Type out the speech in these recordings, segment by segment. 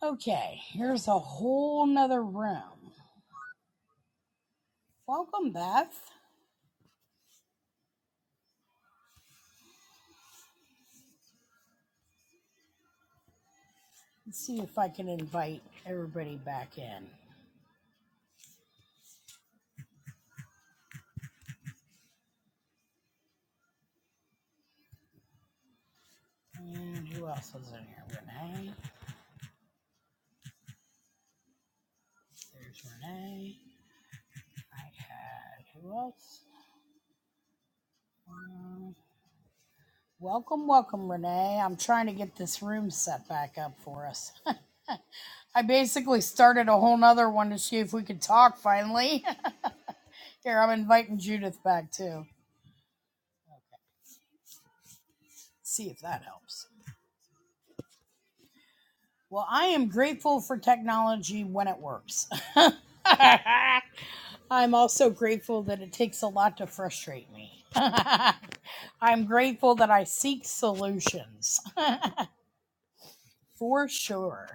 Okay, here's a whole nother room. Welcome, Beth. Let's see if I can invite everybody back in. And who else was in here? Renee. There's Renee. I had who else? Um, welcome, welcome, Renee. I'm trying to get this room set back up for us. I basically started a whole nother one to see if we could talk finally. Here, I'm inviting Judith back too. See if that helps. Well, I am grateful for technology when it works. I'm also grateful that it takes a lot to frustrate me. I'm grateful that I seek solutions for sure.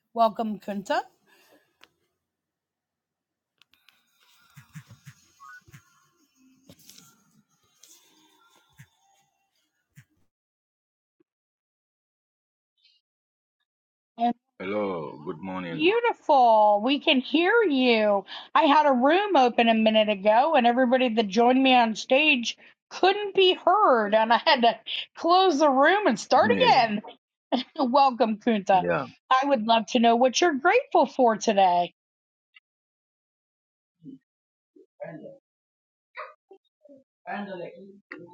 Welcome, Kunta. And Hello, good morning. beautiful. We can hear you. I had a room open a minute ago, and everybody that joined me on stage couldn't be heard, and I had to close the room and start Yeah, again. Welcome, Kunta. yeah. I would love to know what you're grateful for today.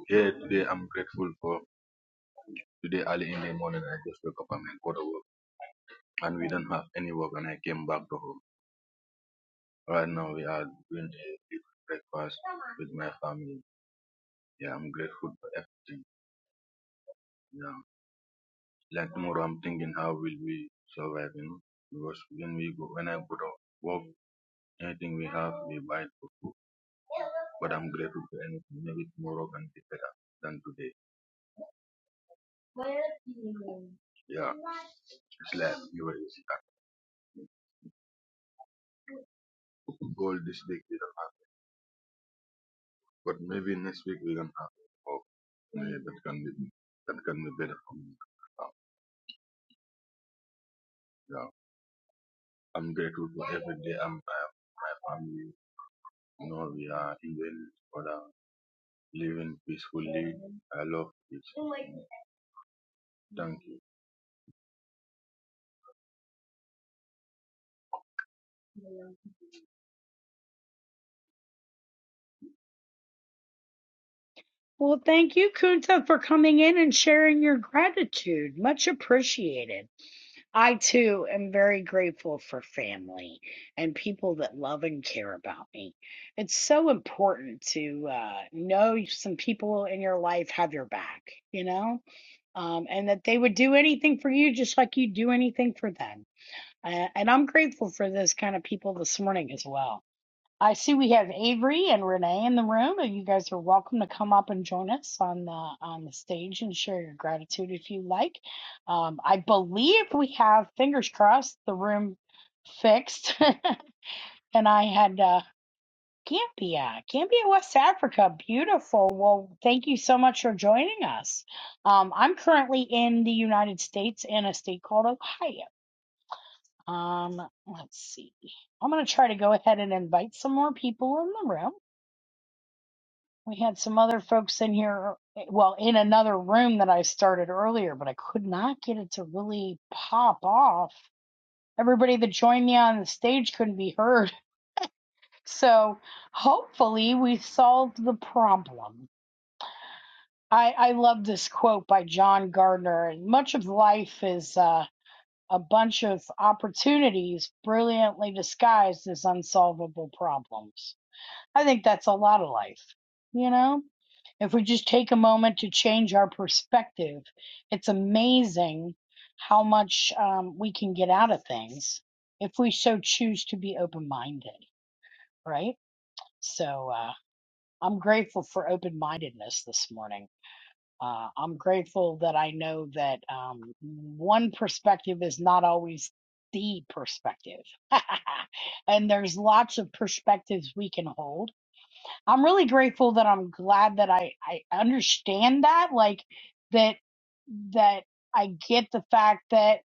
Yeah, today I'm grateful for today early in the morning. I just woke up and I got to work, and we don't have any work, and I came back to home. Right now, we are doing a big breakfast with my family. Yeah, I'm grateful for everything. Yeah, like tomorrow, I'm thinking how will we survive, you know? Because when we go, when I go to work, anything we have, we buy for food. But I'm grateful for anything. Maybe tomorrow can be better than today. Yeah, it's like you were goal this week we don't have, it. but maybe next week we can have. it. Oh, yeah, that can be that can be better for me. Uh, yeah, I'm grateful for every day. I'm uh, my family. You know, we are even for the living peacefully. I love it. Thank you. Well, thank you, Kunta, for coming in and sharing your gratitude. Much appreciated. I too am very grateful for family and people that love and care about me. It's so important to uh, know some people in your life have your back, you know, um, and that they would do anything for you just like you do anything for them. Uh, and I'm grateful for those kind of people this morning as well. I see we have Avery and Renee in the room, and you guys are welcome to come up and join us on the on the stage and share your gratitude if you like. Um, I believe we have fingers crossed the room fixed, and I had uh, Gambia, Gambia, West Africa, beautiful. Well, thank you so much for joining us. Um, I'm currently in the United States in a state called Ohio. Um, let's see. I'm gonna try to go ahead and invite some more people in the room. We had some other folks in here, well, in another room that I started earlier, but I could not get it to really pop off. Everybody that joined me on the stage couldn't be heard. So hopefully we solved the problem. I, I love this quote by John Gardner. Much of life is uh, a bunch of opportunities brilliantly disguised as unsolvable problems. I think that's a lot of life, you know? If we just take a moment to change our perspective, it's amazing how much um, we can get out of things if we so choose to be open minded, right? So uh, I'm grateful for open mindedness this morning. Uh, I'm grateful that I know that um, one perspective is not always the perspective. and there's lots of perspectives we can hold I'm really grateful that I'm glad that I, I understand that, like that, that I get the fact that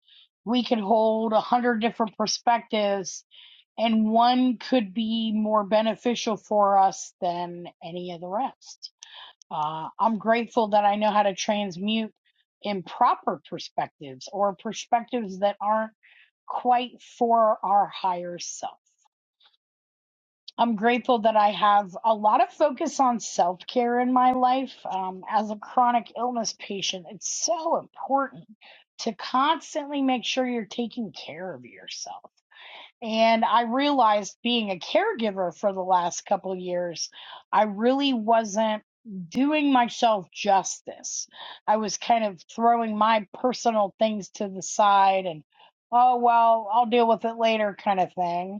we could hold a hundred different perspectives and one could be more beneficial for us than any of the rest. Uh, I'm grateful that I know how to transmute improper perspectives or perspectives that aren't quite for our higher self. I'm grateful that I have a lot of focus on self care in my life. Um, as a chronic illness patient, it's so important to constantly make sure you're taking care of yourself. And I realized being a caregiver for the last couple of years, I really wasn't doing myself justice. I was kind of throwing my personal things to the side and, oh, well, I'll deal with it later kind of thing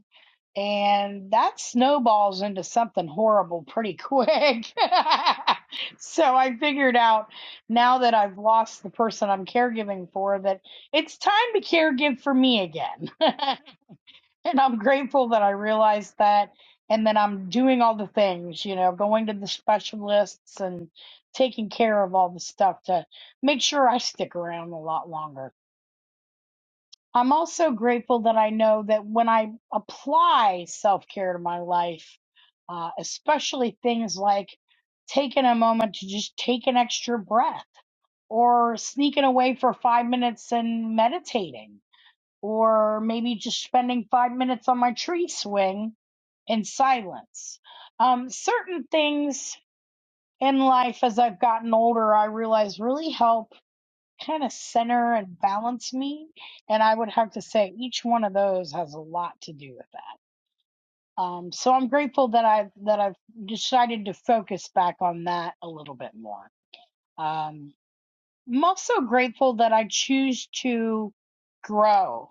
and that snowballs into something horrible pretty quick. so I figured out now that I've lost the person I'm caregiving for that it's time to caregive for me again. and I'm grateful that I realized that and that I'm doing all the things, you know, going to the specialists and taking care of all the stuff to make sure I stick around a lot longer. I'm also grateful that I know that when I apply self care to my life, uh, especially things like taking a moment to just take an extra breath or sneaking away for five minutes and meditating, or maybe just spending five minutes on my tree swing in silence. Um, certain things in life as I've gotten older, I realize really help kind of center and balance me. And I would have to say each one of those has a lot to do with that. Um, so I'm grateful that I've that I've decided to focus back on that a little bit more. Um, I'm also grateful that I choose to grow.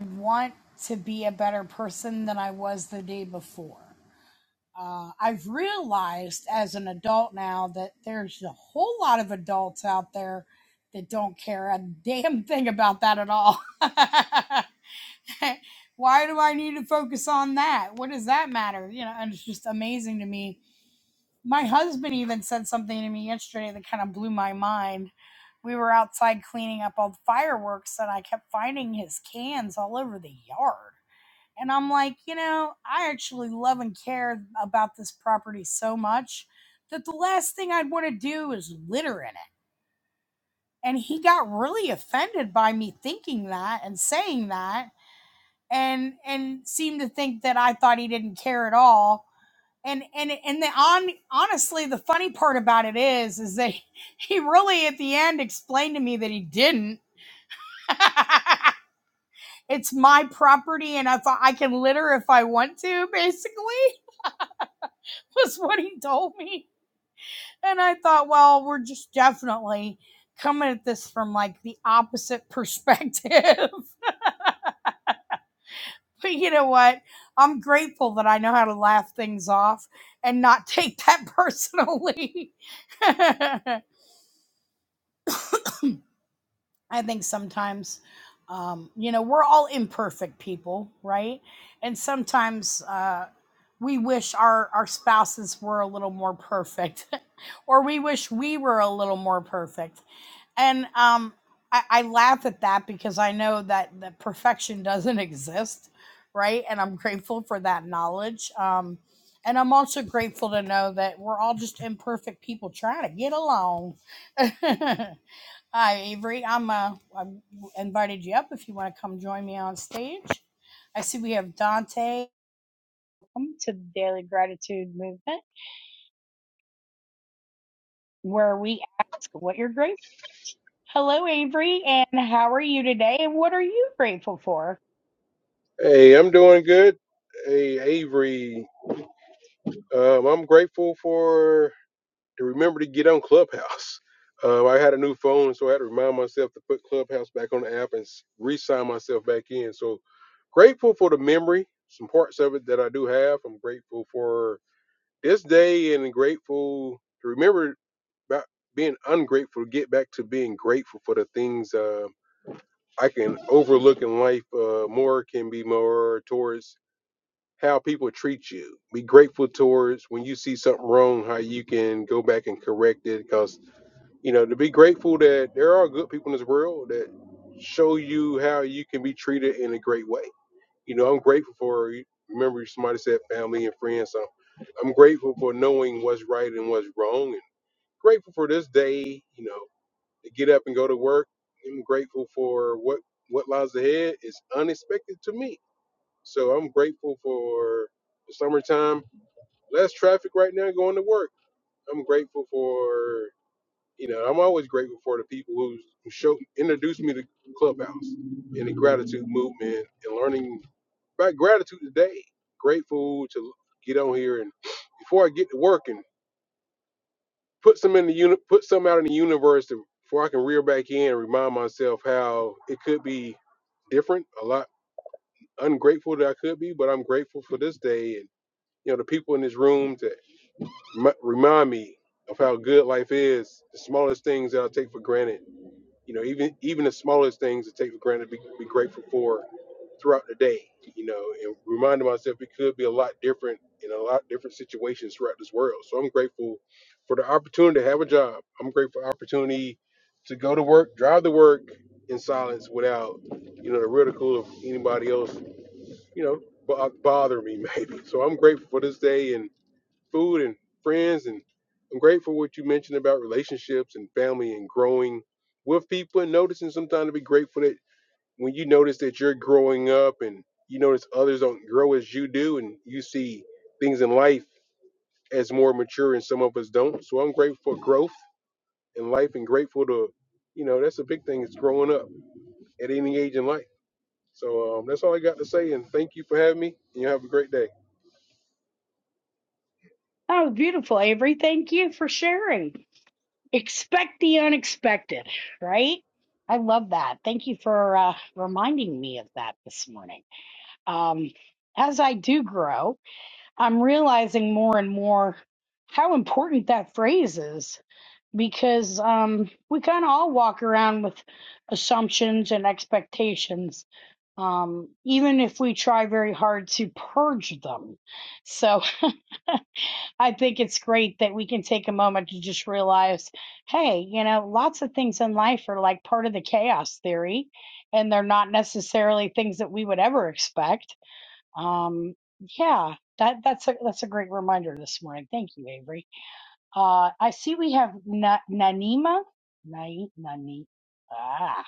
I want to be a better person than I was the day before. uh, I've realized as an adult now that there's a whole lot of adults out there that don't care a damn thing about that at all. Why do I need to focus on that? What does that matter? You know, and it's just amazing to me. My husband even said something to me yesterday that kind of blew my mind. We were outside cleaning up all the fireworks, and I kept finding his cans all over the yard. And I'm like, you know, I actually love and care about this property so much that the last thing I'd want to do is litter in it. And he got really offended by me thinking that and saying that and and seemed to think that I thought he didn't care at all. And and and the on honestly the funny part about it is is that he really at the end explained to me that he didn't. it's my property and if I I can litter if I want to basically was what he told me. And I thought, well, we're just definitely coming at this from like the opposite perspective. but you know what? I'm grateful that I know how to laugh things off and not take that personally. I think sometimes, um, you know, we're all imperfect people, right? And sometimes, uh, we wish our, our spouses were a little more perfect, or we wish we were a little more perfect and um I, I laugh at that because i know that the perfection doesn't exist right and i'm grateful for that knowledge um and i'm also grateful to know that we're all just imperfect people trying to get along hi avery i'm uh i invited you up if you want to come join me on stage i see we have dante welcome to the daily gratitude movement where we ask what you're grateful. Hello, Avery, and how are you today? And what are you grateful for? Hey, I'm doing good. Hey, Avery, um, I'm grateful for to remember to get on Clubhouse. Um, I had a new phone, so I had to remind myself to put Clubhouse back on the app and s- re-sign myself back in. So grateful for the memory, some parts of it that I do have. I'm grateful for this day and grateful to remember about being ungrateful to get back to being grateful for the things uh, I can overlook in life. Uh, more can be more towards how people treat you. Be grateful towards when you see something wrong, how you can go back and correct it. Because, you know, to be grateful that there are good people in this world that show you how you can be treated in a great way. You know, I'm grateful for, remember, somebody said family and friends. So I'm grateful for knowing what's right and what's wrong. And grateful for this day, you know, to get up and go to work. I'm grateful for what, what lies ahead is unexpected to me so I'm grateful for the summertime. Less traffic right now going to work. I'm grateful for you know, I'm always grateful for the people who who show introduced me to Clubhouse and the gratitude movement and learning about gratitude today. Grateful to get on here and before I get to work and put some in the uni- put some out in the universe to, before I can reel back in and remind myself how it could be different, a lot ungrateful that I could be, but I'm grateful for this day you know, the people in this room to m- remind me of how good life is. The smallest things that I take for granted, you know, even even the smallest things that take for granted, be, be grateful for throughout the day, you know, and reminding myself it could be a lot different in a lot different situations throughout this world. So I'm grateful for the opportunity to have a job. I'm grateful for the opportunity to go to work, drive to work in silence without, you know, the ridicule of anybody else, you know, bo- bother me maybe. So I'm grateful for this day and food and friends and I'm grateful for what you mentioned about relationships and family and growing with people and noticing sometimes to be grateful that when you notice that you're growing up and you notice others don't grow as you do and you see things in life as more mature and some of us don't. So I'm grateful for growth in life and grateful to you know, that's a big thing is growing up at any age in life. So um, that's all I got to say and thank you for having me and you have a great day. Oh, beautiful, Avery. Thank you for sharing. Expect the unexpected, right? I love that. Thank you for uh, reminding me of that this morning. Um, as I do grow, I'm realizing more and more how important that phrase is because um, we kind of all walk around with assumptions and expectations, um, even if we try very hard to purge them. So I think it's great that we can take a moment to just realize hey, you know, lots of things in life are like part of the chaos theory, and they're not necessarily things that we would ever expect um, yeah, that that's a that's a great reminder this morning. Thank you, Avery. Uh, I see we have Na- Nanima, Nai, Nani, ah,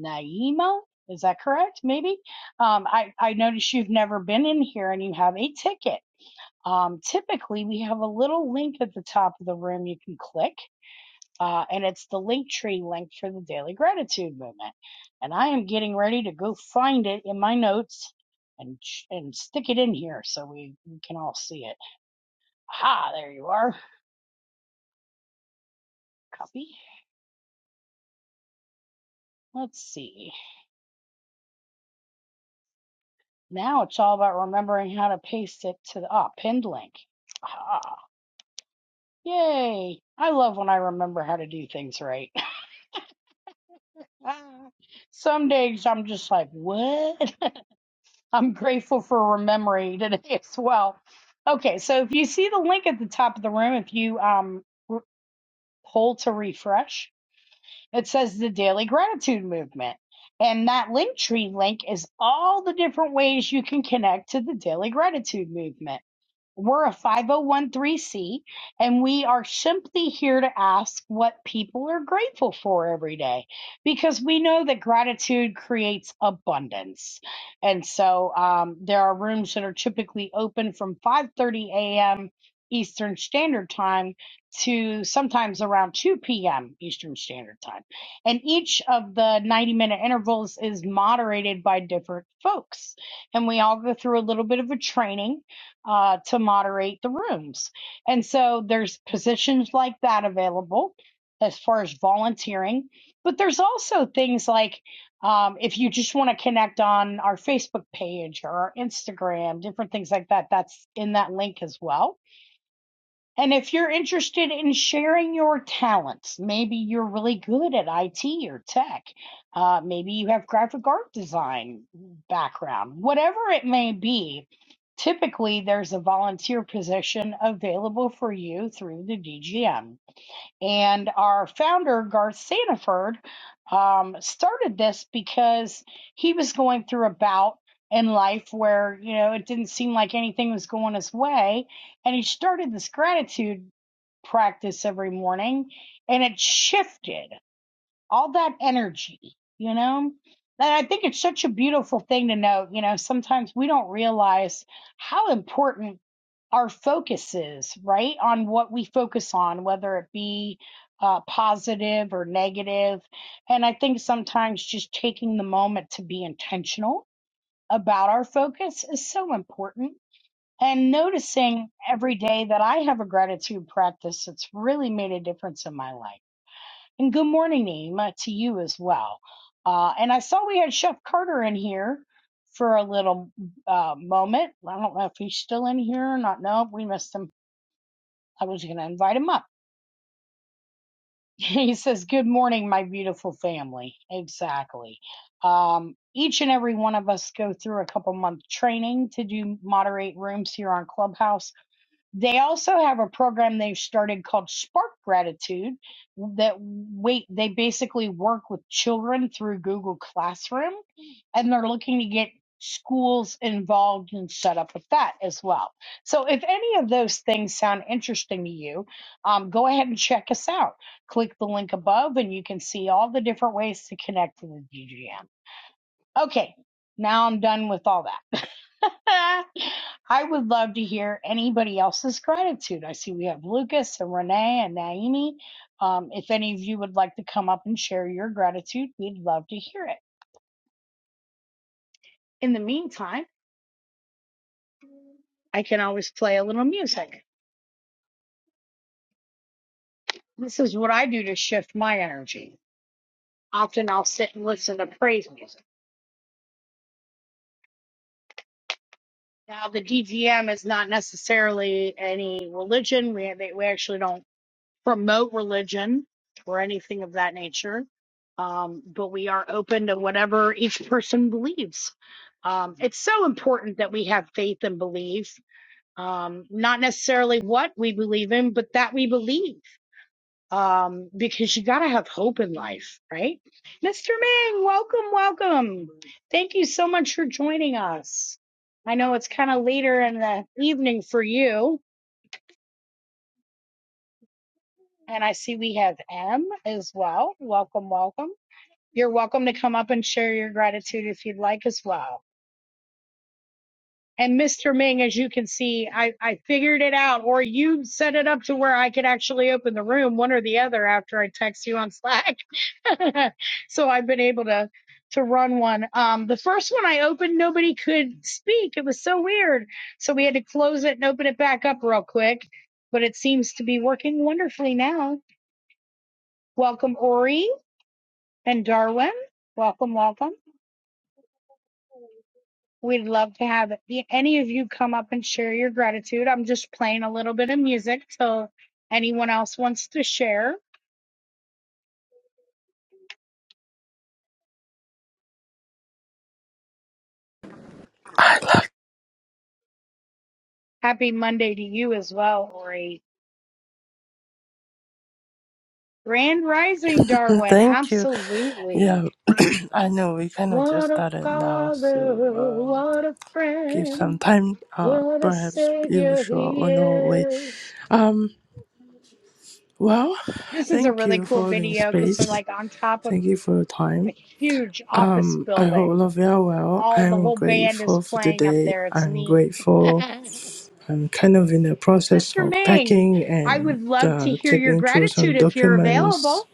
Naima. Is that correct? Maybe. Um, I I noticed you've never been in here and you have a ticket. Um, typically we have a little link at the top of the room you can click uh, and it's the link tree link for the daily gratitude movement. And I am getting ready to go find it in my notes and and stick it in here so we, we can all see it. Aha, there you are. Copy. Let's see. Now it's all about remembering how to paste it to the ah pinned link. Aha. Yay! I love when I remember how to do things right. Ah, Some days I'm just like, what? I'm grateful for memory today as well. Okay, so if you see the link at the top of the room, if you um r- pull to refresh, it says the Daily Gratitude Movement. And that link tree link is all the different ways you can connect to the Daily Gratitude Movement. We're a 501c and we are simply here to ask what people are grateful for every day because we know that gratitude creates abundance. And so um, there are rooms that are typically open from 5:30 a.m. Eastern Standard Time to sometimes around 2 p.m. Eastern Standard Time. And each of the 90 minute intervals is moderated by different folks. And we all go through a little bit of a training uh, to moderate the rooms. And so there's positions like that available as far as volunteering, but there's also things like um, if you just want to connect on our Facebook page or our Instagram, different things like that, that's in that link as well and if you're interested in sharing your talents, maybe you're really good at IT or tech, uh, maybe you have graphic art design background, whatever it may be, typically there's a volunteer position available for you through the DGM. And our founder, Garth Sanaford, um, started this because he was going through a bout in life where, you know, it didn't seem like anything was going his way. And he started this gratitude practice every morning and it shifted all that energy, you know? And I think it's such a beautiful thing to know, you know, sometimes we don't realize how important our focus is, right? On what we focus on, whether it be uh, positive or negative. And I think sometimes just taking the moment to be intentional about our focus is so important. And noticing every day that I have a gratitude practice that's really made a difference in my life and good morning, Nima, to you as well. Uh, and I saw we had Chef Carter in here for a little uh, moment. I don't know if he's still in here or not. No, we missed him. I was going to invite him up. He says, Good morning, my beautiful family. Exactly. Um, each and every one of us go through a couple month training to do moderate rooms here on Clubhouse they also have a program they've started called Spark Gratitude that wait they basically work with children through Google Classroom and they're looking to get schools involved and set up with that as well. So if any of those things sound interesting to you, um, go ahead and check us out. Click the link above and you can see all the different ways to connect to the DGM. Okay, now I'm done with all that. I would love to hear anybody else's gratitude. I see we have Lucas and Renee and Naomi. Um, if any of you would like to come up and share your gratitude, we'd love to hear it. In the meantime, I can always play a little music. This is what I do to shift my energy. Often I'll sit and listen to praise music. Now, the DGM is not necessarily any religion. We, they, we actually don't promote religion or anything of that nature. Um, but we are open to whatever each person believes. Um, it's so important that we have faith and belief, um, not necessarily what we believe in, but that we believe. Um, because you gotta have hope in life, right? Mr. Ming, welcome, welcome. Thank you so much for joining us. I know it's kind of later in the evening for you, and I see we have M as well. Welcome, welcome. You're welcome to come up and share your gratitude if you'd like as well. And Mr. Ming, as you can see, I, I figured it out, or you set it up to where I could actually open the room, one or the other, after I text you on Slack. so I've been able to to run one. Um, the first one I opened, nobody could speak. It was so weird. So we had to close it and open it back up real quick. But it seems to be working wonderfully now. Welcome, Ori and Darwin. Welcome, welcome. We'd love to have the- any of you come up and share your gratitude. I'm just playing a little bit of music till anyone else wants to share. Happy Monday to you as well, Ori. Grand Rising, Darwin. Thank you. Absolutely. Yeah, I know we kind of just What a started now, father, so um, what a give some friend, time. Uh, what a perhaps you savior sure he on the way. is. Um, well, This is a thank really you cool for holding video because they're space. like on top of Thank you for your a time. huge office Um, I hope building all of you are well. all the I'm whole band is grateful for playing up today. there. It's I'm neat. grateful. I'm kind of in the process Mr. of Ming, packing I and would love to uh, hear your checking through gratitude some if you're available. documents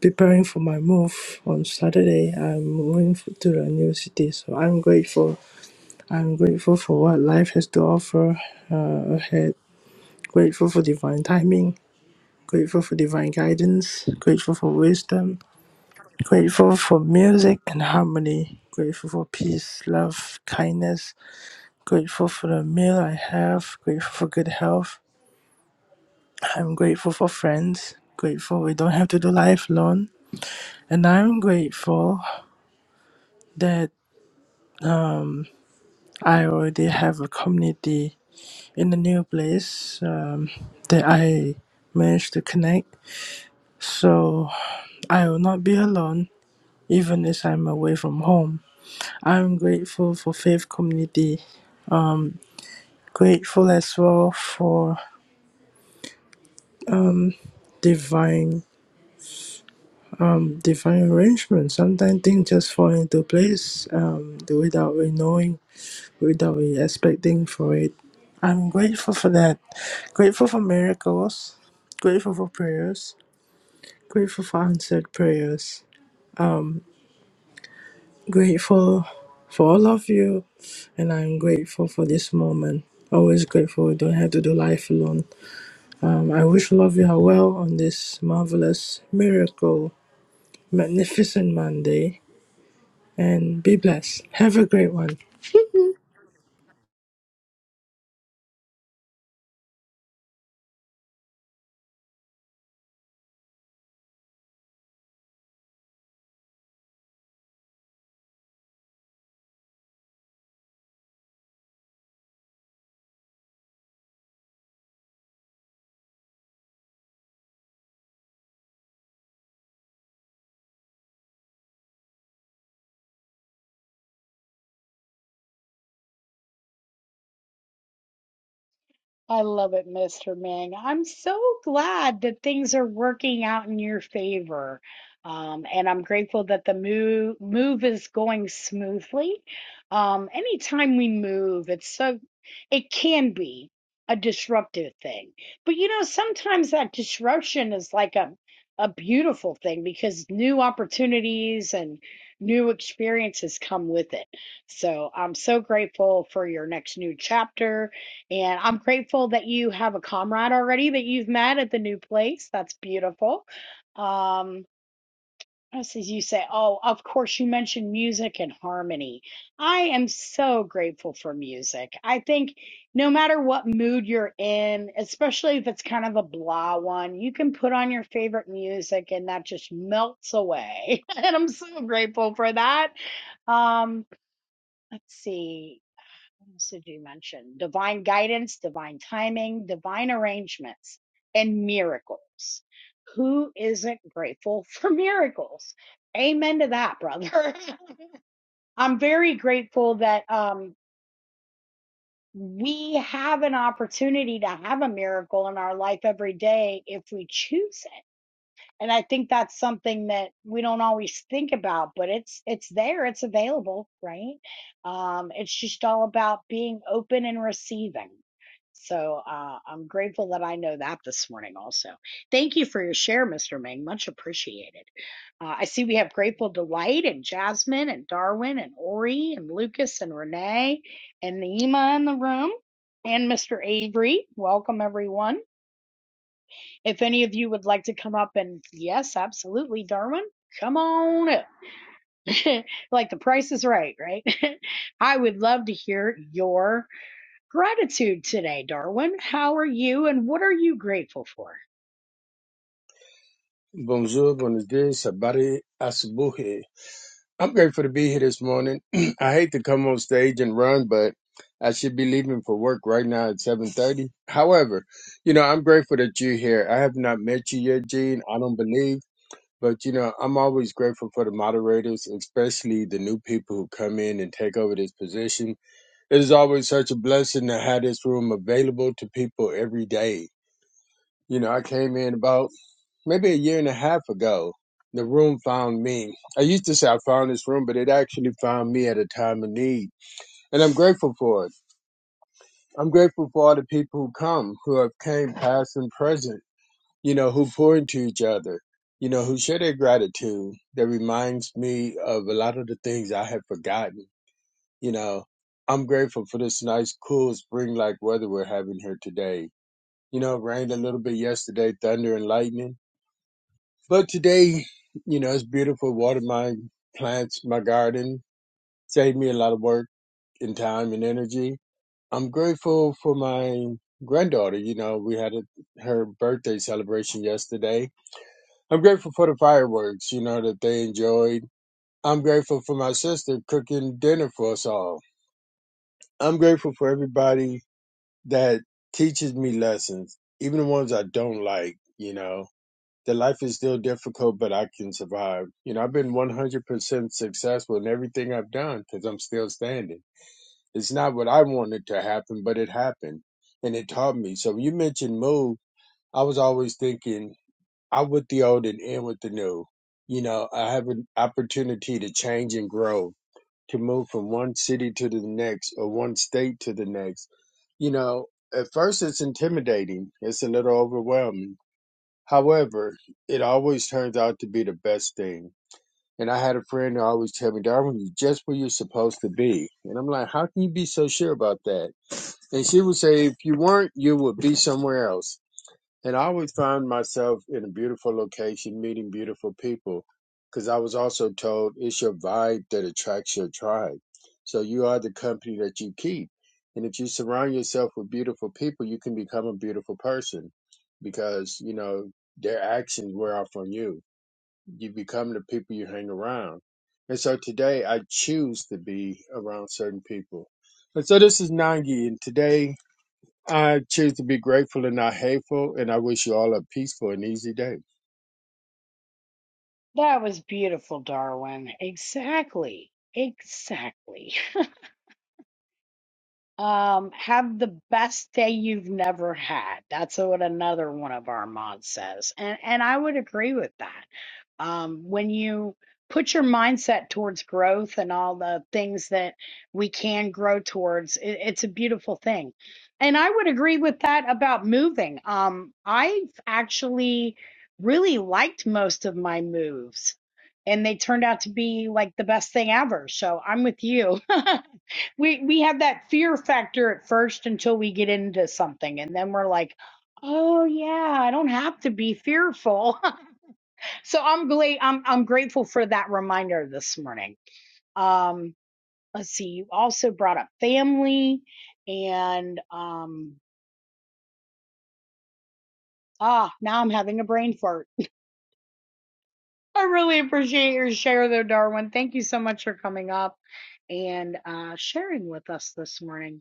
preparing for my move on Saturday. I'm moving f- to a new city, so I'm grateful. I'm grateful for what life has to offer uh, ahead. Grateful for divine timing. Grateful for divine guidance. Grateful for wisdom. Grateful for music and harmony. Grateful for peace, love, kindness. Grateful for the meal I have. Grateful for good health. I'm grateful for friends. Grateful we don't have to do life alone. And I'm grateful that I already have a community in the new place um, that I managed to connect. So I will not be alone, even as I'm away from home. I'm grateful for faith community, grateful as well for divine um divine arrangement sometimes things just fall into place um without we knowing without we expecting for it i'm grateful for that grateful for miracles grateful for prayers Grateful for answered prayers. Grateful for all of you. And I'm grateful for this moment. Always grateful we don't have to do life alone. Um, I wish all of you are well on this marvelous, miracle, magnificent Monday. And be blessed. Have a great one. I love it, Mr. Ming. I'm so glad that things are working out in your favor. Um, and I'm grateful that the move move is going smoothly. Um, anytime we move, it's so it can be a disruptive thing. But you know, sometimes that disruption is like a a beautiful thing because new opportunities and new experiences come with it. So I'm so grateful for your next new chapter and I'm grateful that you have a comrade already that you've met at the new place. That's beautiful. Um, as you say, oh, of course, you mentioned music and harmony. I am so grateful for music. I think no matter what mood you're in, especially if it's kind of a blah one, you can put on your favorite music and that just melts away. and I'm so grateful for that. Um, let's see what else did you mention? Divine guidance, divine timing, divine arrangements, and miracles. Who isn't grateful for miracles? Amen to that, brother. I'm very grateful that um, we have an opportunity to have a miracle in our life every day if we choose it and I think that's something that we don't always think about, but it's it's there, it's available, right? Um, it's just all about being open and receiving. So uh, I'm grateful that I know that this morning also. Thank you for your share, Mr. Ming. Much appreciated. Uh, I see we have Grateful Delight and Jasmine and Darwin and Ori and Lucas and Renee and Nima in the room and Mr. Avery. Welcome, everyone. If any of you would like to come up and yes, absolutely, Darwin, come on up. like the price is right, right? I would love to hear your gratitude today, Darwin. How are you and what are you grateful for? Bonjour, buenos dias, sabari, asubuhi. I'm grateful to be here this morning. I hate to come on stage and run, but I should be leaving for work right now at 7.30. However, you know, I'm grateful that you're here. I have not met you yet, Gene. I don't believe. But, you know, I'm always grateful for the moderators, especially the new people who come in and take over this position. It is always such a blessing to have this room available to people every day. You know, I came in about maybe a year and a half ago, the room found me. I used to say I found this room, but it actually found me at a time of need. And I'm grateful for it. I'm grateful for all the people who come, who have came past and present, you know, who pour into each other, you know, who share their gratitude that reminds me of a lot of the things I had forgotten, you know. I'm grateful for this nice, cool spring like weather we're having here today. You know, it rained a little bit yesterday, thunder and lightning But today, you know, it's beautiful. Watered my plants, my garden, saved me a lot of work and time and energy. I'm grateful for my granddaughter. You know, we had a, her birthday celebration yesterday. I'm grateful for the fireworks, you know, that they enjoyed. I'm grateful for my sister cooking dinner for us all. I'm grateful for everybody that teaches me lessons, even the ones I don't like, you know. that life is still difficult, but I can survive. You know, I've been 100% successful in everything I've done because I'm still standing. It's not what I wanted to happen, but it happened and it taught me. So when you mentioned move, I was always thinking out with the old and in with the new. You know, I have an opportunity to change and grow, to move from one city to the next or one state to the next. You know, at first it's intimidating. It's a little overwhelming However, it always turns out to be the best thing. And I had a friend who always tell me, Darwin, you're just where you're supposed to be. And I'm like, how can you be so sure about that? And she would say, if you weren't, you would be somewhere else. And I always found myself in a beautiful location, meeting beautiful people, because I was also told it's your vibe that attracts your tribe. So you are the company that you keep. And if you surround yourself with beautiful people, you can become a beautiful person because, you know, their actions wear off on you. You become the people you hang around. And so today I choose to be around certain people. And so this is Nangi, and today I choose to be grateful and not hateful, and I wish you all a peaceful and easy day. That was beautiful, Darwin. Exactly. Exactly. Um, have the best day you've never had. That's what another one of our mods says. And and I would agree with that. Um, when you put your mindset towards growth and all the things that we can grow towards, it, it's a beautiful thing. And I would agree with that about moving. Um, I've actually really liked most of my moves. And they turned out to be like the best thing ever. So I'm with you. we we have that fear factor at first until we get into something and then we're like oh yeah i don't have to be fearful so i'm glad i'm i'm grateful for that reminder this morning um let's see you also brought up family and um ah now i'm having a brain fart i really appreciate your share though darwin thank you so much for coming up and uh sharing with us this morning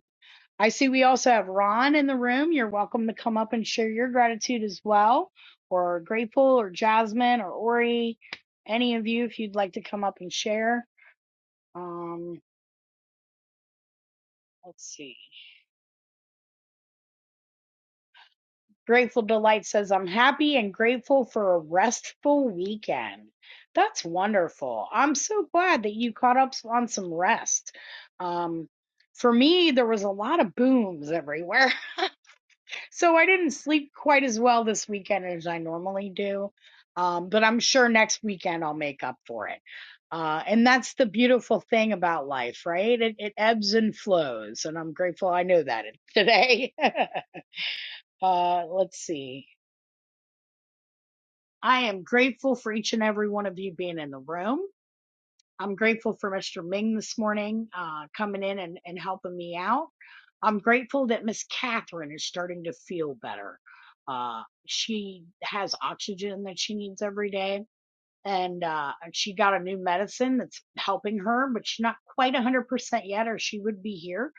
I see we also have Ron in the room. You're welcome to come up and share your gratitude as well, or Grateful, or Jasmine, or Ori, any of you if you'd like to come up and share. Um, let's see. Grateful Delight says, I'm happy and grateful for a restful weekend. That's wonderful. I'm so glad that you caught up on some rest. Um, for me, there was a lot of booms everywhere. So I didn't sleep quite as well this weekend as I normally do. Um, but I'm sure next weekend I'll make up for it. Uh, and that's the beautiful thing about life, right? It, it ebbs and flows. And I'm grateful I know that today. uh, let's see. I am grateful for each and every one of you being in the room. I'm grateful for Mr. Ming this morning uh, coming in and, and helping me out. I'm grateful that Miss Catherine is starting to feel better. Uh, she has oxygen that she needs every day, and uh, she got a new medicine that's helping her, but she's not quite 100% yet, or she would be here.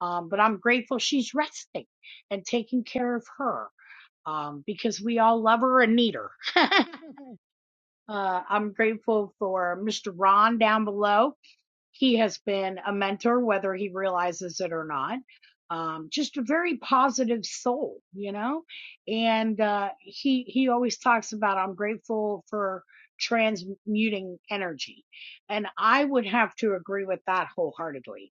Um, but I'm grateful she's resting and taking care of her um, because we all love her and need her. Uh, I'm grateful for Mr. Ron down below he has been a mentor, whether he realizes it or not. Um, just a very positive soul, you know, and uh, he he always talks about I'm grateful for transmuting energy, and I would have to agree with that wholeheartedly.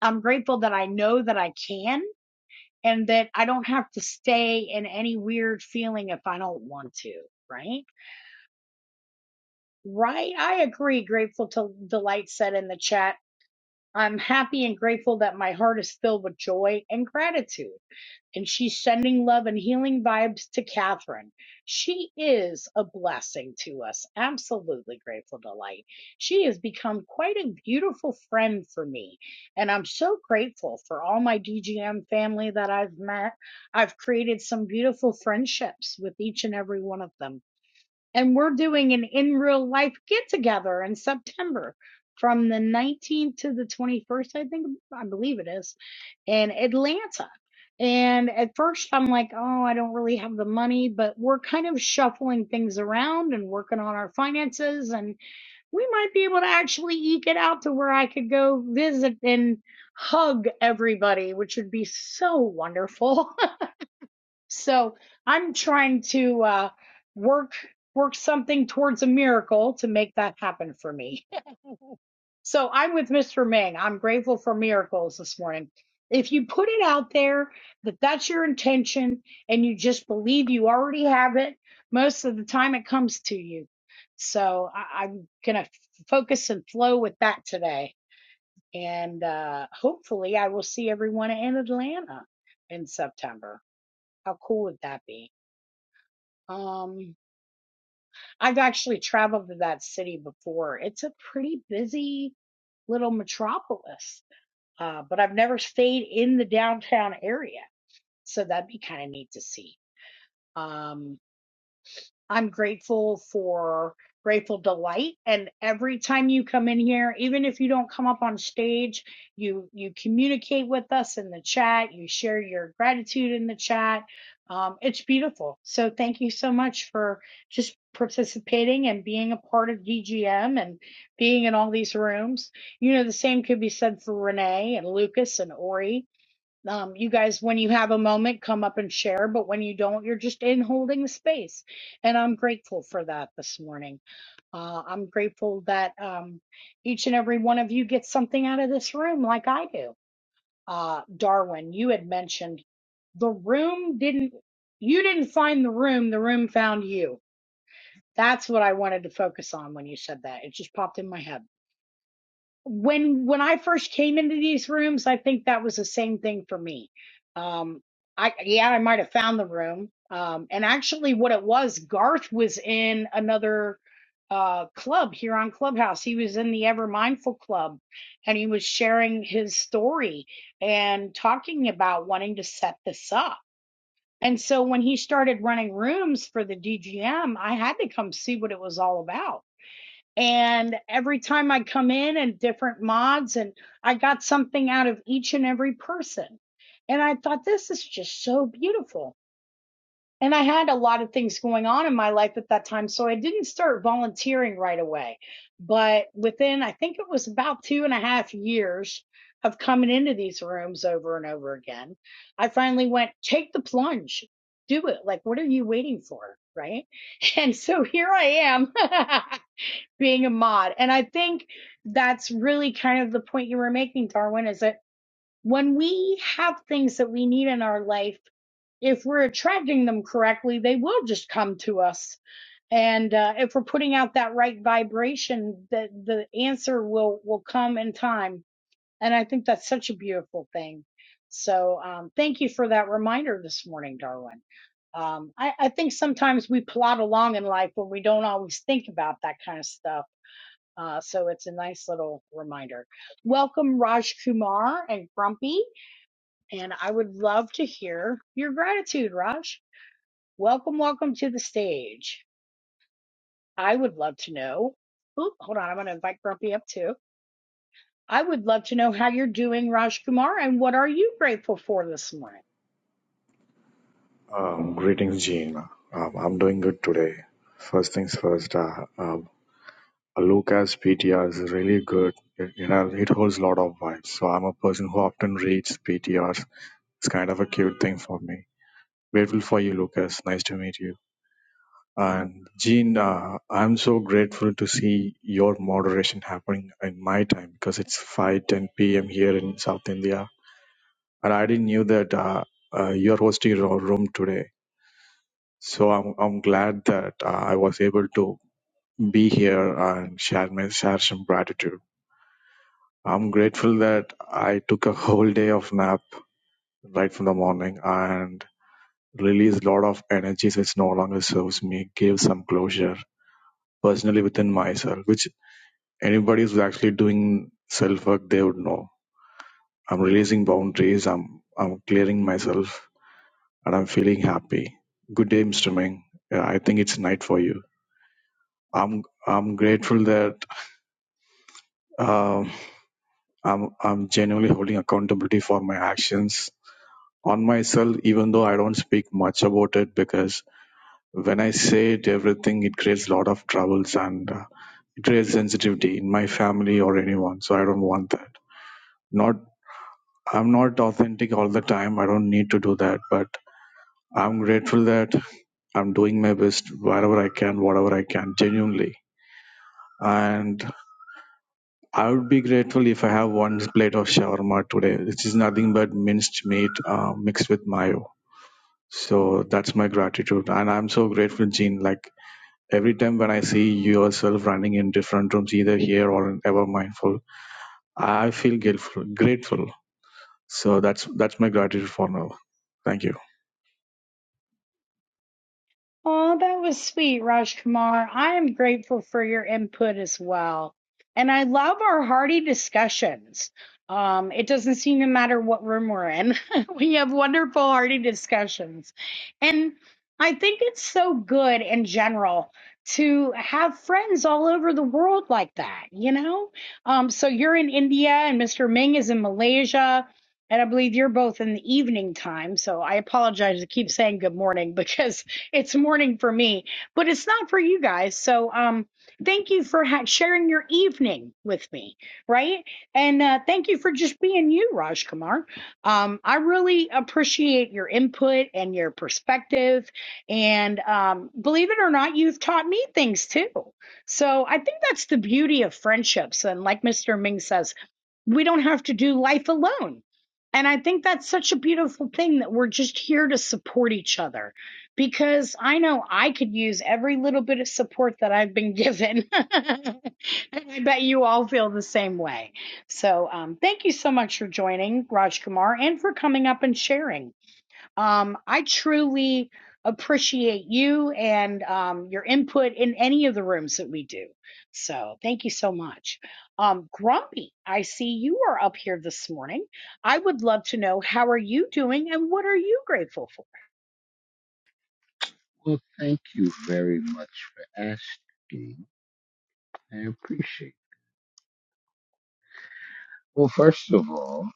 I'm grateful that I know that I can, and that I don't have to stay in any weird feeling if I don't want to, right? Right, I agree. Grateful to Delight said in the chat I'm happy and grateful that my heart is filled with joy and gratitude. And she's sending love and healing vibes to Catherine. She is a blessing to us. Absolutely grateful to light. She has become quite a beautiful friend for me. And I'm so grateful for all my DGM family that I've met. I've created some beautiful friendships with each and every one of them and we're doing an in real life get together in September from the 19th to the 21st, I think, I believe it is, in Atlanta. And at first, I'm like, oh, I don't really have the money, but we're kind of shuffling things around and working on our finances. And we might be able to actually eke it out to where I could go visit and hug everybody, which would be so wonderful. So I'm trying to uh, work work something towards a miracle to make that happen for me. So I'm with Mr. Ming. I'm grateful for miracles this morning. If you put it out there that that's your intention and you just believe you already have it, most of the time it comes to you. So I- I'm gonna focus and flow with that today, and uh, hopefully I will see everyone in Atlanta in September. How cool would that be? Um, I've actually traveled to that city before. It's a pretty busy little metropolis, uh, but I've never stayed in the downtown area. So that'd be kind of neat to see. Um, I'm grateful for Grateful Delight. And every time you come in here, even if you don't come up on stage, you you communicate with us in the chat. You share your gratitude in the chat. Um, it's beautiful. So thank you so much for just participating and being a part of DGM and being in all these rooms. You know, the same could be said for Renee and Lucas and Ori um, you guys, when you have a moment, come up and share. But when you don't, you're just in holding the space. And I'm grateful for that this morning. Uh, I'm grateful that um, each and every one of you gets something out of this room like I do. Uh, Darwin, you had mentioned the room didn't, you didn't find the room, the room found you. That's what I wanted to focus on when you said that. It just popped in my head when when I first came into these rooms, I think that was the same thing for me. Um, I yeah, I might have found the room. Um, and actually, what it was, Garth was in another uh club here on Clubhouse. He was in the Ever Mindful Club, and he was sharing his story and talking about wanting to set this up. And so when he started running rooms for the DGM, I had to come see what it was all about and every time I come in and different mods, and I got something out of each and every person. And I thought, this is just so beautiful. And I had a lot of things going on in my life at that time. So I didn't start volunteering right away. But within, I think it was about two and a half years of coming into these rooms over and over again, I finally went, take the plunge, do it. Like, what are you waiting for? Right. And so here I am. being a mod. And I think that's really kind of the point you were making, Darwin, is that when we have things that we need in our life, if we're attracting them correctly, they will just come to us. And uh, if we're putting out that right vibration, the the answer will will come in time. And I think that's such a beautiful thing. So um, thank you for that reminder this morning, Darwin. Um, I, I think sometimes we plod along in life when we don't always think about that kind of stuff uh, so it's a nice little reminder. Welcome, Raj Kumar and Grumpy. And I would love to hear your gratitude, Raj. Welcome, welcome to the stage. I would love to know. Oop, hold on, I'm going to invite Grumpy up too. I would love to know how you're doing, Raj Kumar, and what are you grateful for this morning? Um, greetings, Gene. Um, I'm doing good today. First things first, uh, uh, Luca's PTR is really good. It, you know, it holds a lot of vibes. So I'm a person who often reads PTRs. It's kind of a cute thing for me. Grateful for you, Lucas. Nice to meet you. And Gene, uh, I'm so grateful to see your moderation happening in my time because it's 5:10 p.m. here in South India, and I didn't knew that uh, uh, you're hosting your room today So I'm I'm glad that uh, I was able to be here and share my share some gratitude. I'm grateful that I took a whole day of nap right from the morning and released a lot of energies which no longer serves me, gave some closure personally within myself, which anybody who's actually doing self work they would know. I'm releasing boundaries, I'm I'm clearing myself and I'm feeling happy. Good day, Mr. Ming. Yeah, I think it's night for you. I'm I'm grateful that Um, I'm I'm genuinely holding accountability for my actions on myself, even though I don't speak much about it because when I say it, everything it creates a lot of troubles and uh, it creates sensitivity in my family or anyone. So I don't want that. Not I'm not authentic all the time. I don't need to do that, but I'm grateful that I'm doing my best wherever I can, whatever I can, genuinely. And I would be grateful if I have one plate of shawarma today, which is nothing but minced meat uh, mixed with mayo. So that's my gratitude. And I'm so grateful, Gene. Like every time when I see yourself running in different rooms, either here or in Ever Mindful, I feel grateful. grateful. So that's that's my gratitude for now. Thank you. Oh, that was sweet, Rajkumar. I am grateful for your input as well. And I love our hearty discussions. Um, it doesn't seem to matter what room we're in. we have wonderful hearty discussions. And I think it's so good in general to have friends all over the world like that, you know? Um, so you're in India and Mr. Ming is in Malaysia. And I believe you're both in the evening time. So I apologize to keep saying good morning because it's morning for me, but it's not for you guys. So, um, thank you for ha- sharing your evening with me, right? And uh, thank you for just being you, Raj Kumar. Um, I really appreciate your input and your perspective. And um, believe it or not, you've taught me things too. So, I think that's the beauty of friendships. And like Mr. Ming says, we don't have to do life alone. And I think that's such a beautiful thing that we're just here to support each other because I know I could use every little bit of support that I've been given. and I bet you all feel the same way. So, um, thank you so much for joining, Raj Kumar, and for coming up and sharing. Um, I truly appreciate you and um, your input in any of the rooms that we do. So, thank you so much. Um, Grumpy, I see you are up here this morning. I would love to know how are you doing and what are you grateful for? Well, thank you very much for asking. I appreciate it. Well, first of all,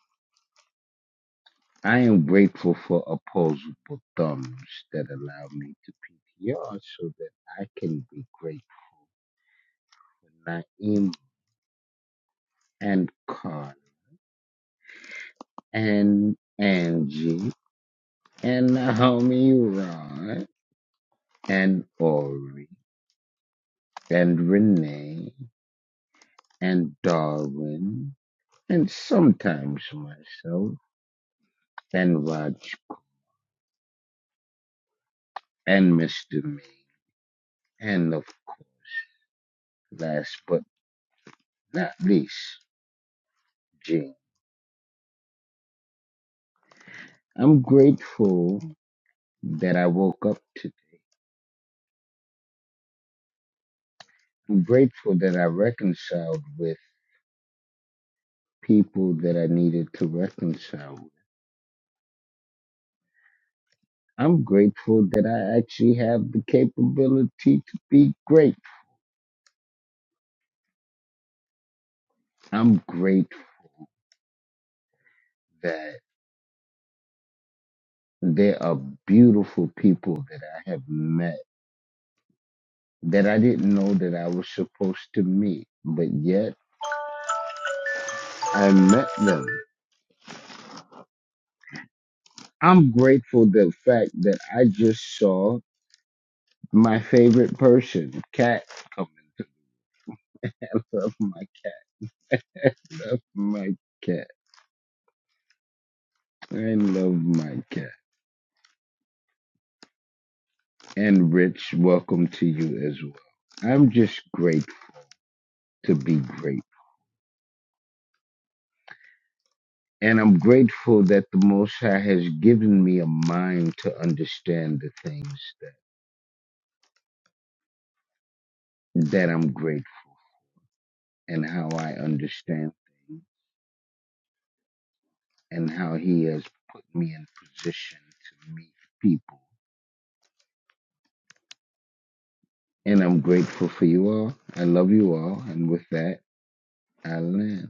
I am grateful for opposable thumbs that allow me to PTR so that I can be grateful for Naeem and Khan and Angie and Naomi Rod and Ori and Renee and Darwin and sometimes myself and Raj and Mr. Me. And of course, last but not least, Gene. I'm grateful that I woke up today. I'm grateful that I reconciled with people that I needed to reconcile with. I'm grateful that I actually have the capability to be grateful. I'm grateful that there are beautiful people that I have met that I didn't know that I was supposed to meet, but yet I met them. I'm grateful the fact that I just saw my favorite person, cat. Coming. I love my cat. Love my cat. I love my cat. And Rich, welcome to you as well. I'm just grateful to be great. And I'm grateful that the Most High has given me a mind to understand the things that, that I'm grateful and how I understand things and how He has put me in position to meet people And I'm grateful for you all. I love you all. And with that, I land.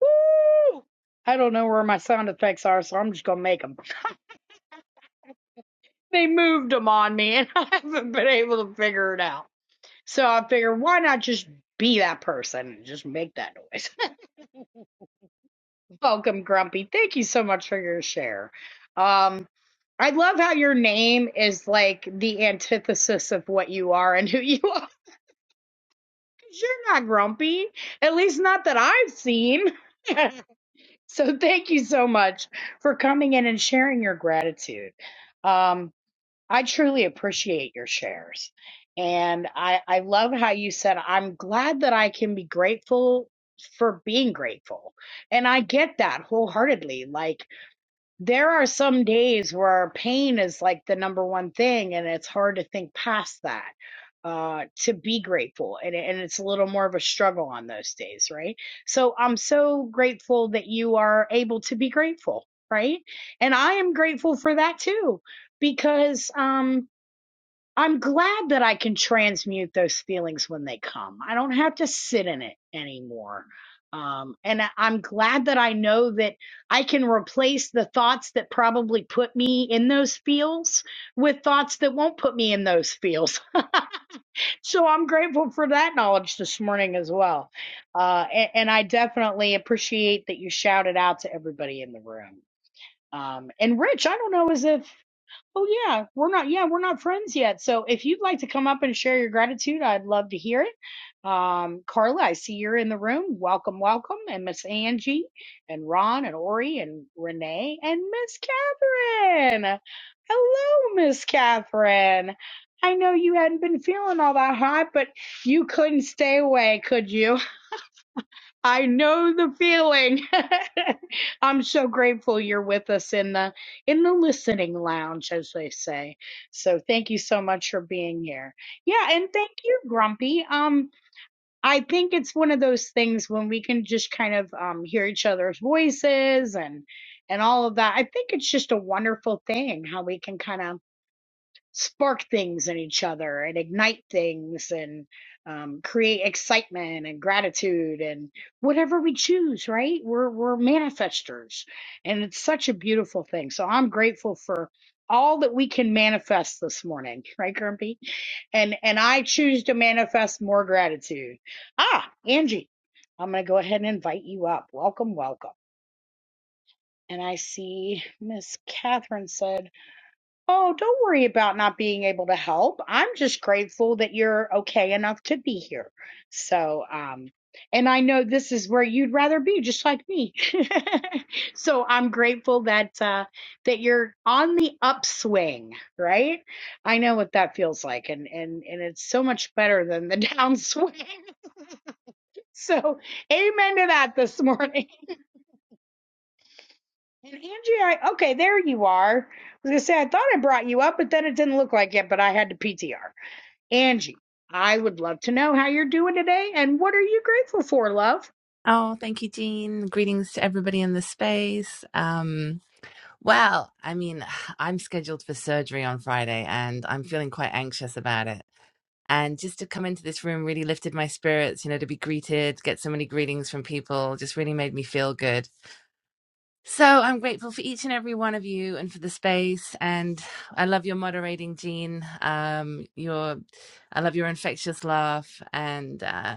Woo! I don't know where my sound effects are, so I'm just gonna make them. They moved them on me, and I haven't been able to figure it out. So I figured, why not just be that person and just make that noise? Welcome, Grumpy. Thank you so much for your share. Um, I love how your name is like the antithesis of what you are and who you are. 'cause You're not grumpy, at least not that I've seen. So thank you so much for coming in and sharing your gratitude. Um, I truly appreciate your shares. And I, I love how you said, I'm glad that I can be grateful for being grateful. And I get that wholeheartedly. Like, there are some days where pain is like the number one thing, and it's hard to think past that, uh, to be grateful. And, and it's a little more of a struggle on those days, right? So I'm so grateful that you are able to be grateful, right? And I am grateful for that too, because, um, I'm glad that I can transmute those feelings when they come. I don't have to sit in it anymore. Um, and I- I'm glad that I know that I can replace the thoughts that probably put me in those feels with thoughts that won't put me in those feels. So I'm grateful for that knowledge this morning as well. Uh, and, and I definitely appreciate that you shouted out to everybody in the room. Um, and Rich, I don't know as if Oh yeah, we're not yeah, we're not friends yet. So if you'd like to come up and share your gratitude, I'd love to hear it. Um, Carla, I see you're in the room. Welcome, welcome. And Miss Angie and Ron and Ori and Renee and Miss Catherine. Hello, Miss Catherine. I know you hadn't been feeling all that hot, but you couldn't stay away, could you? I know the feeling. I'm so grateful you're with us in the in the listening lounge, as they say. So thank you so much for being here. Yeah, and thank you, Grumpy. Um, I think it's one of those things when we can just kind of um hear each other's voices and and all of that. I think it's just a wonderful thing how we can kind of spark things in each other and ignite things and um, create excitement and gratitude and whatever we choose right we're we're manifestors and it's such a beautiful thing so i'm grateful for all that we can manifest this morning right grumpy and and i choose to manifest more gratitude ah angie i'm going to go ahead and invite you up welcome welcome and i see miss catherine said Oh, don't worry about not being able to help. I'm just grateful that you're okay enough to be here. So, um, and I know this is where you'd rather be, just like me. so I'm grateful that uh, that you're on the upswing, right? I know what that feels like, and and and it's so much better than the downswing. So, amen to that this morning. And Angie, I, okay, there you are. I was gonna say I thought I brought you up, but then it didn't look like it. But I had to PTR. Angie, I would love to know how you're doing today and what are you grateful for, love? Oh, thank you, Jean. Greetings to everybody in the space. Um, well, I mean, I'm scheduled for surgery on Friday and I'm feeling quite anxious about it. And just to come into this room really lifted my spirits, you know, to be greeted, get so many greetings from people, just really made me feel good. So I'm grateful for each and every one of you and for the space. And I love your moderating, Jean. Um, your, I love your infectious laugh. And uh,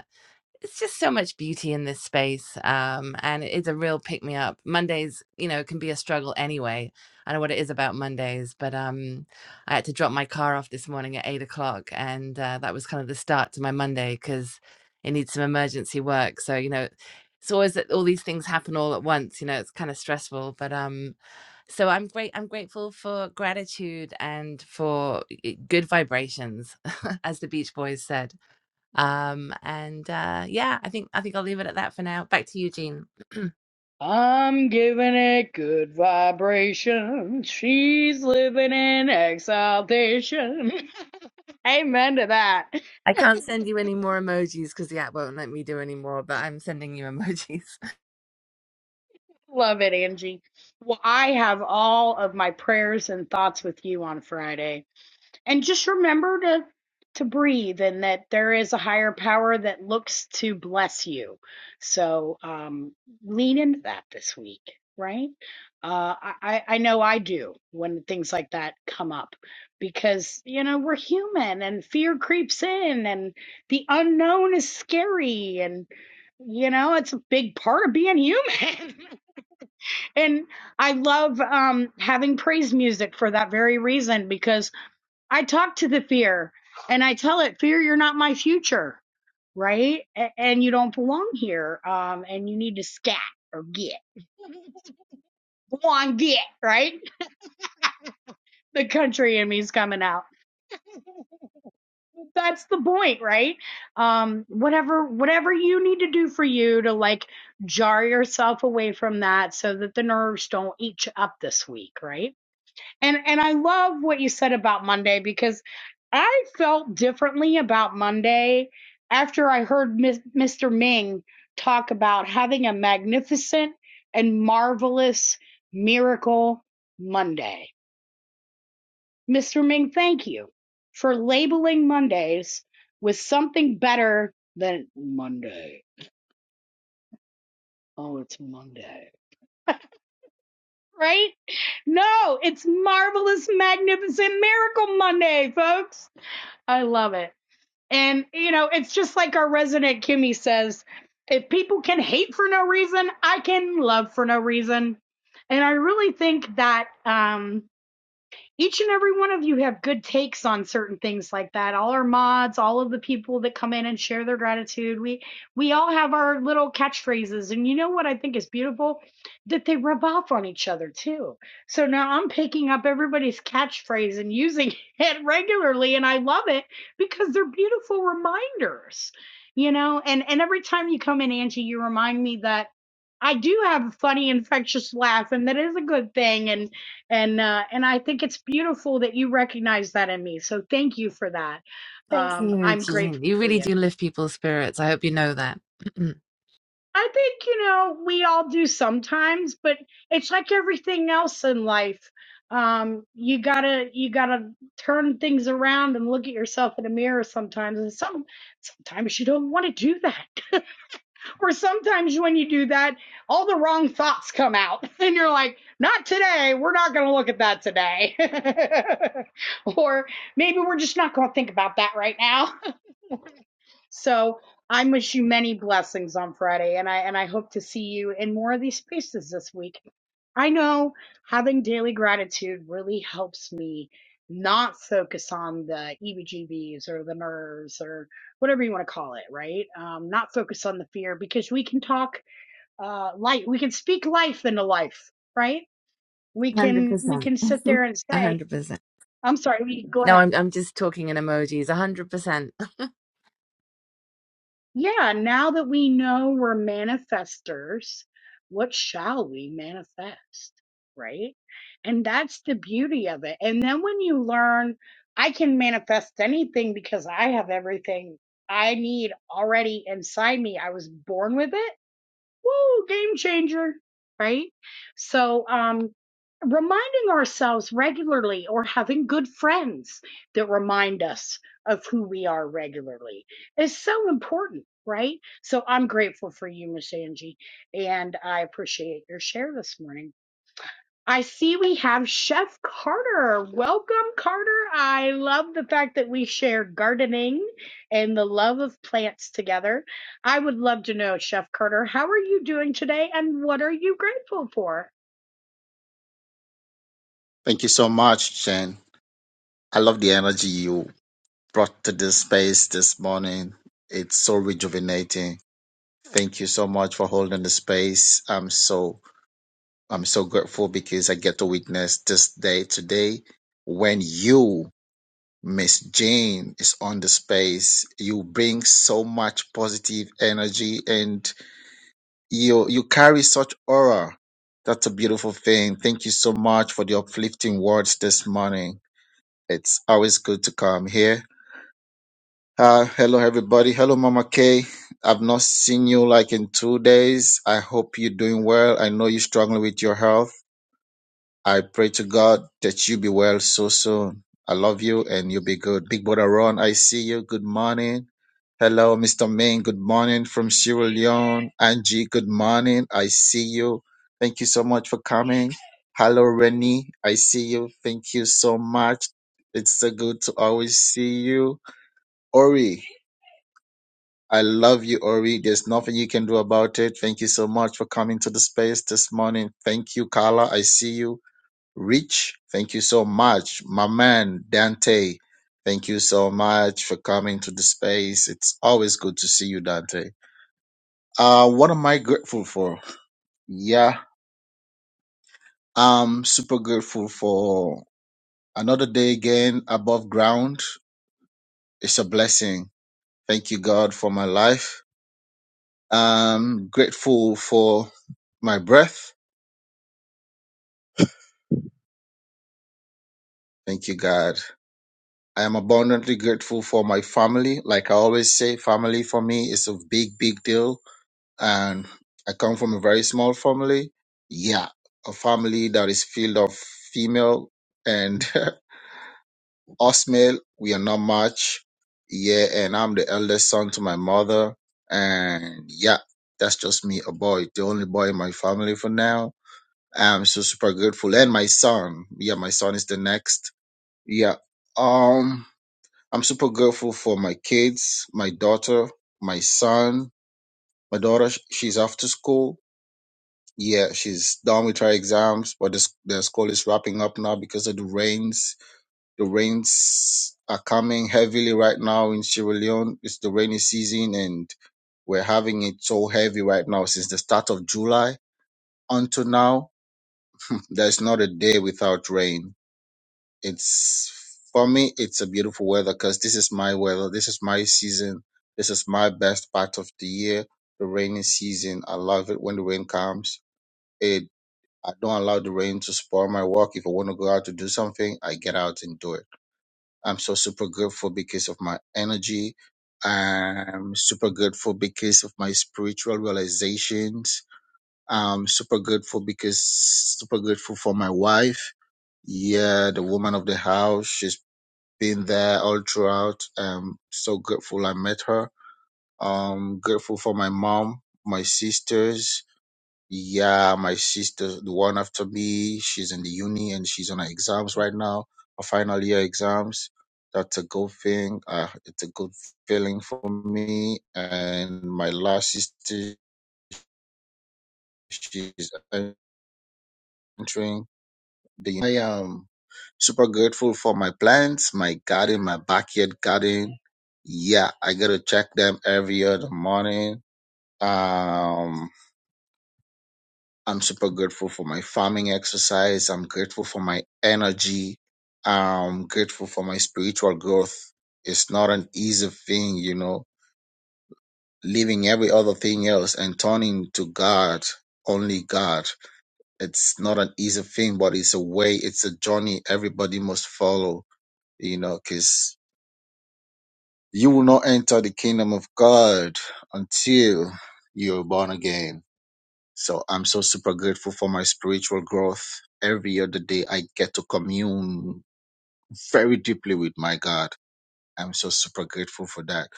it's just so much beauty in this space um, and it's a real pick me up mondays you know can be a struggle anyway i know what it is about mondays but um, i had to drop my car off this morning at 8 o'clock and uh, that was kind of the start to my monday because it needs some emergency work so you know it's always that all these things happen all at once you know it's kind of stressful but um so i'm great i'm grateful for gratitude and for eh, good vibrations as the beach boys said um, and uh, yeah, I think I think I'll leave it at that for now. Back to you, Jean. I'm giving it good vibration. She's living in exaltation. Amen to that. I can't send you any more emojis because the app won't let me do any more, but I'm sending you emojis. Love it, Angie. Well, I have all of my prayers and thoughts with you on Friday. and just remember to to breathe and that there is a higher power that looks to bless you so um lean into that this week right uh i i I know i do when things like that come up because you know we're human and fear creeps in and the unknown is scary and you know it's a big part of being human and i love um having praise music for that very reason because. I talk to the fear and I tell it, fear, you're not my future, right? A- and you don't belong here. Um, and you need to scat or get. Go on, get, right? The country in me's coming out. That's the point, right? Um, whatever, whatever you need to do for you to like jar yourself away from that so that the nerves don't eat you up this week, right? And and I love what you said about Monday because I felt differently about Monday after I heard Mis- Mr. Ming talk about having a magnificent and marvelous miracle Monday. Mr. Ming, thank you for labeling Mondays with something better than Monday. Oh, it's Monday. Right? No, it's marvelous, magnificent miracle Monday, folks. I love it. And, you know, it's just like our resident Kimmy says if people can hate for no reason, I can love for no reason. And I really think that um, each and every one of you have good takes on certain things like that. All our mods, all of the people that come in and share their gratitude, we we all have our little catchphrases. And you know what I think is beautiful? That they rub off on each other too. So now I'm picking up everybody's catchphrase and using it regularly and I love it because they're beautiful reminders. You know, and and every time you come in Angie, you remind me that I do have a funny infectious laugh and that is a good thing and and uh, and I think it's beautiful that you recognize that in me. So thank you for that. Thank Um, you, I'm Jean. grateful You for really you. do lift people's spirits. I hope you know that. I think you know we all do sometimes, but it's like everything else in life. Um, you gotta you gotta turn things around and look at yourself in a mirror sometimes, and some sometimes you don't want to do that. Or sometimes when you do that, all the wrong thoughts come out, and you're like, not today. We're not going to look at that today. or maybe we're just not going to think about that right now. so I wish you many blessings on Friday, and I and I hope to see you in more of these spaces this week. I know having daily gratitude really helps me not focus on the EBGBs or the nerves or whatever you want to call it, right? Um, not focus on the fear because we can talk uh, life. We can speak life into life, right? We can we 100%. can sit there and say, 100%. "I'm sorry." We go No, ahead. I'm I'm just talking in emojis. one hundred percent. Yeah. Now that we know we're manifestors, what shall we manifest, right? And that's the beauty of it. And then when you learn, I can manifest anything because I have everything I need already inside me. I was born with it Woo, game changer, right? So, um, reminding ourselves regularly or having good friends that remind us of who we are regularly is so important, right? So I'm grateful for you, Miss Angie, and I appreciate your share this morning. I see we have Chef Carter. Welcome, Carter. I love the fact that we share gardening and the love of plants together. I would love to know, Chef Carter, how are you doing today and what are you grateful for? Thank you so much, Jen. I love the energy you brought to this space this morning. It's so rejuvenating. Thank you so much for holding the space. I'm so I'm so grateful because I get to witness this day today when you, Miss Jane, is on the space. You bring so much positive energy and you you carry such aura. That's a beautiful thing. Thank you so much for the uplifting words this morning. It's always good to come here. Uh, hello, everybody. Hello, Mama Kay. I've not seen you like in two days. I hope you're doing well. I know you're struggling with your health. I pray to God that you be well so soon. I love you and you be good. Big brother Ron, I see you. Good morning. Hello, Mr. Main. Good morning from Sierra Leone. Angie, good morning. I see you. Thank you so much for coming. Hello, Rennie. I see you. Thank you so much. It's so good to always see you. Ori, I love you, Ori. There's nothing you can do about it. Thank you so much for coming to the space this morning. Thank you, Carla. I see you. Rich, thank you so much. My man, Dante, thank you so much for coming to the space. It's always good to see you, Dante. Uh, what am I grateful for? Yeah, I'm super grateful for another day again above ground. It's a blessing. Thank you, God, for my life. I'm grateful for my breath. Thank you, God. I am abundantly grateful for my family. Like I always say, family for me is a big, big deal and I come from a very small family. Yeah, a family that is filled of female and us male. We are not much. Yeah, and I'm the eldest son to my mother. And yeah, that's just me, a boy, the only boy in my family for now. I'm so super grateful. And my son, yeah, my son is the next. Yeah, um, I'm super grateful for my kids, my daughter, my son, my daughter. sh- She's after school Yeah, she's done with her exams, but the, s- the school is wrapping up now because of the rains. The rains are coming heavily right now in Sierra Leone. It's the rainy season and we're having it so heavy right now since the start of July until now. There's not a day without rain. It's for me, it's a beautiful weather because this is my weather. This is my season. This is my best part of the year, the rainy season. I love it when the rain comes. It. I don't allow the rain to spoil my work. If I want to go out to do something, I get out and do it. I'm so super grateful because of my energy. I'm super grateful because of my spiritual realizations. I'm super grateful because super grateful for my wife. Yeah, the woman of the house. She's been there all throughout. I'm so grateful I met her. Um, grateful for my mom, my sisters, yeah, my sister, the one after me, she's in the uni and she's on her exams right now, her final year exams. That's a good thing. Uh, it's a good feeling for me. And my last sister, she's entering the. uni. I am super grateful for my plants, my garden, my backyard garden. Yeah, I gotta check them every other morning. Um, I'm super grateful for my farming exercise. I'm grateful for my energy. I'm grateful for my spiritual growth. It's not an easy thing, you know, leaving every other thing else and turning to God, only God. It's not an easy thing, but it's a way, it's a journey everybody must follow, you know, because you will not enter the kingdom of God until you're born again So I'm so super grateful for my spiritual growth. Every other day, I get to commune very deeply with my God. I'm so super grateful for that.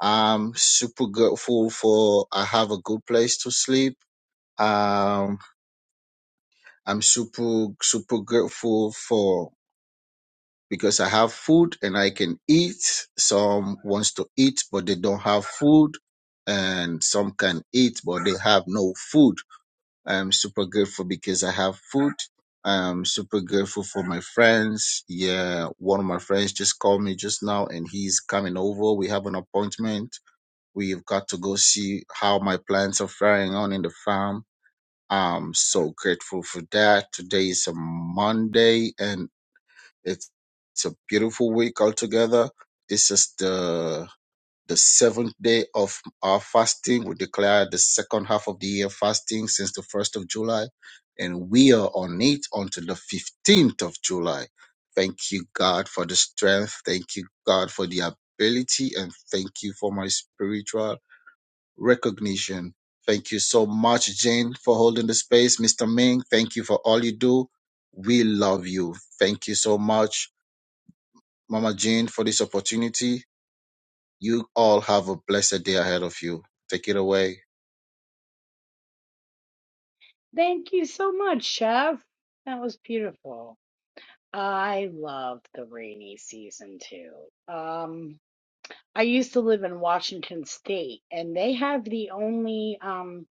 I'm super grateful for I have a good place to sleep. Um, I'm super super grateful for because I have food and I can eat. Some wants to eat but they don't have food, and some can eat but they have no food I am super grateful because I have food. I am super grateful for my friends. Yeah, one of my friends just called me just now and he's coming over. We have an appointment. We've got to go see how my plants are faring on in the farm. I'm so grateful for that. Today is a Monday and it's, it's a beautiful week altogether. This is the the seventh day of our fasting. We declare the second half of the year fasting since the 1st of July, and we are on it until the 15th of July. Thank you, God, for the strength. Thank you, God, for the ability, and thank you for my spiritual recognition. Thank you so much, Jane, for holding the space. Mr. Ming, thank you for all you do. We love you. Thank you so much, Mama Jane, for this opportunity. You all have a blessed day ahead of you. Take it away. Thank you so much, Chef. That was beautiful. I love the rainy season too. Um, I used to live in Washington State, and they have the only um,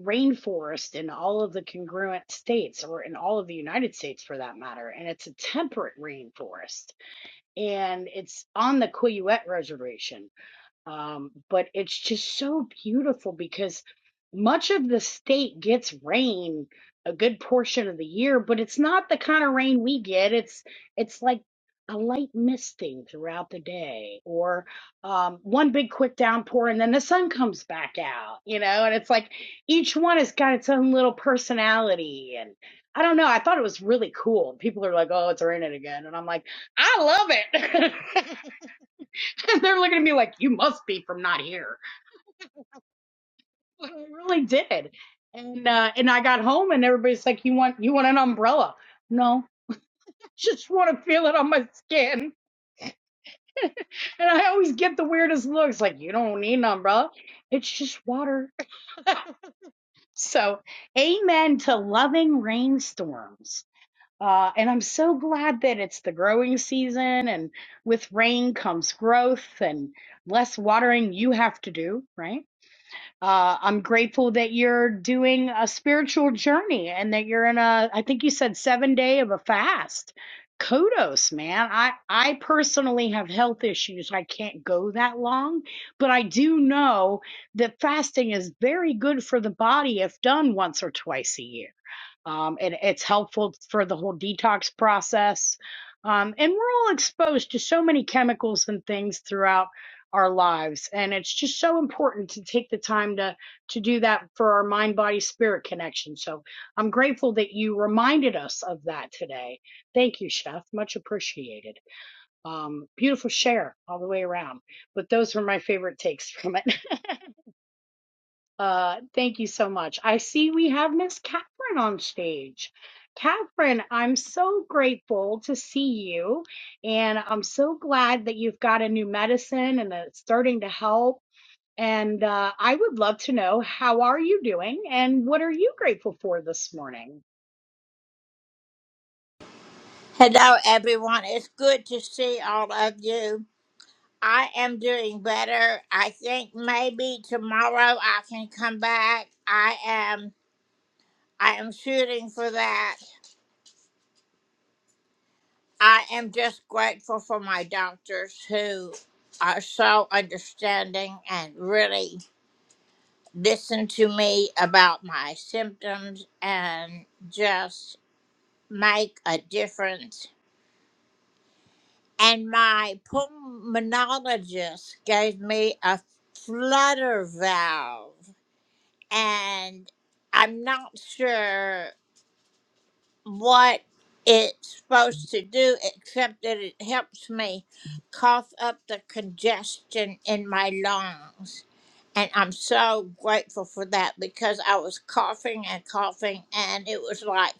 rainforest in all of the congruent states, or in all of the United States for that matter. And it's a temperate rainforest, and it's on the Quileute Reservation. Um, but it's just so beautiful because much of the state gets rain a good portion of the year, but it's not the kind of rain we get. It's it's like a light misting throughout the day, or um, one big quick downpour, and then the sun comes back out. You know, and it's like each one has got its own little personality, and I don't know. I thought it was really cool. People are like, "Oh, it's raining again," and I'm like, "I love it." and they're looking at me like, "You must be from not here." But I really did, and uh, and I got home, and everybody's like, "You want you want an umbrella?" No, I just want to feel it on my skin. And I always get the weirdest looks, like, "You don't need an umbrella; it's just water." So, amen to loving rainstorms. Uh, and I'm so glad that it's the growing season, and with rain comes growth, and less watering you have to do, right? Uh, I'm grateful that you're doing a spiritual journey and that you're in a, I think you said seven day of a fast. Kudos, man. I, I personally have health issues. I can't go that long, but I do know that fasting is very good for the body if done once or twice a year um, and it's helpful for the whole detox process. Um, and we're all exposed to so many chemicals and things throughout our lives, and it's just so important to take the time to to do that for our mind body spirit connection. So I'm grateful that you reminded us of that today. Thank you, Chef. Much appreciated. Um, beautiful share all the way around. But those were my favorite takes from it. Uh, thank you so much. I see we have Miss Catherine on stage. Catherine, I'm so grateful to see you, and I'm so glad that you've got a new medicine and that it's starting to help. And uh, I would love to know how are you doing, and what are you grateful for this morning? Hello, everyone. It's good to see all of you. I am doing better. I think maybe tomorrow I can come back. I am. I am shooting for that. I am just grateful for my doctors who are so understanding and really listen to me about my symptoms and just make a difference and my pulmonologist gave me a flutter valve and i'm not sure what it's supposed to do except that it helps me cough up the congestion in my lungs and i'm so grateful for that because i was coughing and coughing and it was like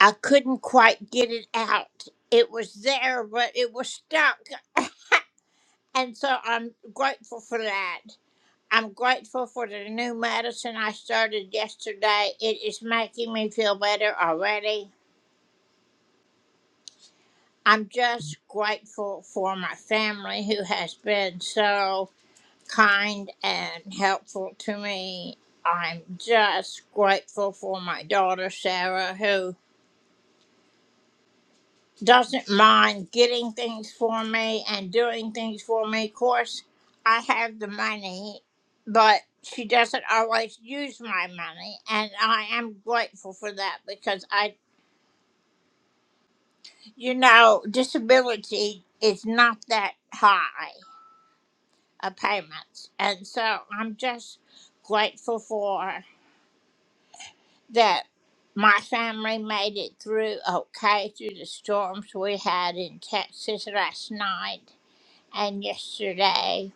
i couldn't quite get it out it was there but it was stuck And so I'm grateful for that. I'm grateful for the new medicine I started yesterday. It is making me feel better already. I'm just grateful for my family who has been so kind and helpful to me. I'm just grateful for my daughter, Sarah, who. doesn't mind getting things for me and doing things for me. Of course, I have the money, but she doesn't always use my money, and I am grateful for that because I, you know, disability is not that high a payment, and so I'm just grateful for that. My family made it through okay through the storms we had in Texas last night and yesterday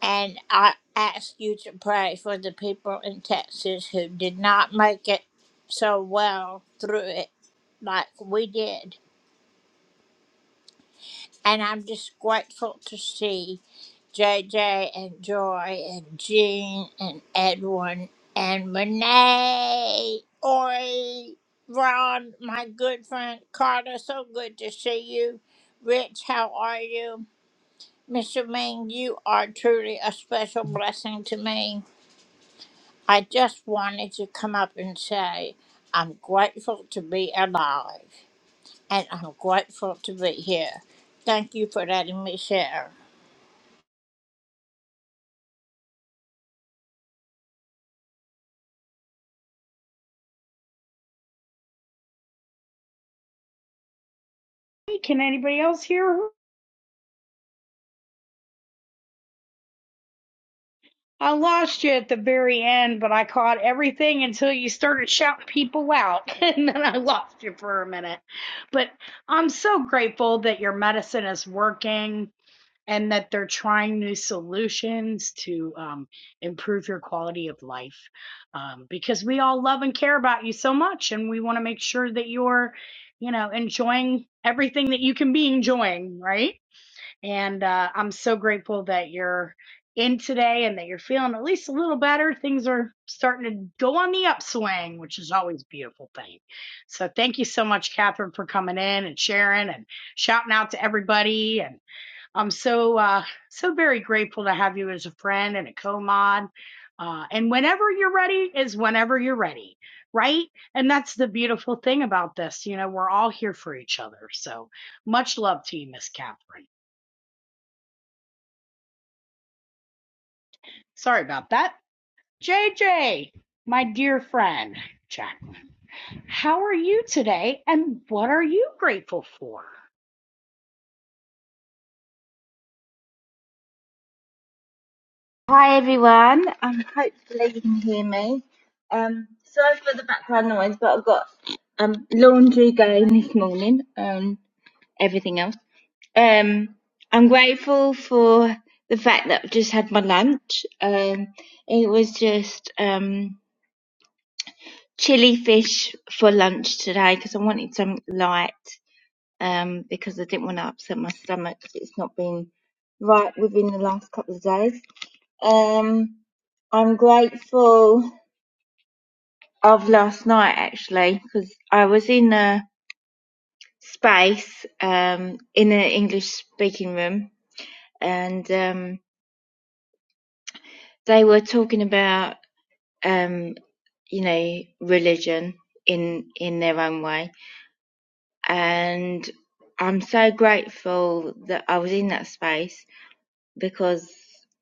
And I ask you to pray for the people in Texas who did not make it so well through it like we did. And I'm just grateful to see JJ and Joy and Jean and Edwin and Renee, Ori, Ron, my good friend Carter. So good to see you. Rich, how are you? Mr. Ming, you are truly a special blessing to me. I just wanted to come up and say I'm grateful to be alive and I'm grateful to be here. Thank you for letting me share. Hey, can anybody else hear? I lost you at the very end, but I caught everything until you started shouting people out, and then I lost you for a minute. But I'm so grateful that your medicine is working and that they're trying new solutions to um, improve your quality of life um, because we all love and care about you so much, and we want to make sure that you're, you know, enjoying everything that you can be enjoying, right? And uh, I'm so grateful that you're in today and that you're feeling at least a little better. Things are starting to go on the upswing, which is always a beautiful thing. So thank you so much, Catherine, for coming in and sharing and shouting out to everybody. And I'm so uh, so very grateful to have you as a friend and a co-mod. Uh, and whenever you're ready is whenever you're ready, right? And that's the beautiful thing about this. You know, we're all here for each other. So much love to you, Miss Catherine. Sorry about that. JJ, my dear friend, Jacqueline, how are you today and what are you grateful for? Hi everyone, um, hopefully you can hear me. Um, sorry for the background noise, but I've got um, laundry going this morning and everything else. Um, I'm grateful for the fact that I've just had my lunch. Um, it was just um, chili fish for lunch today because I wanted something light um, because I didn't want to upset my stomach 'cause it's not been right within the last couple of days. Um, I'm grateful of last night actually because I was in a space um, in an English speaking room and um, they were talking about um, you know religion in in their own way and I'm so grateful that I was in that space because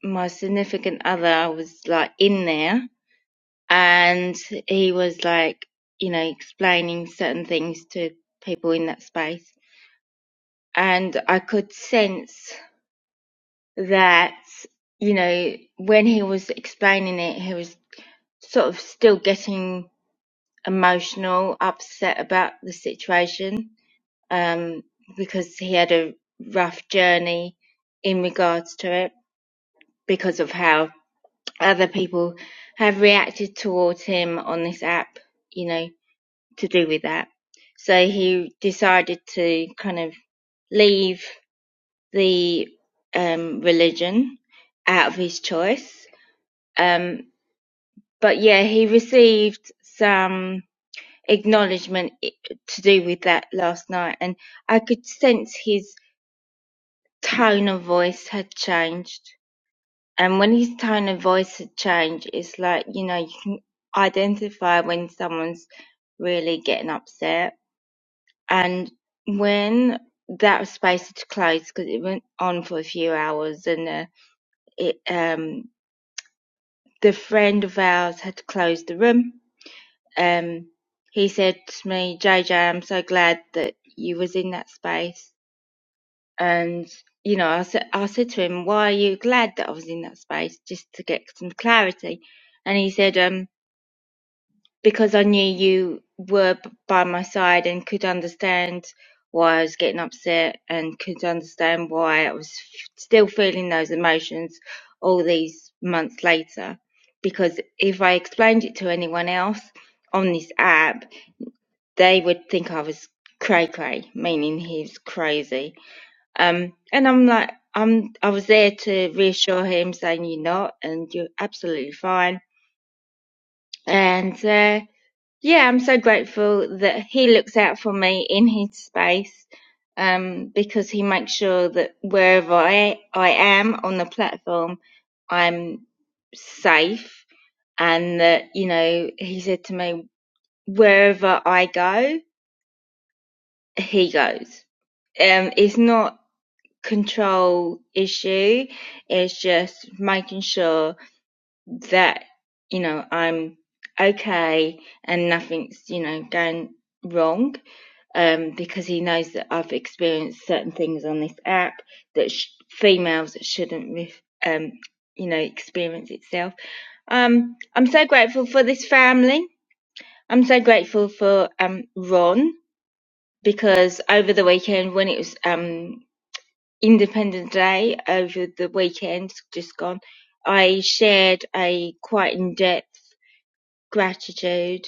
my significant other was like in there and he was like you know explaining certain things to people in that space and i could sense that you know when he was explaining it he was sort of still getting emotional upset about the situation um because he had a rough journey in regards to it because of how other people have reacted towards him on this app you know to do with that. So he decided to kind of leave the um, religion out of his choice. Um, but yeah, he received some acknowledgement to do with that last night, and I could sense his tone of voice had changed. And when his tone of voice had changed, it's like you know you can identify when someone's really getting upset and when that space had closed because it went on for a few hours and uh, it um the friend of ours had closed the room um he said to me jj i'm so glad that you was in that space and you know i said i said to him why are you glad that i was in that space just to get some clarity and he said um because I knew you were b- by my side and could understand why I was getting upset and could understand why I was f- still feeling those emotions all these months later. Because if I explained it to anyone else on this app, they would think I was cray cray, meaning he's crazy. Um, and I'm like, I'm, I was there to reassure him, saying you're not, and you're absolutely fine. And uh, yeah, I'm so grateful that he looks out for me in his space um, because he makes sure that wherever I, I am on the platform, I'm safe. And that, you know, he said to me, wherever I go, he goes. Um, it's not control issue. It's just making sure that, you know, I'm okay and nothing's, you know, going wrong um, because he knows that I've experienced certain things on this app that sh- females shouldn't, ref- um, you know, experience itself. Um, I'm so grateful for this family. I'm so grateful for um, Ron because over the weekend when it was um, Independence Day over the weekend just gone, I shared a quite in-depth gratitude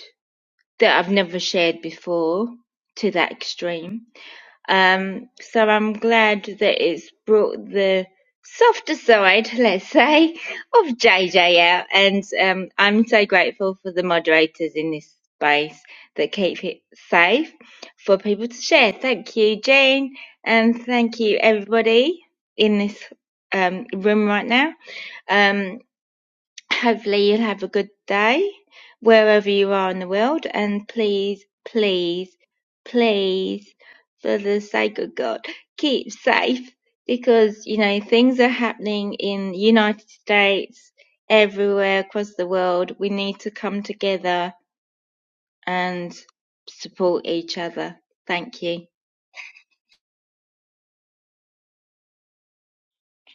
that I've never shared before to that extreme Um, so I'm glad that it's brought the softer side, let's say, of JJ out. And um, I'm so grateful for the moderators in this space that keep it safe for people to share. Thank you, Jean, and thank you, everybody in this um, room right now. Um, Hopefully you'll have a good day wherever you are in the world, and please, please, please, for the sake of God, keep safe because you know things are happening in the United States, everywhere across the world. We need to come together and support each other. Thank you.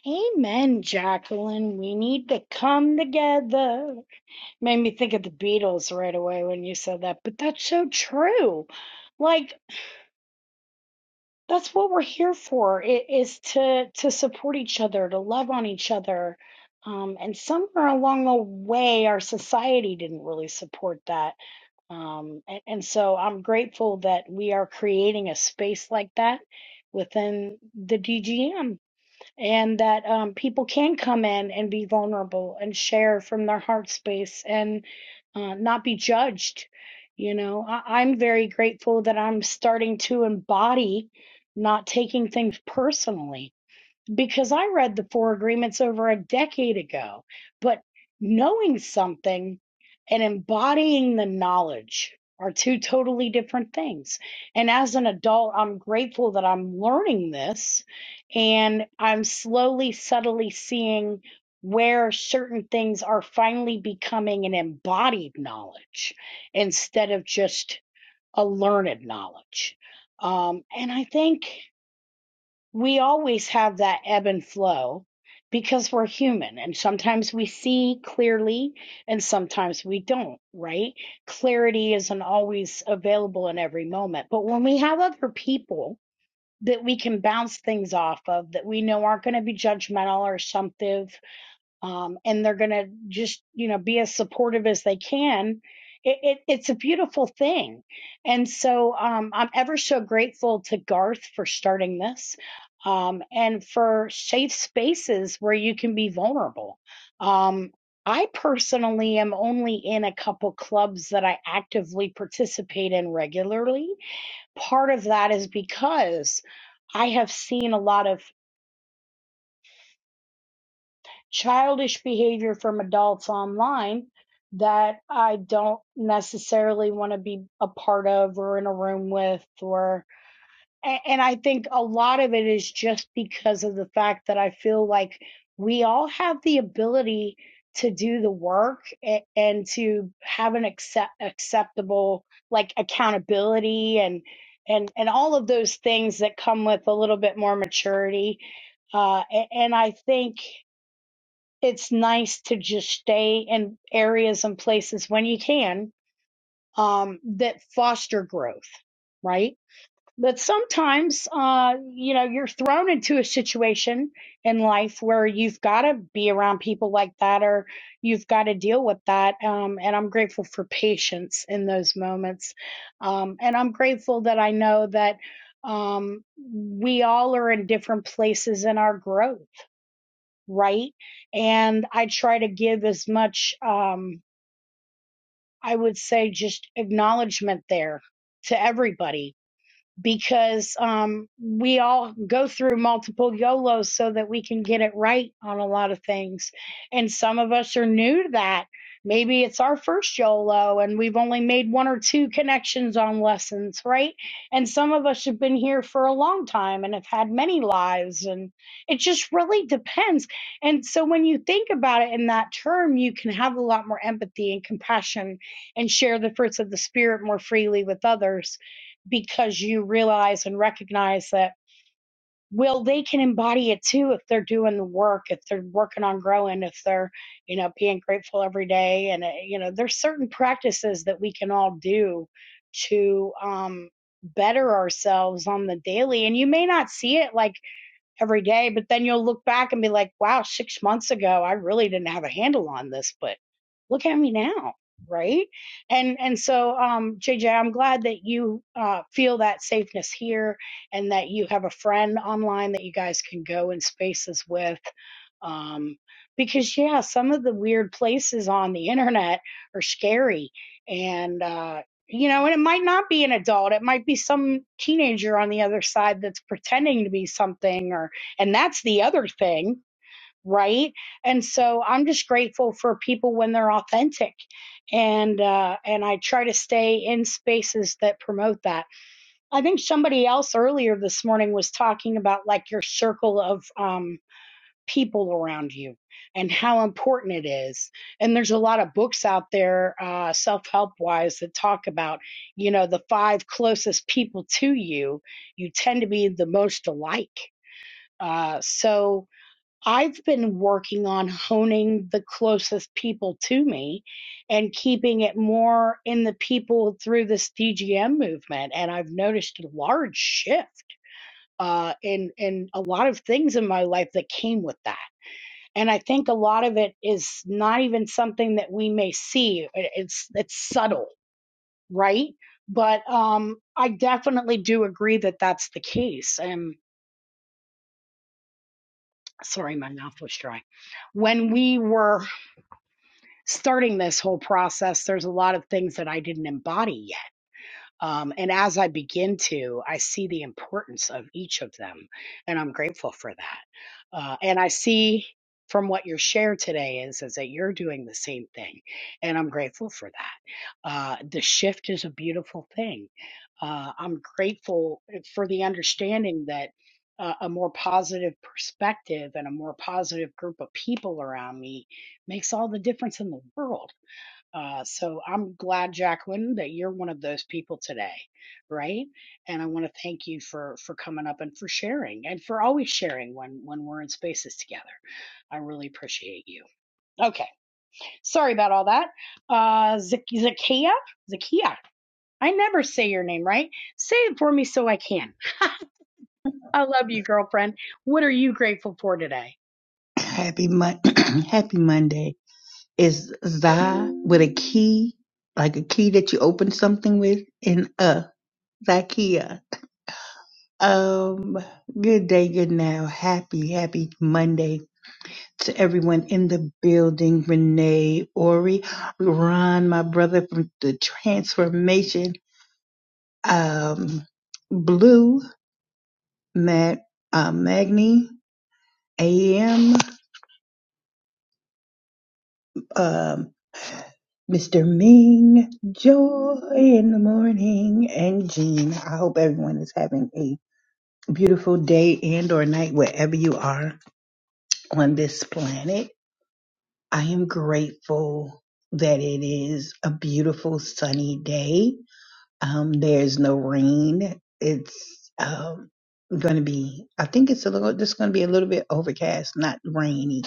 Amen, Jacqueline. We need to come together. Made me think of the Beatles right away when you said that, but that's so true. Like. that's what we're here for i- is to to support each other to love on each other um, and somewhere along the way our society didn't really support that um, and, and so i'm grateful that we are creating a space like that within the dgm and that um, people can come in and be vulnerable and share from their heart space and uh, not be judged. You know, I- I'm very grateful that I'm starting to embody not taking things personally because I read the four agreements over a decade ago. But knowing something and embodying the knowledge are two totally different things. And as an adult, I'm grateful that I'm learning this and I'm slowly, subtly seeing where certain things are finally becoming an embodied knowledge instead of just a learned knowledge. Um, and I think we always have that ebb and flow because we're human and sometimes we see clearly and sometimes we don't, right? Clarity isn't always available in every moment. But when we have other people that we can bounce things off of that we know aren't going to be judgmental or assumptive um, and they're going to just you know be as supportive as they can it, it, it's a beautiful thing and so um, i'm ever so grateful to garth for starting this um, and for safe spaces where you can be vulnerable um, i personally am only in a couple clubs that i actively participate in regularly part of that is because I have seen a lot of childish behavior from adults online that I don't necessarily want to be a part of or in a room with or and I think a lot of it is just because of the fact that I feel like we all have the ability to do the work a- and to have an accept acceptable like accountability and and and all of those things that come with a little bit more maturity uh a- and I think it's nice to just stay in areas and places when you can um, that foster growth, right? But sometimes, uh, you know, you're thrown into a situation in life where you've got to be around people like that or you've got to deal with that. Um, and I'm grateful for patience in those moments. Um, and I'm grateful that I know that um, we all are in different places in our growth right? And I try to give as much, um, I would say, just acknowledgement there to everybody because um, we all go through multiple YOLOs so that we can get it right on a lot of things. And some of us are new to that. Maybe it's our first YOLO and we've only made one or two connections on lessons, right? And some of us have been here for a long time and have had many lives. And it just really depends. And so when you think about it in that term, you can have a lot more empathy and compassion and share the fruits of the Spirit more freely with others because you realize and recognize that well they can embody it too if they're doing the work if they're working on growing if they're you know being grateful every day and uh, you know there's certain practices that we can all do to um better ourselves on the daily and you may not see it like every day. But then you'll look back and be like, wow, six months ago, I really didn't have a handle on this, but look at me now. Right. And, and so, um, JJ, I'm glad that you, uh, feel that safeness here and that you have a friend online that you guys can go in spaces with. Um, because yeah, some of the weird places on the internet are scary. And, uh, you know, and it might not be an adult. It might be some teenager on the other side that's pretending to be something or and that's the other thing, right? And so I'm just grateful for people when they're authentic. And uh and I try to stay in spaces that promote that. I think somebody else earlier this morning was talking about like your circle of um people around you and how important it is. And there's a lot of books out there, uh, self help wise, that talk about, you know, the five closest people to you, you tend to be the most alike. Uh, so I've been working on honing the closest people to me and keeping it more in the people through this DGM movement. And I've noticed a large shift uh, in, in a lot of things in my life that came with that and I think a lot of it is not even something that we may see. It's it's subtle, right? But um, I definitely do agree that that's the case. And sorry, my mouth was dry. When we were starting this whole process, there's a lot of things that I didn't embody Um, and as I begin to, I see the importance of each of them, and I'm grateful for that. Uh, and I see from what your share today is, is that you're doing the same thing, and I'm grateful for that. Uh, the shift is a beautiful thing. Uh, I'm grateful eh, for the understanding that uh, a more positive perspective and a more positive group of people around me makes all the difference in the world uh, so I'm glad, Jacqueline, that you're one of those people today, right? And I want to thank you for for coming up and for sharing and for always sharing when when we're in spaces together. I really appreciate you. Okay, sorry about all that. Uh, Zac- Zakia, Zakia. I never say your name right. Say it for me so I can. I love you, girlfriend. What are you grateful for today? Happy Mon- Happy Monday is za with a key, like a key that you open something with, and uh, Zakia. Um, good day, good now. Happy, happy Monday to everyone in the building. Renee, Ori, Ron, my brother from the transformation. Um, Blue, Matt, uh, Magni, AM. Mr. Ming, joy in the morning, and Jean. I hope everyone is having a beautiful day and or night wherever you are on this planet. I am grateful that it is a beautiful sunny day. Um, there's no rain. It's um, going to be, I think it's a little, just going to be a little bit overcast, not rainy.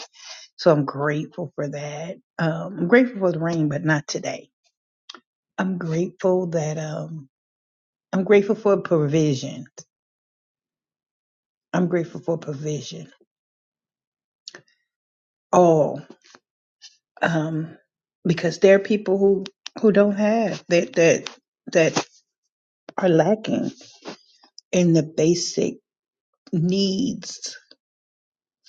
So I'm grateful for that. Um, I'm grateful for the rain, but not today. I'm grateful that um I'm grateful for provision. I'm grateful for provision. All um because there are people who who don't have that that that are lacking in the basic needs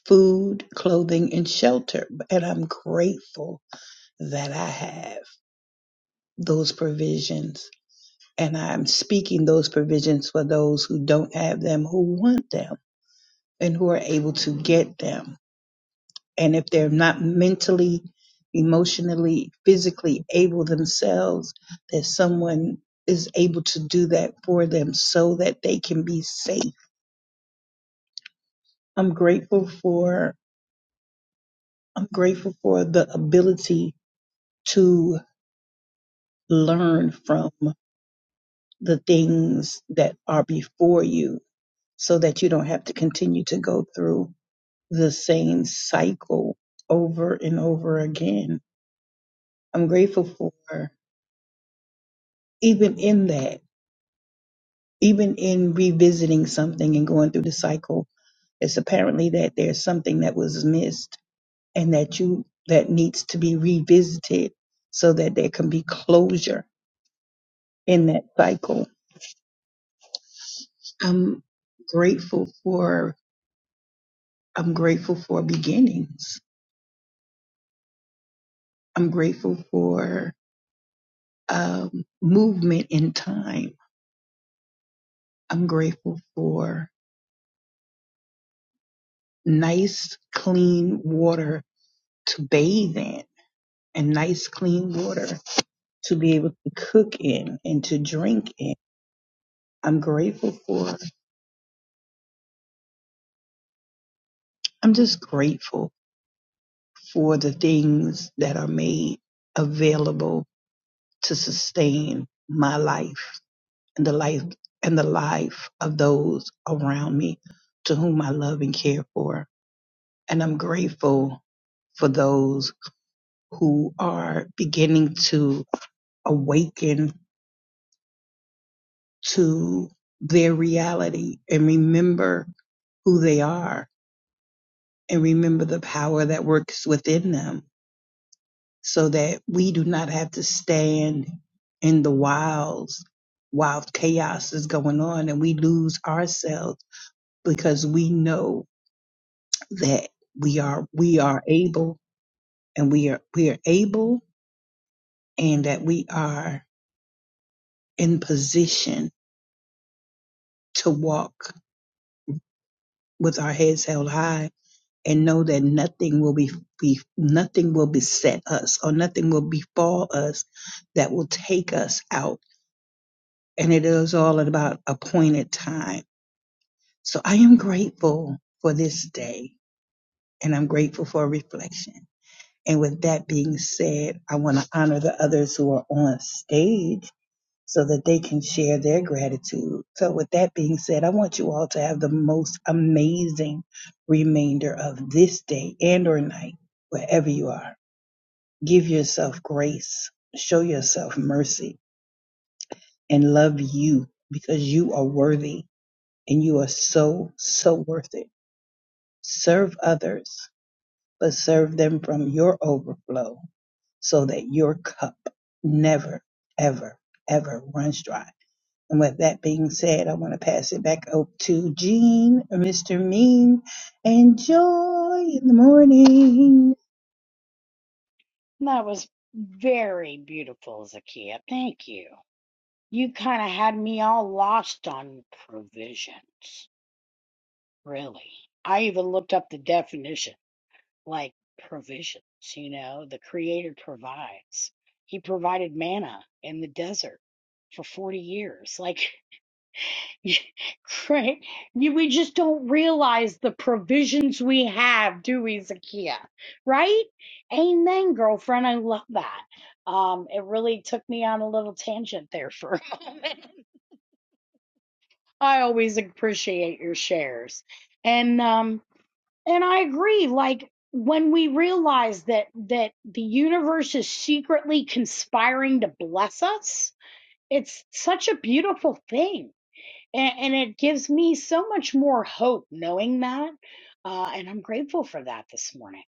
food, clothing and shelter. And I'm grateful that I have those provisions and I'm speaking those provisions for those who don't have them who want them and who are able to get them And if they're not mentally, emotionally, physically able themselves, that someone is able to do that for them so that they can be safe. I'm grateful for I'm grateful for the ability to learn from the things that are before you so that you don't have to continue to go through the same cycle over and over again. I'm grateful for even in that. even in revisiting something and going through the cycle, it's apparently that there's something that was missed and that you that needs to be revisited so that there can be closure in that cycle. I'm grateful for I'm grateful for beginnings. I'm grateful for um, movement in time. I'm grateful for nice, clean water to bathe in and nice, clean water to be able to cook in and to drink in. I'm grateful for, I'm just grateful for the things that are made available to sustain my life and the life and the life of those around me to whom I love and care for. And I'm grateful for those who are beginning to awaken to their reality and remember who they are and remember the power that works within them so that we do not have to stand in the wilds while chaos is going on and we lose ourselves because we know that we are we are able and we are we are able and that we are in position to walk with our heads held high and know that nothing will be, be nothing will beset us or nothing will befall us that will take us out and it is all at about appointed time. So I am grateful for this day and I'm grateful for reflection. And with that being said, I want to honor the others who are on stage so that they can share their gratitude. So with that being said, I want you all to have the most amazing remainder of this day and or night, wherever you are. Give yourself grace, show yourself mercy and love you because you are worthy and you are so, so worth it. Serve others, but serve them from your overflow so that your cup never, ever, ever runs dry. And with that being said, I want to pass it back up to Gene, Mr. Mean. Enjoy in the morning. That was very beautiful, Zakia. Thank you. you kind of had me all lost on provisions, really. I even looked up the definition, like provisions, you know, the Creator provides. He provided manna in the desert for 40 years. Like, right? You- We just don't realize the provisions we have, do we, Zakia? Right? Amen, girlfriend. I love that. Um, it really took me on a little tangent there for a moment. I always appreciate your shares. And um and I agree like when we realize that that the universe is secretly conspiring to bless us, it's such a beautiful thing. And, and it gives me so much more hope knowing that. Uh, and I'm grateful for that this morning.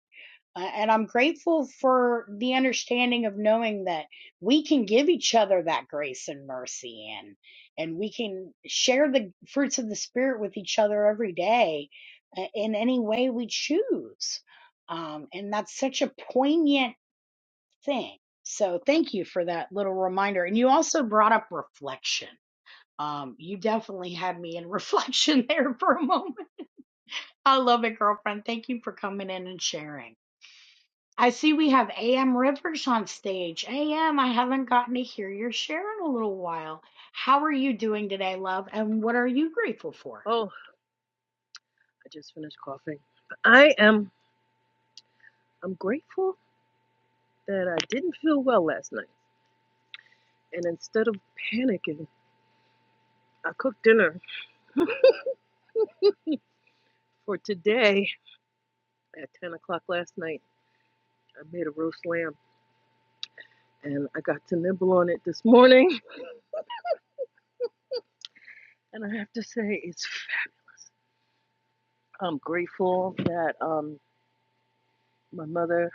Uh, and I'm grateful for the understanding of knowing that we can give each other that grace and mercy and and we can share the fruits of the spirit with each other every day uh, in any way we choose. Um, and that's such a poignant thing. So thank you for that little reminder. And you also brought up reflection. Um, you definitely had me in reflection there for a moment. I love it, girlfriend. Thank you for coming in and sharing. I see we have AM Rivers on stage. AM, I haven't gotten to hear your share in a little while. How are you doing today, love? And what are you grateful for? Oh, I just finished coughing. I am I'm grateful that I didn't feel well last night. And instead of panicking, I cooked dinner for today at ten o'clock last night. I made a roast lamb and I got to nibble on it this morning. And I have to say it's fabulous. I'm grateful that um my mother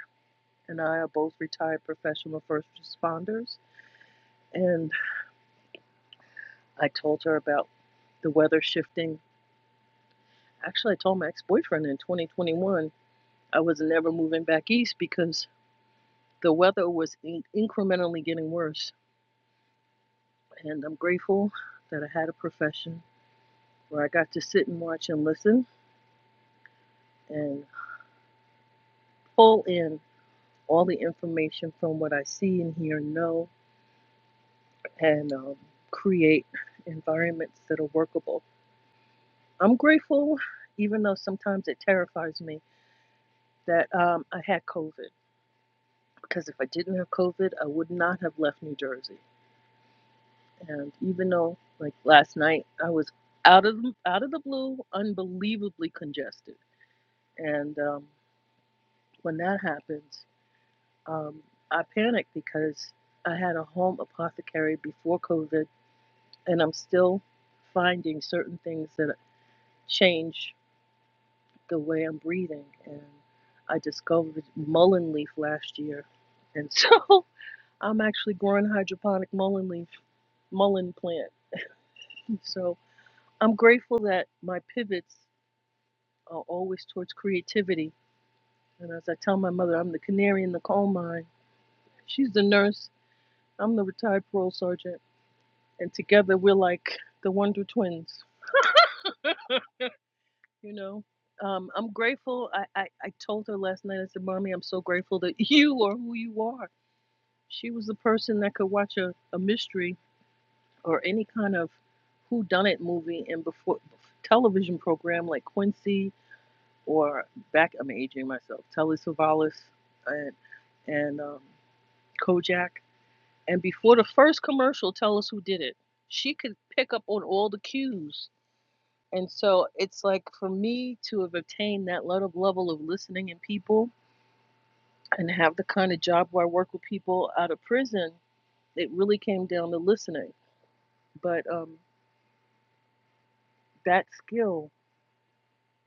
and I are both retired professional first responders and I told her about the weather shifting. Actually I told my ex boyfriend in twenty twenty one I was never moving back east because the weather was in- incrementally getting worse. And I'm grateful that I had a profession where I got to sit and watch and listen and pull in all the information from what I see and hear and know and um, create environments that are workable. I'm grateful, even though sometimes it terrifies me, that um, I had COVID because if I didn't have COVID, I would not have left New Jersey. And even though, like last night, I was out of out of the blue, unbelievably congested. And um, when that happens, um, I panicked because I had a home apothecary before COVID, and I'm still finding certain things that change the way I'm breathing. And I discovered mullein leaf last year, and so I'm actually growing hydroponic mullein leaf mullein plant. So I'm grateful that my pivots uh, always towards creativity. And as I tell my mother, I'm the canary in the coal mine. She's the nurse, I'm the retired parole sergeant. And together we're like the Wonder Twins, you know? Um, I'm grateful. I, I, I told her last night, I said, Mommy, I'm so grateful that you are who you are. She was the person that could watch a, a mystery or any kind of whodunit movie and before television program like Quincy or back, I'm aging myself, Telly Savalas and, and um, Kojak. And before the first commercial, tell us who did it. She could pick up on all the cues. And so it's like for me to have obtained that level level of listening in people and have the kind of job where I work with people out of prison, it really came down to listening. But um, that skill,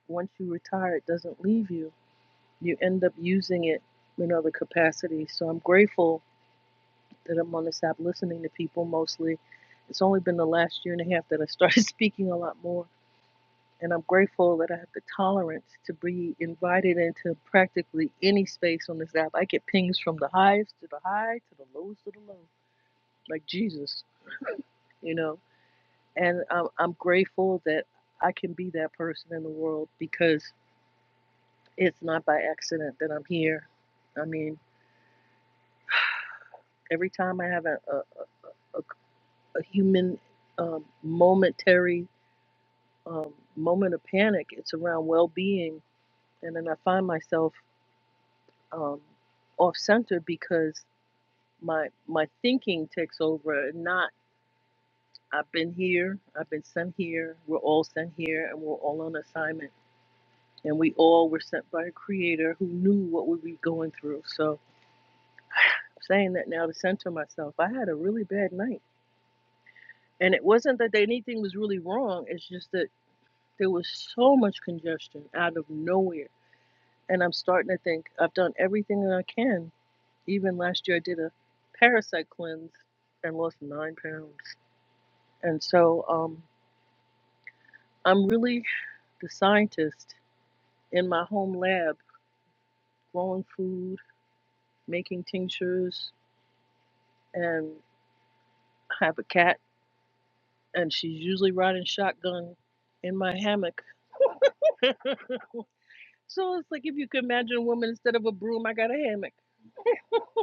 once you retire, it doesn't leave you. You end up using it in other capacities. So I'm grateful that I'm on this app, listening to people mostly. It's only been the last year and a half that I started speaking a lot more. And I'm grateful that I have the tolerance to be invited into practically any space on this app. I get pings from the highs to the high to the lows to the low, like Jesus, you know. And I'm, I'm grateful that I can be that person in the world because it's not by accident that I'm here. I mean, every time I have a, a, a, a human um, momentary um, moment of panic, it's around well being. And then I find myself um, off center because my my thinking takes over and not I've been here, I've been sent here, we're all sent here and we're all on assignment. And we all were sent by a creator who knew what we were going through. So I'm saying that now to center myself. I had a really bad night. And it wasn't that anything was really wrong, it's just that there was so much congestion out of nowhere And I'm starting to think I've done everything that I can. Even last year, I did a parasite cleanse and lost nine pounds. And so um, I'm really the scientist in my home lab, growing food, making tinctures, and I have a cat, and she's usually riding shotgun in my hammock. so it's like if you could imagine a woman instead of a broom, I got a hammock.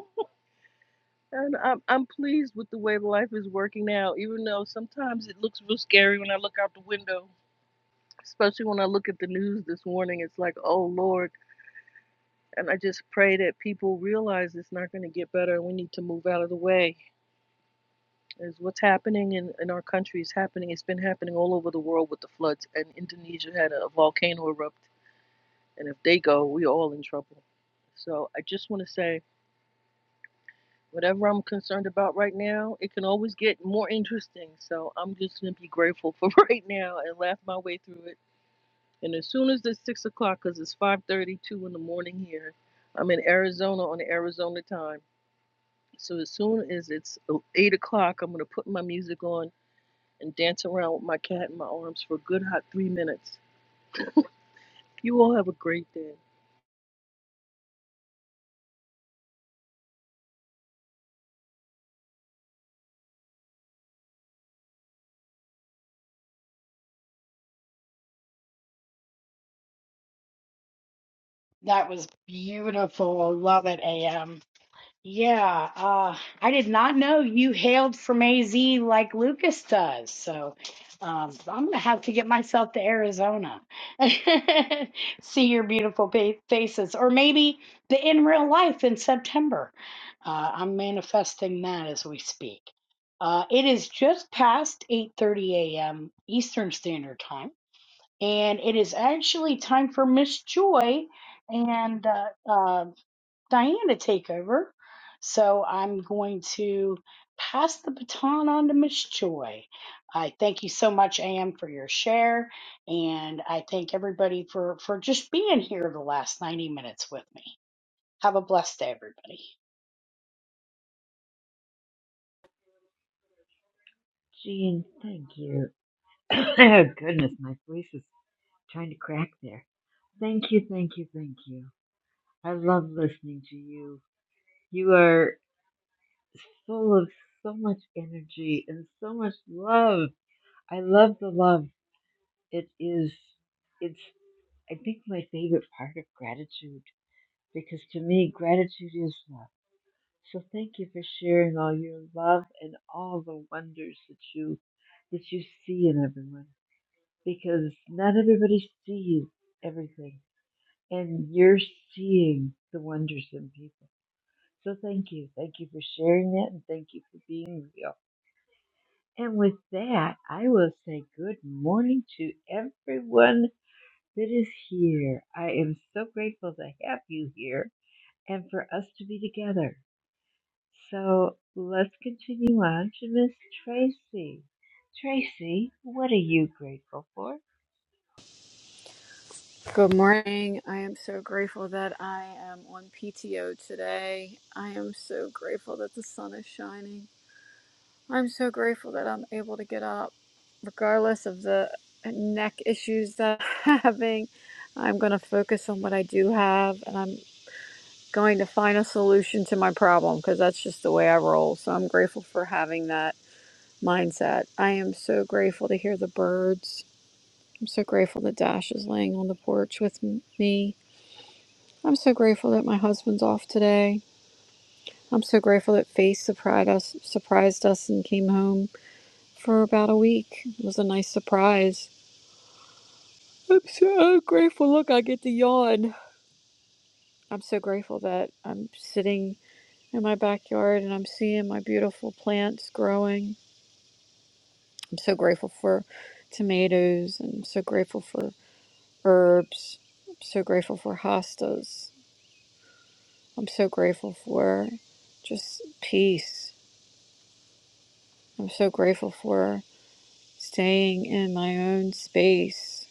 And I'm I'm pleased with the way life is working now, even though sometimes it looks real scary when I look out the window, especially when I look at the news this morning. It's like, oh Lord. And I just pray that people realize it's not going to get better and we need to move out of the way. Is what's happening in, in our country is happening. It's been happening all over the world with the floods, and Indonesia had a volcano erupt. And if they go, we're all in trouble. So I just want to say Whatever I'm concerned about right now, it can always get more interesting. So I'm just gonna be grateful for right now and laugh my way through it. And as soon as it's six o'clock, 'cause it's five thirty-two in the morning here, I'm in Arizona on the Arizona time. So as soon as it's uh, eight o'clock, I'm gonna put my music on and dance around with my cat in my arms for a good hot three minutes. You all have a great day. That was beautiful. Love it, AM. Yeah, uh, I did not know you hailed from AZ like Lucas does. So um, I'm going to have to get myself to Arizona, see your beautiful fa- faces, or maybe the in real life in September. Uh, I'm manifesting that as we speak. Uh, it is just past 8:30 a.m. Eastern Standard Time, and it is actually time for Miss Joy and uh, uh, Diane to take over. So I'm going to pass the baton on to Miss Joy. I thank you so much, Am, for your share, and I thank everybody for for just being here the last 90 minutes with me. Have a blessed day, everybody. Jean, thank you. Oh Goodness, my voice is trying to crack there. Thank you, thank you, thank you. I love listening to you. You are full of so much energy and so much love. I love the love. It is, it's, I think, my favorite part of gratitude because to me, gratitude is love. So thank you for sharing all your love and all the wonders that you that you see in everyone. because not everybody sees everything, and you're seeing the wonders in people. So thank you. Thank you for sharing that, and thank you for being real. And with that, I will say good morning to everyone that is here. I am so grateful to have you here and for us to be together. So let's continue on to Miss Tracy. Tracy, what are you grateful for? Good morning. I am so grateful that I am on PTO today. I am so grateful that the sun is shining. I'm so grateful that I'm able to get up, regardless of the neck issues that I'm having. I'm going to focus on what I do have and I'm going to find a solution to my problem because that's just the way I roll. So I'm grateful for having that mindset. I am so grateful to hear the birds. I'm so grateful that Dash is laying on the porch with m- me. I'm so grateful that my husband's off today. I'm so grateful that Faith surprised us, surprised us and came home for about a week. It was a nice surprise. I'm so oh, grateful. Look, I get to yawn. I'm so grateful that I'm sitting in my backyard and I'm seeing my beautiful plants growing. I'm so grateful for tomatoes and I'm so grateful for herbs. I'm so grateful for hostas. I'm so grateful for just peace. I'm so grateful for staying in my own space.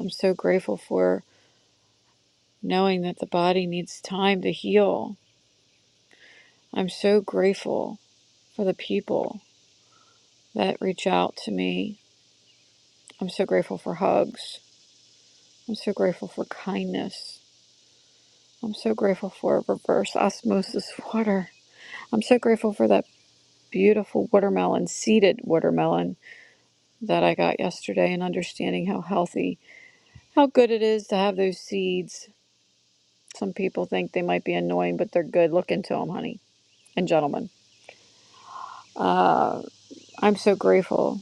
I'm so grateful for knowing that the body needs time to heal. I'm so grateful for the people that reach out to me. I'm so grateful for hugs. I'm so grateful for kindness. I'm so grateful for reverse osmosis water. I'm so grateful for that beautiful watermelon, seeded watermelon that I got yesterday and understanding how healthy, how good it is to have those seeds Some people think they might be annoying, but they're good. Look into them, honey and gentlemen. Uh, I'm so grateful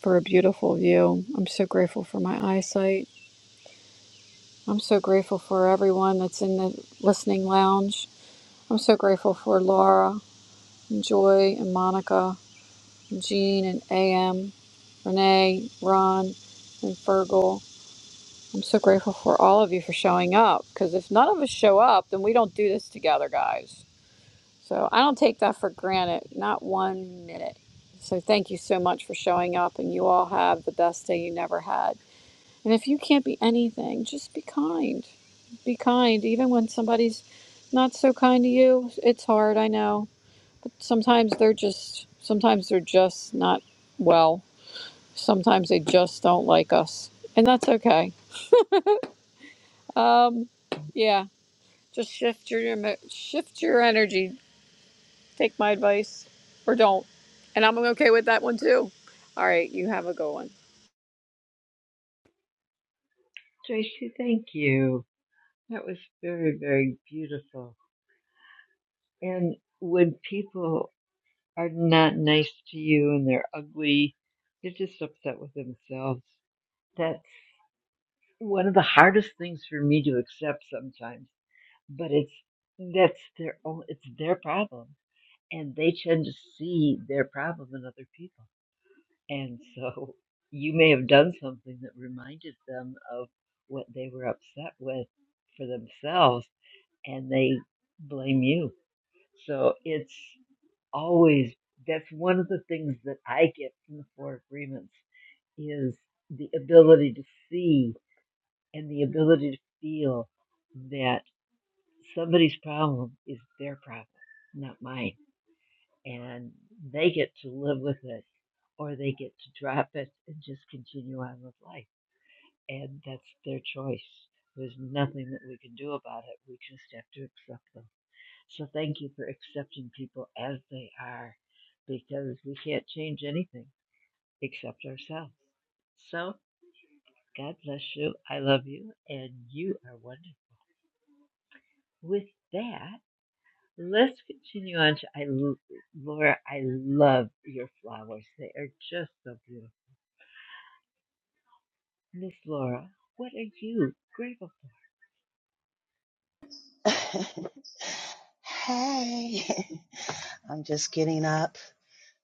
for a beautiful view. I'm so grateful for my eyesight. I'm so grateful for everyone that's in the listening lounge. I'm so grateful for Laura and Joy and Monica and Jean and AM, Renee, Ron, and Fergal. I'm so grateful for all of you for showing up because if none of us show up, then we don't do this together, guys. So I don't take that for granted, not one minute. So thank you so much for showing up, and you all have the best day you never had. And if you can't be anything, just be kind. Be kind, even when somebody's not so kind to you. It's hard, I know. Sometimes they're just, sometimes they're just not well. Sometimes they just don't like us, and that's okay. Um, yeah, just shift your shift your energy Take my advice or don't. And I'm okay with that one too. All right, you have a good one. Tracy, thank you. That was very, very beautiful. And when people are not nice to you and they're ugly, they're just upset with themselves. That's one of the hardest things for me to accept sometimes. But it's that's their own it's their problem. And they tend to see their problem in other people. And so you may have done something that reminded them of what they were upset with for themselves and they blame you So it's always that's one of the things that I get from the four agreements is the ability to see and the ability to feel that somebody's problem is their problem, not mine. And they get to live with it or they get to drop it and just continue on with life. And that's their choice. There's nothing that we can do about it. We just have to accept them. So thank you for accepting people as they are because we can't change anything except ourselves. So God bless you. I love you and you are wonderful. With that, let's continue on to I Laura, I love your flowers. They are just so beautiful. Miss Laura, what are you grateful for? hey, I'm just getting up,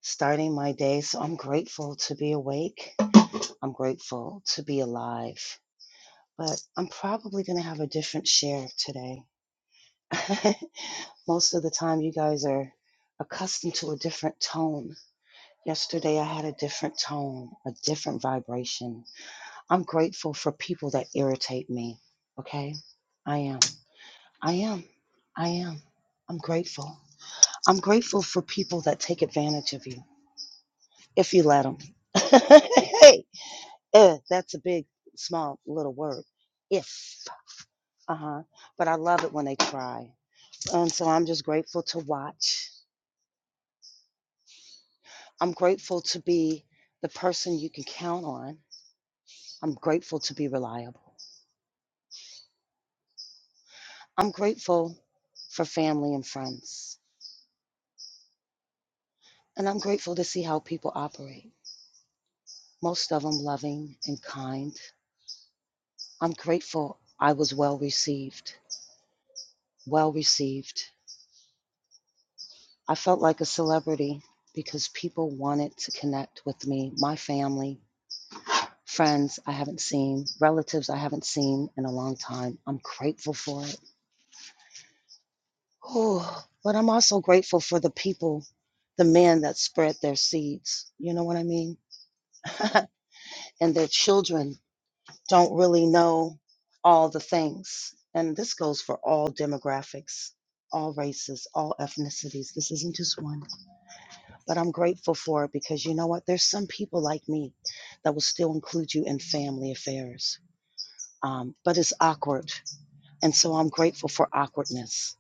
starting my day. So I'm grateful to be awake. I'm grateful to be alive. But I'm probably going to have a different share today. Most of the time, you guys are accustomed to a different tone. Yesterday, I had a different tone, a different vibration. I'm grateful for people that irritate me. Okay? I am. I am. I am. I'm grateful. I'm grateful for people that take advantage of you if you let them. hey, eh, that's a big, small, little word. If, uh huh. But I love it when they try. And so I'm just grateful to watch. I'm grateful to be the person you can count on. I'm grateful to be reliable. I'm grateful for family and friends. And I'm grateful to see how people operate. Most of them loving and kind. I'm grateful I was well received. Well received I felt like a celebrity because people wanted to connect with me, my family, friends I haven't seen, relatives I haven't seen in a long time. I'm grateful for it. Oh, but I'm also grateful for the people, the men that spread their seeds. You know what I mean? and their children don't really know all the things. And this goes for all demographics, all races, all ethnicities. This isn't just one. but I'm grateful for it because you know what? There's some people like me that will still include you in family affairs, um, but it's awkward, and so I'm grateful for awkwardness,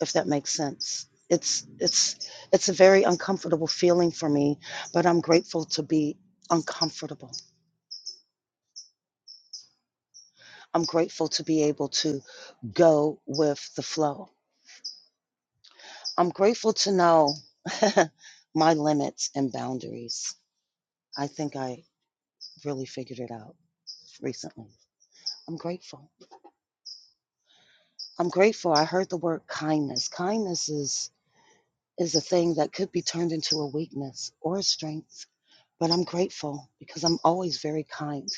if that makes sense. It's it's it's a very uncomfortable feeling for me, but I'm grateful to be uncomfortable. I'm grateful to be able to go with the flow. I'm grateful to know my limits and boundaries. I think I really figured it out recently. I'm grateful. I'm grateful. I heard the word kindness. Kindness is is a thing that could be turned into a weakness or a strength. But I'm grateful because I'm always very kind.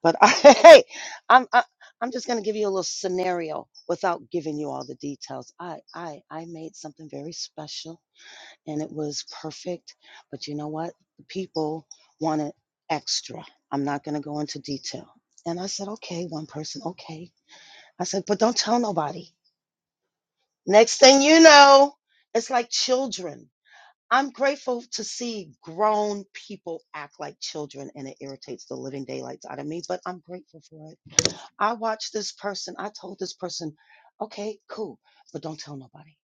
But I, hey, I'm I, I'm just gonna give you a little scenario without giving you all the details. I I I made something very special and it was perfect. But you know what? The people wanted extra. I'm not gonna go into detail. And I said, okay, one person, okay. I said, but don't tell nobody. Next thing you know, it's like children. I'm grateful to see grown people act like children and it irritates the living daylights out of me, but I'm grateful for it. I watched this person, I told this person, okay, cool, but don't tell nobody.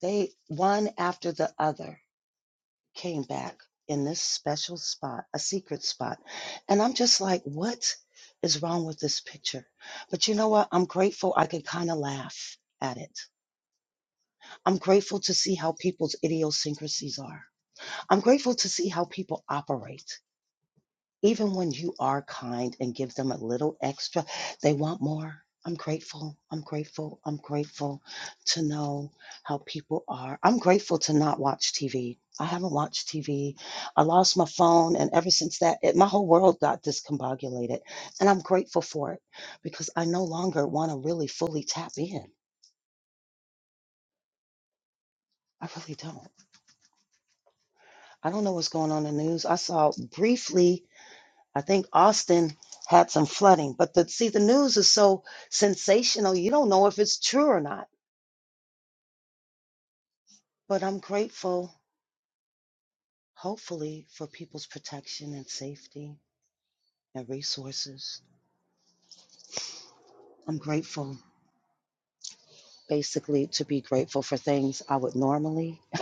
They, one after the other, came back in this special spot, a secret spot. And I'm just like, what is wrong with this picture? But you know what? I'm grateful I could kind of laugh at it I'm grateful to see how people's idiosyncrasies are. I'm grateful to see how people operate. Even when you are kind and give them a little extra, they want more. I'm grateful. I'm grateful. I'm grateful to know how people are. I'm grateful to not watch TV. I haven't watched TV. I lost my phone, and ever since that, it, my whole world got discombobulated. And I'm grateful for it because I no longer want to really fully tap in. I really don't. I don't know what's going on in the news. I saw briefly, I think Austin had some flooding, but the, see, the news is so sensational. You don't know if it's true or not. But I'm grateful, hopefully, for people's protection and safety and resources. I'm grateful, basically, to be grateful for things I would normally,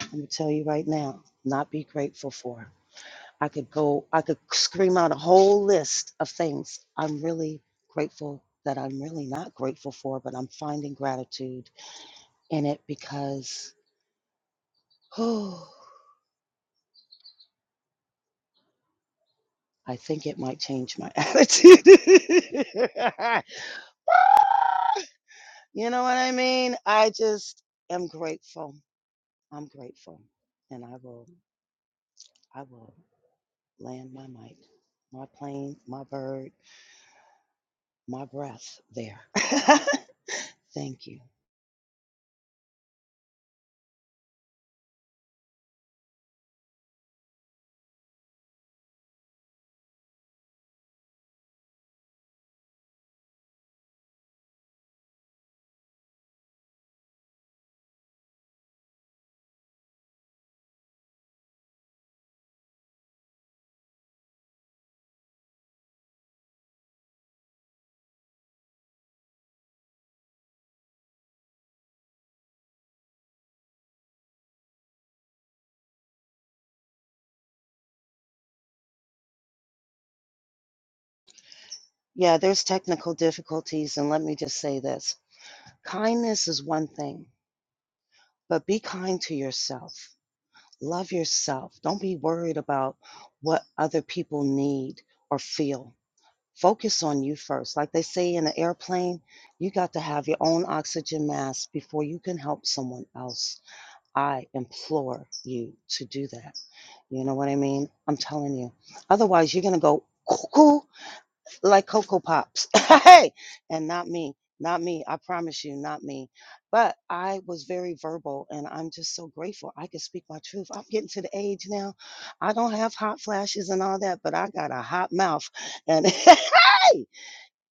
I'm going to tell you right now, not be grateful for. I could go, I could scream out a whole list of things I'm really grateful that I'm really not grateful for, but I'm finding gratitude in it because oh, I think it might change my attitude. you know what I mean? I just am grateful. I'm grateful. And I will, I will land my mic, my plane, my bird, my breath there. Thank you. Yeah, there's technical difficulties. And let me just say this kindness is one thing, but be kind to yourself. Love yourself. Don't be worried about what other people need or feel. Focus on you first. Like they say in an airplane, you got to have your own oxygen mask before you can help someone else. I implore you to do that. You know what I mean? I'm telling you. Otherwise, you're going to go cuckoo like Cocoa Pops. hey, and not me, not me. I promise you, not me. But I was very verbal, and I'm just so grateful I can speak my truth. I'm getting to the age now. I don't have hot flashes and all that, but I got a hot mouth, and hey,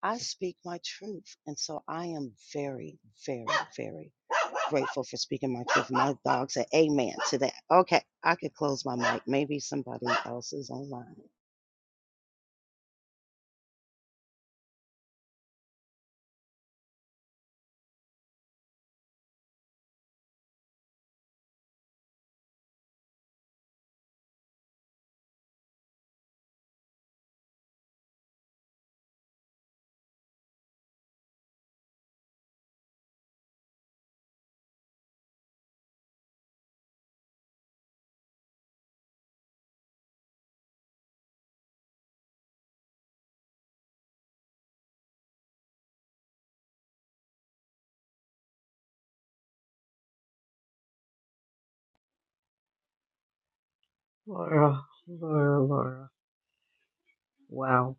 I speak my truth, and so I am very, very, very grateful for speaking my truth. My dog said, "Amen" to that. Okay, I could close my mic. Maybe somebody else is online. Laura, Laura, Laura. Wow.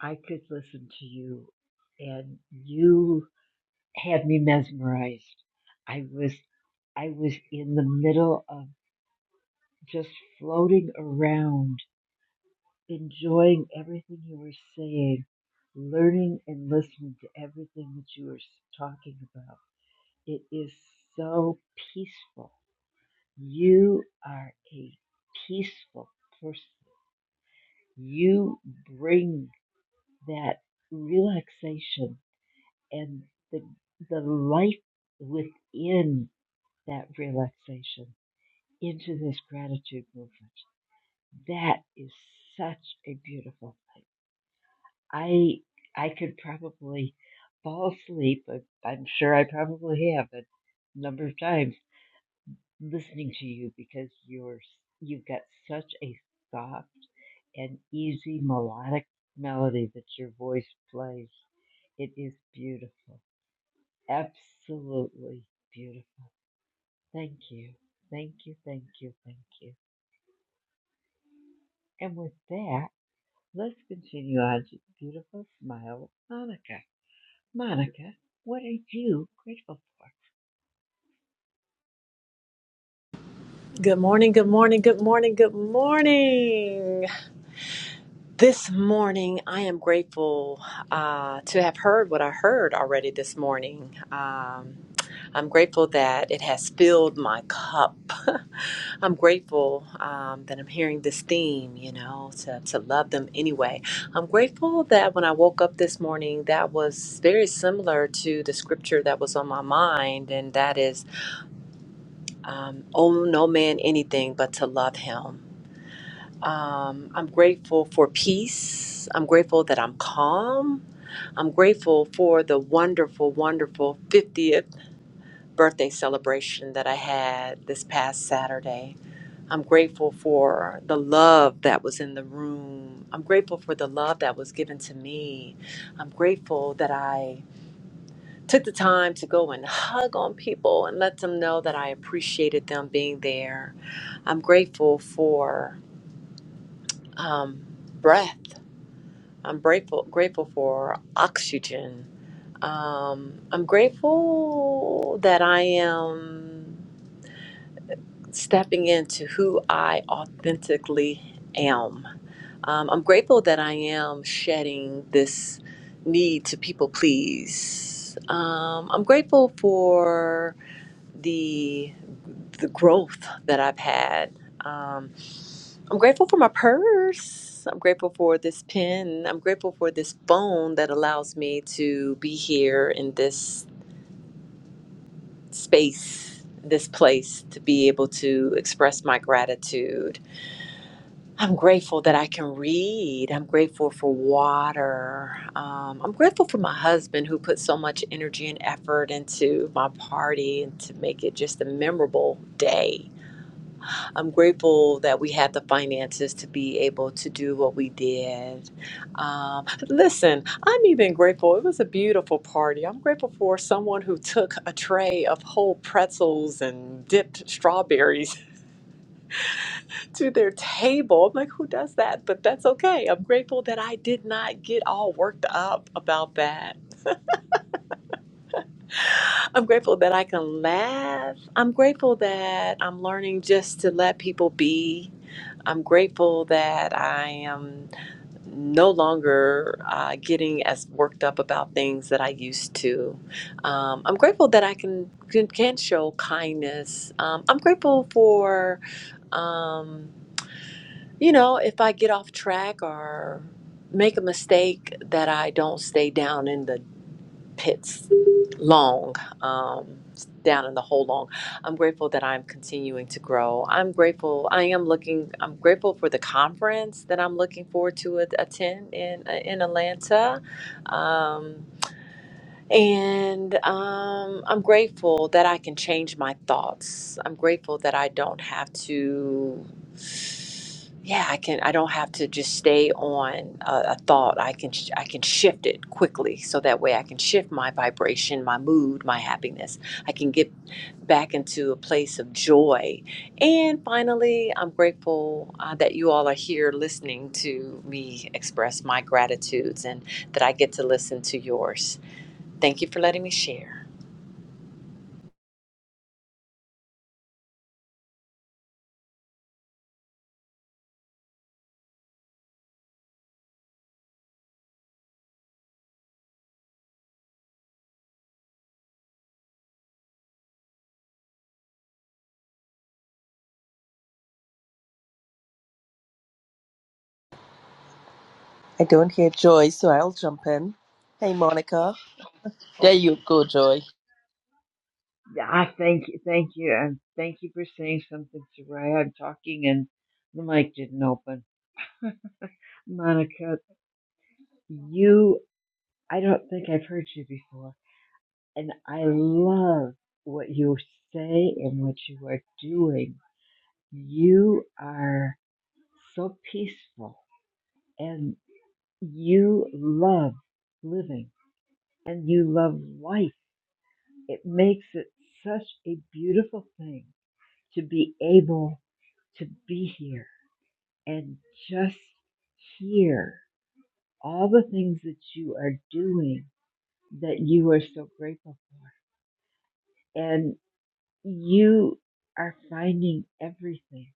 I could listen to you and you had me mesmerized. I was I was in the middle of just floating around, enjoying everything you were saying, learning and listening to everything that you were talking about. It is so peaceful. You are a peaceful person. You bring that relaxation and the, the life within that relaxation into this gratitude movement. That is such a beautiful thing. I I could probably fall asleep. I- I'm sure I probably have a number of times listening to you because you're you've got such a soft and easy melodic melody that your voice plays. It is beautiful, absolutely beautiful. Thank you, thank you, thank you, thank you. And with that. Let's continue on to the beautiful smile of Monica. Monica, what are you grateful for? Good morning, good morning, good morning, good morning. This morning, I am grateful uh, to have heard what I heard already this morning. Um, I'm grateful that it has filled my cup. I'm grateful um, that I'm hearing this theme, you know, to, to love them anyway. I'm grateful that when I woke up this morning, that was very similar to the scripture that was on my mind, and that is, um, owe no man anything but to love him Um, I'm grateful for peace. I'm grateful that I'm calm. I'm grateful for the wonderful, wonderful 50th birthday celebration that I had this past Saturday. I'm grateful for the love that was in the room. I'm grateful for the love that was given to me. I'm grateful that I took the time to go and hug on people and let them know that I appreciated them being there. I'm grateful for um, breath. I'm grateful grateful for oxygen. Um, I'm grateful that I am stepping into who I authentically am. Um, I'm grateful that I am shedding this need to people please. Um, I'm grateful for the the growth that I've had. Um, I'm grateful for my purse. I'm grateful for this pen. I'm grateful for this phone that allows me to be here in this space, this place, to be able to express my gratitude. I'm grateful that I can read. I'm grateful for water. Um, I'm grateful for my husband who put so much energy and effort into my party and to make it just a memorable day I'm grateful that we had the finances to be able to do what we did. Um, listen, I'm even grateful. It was a beautiful party. I'm grateful for someone who took a tray of whole pretzels and dipped strawberries to their table. I'm like, who does that? But that's okay. I'm grateful that I did not get all worked up about that. I'm grateful that I can laugh. I'm grateful that I'm learning just to let people be. I'm grateful that I am. no longer uh, getting as worked up about things that I used to. Um, I'm grateful that I can can, can show kindness. Um, I'm grateful for um, you know if I get off track or make a mistake that I don't stay down in the pits long um, down in the hole long i'm grateful that i'm continuing to grow i'm grateful i am looking i'm grateful for the conference that i'm looking forward to at- attend in uh, in atlanta um, and um, I'm grateful that I can change my thoughts. I'm grateful that I don't have to, yeah, I can. I don't have to just stay on a, a thought. I can sh- I can shift it quickly, so that way I can shift my vibration, my mood, my happiness. I can get back into a place of joy. And finally, I'm grateful uh, that you all are here listening to me express my gratitudes, and that I get to listen to yours. Thank you for letting me share. I don't hear Joy, so I'll jump in. Hey, Monica. There Oh, you go, Joy. yeah, I thank you, thank you, and thank you for saying something, Soraya. I'm talking and the mic didn't open. Monica, you, I don't think I've heard you before, and I love what you say and what you are doing. You are so peaceful, and you love living and you love life. It makes it such a beautiful thing to be able to be here and just hear all the things that you are doing that you are so grateful for. And you are finding everything.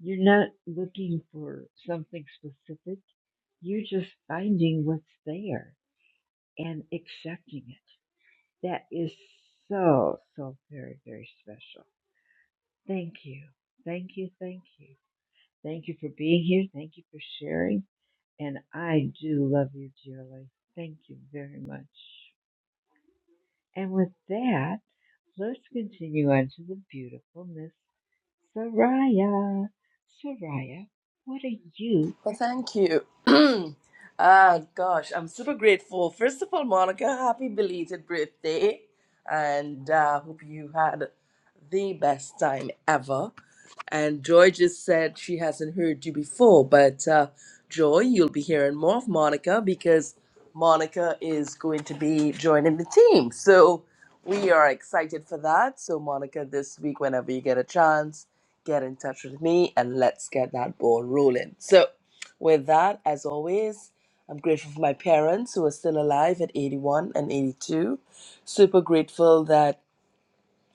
You're not looking for something specific. You're just finding what's there and accepting it. That is so, so very, very special. Thank you. Thank you. Thank you. Thank you for being here. Thank you for sharing. And I do love you dearly. Thank you very much. And with that, let's continue on to the beautiful Miss Soraya. Soraya, what are you Well, grateful thank for? you. ah, gosh, I'm super grateful. First of all, Monica, happy belated birthday. And uh, hope you had the best time ever. And Joy just said she hasn't heard you before, but uh, Joy, you'll be hearing more of Monica because Monica is going to be joining the team. So we are excited for that. So, Monica, this week, whenever you get a chance, get in touch with me and let's get that ball rolling. So, with that, as always, I'm grateful for my parents who are still alive at 81 and 82. Super grateful that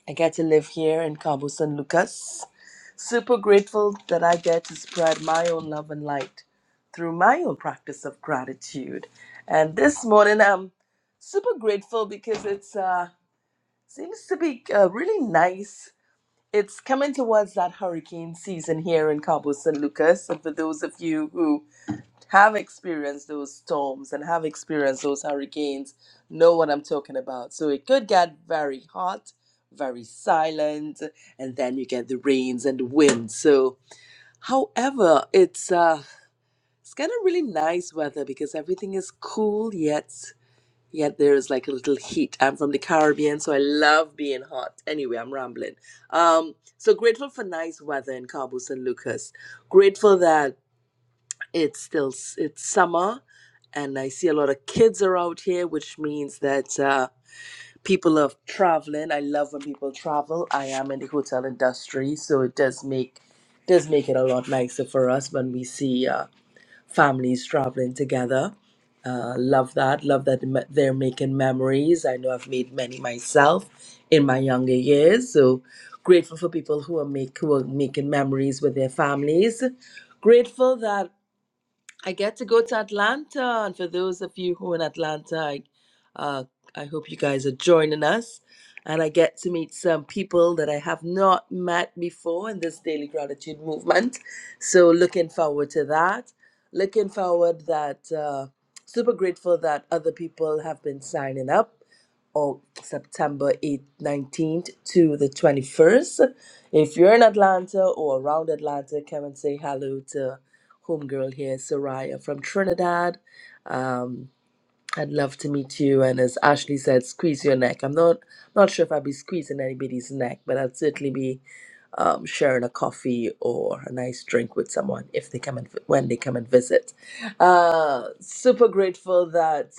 I get to live here in Cabo San Lucas. Super grateful that I get to spread my own love and light through my own practice of gratitude. And this morning, I'm super grateful because it's uh, seems to be uh, really nice. It's coming towards that hurricane season here in Cabo San Lucas. And for those of you who have experienced those storms and have experienced those hurricanes know what I'm talking about. So it could get very hot, very silent, and then you get the rains and the wind. So, however, it's uh, it's kind of really nice weather because everything is cool yet yet there is like a little heat. I'm from the Caribbean, so I love being hot. Anyway, I'm rambling. Um, so grateful for nice weather in Cabo San Lucas. Grateful that it's still s- it's summer and i see a lot of kids are out here which means that uh, people are traveling i love when people travel i am in the hotel industry so it does make does make it a lot nicer for us when we see uh, families traveling together uh, love that love that me- they're making memories i know i've made many myself in my younger years so grateful for people who are make who are making memories with their families grateful that I get to go to Atlanta, and for those of you who are in Atlanta, I, uh, I hope you guys are joining us. And I get to meet some people that I have not met before in this daily gratitude movement. So looking forward to that. Looking forward that uh, super grateful that other people have been signing up or September 8th, 19th to the 21st. If you're in Atlanta or around Atlanta, come and say hello to homegirl here, Soraya from Trinidad. Um, I'd love to meet you. And as Ashley said, squeeze your neck. I'm not not sure if I'd be squeezing anybody's neck, but I'd certainly be um, sharing a coffee or a nice drink with someone if they come and when they come and visit. Uh, super grateful that.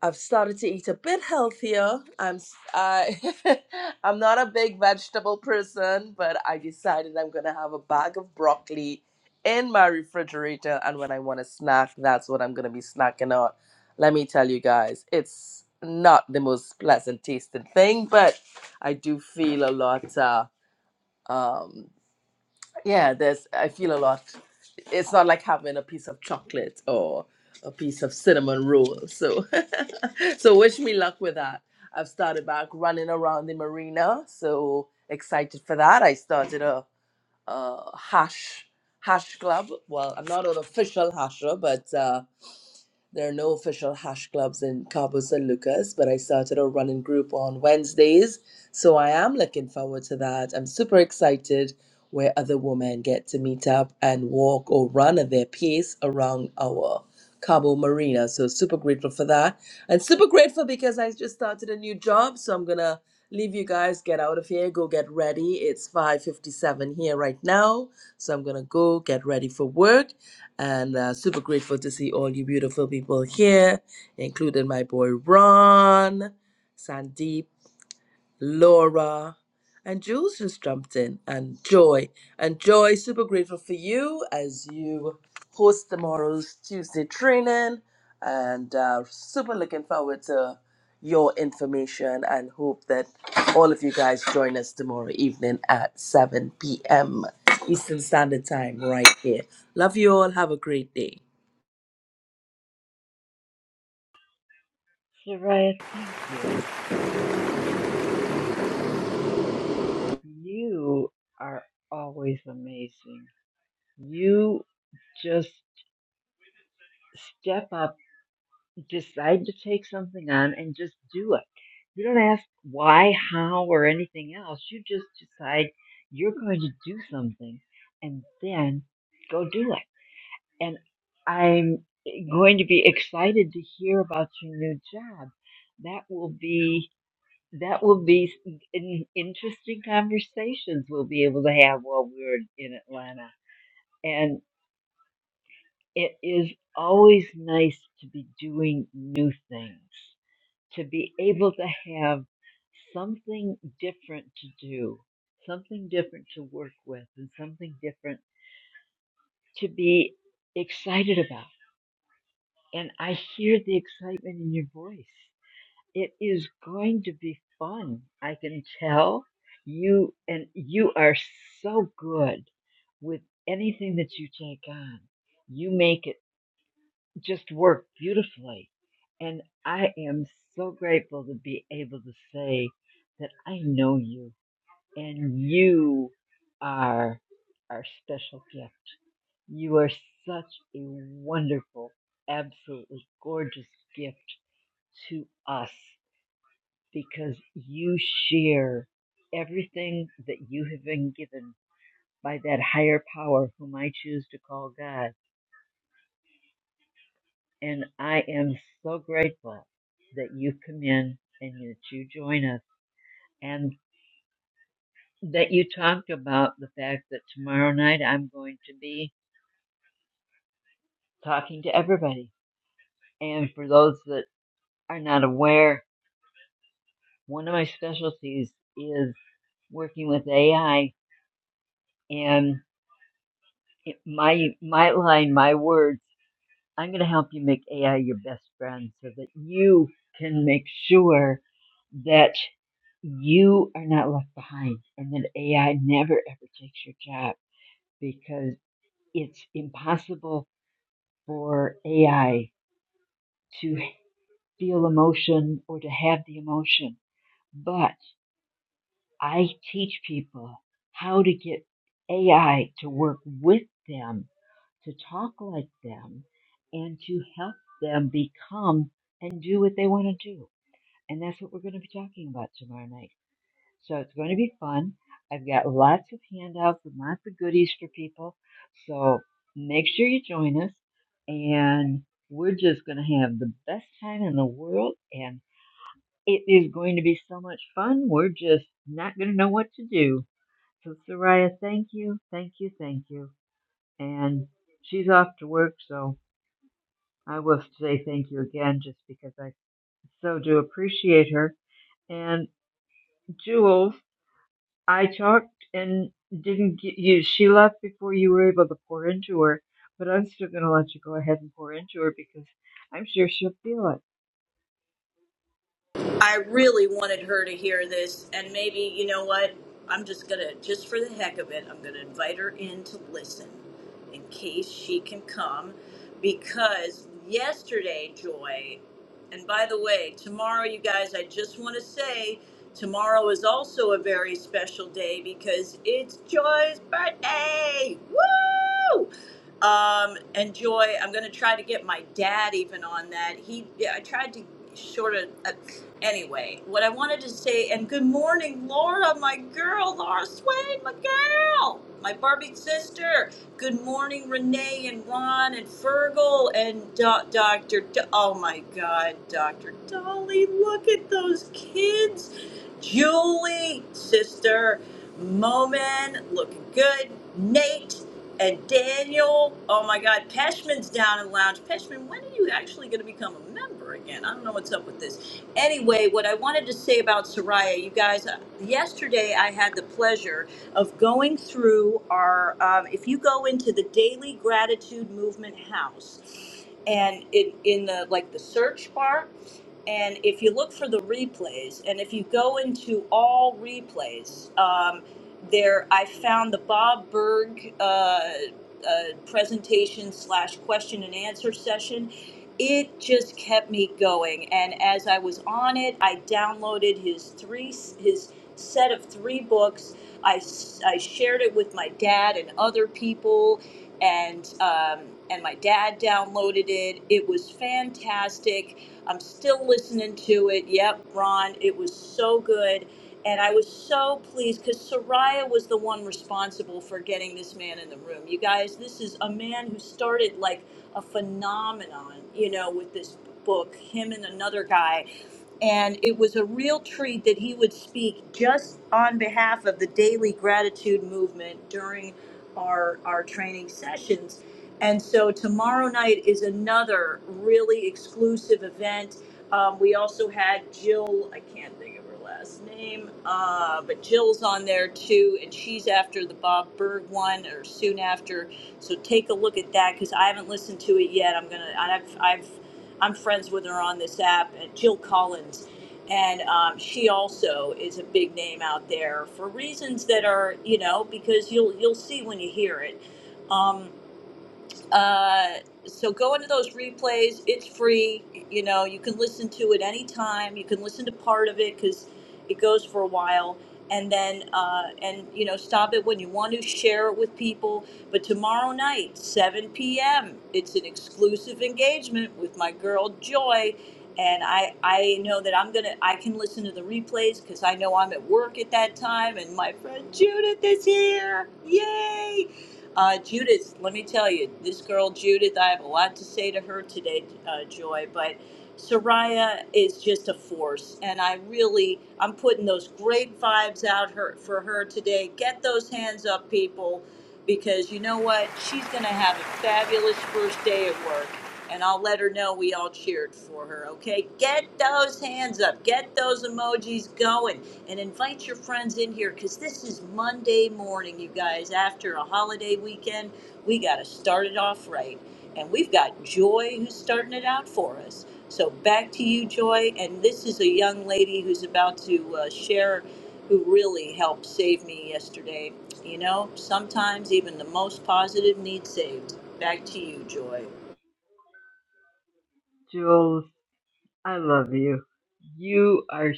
I've started to eat a bit healthier. I'm s- I am not a big vegetable person, but I decided I'm gonna have a bag of broccoli in my refrigerator, and when I want to snack, that's what I'm gonna be snacking on. Let me tell you guys, it's not the most pleasant tasting thing, but I do feel a lot uh, um, yeah, there's I feel a lot. It's not like having a piece of chocolate or a piece of cinnamon roll. So so wish me luck with that. I've started back running around the marina, so excited for that. I started a, a hash hash club. Well, I'm not an official hasher, but uh, there are no official hash clubs in Cabo San Lucas, but I started a running group on Wednesdays. So I am looking forward to that. I'm super excited where other women get to meet up and walk or run at their pace around our Cabo Marina. So super grateful for that. And super grateful because I just started a new job. So I'm gonna leave you guys, get out of here, go get ready. It's 5:57 here right now. So I'm gonna go get ready for work and uh, super grateful to see all you beautiful people here, including my boy Ron, Sandeep. Laura, and Jules just jumped in, and Joy. And Joy, super grateful for you as you host tomorrow's Tuesday training, and uh, super looking forward to your information and hope that all of you guys join us tomorrow evening at 7 p.m. Eastern Standard Time right here. Love you all. Have a great day. Soraya, thank you. You are always amazing. You just step up decide to take something on and just do it. You don't ask why, how, or anything else. You just decide you're going to do something and then go do it. And I'm going to be excited to hear about your new job. That will be that will be in, interesting conversations we'll be able to have while we're in Atlanta. And it is always nice to be doing new things to be able to have something different to do, something different to work with, and something different to be excited about. And I hear the excitement in your voice. It is going to be fun. I can tell you, and you are so good with anything that you take on. You make it just worked beautifully. And I am so grateful to be able to say that I know you and you are our special gift. You are such a wonderful, absolutely gorgeous gift to us because you share everything that you have been given by that higher power whom I choose to call God And I am so grateful that you come in and that you join us and that you talked about the fact that tomorrow night I'm going to be talking to everybody. And for those that are not aware, one of my specialties is working with AI and it- my my line, my words, I'm going to help you make AI your best friend so that you can make sure that you are not left behind and that AI never ever takes your job because it's impossible for AI to feel emotion or to have the emotion. But I teach people how to get AI to work with them, to talk like them, and to help them become and do what they want to do. And that's what we're going to be talking about tomorrow night. So it's going to be fun. I've got lots of handouts and lots of goodies for people. So make sure you join us. And we're just going to have the best time in the world. And it is going to be so much fun. We're just not going to know what to do. So, Soraya, thank you, thank you, thank you. And she's off to work. So I will say thank you again just because I so do appreciate her. And Jules, I talked and didn't get you. She left before you were able to pour into her, but I'm still going to let you go ahead and pour into her because I'm sure she'll feel it. I really wanted her to hear this, and maybe you know what? I'm just gonna, just for the heck of it, I'm gonna invite her in to listen, in case she can come, because yesterday, Joy, and by the way, tomorrow, you guys, I just want to say, tomorrow is also a very special day because it's Joy's birthday. Woo! Um, and Joy, I'm gonna try to get my dad even on that. He, yeah, I tried to sort of. Anyway, what I wanted to say, and good morning, Laura, my girl, Laura Swain, my girl, my Barbie sister. Good morning, Renee and Ron and Fergal and Do- Dr. Do- oh my God, Dr. Dolly, look at those kids. Julie, sister, Moman, looking good. Nate and Daniel. Oh my God, Peshman's down in the lounge. Peshman, when are you actually going to become a member again? I don't know what's up with this anyway, what I wanted to say about Soraya, you guys, uh, yesterday I had the pleasure of going through our, um, if you go into the Daily Gratitude Movement House, and in, in the like the search bar, and if you look for the replays, and if you go into all replays, um, there I found the Bob Berg uh, uh, presentation slash question and answer session it just kept me going and as i was on it i downloaded his three his set of three books i, s- I shared it with my dad and other people and um, and my dad downloaded it it was fantastic i'm still listening to it yep ron it was so good and I was so pleased because Soraya was the one responsible for getting this man in the room. You guys, this is a man who started like a phenomenon, you know, with this book. Him and another guy, and it was a real treat that he would speak just on behalf of the daily gratitude movement during our our training sessions and so tomorrow night is another really exclusive event um, we also had jill i can't think of her last name uh, but jill's on there too and she's after the bob berg one or soon after so take a look at that because i haven't listened to it yet i'm gonna i've i've I'm friends with her on this app, and Jill Collins, and um, she also is a big name out there for reasons that are you know because you'll you'll see when you hear it. Um, uh, so go into those replays. It's free. You know, you can listen to it anytime. You can listen to part of it because it goes for a while. And then, uh, and you know, stop it when you want to share it with people. But tomorrow night, 7 p.m., it's an exclusive engagement with my girl Joy. And I, I know that I'm gonna, I can listen to the replays because I know I'm at work at that time, and my friend Judith is here. Yay! Uh, Judith, let me tell you, this girl Judith, I have a lot to say to her today, uh, Joy. But Soraya is just a force, and I really I'm putting those great vibes out her for her today. Get those hands up, people, because you know what? She's gonna have a fabulous first day at work, and I'll let her know we all cheered for her. Okay, get those hands up, get those emojis going, and invite your friends in here because this is Monday morning, you guys. After a holiday weekend, we gotta start it off right, and we've got Joy who's starting it out for us. So back to you, Joy. And this is a young lady who's about to uh, share who really helped save me yesterday. You know, sometimes even the most positive needs saved. Back to you, Joy. Jules, I love you. You are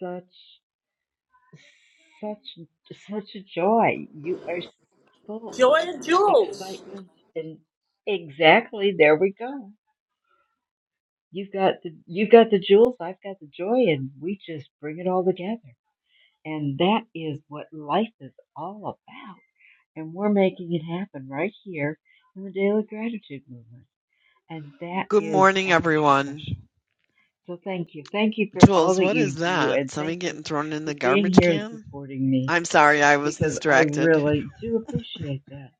such, such, such a joy. You are full of Joy and Jules. excitement and exactly there we go. You've got the you've got the jewels, I've got the joy, and we just bring it all together. And that is what life is all about And we're making it happen right here in the Daily Gratitude Movement. And that Good is morning, extra everyone. special. So thank you. Thank you for all Jules, that what you is do. that? And Somebody thank you getting thrown in the for being garbage here and can? supporting me I'm sorry, I was because I distracted. really do appreciate that.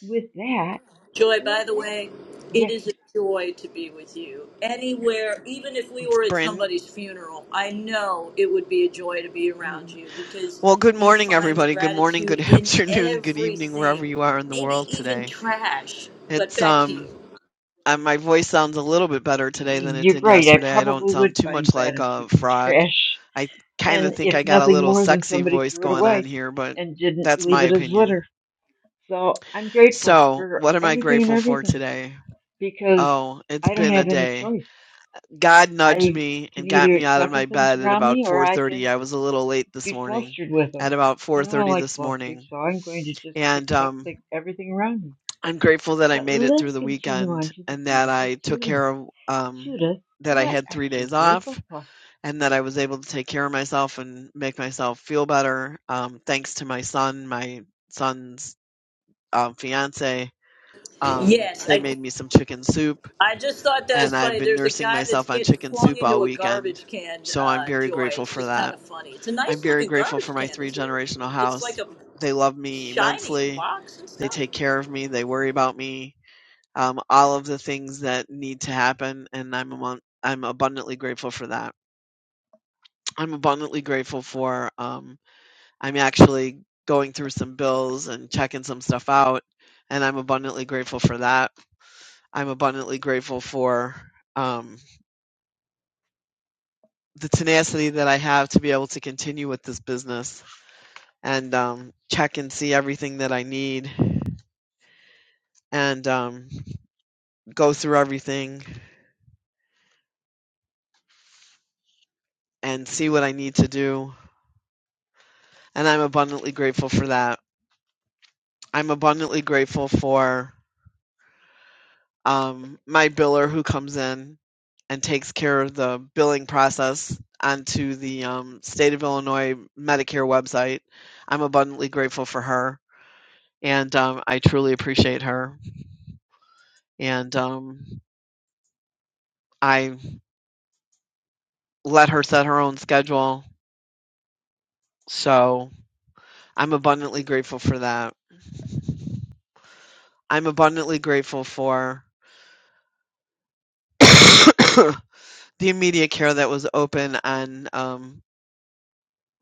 With that, Joy, let's, by the way, it yes, is a joy to be with you. Anywhere, even if we It's were at brand. somebody's funeral, I know it would be a joy to be around mm. you because Well, good you morning, find the everybody. Good morning, good gratitude in afternoon, good evening, wherever everything, you are in the maybe world even today. trash. But It's back to um, you. uh, my voice sounds a little bit better today than it you're did right. I yesterday. I don't probably would sound too find much like a gratitude in frog. trash. I kind of And think I if got a nothing little more than sexy somebody voice threw it going on away here, but and didn't that's leave my it as opinion. litter. So I'm grateful So, for what am I anything and grateful for everything today? because Oh, it's I don't been a have any day. choice. God nudged I me can and got either me out of accept the my things bed at around about me or I 4:30. can I was a little late this be morning. flustered with them. At about And I don't 4:30 like this flustered, morning. so I'm going to just And accept the, um everything around me. I'm grateful that I But made it let's through the continue on weekend to the and that beautiful I took Judith. care of um Judith, that I what had are 3 you days grateful off for? and that I was able to take care of myself and make myself feel better um thanks to my son, my son's um fiance. Um Yes, they I, made me some chicken soup I just thought that was and I've funny. been There's a nursing guy that's myself on getting chicken flung soup all into a weekend. garbage can, So I'm uh, very Joy. grateful It's for just kind that. of funny. It's a I'm nice very looking grateful for garbage my can, three isn't it? generational It's like house. a They love me shiny immensely. box and They stuff. take care of me. They worry about me. Um, all of the things that need to happen, and I'm among, I'm abundantly grateful for that. I'm abundantly grateful for. Um, I'm actually going through some bills and checking some stuff out, and I'm abundantly grateful for that. I'm abundantly grateful for. um, the tenacity that I have to be able to continue with this business and um, check and see everything that I need and um, go through everything and see what I need to do. And I'm abundantly grateful for that. I'm abundantly grateful for um, my biller who comes in and takes care of the billing process onto the um, state of Illinois Medicare website. I'm abundantly grateful for her, and um, I truly appreciate her. And um, I let her set her own schedule. So I'm abundantly grateful for that. I'm abundantly grateful for the immediate care that was open on um,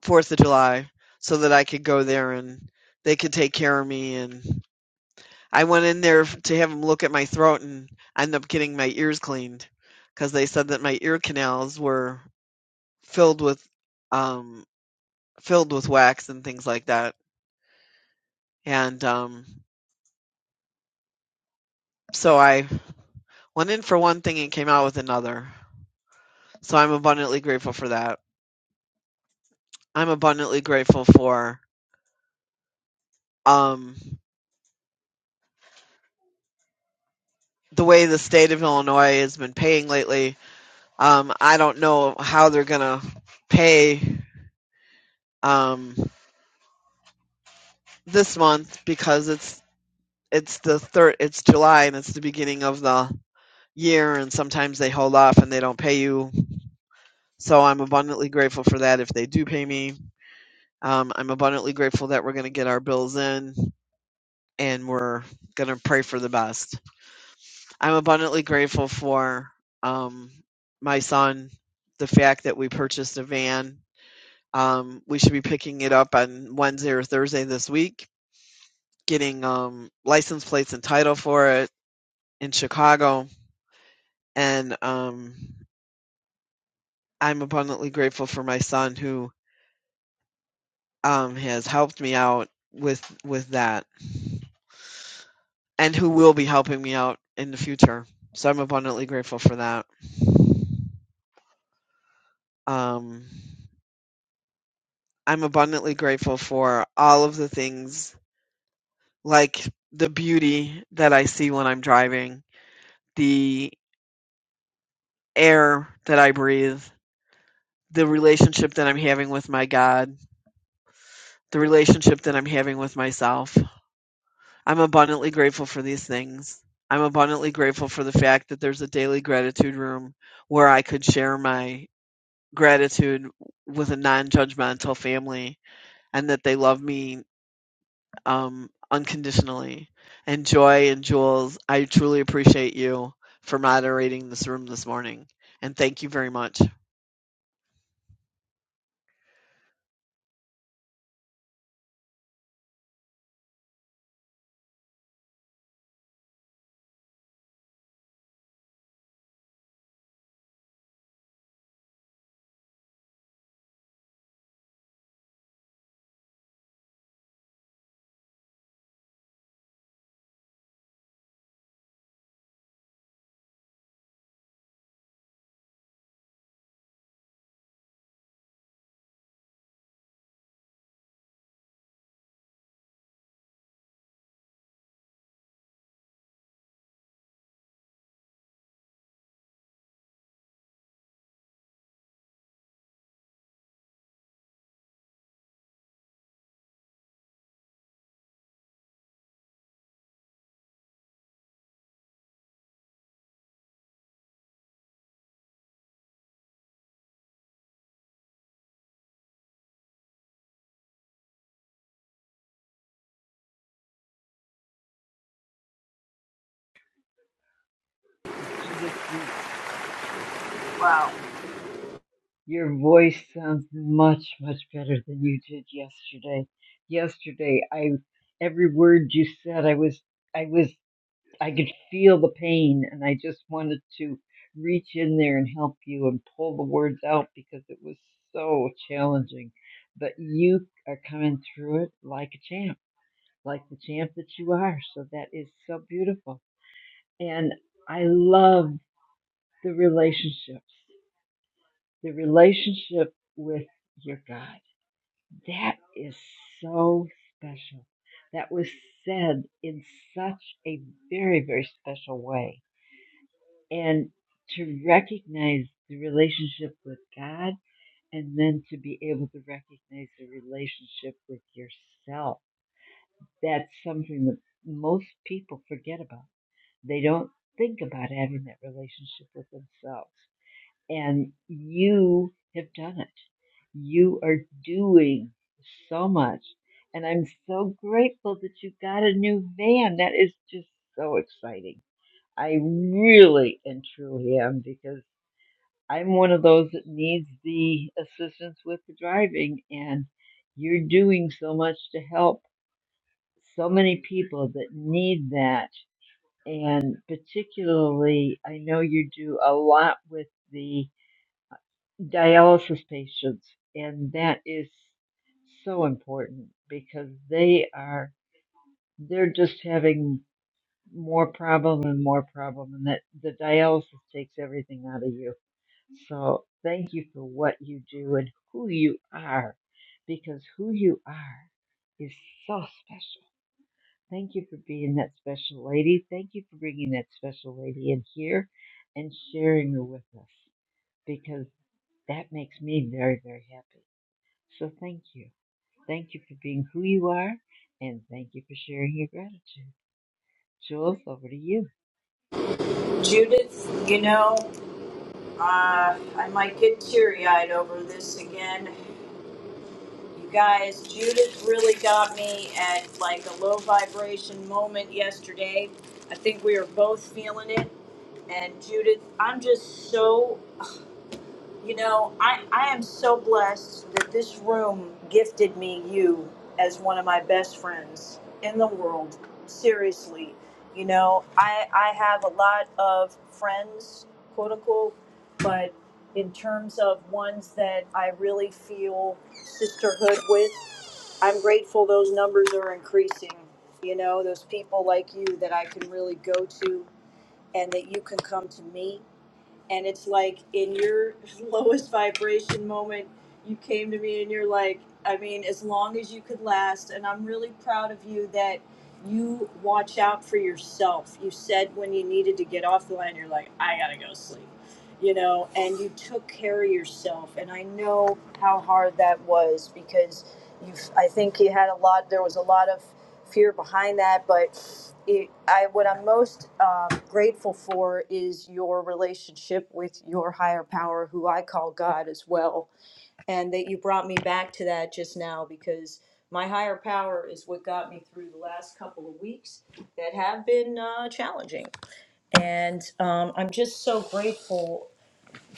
4th of July so that I could go there and they could take care of me. And I went in there to have them look at my throat and I ended up getting my ears cleaned because they said that my ear canals were filled with um, filled with wax and things like that. And um, so I went in for one thing and came out with another. So I'm abundantly grateful for that. I'm abundantly grateful for um, the way the state of Illinois has been paying lately. Um, I don't know how they're gonna pay um, this month because it's it's the third it's July and it's the beginning of the year and sometimes they hold off and they don't pay you. So I'm abundantly grateful for that if they do pay me. Um, I'm abundantly grateful that we're going to get our bills in. and we're going to pray for the best. I'm abundantly grateful for um, my son, the fact that we purchased a van. Um, we should be picking it up on Wednesday or Thursday this week, getting um, license plates and title for it in Chicago. And um, I'm abundantly grateful for my son who um, has helped me out with with that and who will be helping me out in the future. So I'm abundantly grateful for that. Um, I'm abundantly grateful for all of the things like the beauty that I see when I'm driving, the air that I breathe, the relationship that I'm having with my God, the relationship that I'm having with myself. I'm abundantly grateful for these things. I'm abundantly grateful for the fact that there's a daily gratitude room where I could share my gratitude with a non judgmental family and that they love me um, unconditionally. And Joy and Jules, I truly appreciate you for moderating this room this morning. And thank you very much. Judith, your Wow. your voice sounds much much better than you did yesterday. Yesterday, I every word you said, I was I was. I could feel the pain and I just wanted to reach in there and help you and pull the words out because it was so challenging. But you are coming through it like a champ, like the champ that you are. So that is so beautiful. And I love the relationships, the relationship with your God. That is so special. That was said in such a very, very special way and to recognize the relationship with God and then to be able to recognize the relationship with yourself. That's something that most people forget about. They don't think about having that relationship with themselves. And you have done it. You are doing so much. And I'm so grateful that you got a new van. That is just so exciting. I really and truly am because I'm one of those that needs the assistance with the driving, and you're doing so much to help so many people that need that. And particularly, I know you do a lot with the dialysis patients, and that is so important because they are they're just having more problem and more problem, and that the dialysis takes everything out of you So thank you for what you do and who you are, because who you are is so special. Thank you for being that special lady. Thank you for bringing that special lady in here and sharing her with us, because that makes me very, very happy. So thank you. Thank you for being who you are, and thank you for sharing your gratitude. Jules, over to you. Judith, you know, uh, I might get teary eyed over this again. You guys, Judith really got me at like a low vibration moment yesterday. I think we were both feeling it. And Judith, I'm just so You know, I, I am so blessed that this room gifted me you as one of my best friends in the world. Seriously. You know, I, I have a lot of friends, quote unquote, but in terms of ones that I really feel sisterhood with, I'm grateful those numbers are increasing. You know, those people like you that I can really go to and that you can come to me and it's like in your lowest vibration moment you came to me and you're like i mean as long as you could last and i'm really proud of you that you watch out for yourself you said when you needed to get off the line you're like i gotta go sleep you know, and you took care of yourself. And I know how hard that was because you, I think you had a lot, there was a lot of fear behind that. But it, I, what I'm most um, grateful for is your relationship with your higher power, who I call God as well. And that you brought me back to that just now because my higher power is what got me through the last couple of weeks that have been uh, challenging. And um, I'm just so grateful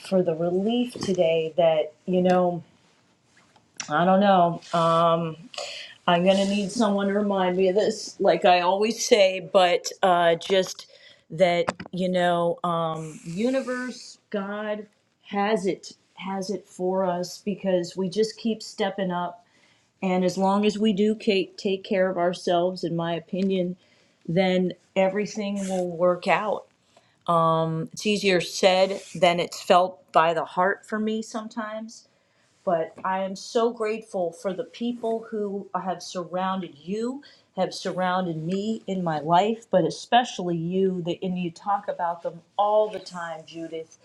for the relief today that, you know, I don't know. Um, I'm going to need someone to remind me of this, like I always say, but uh, just that, you know, um, universe, God has it, has it for us because we just keep stepping up. And as long as we do take, take care of ourselves, in my opinion, then everything will work out. It's easier said than it's felt by the heart for me sometimes but I am so grateful for the people who have surrounded you, have surrounded me in my life, but especially you. That and you talk about them all the time, Judith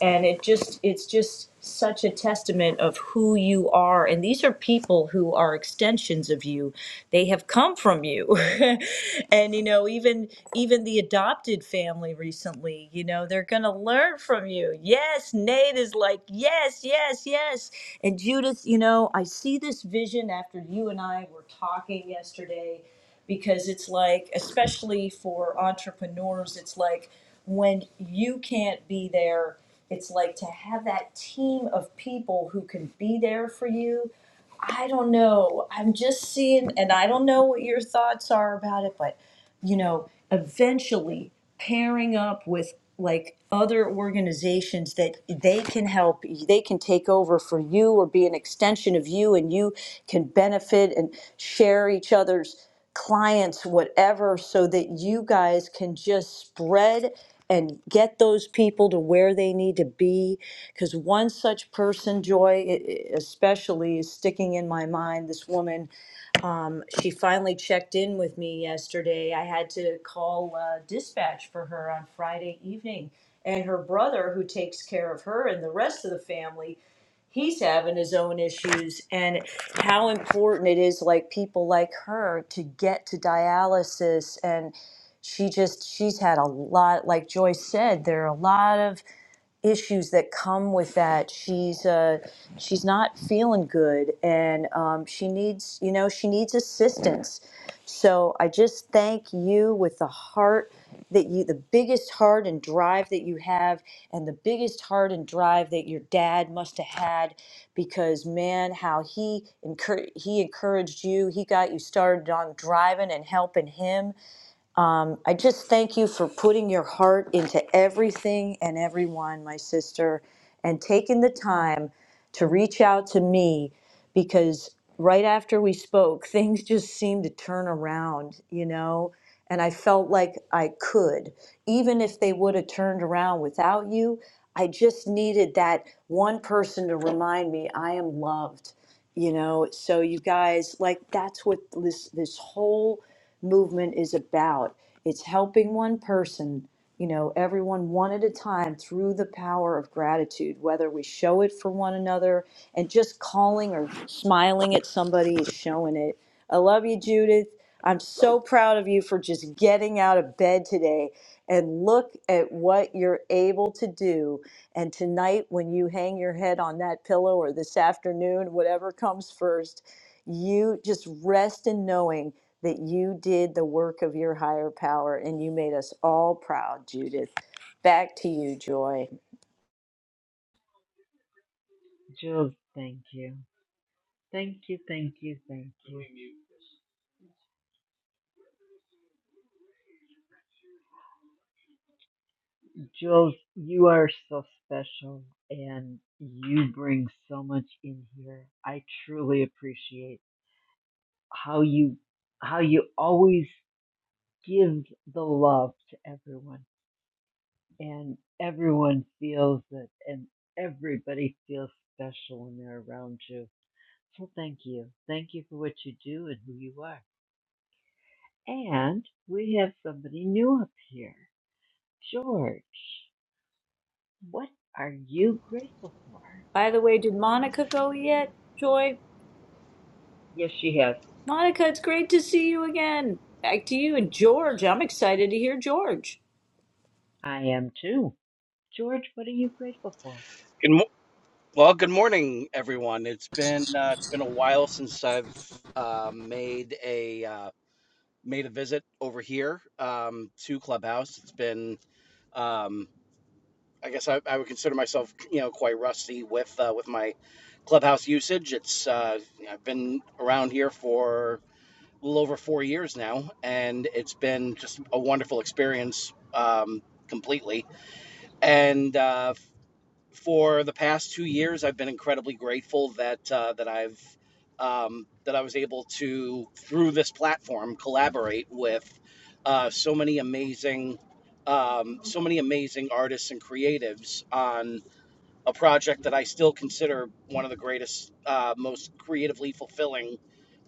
and it just it's just such a testament of who you are and these are people who are extensions of you they have come from you and you know even even the adopted family recently you know they're going to learn from you yes Nate is like yes yes yes and Judith you know I see this vision after you and I were talking yesterday because it's like especially for entrepreneurs it's like when you can't be there it's like to have that team of people who can be there for you. I don't know. I'm just seeing, and I don't know what your thoughts are about it, but you know, eventually pairing up with like other organizations that they can help, they can take over for you or be an extension of you, and you can benefit and share each other's clients, whatever, so that you guys can just spread and get those people to where they need to be. Because one such person, Joy, i- i- especially, is sticking in my mind. This woman, um, she finally checked in with me yesterday. I had to call uh, dispatch for her on Friday evening. And her brother, who takes care of her and the rest of the family, he's having his own issues and how important it is like people like her to get to dialysis and she just she's had a lot like joyce said there are a lot of issues that come with that. She's uh, she's not feeling good, and um, she needs you know she needs assistance. So I just thank you with the heart that you the biggest heart and drive that you have, and the biggest heart and drive that your dad must have had, because man, how he encour- he encouraged you, he got you started on driving and helping him um, I just thank you for putting your heart into everything and everyone, my sister, and taking the time to reach out to me because right after we spoke, things just seemed to turn around, you know? And I felt like I could, even if they would have turned around without you. I just needed that one person to remind me I am loved, you know? So, you guys, like, that's what this, this whole movement is about it's helping one person, you know, everyone one at a time through the power of gratitude, whether we show it for one another and just calling or smiling at somebody is showing it. I love you, Judith. I'm so proud of you for just getting out of bed today and look at what you're able to do. And tonight, when you hang your head on that pillow or this afternoon, whatever comes first, you just rest in knowing that you did the work of your higher power and you made us all proud, Judith. Back to you, Joy. Jules, thank you. Thank you, thank you, thank you. Jules, you are so special and you bring so much in here. I truly appreciate how you how you always give the love to everyone and everyone feels it and everybody feels special when they're around you. So thank you. Thank you for what you do and who you are. And we have somebody new up here. George, what are you grateful for? By the way, did Monica go yet, Joy? Yes, she has. Monica, it's great to see you again. Back to you and George. I'm excited to hear George. I am too. George, what are you grateful for? Good mo- well, good morning, everyone. It's been uh, it's been a while since I've uh, made a uh, made a visit over here um, to Clubhouse. It's been, um, I guess, I, I would consider myself, you know, quite rusty with uh, with my Clubhouse usage. It's uh, I've been around here for a little over four years now, and it's been just a wonderful experience um, completely. And uh, for the past two years, I've been incredibly grateful that uh, that I've um, that I was able to through this platform collaborate with uh, so many amazing um, so many amazing artists and creatives on a project that I still consider one of the greatest, uh, most creatively fulfilling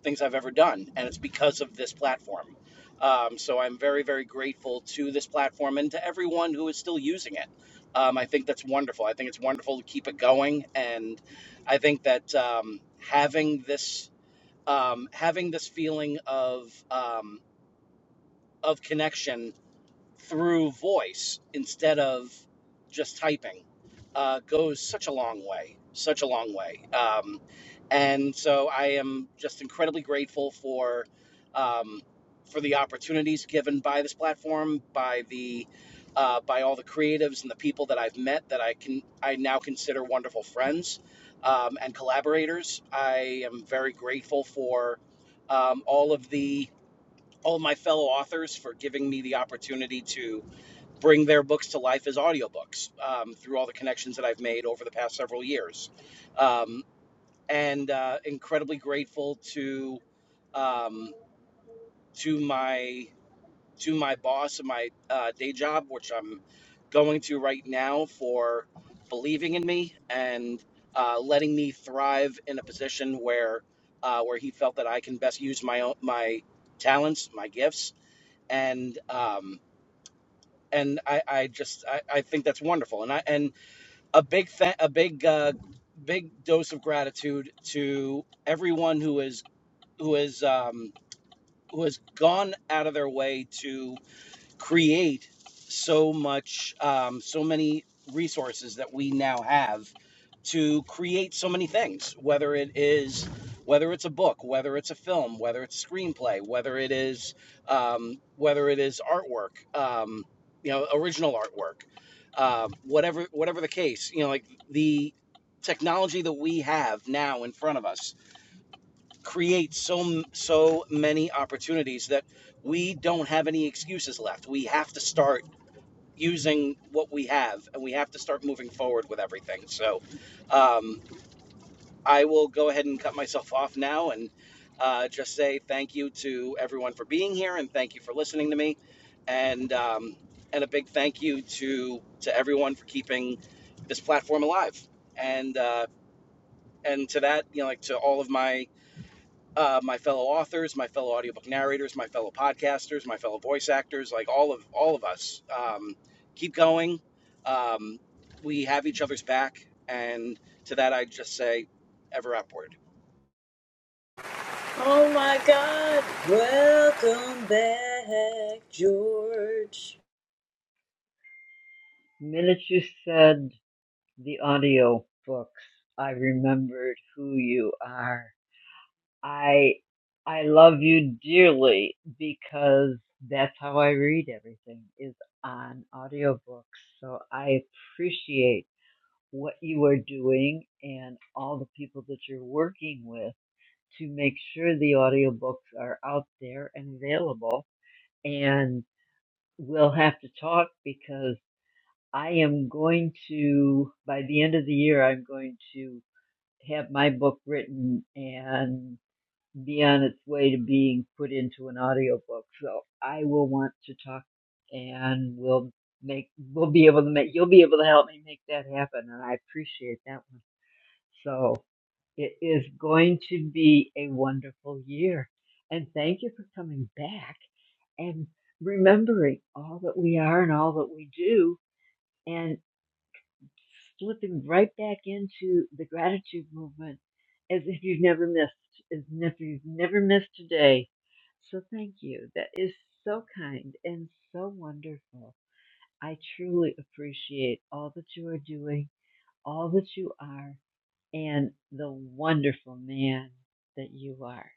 things I've ever done, and it's because of this platform. Um, so I'm very, very grateful to this platform and to everyone who is still using it. Um, I think that's wonderful. I think it's wonderful to keep it going, and I think that um, having this um, having this feeling of um, of connection through voice instead of just typing uh, goes such a long way, such a long way. Um, and so I am just incredibly grateful for um, for the opportunities given by this platform, by the uh, by all the creatives and the people that I've met that I can I now consider wonderful friends um, and collaborators. I am very grateful for um, all of the all of my fellow authors for giving me the opportunity to bring their books to life as audiobooks um, through all the connections that I've made over the past several years. Um, and uh, incredibly grateful to um, to my to my boss and my uh, day job, which I'm going to right now for believing in me and uh, letting me thrive in a position where uh, where he felt that I can best use my own, my talents, my gifts, and um, and I, I just I, I think that's wonderful and I and a big fa- a big uh, big dose of gratitude to everyone who is who is um, who has gone out of their way to create so much, um, so many resources that we now have to create so many things. Whether it is, whether it's a book, whether it's a film, whether it's screenplay, whether it is, um, whether it is artwork, um, you know, original artwork, uh, whatever, whatever the case, you know, like the technology that we have now in front of us create so so many opportunities that we don't have any excuses left. We have to start using what we have, and we have to start moving forward with everything. So, um, I will go ahead and cut myself off now and uh, just say thank you to everyone for being here, and thank you for listening to me, and um, and a big thank you to to everyone for keeping this platform alive, and uh, and to that, you know, like to all of my uh, my fellow authors, my fellow audiobook narrators, my fellow podcasters, my fellow voice actors, like all of all of us, um, keep going. Um, we have each other's back, and to that I just say, ever upward. Oh my God! Welcome back, George. Minute you said the audio books, I remembered who you are. I I love you dearly because that's how I read everything is on audiobooks. So I appreciate what you are doing and all the people that you're working with to make sure the audiobooks are out there and available. And we'll have to talk because I am going to, by the end of the year, I'm going to have my book written and be on its way to being put into an audiobook. So I will want to talk and we'll make, we'll be able to make, you'll be able to help me make that happen. And I appreciate that one. So it is going to be a wonderful year. And thank you for coming back and remembering all that we are and all that we do. And slipping right back into the gratitude movement as if you've never missed, as if you've never missed a day. So thank you. That is so kind and so wonderful. I truly appreciate all that you are doing, all that you are, and the wonderful man that you are.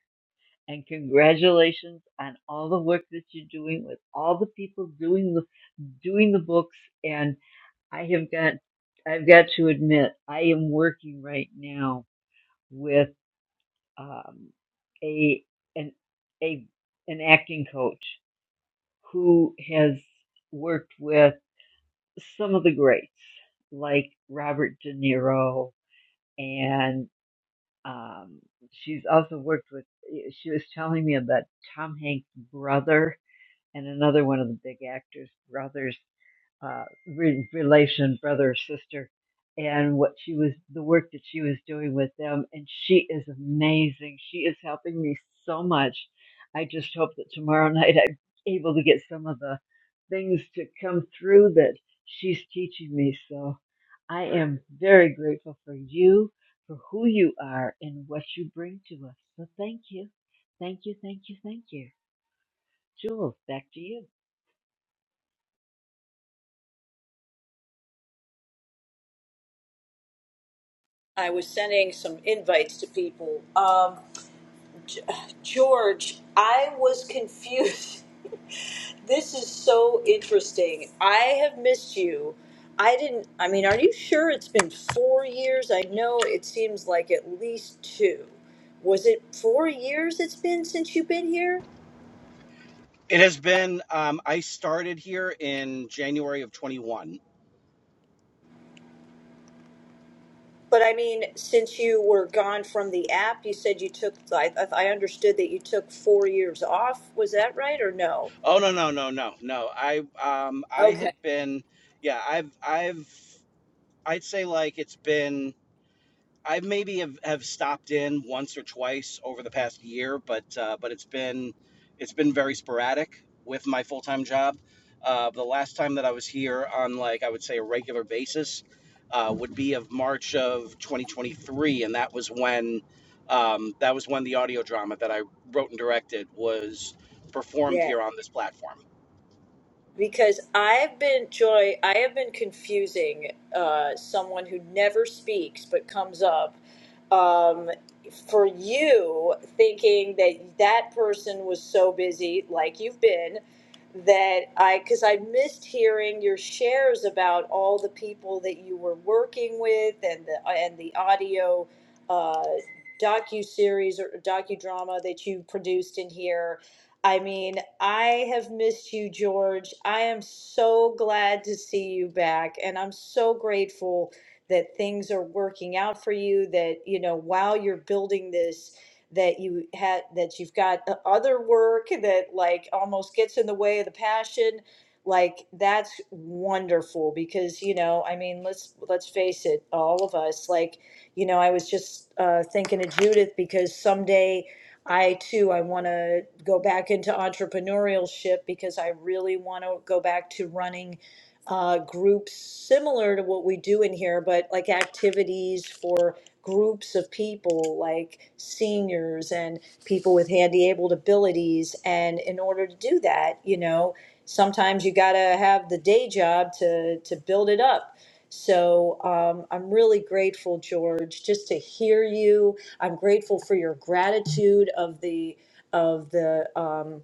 And congratulations on all the work that you're doing with all the people doing the doing the books and. I have got, I've got to admit, I am working right now with um, a an a an acting coach who has worked with some of the greats like Robert De Niro, and um, she's also worked with. She was telling me about Tom Hanks' brother and another one of the big actors' brothers uh, re- relation, brother or sister, and what she was, the work that she was doing with them. And she is amazing. She is helping me so much. I just hope that tomorrow night I'm able to get some of the things to come through that she's teaching me. So I am very grateful for you, for who you are, and what you bring to us. So thank you. Thank you, thank you, thank you. Jules, back to you I was sending some invites to people. Um, George, I was confused. This is so interesting. I have missed you. I didn't, I mean, are you sure it's been four years? I know it seems like at least two. Was it four years it's been since you've been here? It has been. Um, I started here in January of 21. But I mean, since you were gone from the app, you said you took, I, I understood that you took four years off. Was that right or no? Oh no no no no no. I um, I had Okay. been. Yeah, I've I've I'd say like it's been I maybe have, have stopped in once or twice over the past year, but uh, but it's been it's been very sporadic with my full time job. Uh, the last time that I was here on like I would say a regular basis uh, would be of March of 2023, and that was when um, that was when the audio drama that I wrote and directed was performed here on this platform. because I've been Joy, I have been confusing uh, someone who never speaks but comes up um, for you, thinking that that person was so busy, like you've been, that I because I missed hearing your shares about all the people that you were working with and the and the audio. Uh, docu series or docudrama that you produced in here I mean, I have missed you, George. I am so glad to see you back, and I'm so grateful that things are working out for you. That you know, while you're building this, that you had that you've got uh, other work that like almost gets in the way of the passion. Like that's wonderful because you know, I mean, let's let's face it, all of us. Like you know, I was just uh, thinking of Judith because someday I too, I want to go back into entrepreneurship because I really want to go back to running uh, groups similar to what we do in here, but like activities for groups of people, like seniors and people with handy abled abilities. And in order to do that, you know, sometimes you got to have the day job to to build it up. So um, I'm really grateful, George, just to hear you I'm grateful for your gratitude of the of the um,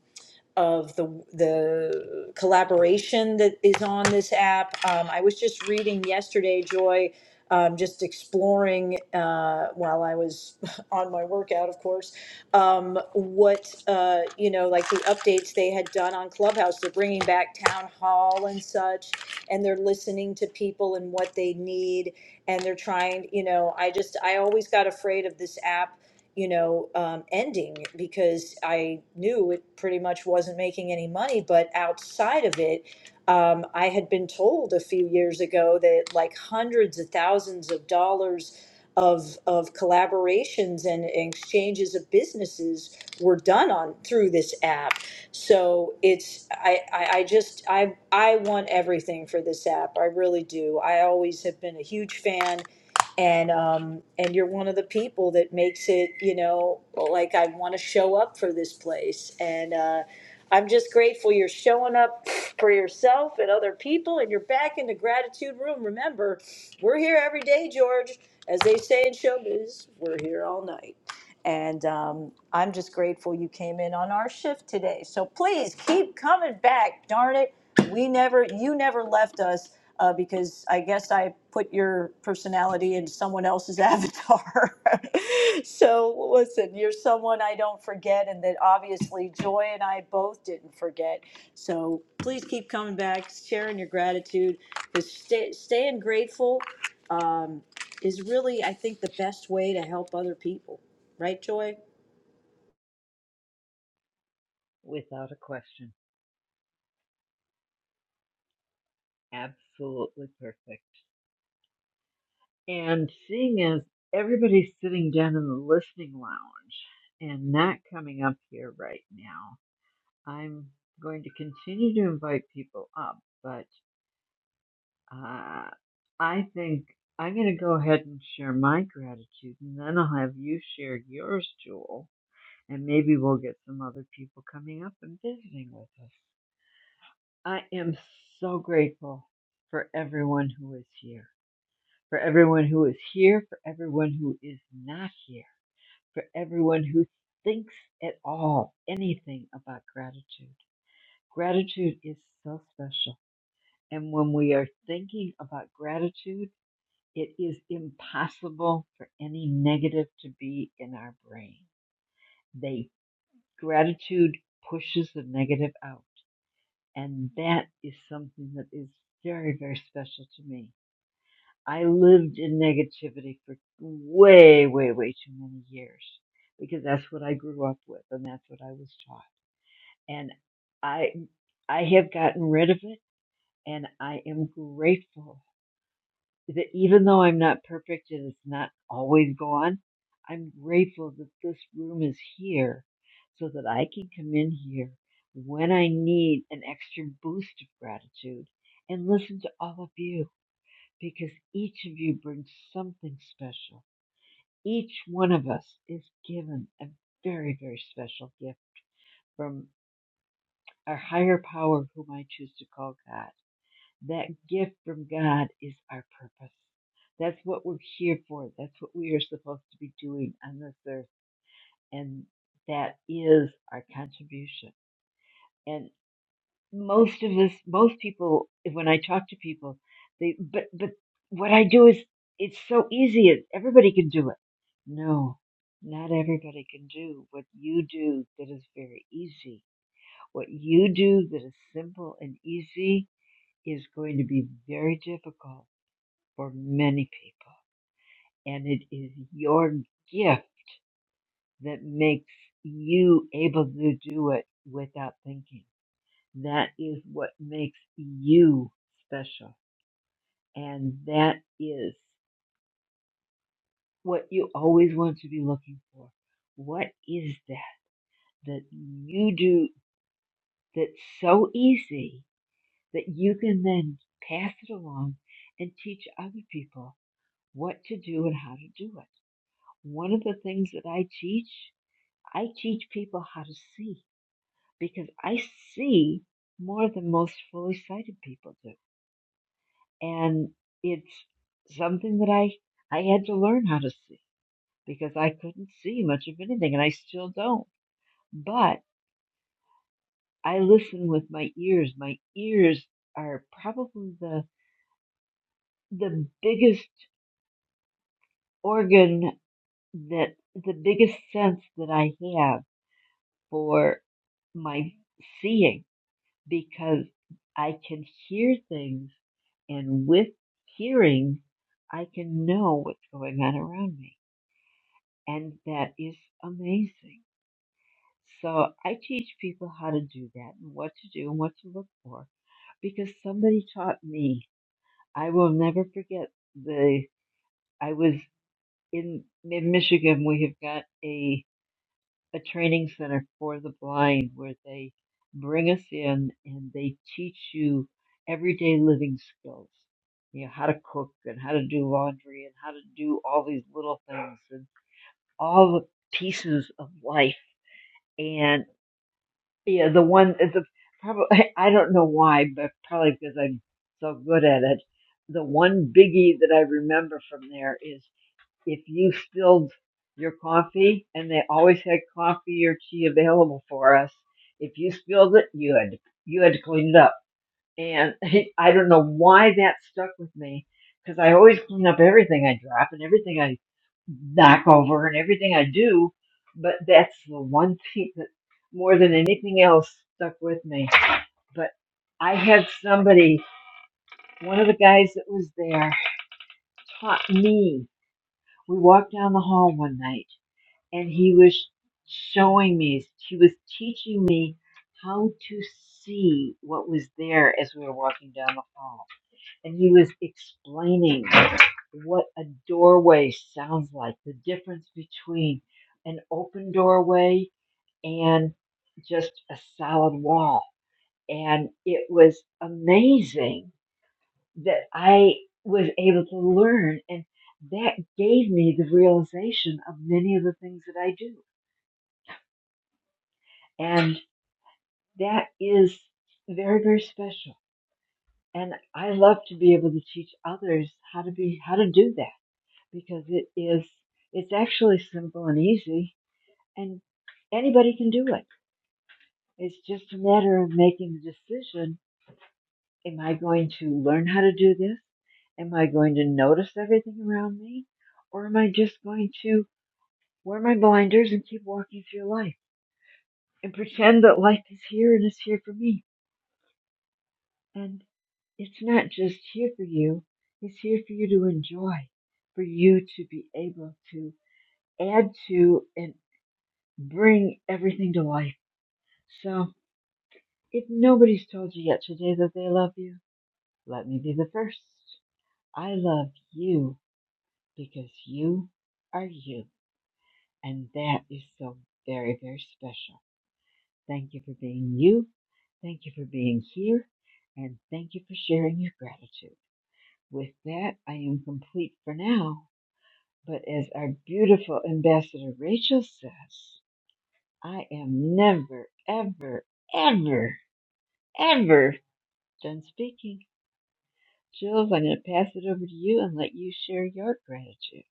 of the the collaboration that is on this app. Um, I was just reading yesterday, Joy, um, just exploring uh, while I was on my workout, of course. Um, what uh, you know, like the updates they had done on Clubhouse. They're bringing back town hall and such, and they're listening to people and what they need and they're trying you know i just i always got afraid of this app you know, um, ending because I knew it pretty much wasn't making any money. But outside of it, um, I had been told a few years ago that like hundreds of thousands of dollars of of collaborations and exchanges of businesses were done on through this app. So it's I, I, I just I I want everything for this app. I really do. I always have been a huge fan and um and you're one of the people that makes it you know like i want to show up for this place and uh i'm just grateful you're showing up for yourself and other people and you're back in the gratitude room remember we're here every day george as they say in showbiz we're here all night and um, i'm just grateful you came in on our shift today so please keep coming back darn it we never you never left us uh, because I guess I put your personality in someone else's avatar. so listen, you're someone I don't forget, and that obviously Joy and I both didn't forget. So please keep coming back, sharing your gratitude, because stay, staying grateful um, is really, I think, the best way to help other people. Right, Joy? without a question. Absolutely perfect. And seeing as everybody's sitting down in the listening lounge and not coming up here right now, I'm going to continue to invite people up. But uh, I think I'm going to go ahead and share my gratitude, and then I'll have you share yours, Jewel, and maybe we'll get some other people coming up and visiting with us. I am so grateful for everyone who is here, for everyone who is here, for everyone who is not here for everyone who thinks at all anything about gratitude. Gratitude is so special. And when we are thinking about gratitude, it is impossible for any negative to be in our brain. They gratitude pushes the negative out. And that is something that is very, very special to me. I lived in negativity for way, way, way too many years because that's what I grew up with and that's what I was taught and I I have gotten rid of it and I am grateful that even though I'm not perfect and it's not always gone, I'm grateful that this room is here so that I can come in here when I need an extra boost of gratitude and listen to all of you because each of you brings something special. Each one of us is given a very, very special gift from our higher power, whom I choose to call God That gift from God is our purpose. That's what we're here for. That's what we are supposed to be doing on this earth. And that is our contribution. And most of us, most people, when I talk to people, they, but, but what I do is it's so easy. It, everybody can do it. No, not everybody can do what you do that is very easy. What you do that is simple and easy is going to be very difficult for many people. And it is your gift that makes you able to do it without thinking. That is what makes you special. And that is what you always want to be looking for. What is that that you do that's so easy that you can then pass it along and teach other people what to do and how to do it? One of the things that I teach I teach people how to see because I see more than most fully sighted people do. And it's something that I, I had to learn how to see because I couldn't see much of anything and I still don't. But I listen with my ears. My ears are probably the, the biggest organ that, the biggest sense that I have for my seeing because I can hear things And with hearing, I can know what's going on around me. And that is amazing. So I teach people how to do that and what to do and what to look for because somebody taught me. I will never forget the, I was in, in Michigan. We have got a. a training center for the blind where they bring us in and they teach you everyday living skills. You know, how to cook and how to do laundry and how to do all these little things and all the pieces of life. And yeah, the one, the probably, I don't know why, but probably because I'm so good at it. The one biggie that I remember from there is if you spilled your coffee, and they always had coffee or tea available for us, if you spilled it, you had you had to clean it up. And I don't know why that stuck with me because I always clean up everything I drop and everything I knock over and everything I do, but that's the one thing that more than anything else stuck with me. But I had somebody, one of the guys that was there, taught me. We walked down the hall one night and he was showing me he was teaching me how to see what was there as we were walking down the hall and he was explaining what a doorway sounds like the difference between an open doorway and just a solid wall and it was amazing that i was able to learn and that gave me the realization of many of the things that i do That is very, very special. And I love to be able to teach others how to be, how to do that because it is, it's actually simple and easy and anybody can do it. It's just a matter of making the decision. Am I going to learn how to do this? Am I going to notice everything around me? Or am I just going to wear my blinders and keep walking through life and pretend that life is here and it's here for me? And It's not just here for you, it's here for you to enjoy, for you to be able to add to and bring everything to life. So, if nobody's told you yet today that they love you, let me be the first. I love you because you are you, and that is so very, very special. Thank you for being you. Thank you for being here, and thank you for sharing your gratitude. With that, I am complete for now But as our beautiful ambassador Rachel says, I am never, ever, ever, ever done speaking. Jules, I'm going to pass it over to you and let you share your gratitude.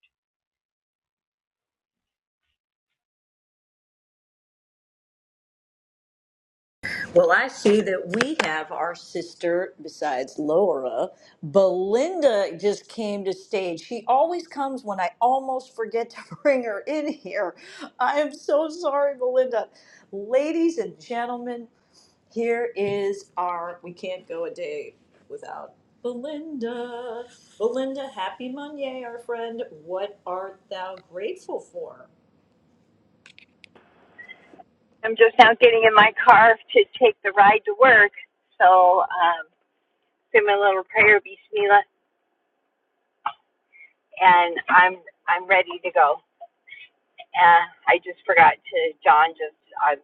Well, I see that we have our sister, besides Laura, Belinda just came to stage. She always comes when I almost forget to bring her in here. I am so sorry, Belinda. Ladies and gentlemen, here is our, we can't go a day without Belinda. Belinda, happy Monday, our friend. What art thou grateful for? I'm just now getting in my car to take the ride to work. So um, say my little prayer, Bismillah, and I'm I'm ready to go. Uh, I just forgot to John. Just I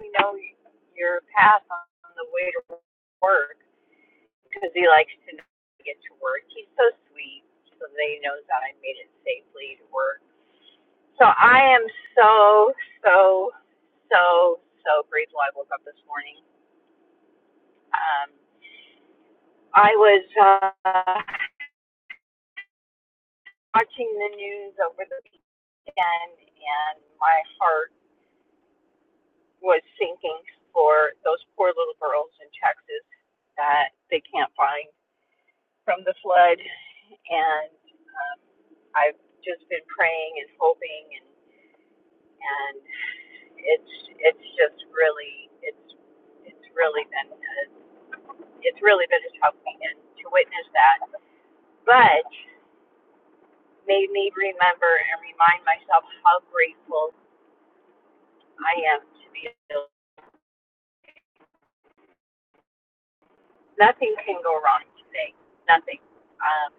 we know your path on the way to work because he likes to get to work. He's so sweet, so that he knows that I made it safely to work. So I am so so so so grateful. I woke up this morning. Um, I was. Uh, watching the news over the weekend, and my heart was sinking for those poor little girls in Texas that they can't find from the flood. And um, I've just been praying and hoping, and and it's it's just really it's it's really been a, it's really been a tough weekend to witness that, but made me remember and remind myself how grateful I am to be able. nothing can go wrong today. Nothing. Um,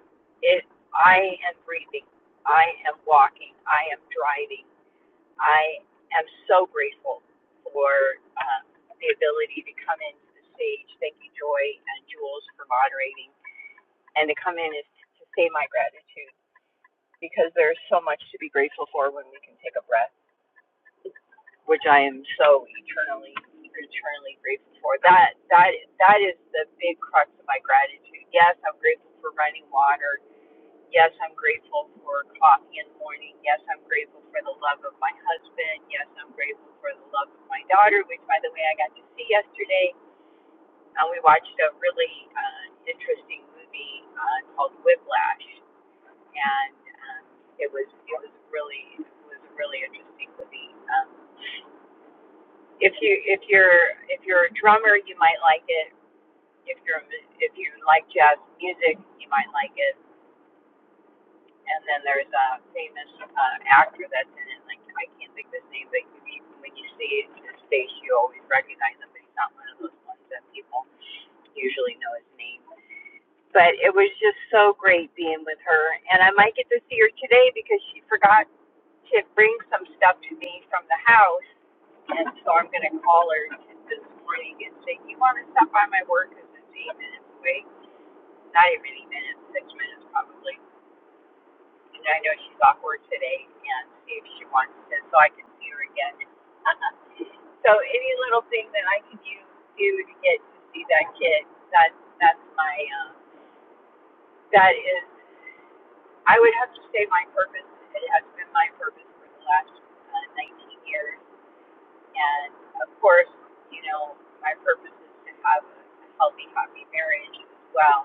it. I am breathing. I am walking. I am driving. I am so grateful for um, the ability to come into the stage. Thank you, Joy and Jules, for moderating, and to come in is to say my gratitude because there is so much to be grateful for when we can take a breath which I am so eternally, eternally grateful for. That that that is the big crux of my gratitude. Yes, I'm grateful for running water. Yes, I'm grateful for coffee in the morning. Yes, I'm grateful for the love of my husband. Yes, I'm grateful for the love of my daughter, which, by the way, I got to see yesterday. And we watched a really uh, interesting movie uh, called Whiplash, and um, it was it was really it was a really interesting movie. Um, if you if you're if you're a drummer, you might like it. If you're if you like jazz music, you might like it. And then there's a famous uh, actor that's in it. Like I can't think of his name, but you, when you see his face, you always recognize him. But he's not one of those ones that people usually know his name. But it was just so great being with her. And I might get to see her today because she forgot to bring some stuff to me from the house. And so I'm going to call her this morning and say, you want to stop by my work? Because it's eight minutes away. Not even eight minutes, six minutes probably. And I know she's off work today and see if she wants to so I can see her again. so any little thing that I can do, do to get to see that kid, that that's my, um, that is I would have to say my purpose, it has been my purpose for the last uh, 19 years. And of course, you know, my purpose is to have a, a healthy, happy marriage as well.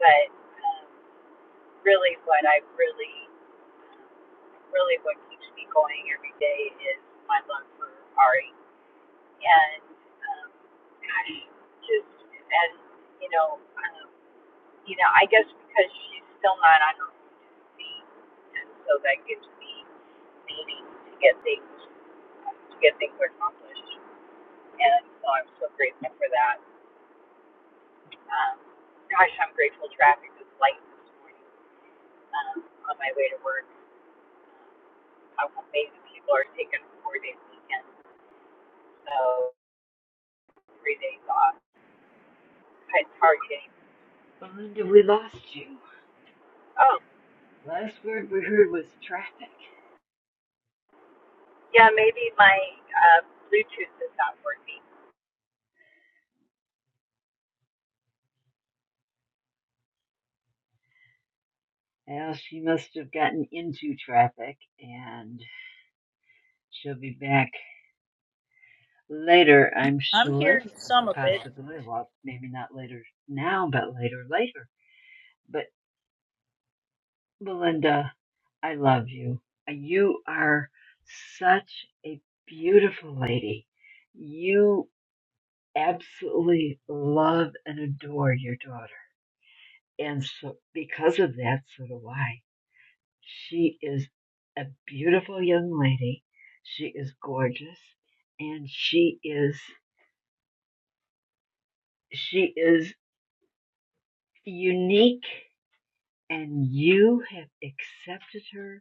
But um, really, what I really, really what keeps me going every day is my love for Ari. And um, gosh, just, and, you know, um, you know, I guess because she's still not on her own two feet, and so that gives me meaning to get things uh, to get things accomplished. And so I'm so grateful for that. Um, gosh, I'm grateful traffic is light this morning um, on my way to work. How amazing people are taking a four day weekend, so three days off. I had Target. Belinda, we lost you. Oh, Last word we heard was traffic. yeah, maybe my uh, Bluetooth is not working. Well, she must have gotten into traffic, and she'll be back later, I'm I'm sure. hearing some of it. Possibly. Well, maybe not later now, but later, later. But. Belinda, I love you. Uh, You are such a beautiful lady. You absolutely love and adore your daughter. And so, because of that, so do I. She is a beautiful young lady. She is gorgeous and she is, she is unique and you have accepted her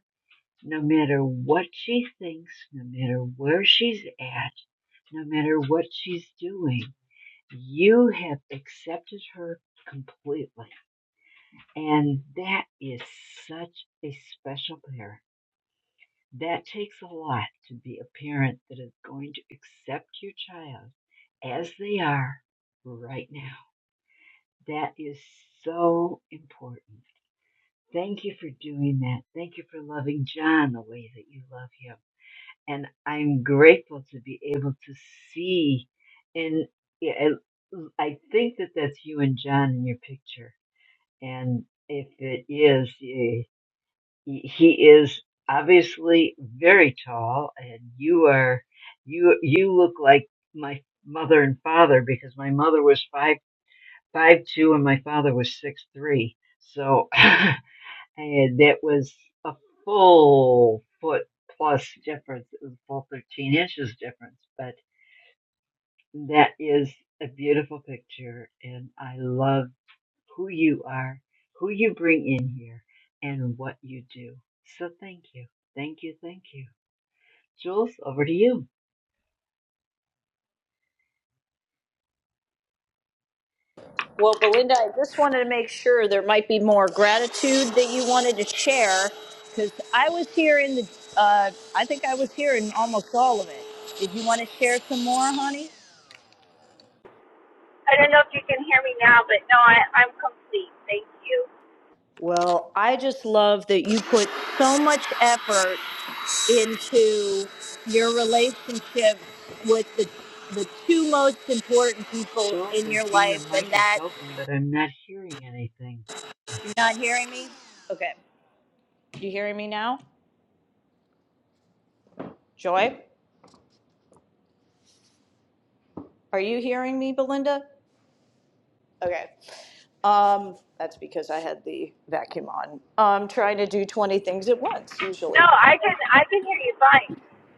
No matter what she thinks, no matter where she's at, no matter what she's doing, you have accepted her completely. And that is such a special parent. That takes a lot to be a parent that is going to accept your child as they are right now. That is so important. Thank you for doing that. Thank you for loving John the way that you love him. and I'm grateful to be able to see. And yeah, I I think that that's you and John in your picture. And if it is, eh, he he is obviously very tall, and you are you you look like my mother and father because my mother was five five two and my father was six three. So and that was a full foot plus difference. It was a full 13 inches difference, but that is a beautiful picture, and I love who you are, who you bring in here, and what you do. So thank you, thank you, thank you. Jules, over to you. Well, Belinda, I just wanted to make sure there might be more gratitude that you wanted to share because I was here in the, uh, I think I was here in almost all of it. Did you want to share some more, honey? I don't know if you can hear me now, but no, I, I'm complete. Thank you. Well, I just love that you put so much effort into your relationship with the the two most important people Jules, in I your see your life mic and is that open, but I'm not hearing anything. you're not hearing me okay you hearing me now joy are you hearing me belinda Okay. Um, that's because I had the vacuum on. I'm trying to do 20 things at once No, usually. I can I can hear you fine.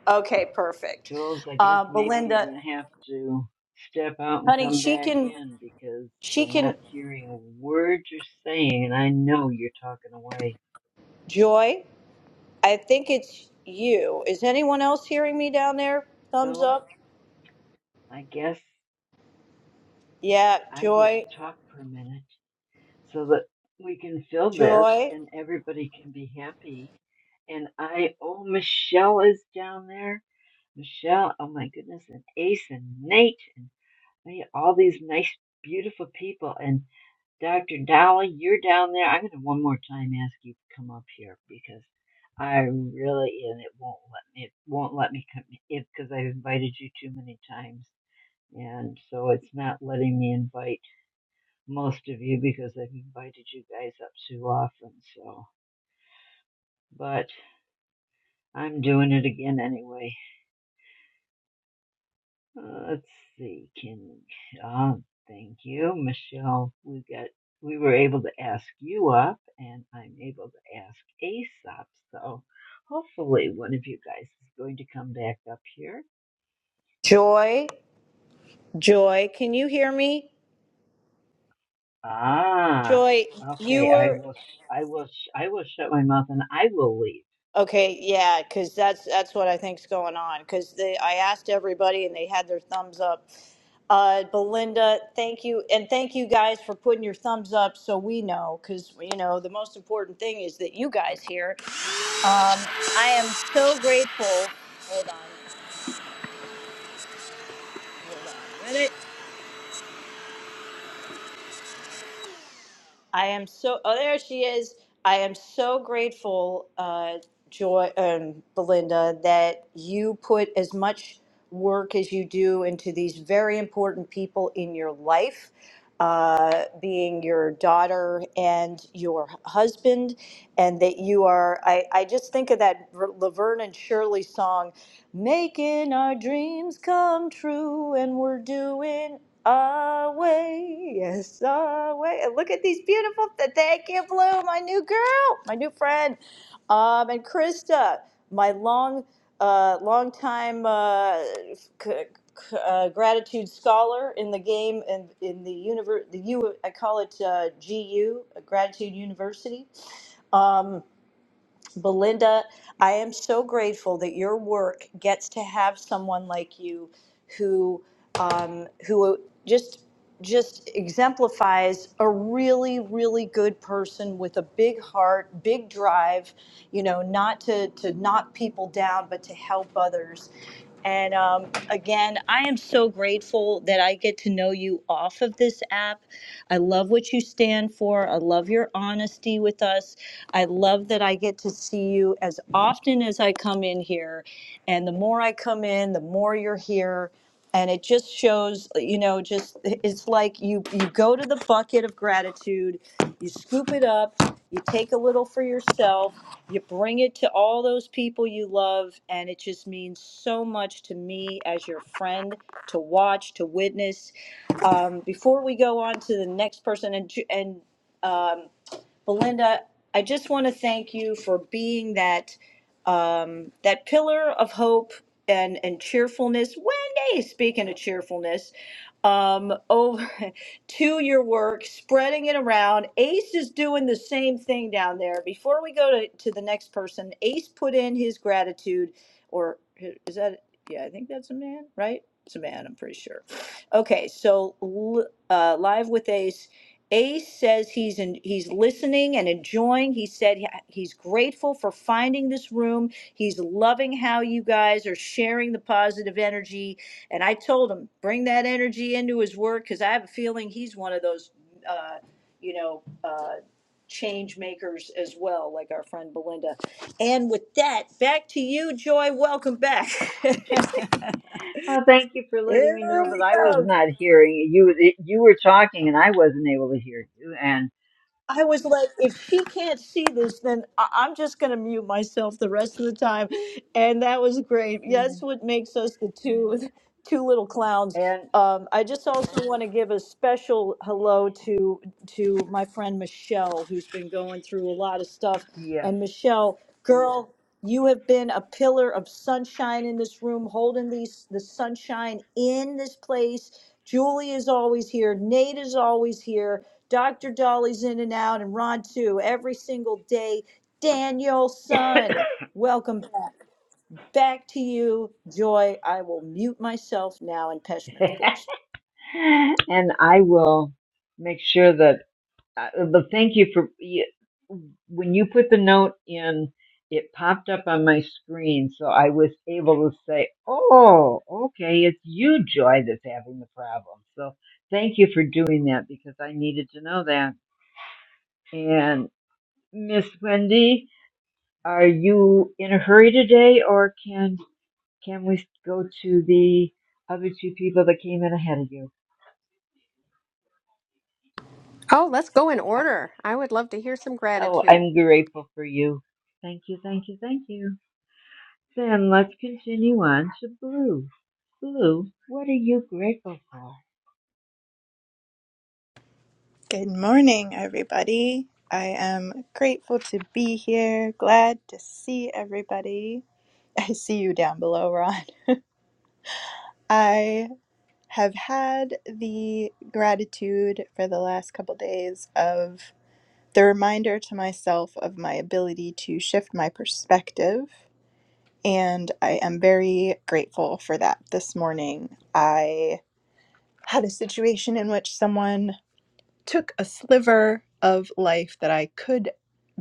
Okay, perfect. Jules, I guess Uh, maybe you're Belinda, going to have to step out and honey, come she back can, in because she we're can, not hearing a word you're saying, and I know you're talking away. Joy, I think it's you. Is anyone else hearing me down there? Thumbs So up. I guess Yeah, I get Joy, to talk for a minute so that we can fill this Joy, and everybody can be happy. And I, oh, Michelle is down there. Michelle, oh my goodness, and Ace and Nate and me, all these nice, beautiful people. and. Dr. Dolly, you're down there. I'm going to one more time ask you to come up here because I really and it won't let me it won't let me come in because I've invited you too many times and so it's not letting me invite most of you because I've invited you guys up too often so but I'm doing it again anyway Uh, let's see, Kim and Thank you, Michelle. We got we were able to ask you up, and I'm able to ask Ace up. So hopefully, one of you guys is going to come back up here. Joy, Joy. Can you hear me? Ah, Joy, you okay. I were will. sh- I will. sh- I will shut my mouth and I will leave. Okay, yeah, because that's that's what I think's going on. Because they, I asked everybody, and they had their thumbs up. Uh, Belinda, thank you, and thank you guys for putting your thumbs up, so we know. Because you know, the most important thing is that you guys here. Um, I am so grateful. Hold on. I am so, oh, there she is. I am so grateful, uh, Joy, um, Belinda, that you put as much work as you do into these very important people in your life, uh, being your daughter and your husband, and that you are, I, I just think of that R- Laverne and Shirley song, making our dreams come true, and we're doing away, yes, away. And look at these beautiful. th- Thank you, Blue, my new girl, my new friend, um, and Krista, my long, uh, long time uh, c- c- uh, gratitude scholar in the game and in the universe. The U, I call it uh, GU, Gratitude University. Um, Belinda, I am so grateful that your work gets to have someone like you who um, who just just exemplifies a really really good person with a big heart, big drive, you know, not to to knock people down but to help others and um, again, I am so grateful that I get to know you off of this app. I love what you stand for. I love your honesty with us. I love that I get to see you as often as I come in here. And the more I come in, the more you're here. And it just shows, you know, just it's like you you go to the bucket of gratitude, you scoop it up, you take a little for yourself, you bring it to all those people you love and it just means so much to me as your friend to watch to witness um, before we go on to the next person and, and um, Belinda, I just want to thank you for being that um, that pillar of hope and and cheerfulness. Wendy, speaking of cheerfulness, um, over to your work, spreading it around. Ace is doing the same thing down there. Before we go to, to the next person, Ace put in his gratitude, or is that? Yeah, I think that's a man, right? It's a man, I'm pretty sure. Okay, so l- uh, live with Ace. Ace says he's in, he's listening and enjoying. He said he- he's grateful for finding this room. He's loving how you guys are sharing the positive energy. And I told him bring that energy into his work because I have a feeling he's one of those, uh, you know, uh, change makers as well, like our friend Belinda. And with that, back to you, Joy. Welcome back. Oh, thank you for letting Here me know that we I was go. not hearing you. You you were talking, and I wasn't able to hear you. And I was like, if she can't see this, then I- I'm just going to mute myself the rest of the time. And that was great. Yeah, That's Mm. what makes us the two, two little clowns. and Um, I just also want to give a special hello to to my friend Michelle, who's been going through a lot of stuff. yes. And Michelle, girl, you have been a pillar of sunshine in this room, holding these the sunshine in this place. Julie is always here. Nate is always here. Dr. Dolly's in and out, and Ron too, every single day. Daniel Son, welcome back. Back to you, Joy. I will mute myself now, and Peshman, of course. and I will make sure that. Uh, but thank you for you, when you put the note in. It popped up on my screen, so I was able to say, "Oh, okay, it's you, Joy, that's having the problem." So thank you for doing that because I needed to know that. And Miss Wendy, are you in a hurry today, or can can we go to the other two people that came in ahead of you? Oh, let's go in order. I would love to hear some Oh, gratitude. I'm grateful for you. Thank you, thank you, thank you. Then let's continue on to Blue. Blue, what are you grateful for? Good morning, everybody. I am grateful to be here. Glad to see everybody. I see you down below, Ron. I have had the gratitude for the last couple days of the reminder to myself of my ability to shift my perspective. And I am very grateful for that this morning. I had a situation in which someone took a sliver of life that I could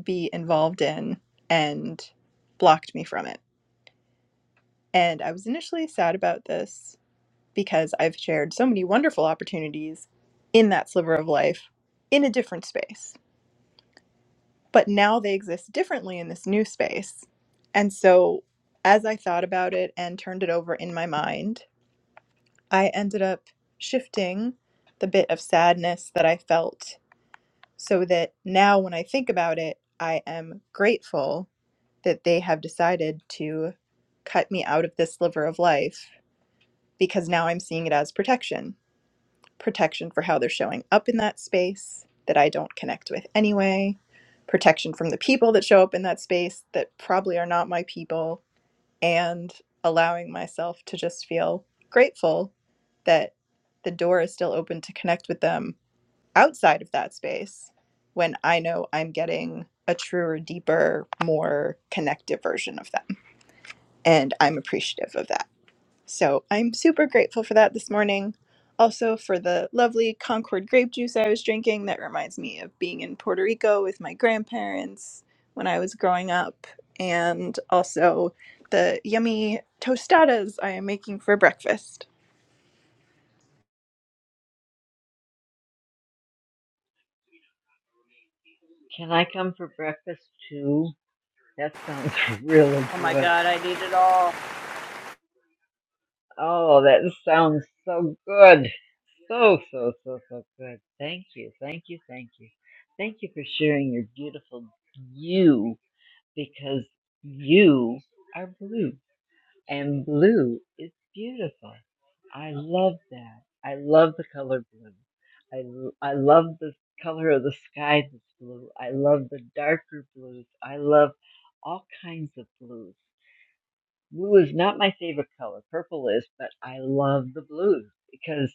be involved in and blocked me from it. And I was initially sad about this because I've shared so many wonderful opportunities in that sliver of life in a different space. But now they exist differently in this new space. And so as I thought about it and turned it over in my mind, I ended up shifting the bit of sadness that I felt so that now when I think about it, I am grateful that they have decided to cut me out of this sliver of life because now I'm seeing it as protection protection for how they're showing up in that space that I don't connect with anyway, protection from the people that show up in that space that probably are not my people, and allowing myself to just feel grateful that the door is still open to connect with them outside of that space when I know I'm getting a truer, deeper, more connective version of that and I'm appreciative of that. So I'm super grateful for that this morning. Also, for the lovely Concord grape juice I was drinking, that reminds me of being in Puerto Rico with my grandparents when I was growing up, and also the yummy tostadas I am making for breakfast. Can I come for breakfast too? That sounds really Oh my good. God, I need it all. Oh, that sounds so good. So, so, so, so good. Thank you, thank you, thank you. Thank you for sharing your beautiful you because you are blue. and blue is beautiful. I love that. I love the color blue. I I love the color of the sky that's blue. I love the darker blues. I love all kinds of blues. Blue is not my favorite color. Purple is, but I love the blues because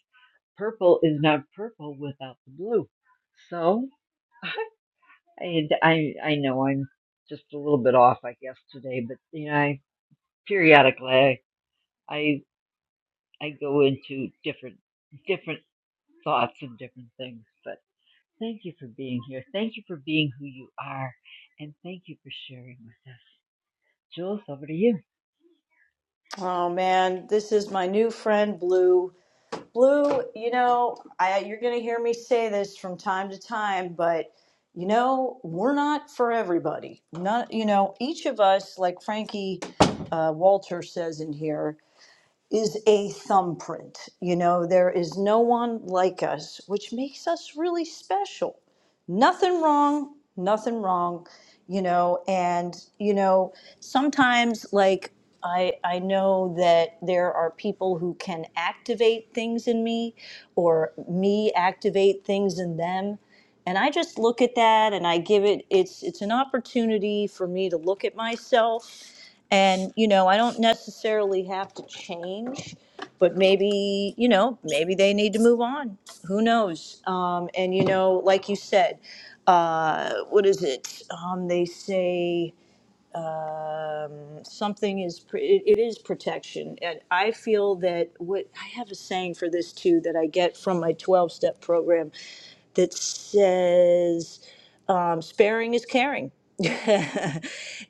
purple is not purple without the blue. So I, I, I know I'm just a little bit off, I guess, today, but you know, I, periodically I, I I go into different different thoughts and different things. But thank you for being here. Thank you for being who you are, and thank you for sharing with us. Jules, over to you. Oh man, this is my new friend Blue. Blue, you know, I, you're going to hear me say this from time to time, but you know, we're not for everybody. Not, you know, each of us, like Frankie uh, Walter says in here, is a thumbprint. You know, there is no one like us, which makes us really special. Nothing wrong, nothing wrong, you know, and you know, sometimes like I I know that there are people who can activate things in me or me activate things in them. And I just look at that and I give it it's it's an opportunity for me to look at myself and, you know, I don't necessarily have to change, but maybe, you know, maybe they need to move on. Who knows? Um, and, you know, like you said, uh, what is it? Um, they say something is, pr- it, it is protection. And I feel that what I have a saying for this too that I get from my 12 step program that says um, sparing is caring.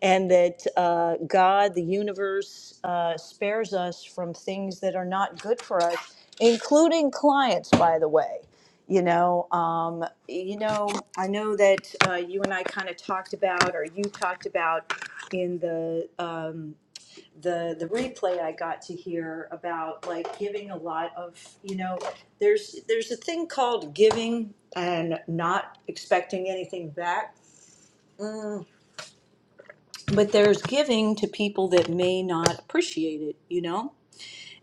and that uh, God, the universe, uh, spares us from things that are not good for us, including clients, by the way. You know, um, you know, I know that uh, you and I kind of talked about, or you talked about in the um, the the replay I got to hear about like giving a lot of you know there's there's a thing called giving and not expecting anything back. Mm, but there's giving to people that may not appreciate it, you know?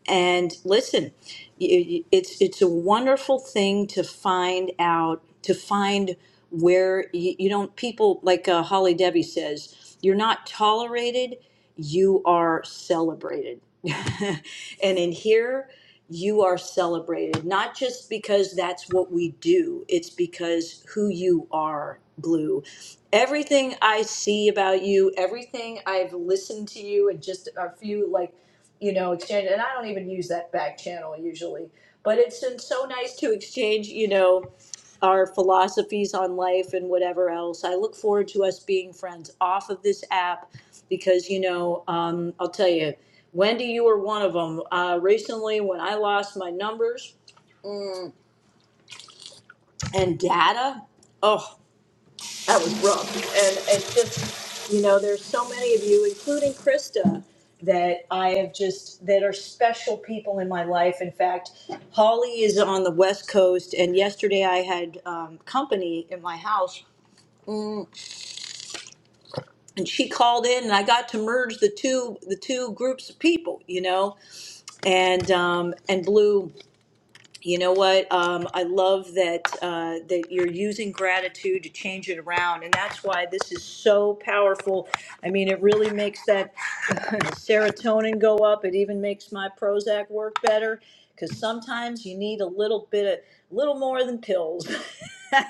And listen, you- it's it's a wonderful thing to find out to find where you, you don't people like uh, Holly Debbie says you're not tolerated, you are celebrated. and in here, you are celebrated not just because that's what we do; it's because who you are, Blue. Everything I see about you, everything I've listened to you, and just a few like you know, exchange. And I don't even use that back channel usually, but it's been so nice to exchange, you know, our philosophies on life and whatever else. I look forward to us being friends off of this app because, you know, um, I'll tell you, Wendy, you were one of them. Uh, recently, when I lost my numbers and data, Oh. That was rough. And it's just, you know, there's so many of you, including Krista, that I have just, that are special people in my life. In fact, Holly is on the West Coast, and yesterday I had um, company in my house. And she called in, and I got to merge the two the two groups of people, you know, and um, and Blue. you know what um, i love that uh, that you're using gratitude to change it around and that's why this is so powerful i mean it really makes that serotonin go up it even makes my prozac work better because sometimes you need a little bit of little more than pills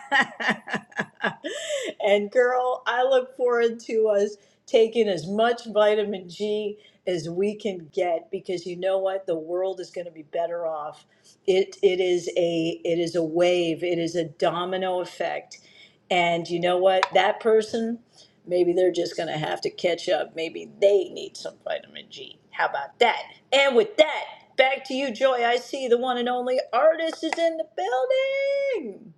and girl i look forward to us taking as much vitamin g as we can get because you know what the world is going to be better off it it is a it is a wave. It is a domino effect. And you know what? That person, maybe they're just gonna have to catch up. Maybe they need some vitamin G. How about that? And with that, back to you, Joy. I see the one and only artist is in the building.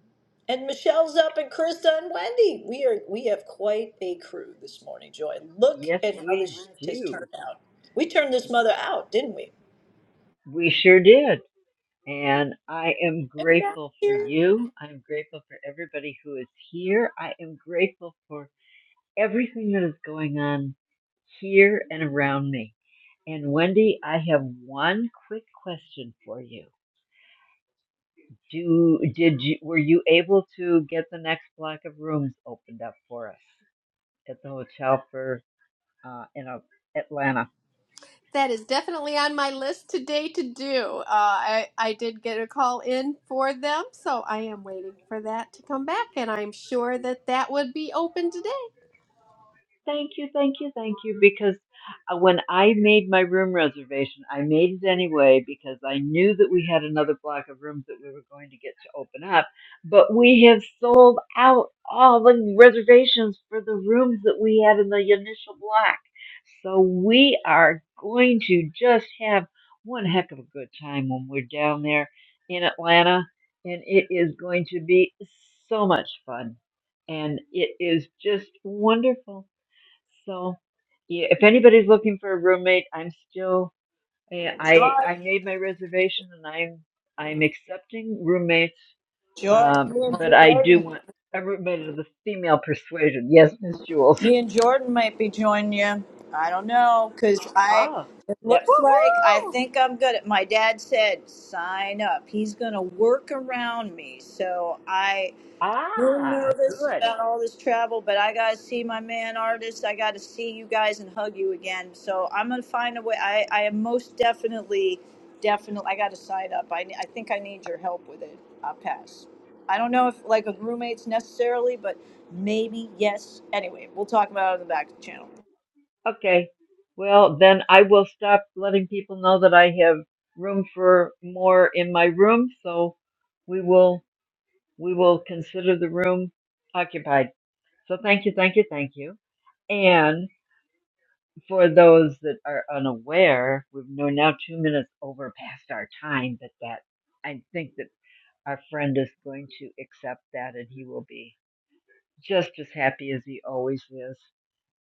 And Michelle's up and Krista and Wendy. We are we have quite a crew this morning, Joy. Look Yes, at how this we shift has turned do. out. We turned this mother out, didn't we? We sure did. And I am Isn't that grateful for here? you. I'm grateful for everybody who is here. I am grateful for everything that is going on here and around me. And Wendy, I have one quick question for you Do did you were you able to get the next block of rooms opened up for us at the hotel for uh, in uh, Atlanta? That is definitely on my list today to do. Uh, I, I did get a call in for them, so I am waiting for that to come back, and I'm sure that that would be open today. Thank you, thank you, thank you. Because uh, when I made my room reservation, I made it anyway because I knew that we had another block of rooms that we were going to get to open up. But we have sold out all the reservations for the rooms that we had in the initial block. So we are going to just have one heck of a good time when we're down there in Atlanta. And it is going to be so much fun. And it is just wonderful so, yeah, if anybody's looking for a roommate, I'm still eh, I Joy I made my reservation and I'm I'm accepting roommates, Joy, um, me but and I do Jordan, want a roommate of the female persuasion. Yes, Miss Jules. me and Jordan might be joining you. I don't know, cause I. Ah, It that looks like I Woohoo! Woo, think I'm good. At, my dad said sign up. He's gonna work around me, so I A little ah, nervous good. about all this travel, but I gotta see my man artist. I gotta see you guys and hug you again. So I'm gonna find a way. I, I am most definitely, definitely. I gotta sign up. I, ne- I think I need your help with it. I'll pass. I don't know if like a roommate's necessarily, but maybe yes. Anyway, we'll talk about it on the back channel. Okay. Well, then I will stop letting people know that I have room for more in my room, so we will we will consider the room occupied. So thank you, thank you, thank you. And for those that are unaware, we've- we're now two minutes over past our time, but that I think that our friend is going to accept that and he will be just as happy as he always is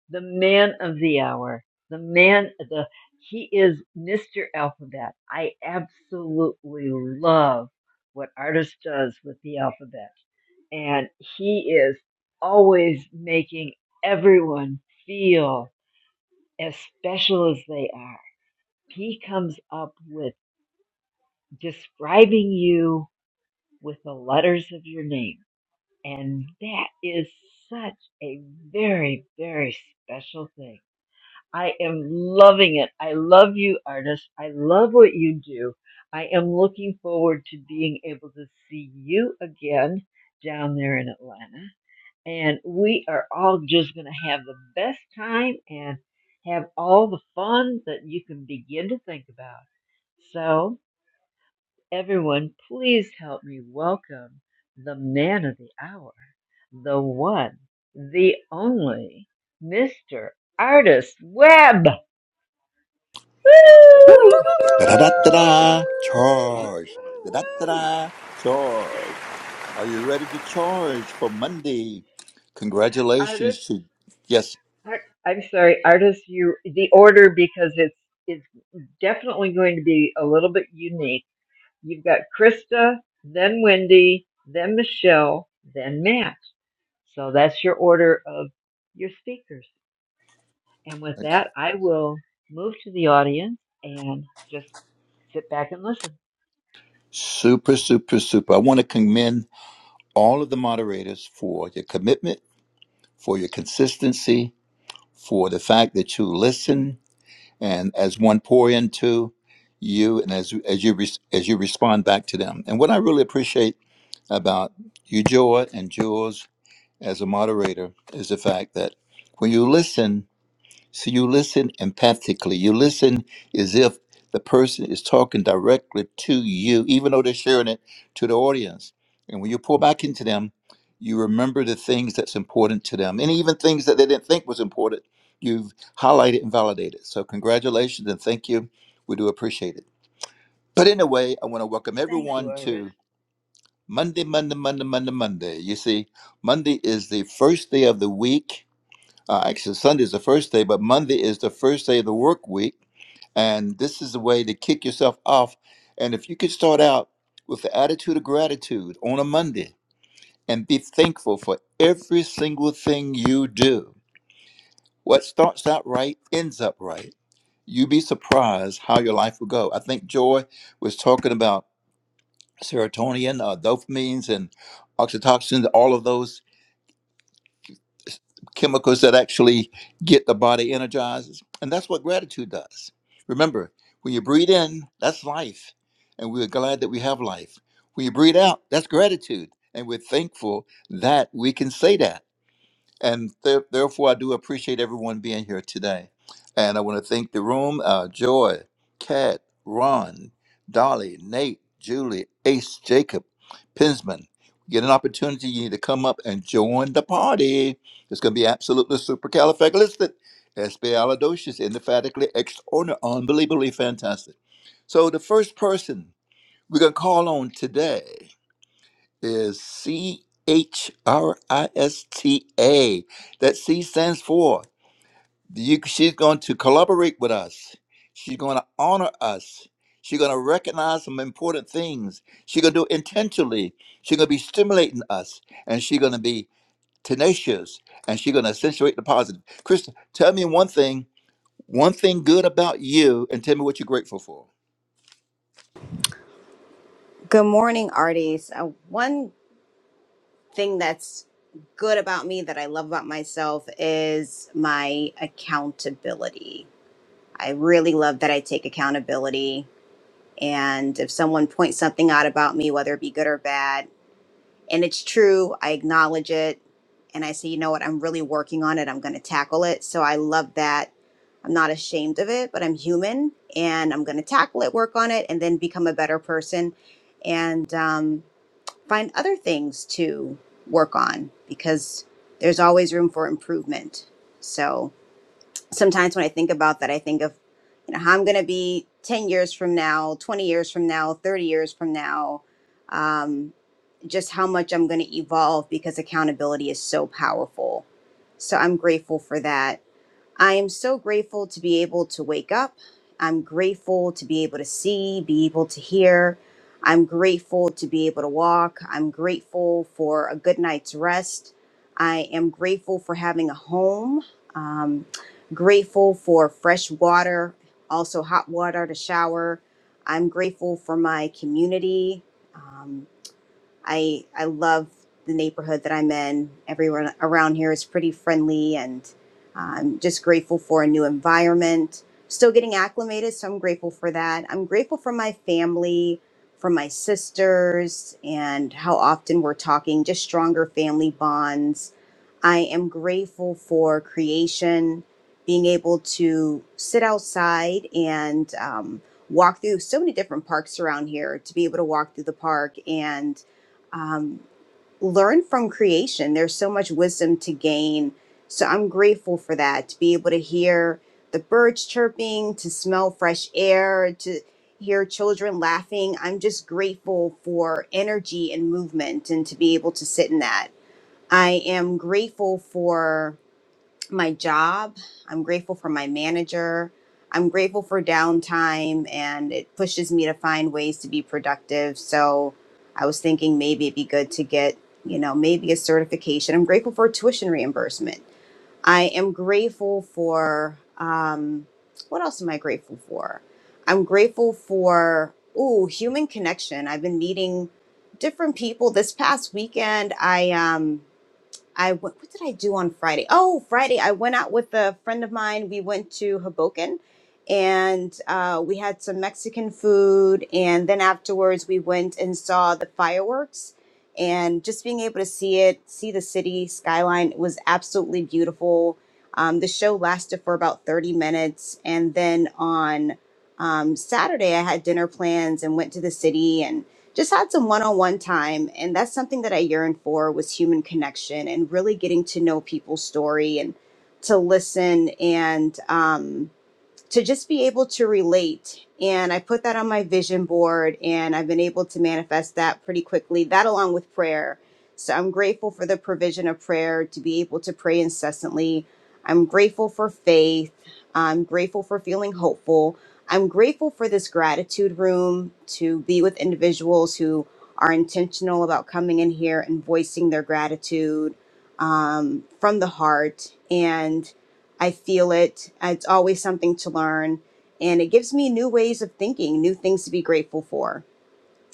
the man of the hour, the man, the he is Mr. Alphabet. I absolutely love what artist does with the alphabet, and he is always making everyone feel as special as they are. He comes up with describing you with the letters of your name, and that is such a very, very special thing I am loving it. I love you, artist. I love what you do. I am looking forward to being able to see you again down there in Atlanta. And we are all just going to have the best time and have all the fun that you can begin to think about. So, everyone, please help me welcome the man of the hour, the one, the only, Mr. Artist Webb. woo, Woo! Woo! woo, Da da da da da! Charge! Da da da Woo! da! Charge! Are you ready to charge for Monday? Artists, Congratulations to yes, ar- I'm sorry, artists, you, the order because it's, it's definitely going to be a little bit unique. You've got Krista, then Wendy, then Michelle, then Matt. So that's your order of your speakers. And with that, I will move to the audience and just sit back and listen. super super super. I want to commend all of the moderators for your commitment, for your consistency, for the fact that you listen and as one pour into you and as as you res- as you respond back to them. And what I really appreciate about you, Joy and Jules as a moderator is the fact that when you listen, so you listen empathically. You listen as if the person is talking directly to you, even though they're sharing it to the audience. And when you pull back into them, you remember the things that's important to them, and even things that they didn't think was important. You've highlighted and validated. So congratulations and thank you. We do appreciate it. But in a way, I want to welcome Thank you, everyone artists. Monday, Monday, Monday, Monday, Monday. You see, Monday is the first day of the week. Uh, actually, Sunday is the first day, but Monday is the first day of the work week. And this is the way to kick yourself off. And if you could start out with the attitude of gratitude on a Monday and be thankful for every single thing you do, what starts out right ends up right. You'd be surprised how your life will go. I think Joy was talking about serotonin, uh, dopamines, and oxytocins, all of those chemicals that actually get the body energized. And that's what gratitude does. Remember, when you breathe in, that's life. And we're glad that we have life. When you breathe out, that's gratitude. And we're thankful that we can say that. And th- therefore, I do appreciate everyone being here today. And I want to thank the room uh, Joy, Kat, Ron, Dolly, Nate, Julie, Ace, Jacob, Pinsman. Get an opportunity you need to come up and join the party. It's going to be absolutely supercalifragilistic, califragilistic, espialidocious, indefatigably, extraordinary, unbelievably fantastic. So, the first person we're going to call on today is C H R I S T A. That C stands for you, she's going to collaborate with us. She's going to honor us. She's going to recognize some important things. She's going to do it intentionally. She's going to be stimulating us, and she's going to be tenacious, and she's going to accentuate the positive. Krista, tell me one thing, one thing good about you, and tell me what you're grateful for. Good morning, artists. Uh, one thing that's good about me that I love about myself is my accountability. I really love that I take accountability. And if someone points something out about me, whether it be good or bad, and it's true, I acknowledge it. And I say, you know what, I'm really working on it. I'm going to tackle it. So I love that. I'm not ashamed of it, but I'm human and I'm going to tackle it, work on it, and then become a better person. And, um, find other things to work on because there's always room for improvement. So sometimes when I think about that, I think of, you know, how I'm going to be 10 years from now, 20 years from now, 30 years from now, um, just how much I'm going to evolve because accountability is so powerful. So I'm grateful for that I am so grateful to be able to wake up. I'm grateful to be able to see, be able to hear. I'm grateful to be able to walk. I'm grateful for a good night's rest. I am grateful for having a home. Um, grateful for fresh water, also hot water to shower. I'm grateful for my community. Um, I I love the neighborhood that I'm in. Everyone around here is pretty friendly, and uh, I'm just grateful for a new environment. Still getting acclimated, so I'm grateful for that. I'm grateful for my family, for my sisters, and how often we're talking, just stronger family bonds. I am grateful for creation, being able to sit outside and um, walk through so many different parks around here, to be able to walk through the park and um, learn from creation. There's so much wisdom to gain. So I'm grateful for that to be able to hear the birds chirping, to smell fresh air, to hear children laughing. I'm just grateful for energy and movement and to be able to sit in that. I am grateful for my job. I'm grateful for my manager. I'm grateful for downtime and it pushes me to find ways to be productive. So I was thinking maybe it'd be good to get, you know, maybe a certification. I'm grateful for tuition reimbursement. I am grateful for, um, what else am I grateful for? I'm grateful for, ooh, human connection. I've been meeting different people. This past weekend, I, um, I went, what did I do on Friday? Oh, Friday, I went out with a friend of mine. We went to Hoboken and uh, we had some Mexican food. And then afterwards, we went and saw the fireworks. And just being able to see it, see the city skyline it was absolutely beautiful. Um, the show lasted for about 30 minutes. And then on um, Saturday, I had dinner plans and went to the city. and just had some one-on-one time and that's something that i yearned for was human connection and really getting to know people's story and to listen and um, to just be able to relate. And I put that on my vision board and I've been able to manifest that pretty quickly, that along with prayer. So I'm grateful for the provision of prayer to be able to pray incessantly. I'm grateful for faith. I'm grateful for feeling hopeful. I'm grateful for this gratitude room to be with individuals who are intentional about coming in here and voicing their gratitude um, from the heart. And I feel it. It's always something to learn. And it gives me new ways of thinking, new things to be grateful for.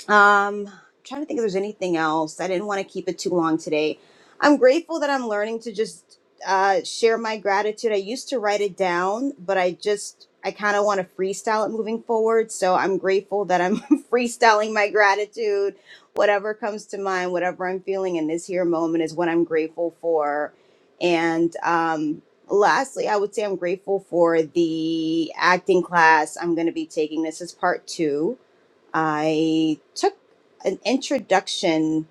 Um, trying to think if there's anything else. I didn't want to keep it too long today. I'm grateful that I'm learning to just uh, share my gratitude. I used to write it down, but I just I kind of want to freestyle it moving forward. So I'm grateful that I'm freestyling my gratitude. Whatever comes to mind, whatever I'm feeling in this here moment is what I'm grateful for. And um, lastly, I would say I'm grateful for the acting class I'm going to be taking. This is part two I took an introduction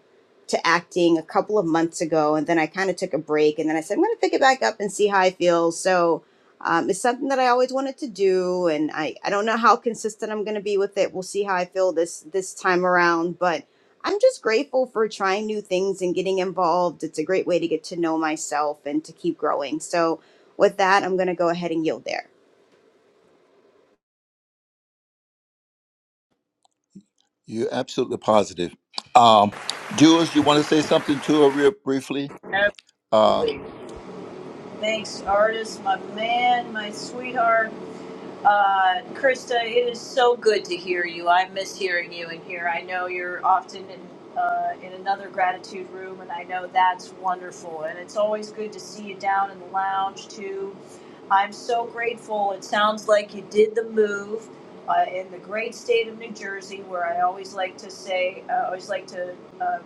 to acting a couple of months ago, and then I kind of took a break, and then I said I'm going to pick it back up and see how I feel. So um, it's something that I always wanted to do, and I I don't know how consistent I'm going to be with it. We'll see how I feel this this time around, but. I'm just grateful for trying new things and getting involved. It's a great way to get to know myself and to keep growing. So, with that, I'm going to go ahead and yield there. You're absolutely positive. Um, Jules, you want to say something to her real briefly? Uh, Absolutely. Thanks, artist, my man, my sweetheart. Uh, Krista, it is so good to hear you. I miss hearing you in here. I know you're often in uh, in another gratitude room, and I know that's wonderful. And it's always good to see you down in the lounge too. I'm so grateful. It sounds like you did the move uh, in the great state of New Jersey, where I always like to say, I always like to uh,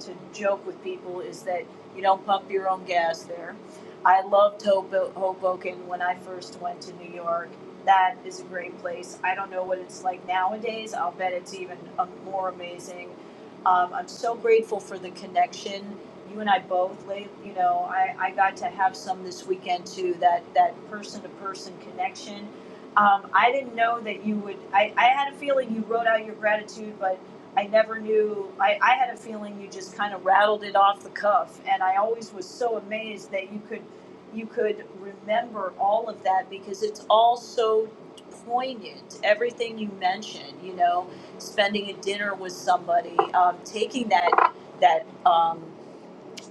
to joke with people is that you don't pump your own gas there. I loved Hobo- Hoboken when I first went to New York that is a great place. I don't know what it's like nowadays. I'll bet it's even uh, more amazing. Um, I'm so grateful for the connection. You and I both, late, you know, I, I got to have some this weekend too. That that person to person connection. Um, I didn't know that you would. I, I had a feeling you wrote out your gratitude, but I never knew. I, I had a feeling you just kind of rattled it off the cuff, and I always was so amazed that you could you could remember all of that because it's all so poignant. Everything you mentioned, you know, spending a dinner with somebody, um, taking that that um,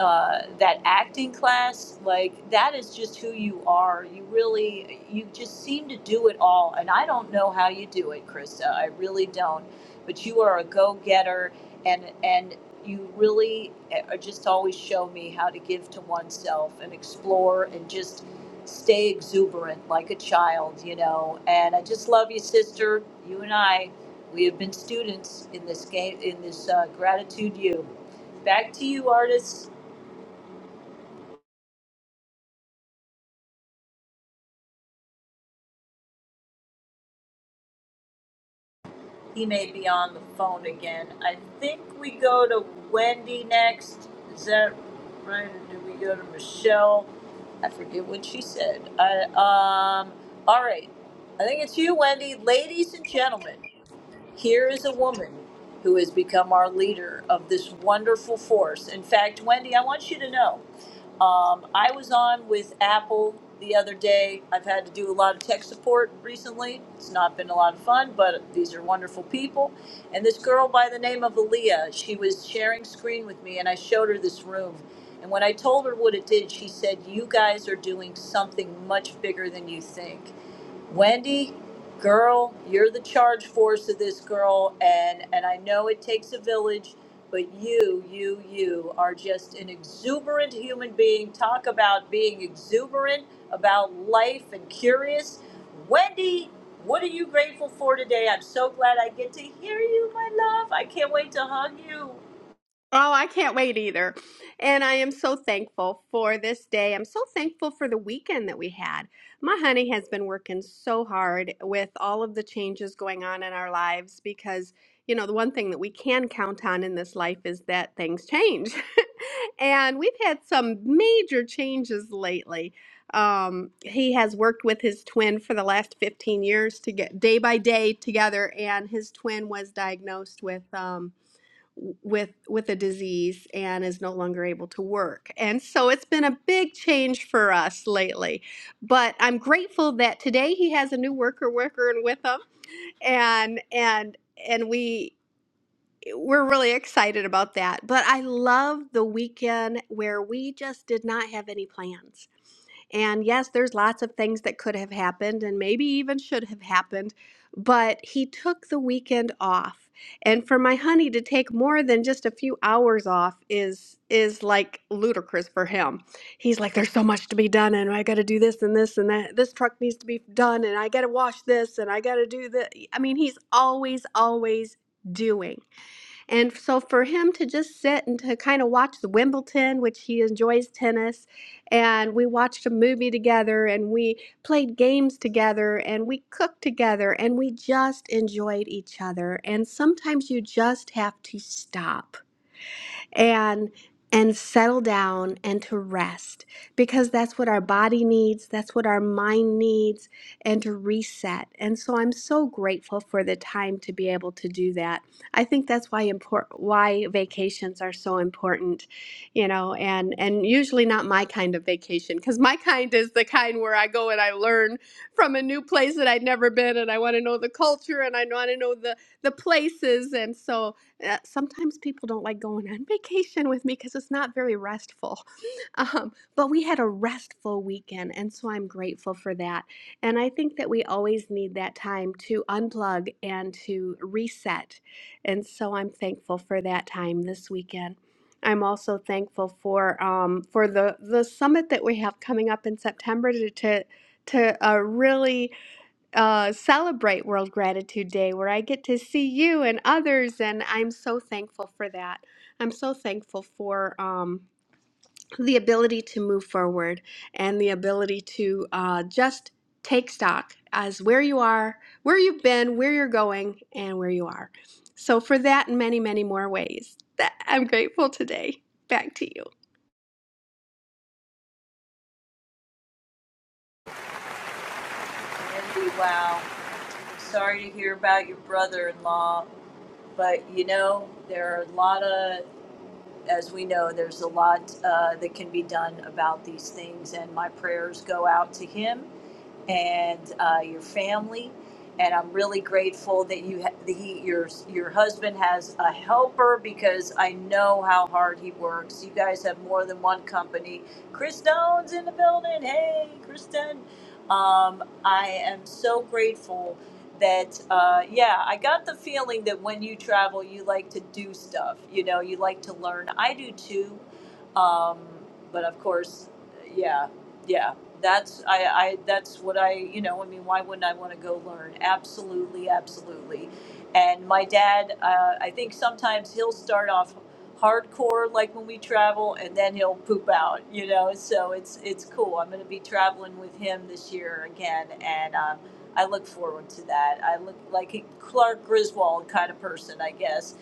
uh, that acting class like that is just who you are you really you just seem to do it all and i don't know how you do it krista i really don't but you are a go-getter and and you really uh, just always show me how to give to oneself and explore and just stay exuberant like a child you know and i just love you sister you and i we have been students in this game in this uh, gratitude you back to you artists He may be on the phone again. I think we go to Wendy next. Is that right? Or do we go to Michelle? I forget what she said. I um. All right. I think it's you, Wendy. Ladies and gentlemen, here is a woman who has become our leader of this wonderful force. In fact, Wendy, I want you to know. Um, I was on with Apple the other day. I've had to do a lot of tech support recently. It's not been a lot of fun, but these are wonderful people. And this girl by the name of Aaliyah, she was sharing screen with me, and I showed her this room. And when I told her what it did, she said, You guys are doing something much bigger than you think. Wendy, girl, you're the charge force of this girl, and and I know it takes a village, but you, you, you are just an exuberant human being. Talk about being exuberant about life and curious. Wendy, what are you grateful for today? I'm so glad I get to hear you, my love. I can't wait to hug you. Oh, I can't wait either. And I am so thankful for this day. I'm so thankful for the weekend that we had. My honey has been working so hard with all of the changes going on in our lives because, you know, the one thing that we can count on in this life is that things change. and we've had some major changes lately. Um, he has worked with his twin for the last 15 years to get day by day together, and his twin was diagnosed with. um, with with a disease and is no longer able to work. And so it's been a big change for us lately. But I'm grateful that today he has a new worker worker and with him and and and we we're really excited about that. But I love the weekend where we just did not have any plans. And yes, there's lots of things that could have happened and maybe even should have happened, but he took the weekend off. And for my honey to take more than just a few hours off is is like ludicrous for him. He's like there's so much to be done and I got to do this and this and that. This truck needs to be done and I got to wash this and I got to do the I mean, he's always always doing. And so for him to just sit and to kind of watch the Wimbledon, which he enjoys tennis, and we watched a movie together and we played games together and we cooked together and we just enjoyed each other. And sometimes you just have to stop and and settle down and to rest because that's what our body needs that's what our mind needs and to reset and so i'm so grateful for the time to be able to do that i think that's why import why vacations are so important you know and and usually not my kind of vacation because my kind is the kind where i go and i learn from a new place that i'd never been and i want to know the culture and i want to know the the places and so uh, sometimes people don't like going on vacation with me because it's not very restful. Um, but we had a restful weekend, and so I'm grateful for that. And I think that we always need that time to unplug and to reset. And so I'm thankful for that time this weekend. I'm also thankful for um, for the the summit that we have coming up in September to to to uh, really uh, celebrate World Gratitude Day where I get to see you and others. And I'm so thankful for that. I'm so thankful for um, the ability to move forward and the ability to uh, just take stock as where you are, where you've been, where you're going, and where you are. So, for that and many, many more ways, that I'm grateful today. Back to you. Wendy, wow. Sorry to hear about your brother-in-law, but you know there are a lot of as we know, there's a lot uh, that can be done about these things, and my prayers go out to him and uh, your family. And I'm really grateful that you, ha- that he, your your husband has a helper because I know how hard he works. You guys have more than one company. Chris Stone's in the building. Hey, Kristen. Um, I am so grateful that uh, yeah, I got the feeling that when you travel, you like to do stuff. You know, you like to learn. I do too. Um, but of course, yeah yeah that's I, I that's what i you know i mean why wouldn't i want to go learn absolutely absolutely and my dad uh, i think sometimes he'll start off hardcore like when we travel and then he'll poop out you know so it's it's cool i'm going to be traveling with him this year again and um, i look forward to that i look like a clark griswold kind of person i guess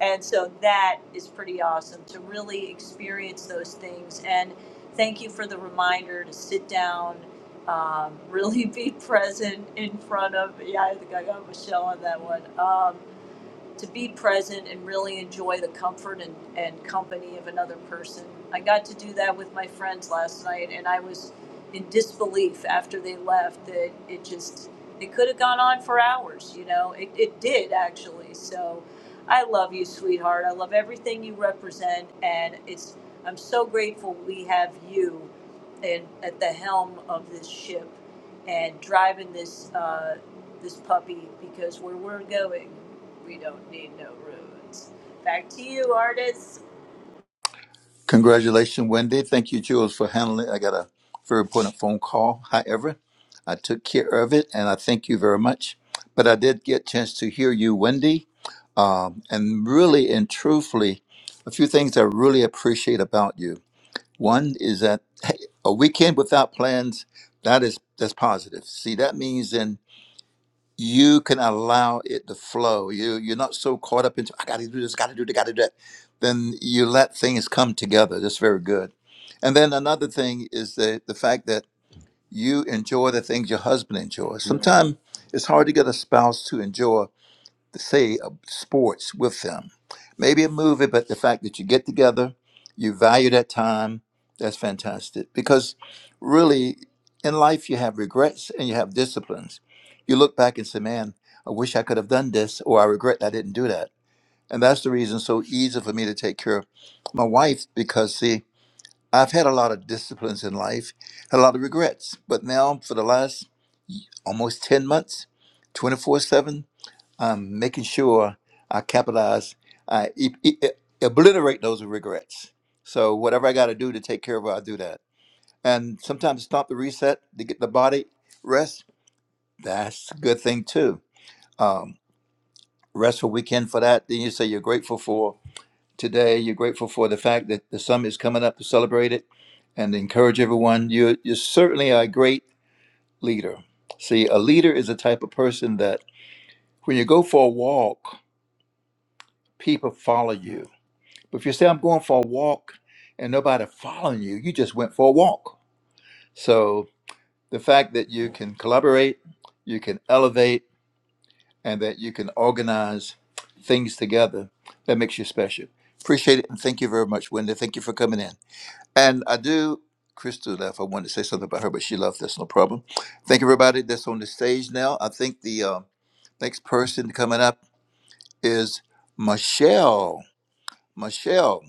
and so that is pretty awesome to really experience those things and Thank you for the reminder to sit down, um, really be present in front of. Yeah, I think I got Michelle on that one. Um, to be present and really enjoy the comfort and, and company of another person. I got to do that with my friends last night, and I was in disbelief after they left that it just it could have gone on for hours. You know, it it did actually. So, I love you, sweetheart. I love everything you represent, and it's I'm so grateful we have you, and at the helm of this ship and driving this uh, this puppy because where we're going, we don't need no roads. Back to you, artists. congratulations, Wendy. Thank you, Jules, for handling. it. I got a very important phone call. However, I took care of it, and I thank you very much. But I did get a chance to hear you, Wendy, um, and really and truthfully, a few things I really appreciate about you. One is that hey, a weekend without plans that is that's positive. See, that means in you can allow it to flow. You you're not so caught up into I got to do this, got to do that, got to do that. Then you let things come together. That's very good. And then another thing is the the fact that you enjoy the things your husband enjoys. Sometimes it's hard to get a spouse to enjoy say uh, sports with them. Maybe a movie, but the fact that you get together, you value that time, that's fantastic. Because really, in life, you have regrets and you have disciplines. You look back and say, man, I wish I could have done this, or I regret I didn't do that. And that's the reason it's so easy for me to take care of my wife because, see, I've had a lot of disciplines in life, had a lot of regrets. But now, for the last almost 10 months, 24 7, I'm making sure I capitalize, I e- e- e- obliterate those regrets. So whatever I got to do to take care of her, I do that. And sometimes stop the reset to get the body rest. That's a good thing too. Um, rest for weekend for that. Then you say you're grateful for today. You're grateful for the fact that the summit is coming up to celebrate it and encourage everyone. You're, you're certainly are a great leader. See, a leader is a type of person that when you go for a walk, people follow you But if you say, I'm going for a walk and nobody following you, you just went for a walk. So the fact that you can collaborate, you can elevate, and that you can organize things together, that makes you special. Appreciate it. And thank you very much, Wendy. Thank you for coming in. And I do, Crystal left. I wanted to say something about her, but she left. That's no problem. Thank everybody that's on the stage now. I think the uh, next person coming up is Michelle. Michelle,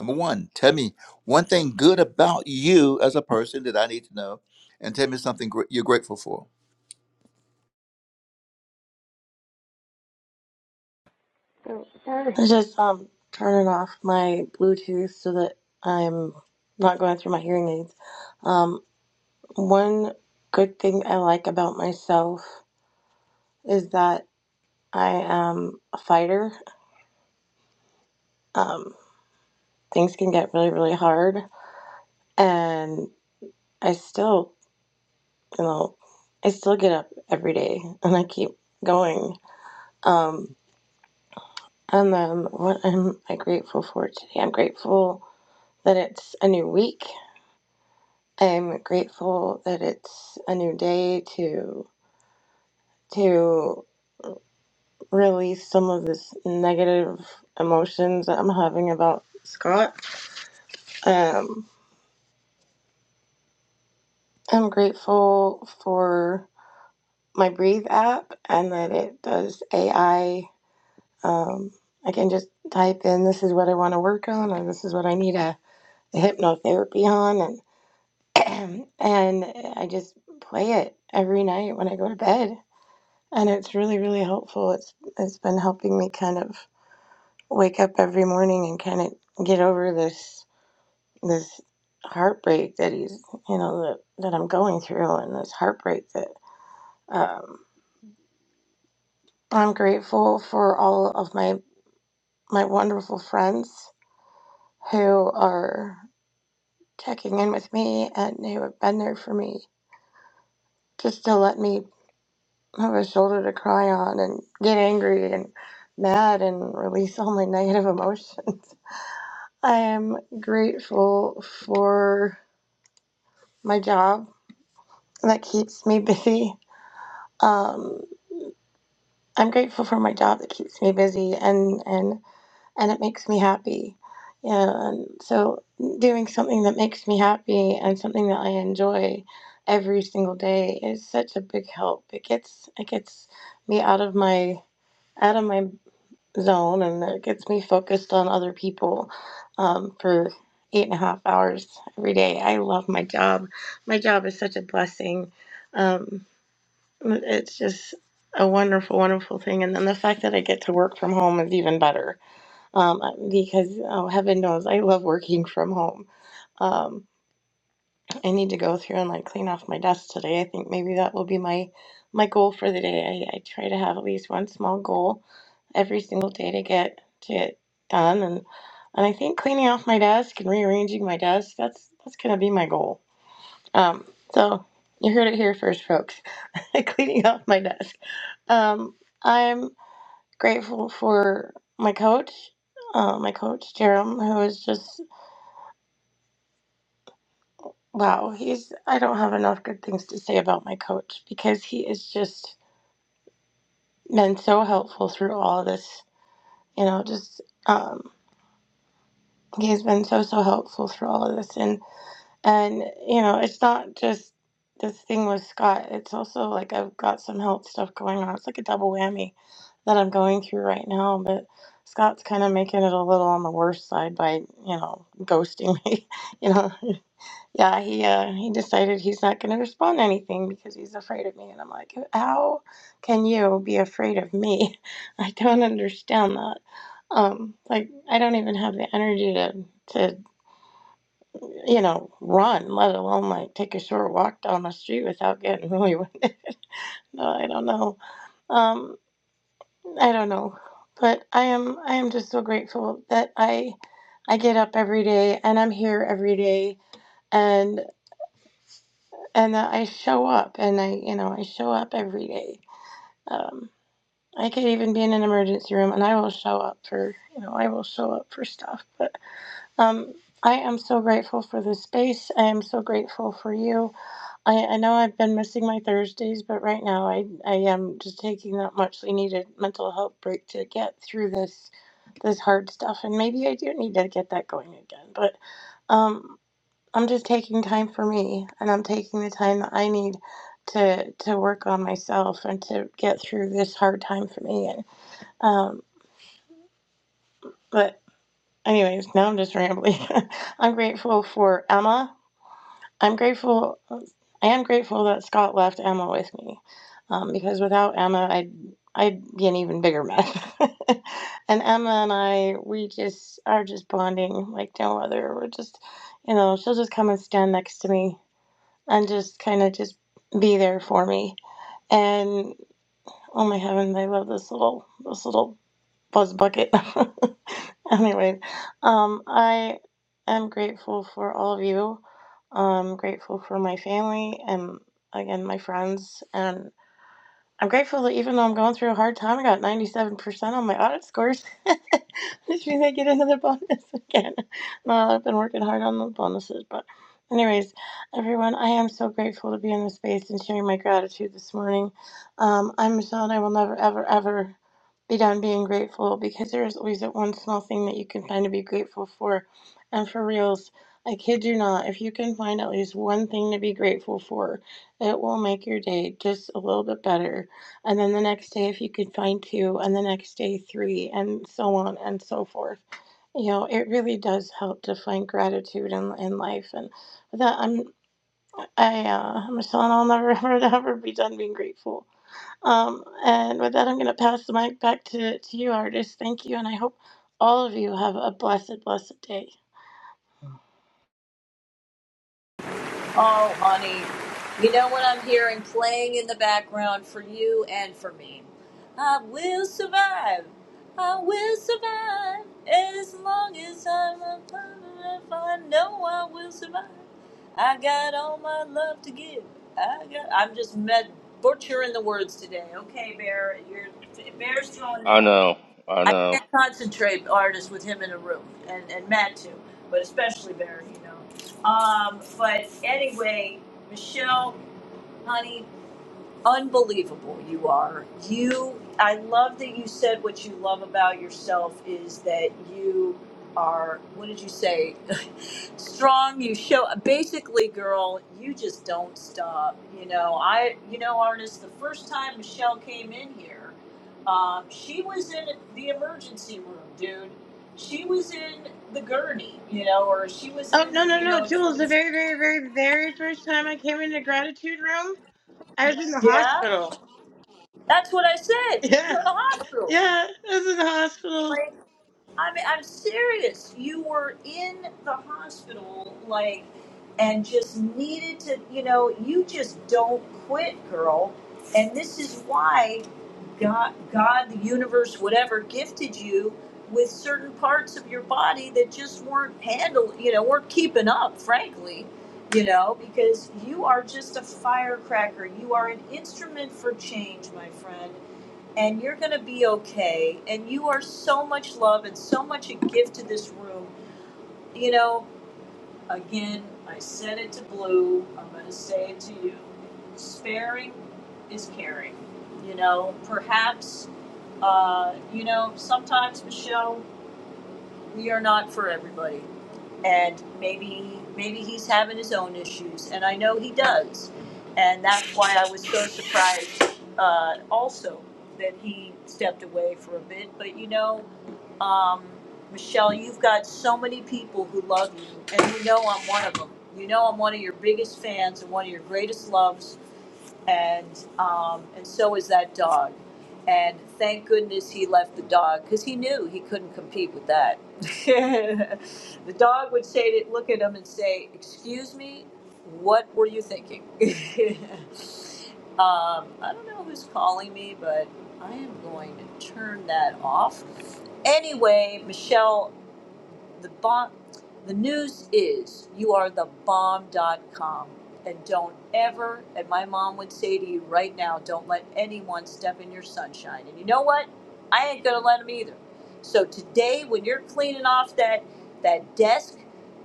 number one, tell me one thing good about you as a person that I need to know, and tell me something gr- you're grateful for. I was just um turning off my Bluetooth so that I'm not going through my hearing aids. Um, one good thing I like about myself is that I am a fighter. Um, things can get really, really hard, and I still, you know, I still get up every day and I keep going. Um, and then what am I grateful for today? I'm grateful that it's a new week. I'm grateful that it's a new day to to release some of this negative emotions that I'm having about Scott. Um, I'm grateful for my Breathe app and that it does AI. Um, I can just type in this is what I want to work on or this is what I need a, a hypnotherapy on and and I just play it every night when I go to bed and it's really really helpful it's it's been helping me kind of wake up every morning and kind of get over this this heartbreak that he's you know that, that i'm going through and this heartbreak that um, i'm grateful for all of my my wonderful friends who are checking in with me and who have been there for me just to let me have a shoulder to cry on and get angry and mad and release all my negative emotions I am grateful for my job that keeps me busy. Um, I'm grateful for my job that keeps me busy and and and it makes me happy. Yeah, and so doing something that makes me happy and something that I enjoy every single day is such a big help. It gets it gets me out of my out of my zone and that gets me focused on other people um, for eight and a half hours every day. I love my job. My job is such a blessing. Um, it's just a wonderful, wonderful thing. And then the fact that I get to work from home is even better um, because oh, heaven knows I love working from home. Um, I need to go through and like clean off my desk today. I think maybe that will be my my goal for the day. I, I try to have at least one small goal every single day to get to get done and and I think cleaning off my desk and rearranging my desk, that's that's gonna be my goal. Um so you heard it here first folks. cleaning off my desk. Um I'm grateful for my coach, uh, my coach Jerem, who is just Wow, he's I don't have enough good things to say about my coach because he has just been so helpful through all of this. You know, just um he's been so so helpful through all of this and and you know, it's not just this thing with Scott. It's also like I've got some health stuff going on. It's like a double whammy that I'm going through right now, but Scott's kind of making it a little on the worse side by, you know, ghosting me, you know. Yeah, he uh, he decided he's not going to respond to anything because he's afraid of me, and I'm like, how can you be afraid of me? I don't understand that. Um, like I don't even have the energy to to you know run, let alone like take a short walk down the street without getting really winded. no, I don't know. Um, I don't know, but I am I am just so grateful that I I get up every day and I'm here every day and. and that I show up and I, you know, I show up every day. Um, I could even be in an emergency room and I will show up for, you know, I will show up for stuff. But um, I am so grateful for this space. I am so grateful for you. I, I know I've been missing my Thursdays, but right now I, I am just taking that muchly needed mental health break to get through this this hard stuff and maybe I do need to get that going again. But um, I'm just taking time for me and I'm taking the time that I need to to work on myself and to get through this hard time for me and um but anyways now I'm just rambling. I'm grateful for Emma. I'm grateful I am grateful that Scott left Emma with me um, because without Emma I'd I'd be an even bigger mess. and Emma and I we just are just bonding like no other. We're just you know she'll just come and stand next to me and just kind of just be there for me. And oh my heavens, I love this little this little buzz bucket. anyway, um, I am grateful for all of you. I'm grateful for my family and again my friends. and. I'm grateful that even though I'm going through a hard time, I got 97% on my audit scores, which means I get another bonus again. Well, I've been working hard on the bonuses, but anyways, everyone, I am so grateful to be in this space and sharing my gratitude this morning. Um, I'm Michelle, and I will never, ever, ever be done being grateful because there is always that one small thing that you can find to be grateful for. And for reals, I kid you not, if you can find at least one thing to be grateful for, it will make your day just a little bit better and then the next day if you could find two and the next day three and so on and so forth you know it really does help to find gratitude in, in life and with that i'm i uh, michelle and i'll never ever ever be done being grateful um and with that i'm going to pass the mic back to to you artist thank you and i hope all of you have a blessed blessed day Oh, honey, you know what I'm hearing playing in the background for you and for me? I will survive. I will survive as long as I'm alive. I know I will survive. I got all my love to give. I got. I'm just med- butchering the words today. Okay, Bear, you're Bear's throwing me I off. know. I I know. can't concentrate artists with him in a room, and, and Matt too, but especially Barry, you know. Um, but anyway, Michelle, honey, unbelievable you are you i love that you said what you love about yourself is that you are what did you say strong you show basically girl you just don't stop you know i you know artist the first time michelle came in here um, she was in the emergency room dude she was in the gurney you know or she was oh in no no you no know she jules the was very very very very first time i came into gratitude room i was in the yeah hospital that's what i said you yeah were in the hospital yeah i was in the hospital Like, I mean, I'm serious. You were in the hospital, like, and just needed to, you know, you just don't quit, girl. And this is why God, God, the universe, whatever, gifted you with certain parts of your body that just weren't handling, you know, weren't keeping up, frankly, you know, because you are just a firecracker. You are an instrument for change, my friend and you're going to be okay. And you are so much love and so much a gift to this room. You know, again, I said it to Blue. I'm going to say it to you. Sparing is caring. You know, perhaps, uh, you know, sometimes, Michelle, we are not for everybody and maybe maybe he's having his own issues, and I know he does, and that's why I was so surprised uh, also that he stepped away for a bit. But you know, um, Michelle, you've got so many people who love you, and you know I'm one of them. You know I'm one of your biggest fans and one of your greatest loves, and um, and so is that dog. And thank goodness he left the dog because he knew he couldn't compete with that. the dog would say, to, look at him and say, "Excuse me, what were you thinking?" um, I don't know who's calling me, but I am going to turn that off. Anyway, Michelle the bomb the news is you are the bomb. Dot com, and don't ever and my mom would say to you right now don't let anyone step in your sunshine and you know what i ain't gonna let them either so today when you're cleaning off that that desk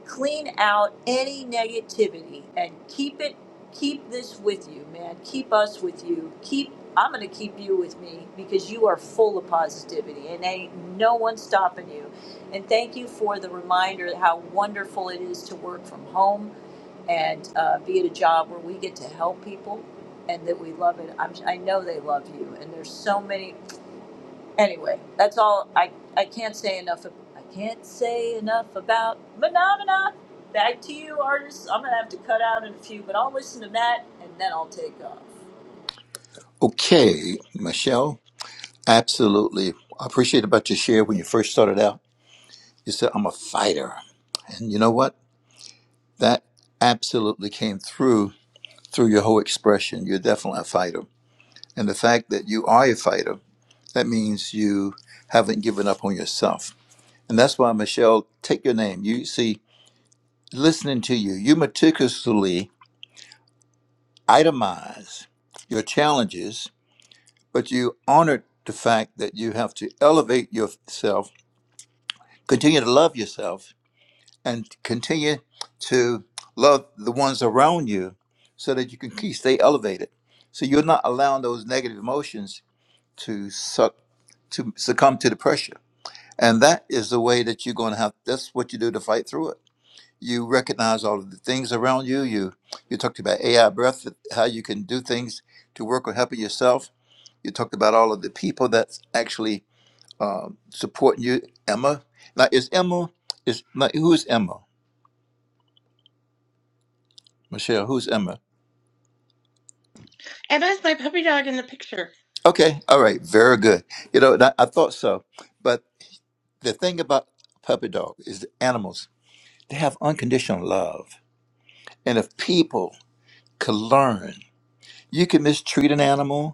clean out any negativity and keep it keep this with you man keep us with you keep i'm gonna keep you with me because you are full of positivity and ain't no one stopping you and thank you for the reminder how wonderful it is to work from home and uh, be at a job where we get to help people and that we love it. I'm, I know they love you. And there's so many. Anyway, that's all. I, I can't say enough. ab- I can't say enough about Phenomena. Back to you, artists. I'm going to have to cut out in a few, but I'll listen to that and then I'll take off. Okay, Michelle, absolutely. I appreciate about your share when you first started out. You said, I'm a fighter. And you know what? That absolutely came through through your whole expression. You're definitely a fighter. And the fact that you are a fighter, that means you haven't given up on yourself. And that's why, Michelle, take your name. You see, listening to you. You meticulously itemize your challenges, but you honored the fact that you have to elevate yourself, continue to love yourself, and continue to love the ones around you so that you can keep stay elevated. So you're not allowing those negative emotions to suck to succumb to the pressure. And that is the way that you're gonna have that's what you do to fight through it. you recognize all of the things around you. You you talked about AI breath, how you can do things to work on helping yourself. You talked about all of the people that's actually um, supporting you. Emma, now is Emma is now, who's Emma? Michelle, who's Emma? Emma's my puppy dog in the picture. Okay, all right, very good. You know, and I, I thought so, but the thing about puppy dog is the animals they have unconditional love, and if people could learn, you can mistreat an animal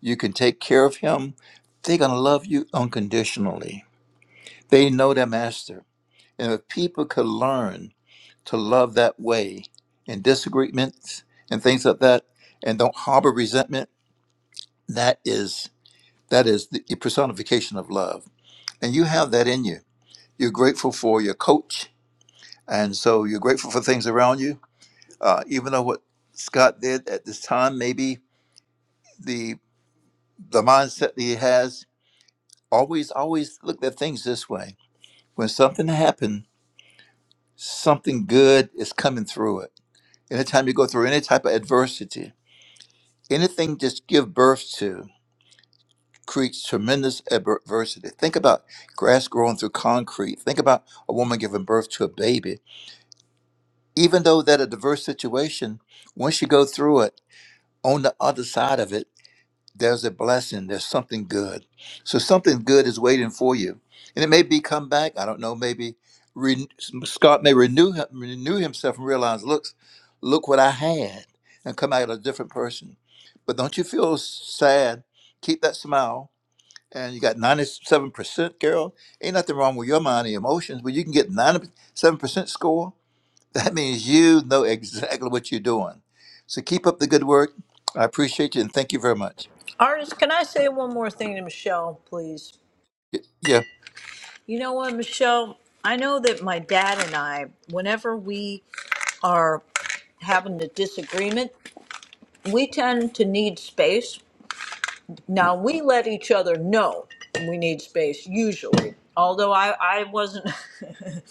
you can take care of him, they're going to love you unconditionally. They know their master. And if people could learn to love that way in disagreements and things like that, and don't harbor resentment, that is that is the personification of love. And you have that in you. You're grateful for your coach, and so you're grateful for things around you. Uh, even though what Scott did at this time, maybe the the mindset that he has, always always look at things this way When something happened, something good is coming through it. Anytime you go through any type of adversity, anything just give birth to creates tremendous adversity. Think about grass growing through concrete. Think about a woman giving birth to a baby. Even though that a diverse situation, once you go through it, on the other side of it. there's a blessing, there's something good. So something good is waiting for you. And it may be come back, I don't know, maybe re- Scott may renew renew himself and realize, looks, look what I had and come out a different person. But don't you feel sad? Keep that smile. And you got 97%, Carol. Ain't nothing wrong with your mind and emotions, but you can get 97% score. That means you know exactly what you're doing. So keep up the good work. I appreciate you and thank you very much. Artist, can I say one more thing to Michelle, please? Yeah. You know what, Michelle? I know that my dad and I, whenever we are having a disagreement, we tend to need space. Now, we let each other know we need space, usually. Although I, I wasn't, it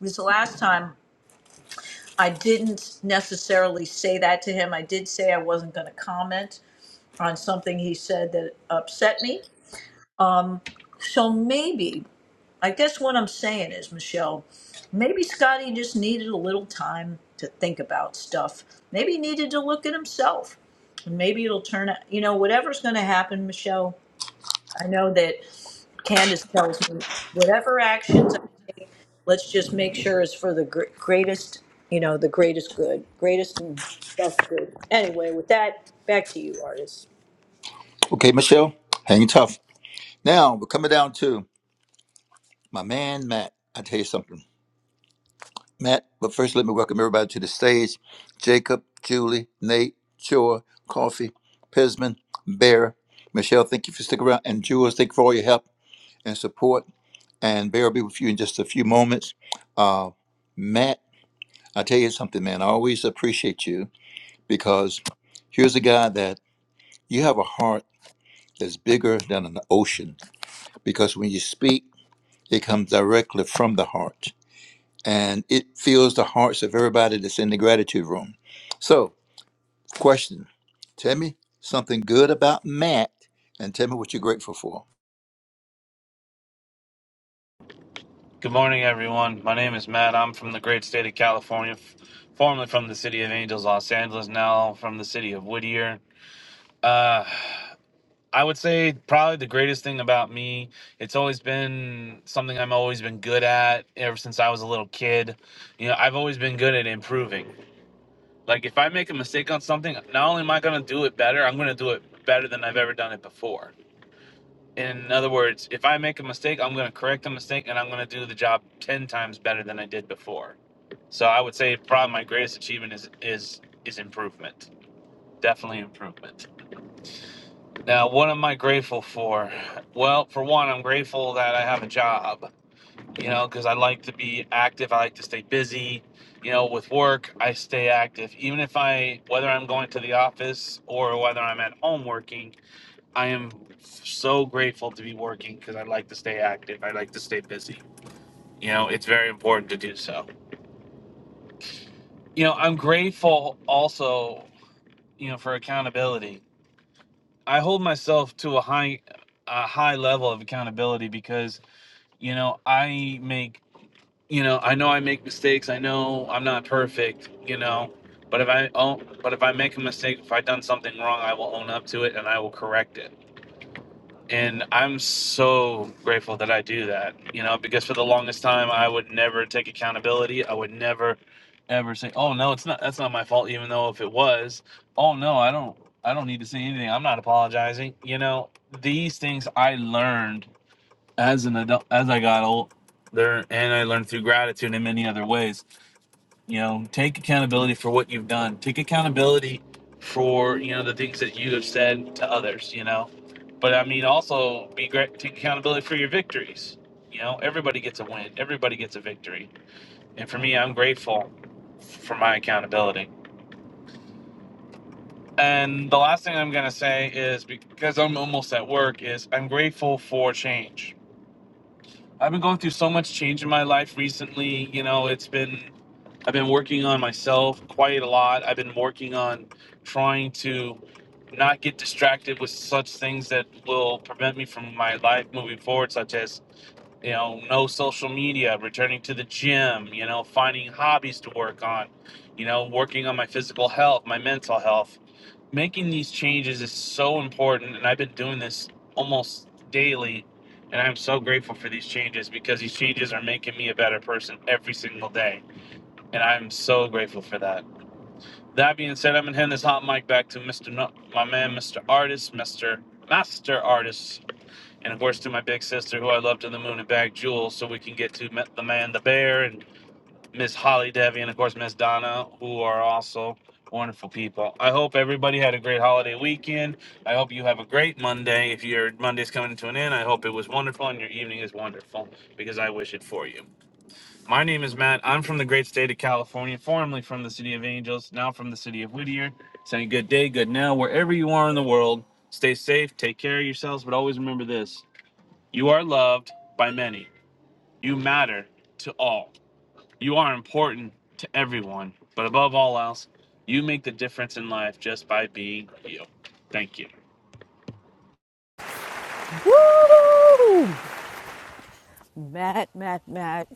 Was the last time, I didn't necessarily say that to him. I did say I wasn't going to comment on something he said that upset me. Um, So maybe I guess what I'm saying is, Michelle, maybe Scotty just needed a little time to think about stuff. Maybe he needed to look at himself. And maybe it'll turn out, you know, whatever's going to happen, Michelle. I know that Candace tells me whatever actions, let's just make sure is for the gr- greatest, you know, the greatest good, greatest and best good. Anyway, with that, back to you, artists. Okay, Michelle, hang tough. Now we're coming down to my man Matt. I tell you something, Matt. But first, let me welcome everybody to the stage: Jacob, Julie, Nate, Chor, Coffee, Pisman, Bear, Michelle. Thank you for sticking around, and Jules, thank you for all your help and support. And Bear will be with you in just a few moments. Uh, Matt, I tell you something, man. I always appreciate you because here's a guy that you have a heart that's bigger than an ocean. Because when you speak It comes directly from the heart and it fills the hearts of everybody that's in the gratitude room. So, question Tell me something good about Matt and tell me what you're grateful for. Good morning, everyone. My name is Matt. I'm from the great state of California, f- formerly from the city of Angels, Los Angeles, now from the city of Whittier. Uh, I would say probably the greatest thing about me, it's always been something I've always been good at ever since I was a little kid. You know, I've always been good at improving. Like, if I make a mistake on something, not only am I going to do it better, I'm going to do it better than I've ever done it before. In other words, if I make a mistake, I'm going to correct the mistake and I'm going to do the job 10 times better than I did before. So I would say probably my greatest achievement is is is improvement. Definitely improvement. Now, what am I grateful for? Well, for one, I'm grateful that I have a job, you know, cuz I like to be active, I like to stay busy. You know, with work, I stay active even if I whether I'm going to the office or whether I'm at home working, I am so grateful to be working because I like to stay active. I like to stay busy. You know, it's very important to do so. You know, I'm grateful also, you know, for accountability. I hold myself to a high a high level of accountability because, you know, I make, you know, I know I make mistakes. I know I'm not perfect, you know, but if I own, but if I make a mistake, if I've done something wrong, I will own up to it and I will correct it And I'm so grateful that I do that, you know, because for the longest time I would never take accountability. I would never ever say, "Oh no, it's not that's not my fault," even though if it was, "Oh no, I don't I don't need to say anything. I'm not apologizing." You know, these things I learned as an adult as I got old, there, and I learned through gratitude in many other ways you know take accountability for what you've done take accountability for you know the things that you have said to others you know but i mean also be great take accountability for your victories you know everybody gets a win everybody gets a victory and for me i'm grateful for my accountability and the last thing i'm going to say is because i'm almost at work is i'm grateful for change i've been going through so much change in my life recently you know it's been I've been working on myself quite a lot. I've been working on trying to not get distracted with such things that will prevent me from my life moving forward, such as, you know, no social media, returning to the gym, you know, finding hobbies to work on, you know, working on my physical health, my mental health. Making these changes is so important. And I've been doing this almost daily. And I'm so grateful for these changes because these changes are making me a better person every single day and I'm so grateful for that. That being said, I'm gonna hand this hot mic back to Mr. No- my man, Mr. Artist, Mr. Master Artist, and of course to my big sister, who I love to the moon and back, Jewel, so we can get to Ma- the man, the bear, and Miss Holly Devi, and of course Miss Donna, who are also wonderful people. I hope everybody had a great holiday weekend. I hope you have a great Monday. If your Monday's coming to an end, I hope it was wonderful and your evening is wonderful because I wish it for you. My name is Matt. I'm from the great state of California, formerly from the city of Angels, now from the city of Whittier. Saying good day, good now, wherever you are in the world. Stay safe, take care of yourselves, but always remember this you are loved by many, you matter to all, you are important to everyone, but above all else, you make the difference in life just by being you. Thank you. Woo! Matt, Matt, Matt.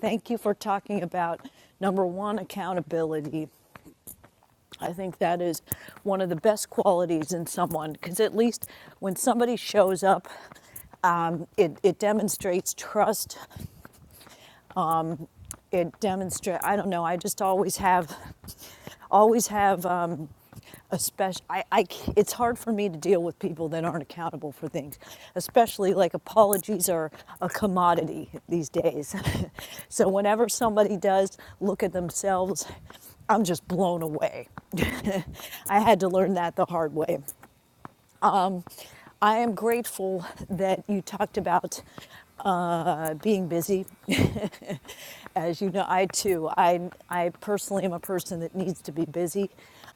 Thank you for talking about number one, accountability. I think that is one of the best qualities in someone because at least when somebody shows up, um, it, it demonstrates trust. It demonstrates, I don't know, I just always have, always have. um, especially I, I c- it's hard for me to deal with people that aren't accountable for things especially like apologies are a commodity these days so whenever somebody does look at themselves i'm just blown away i had to learn that the hard way i am grateful that you talked about uh, being busy. As you know, I too, I, I personally am a person that needs to be busy.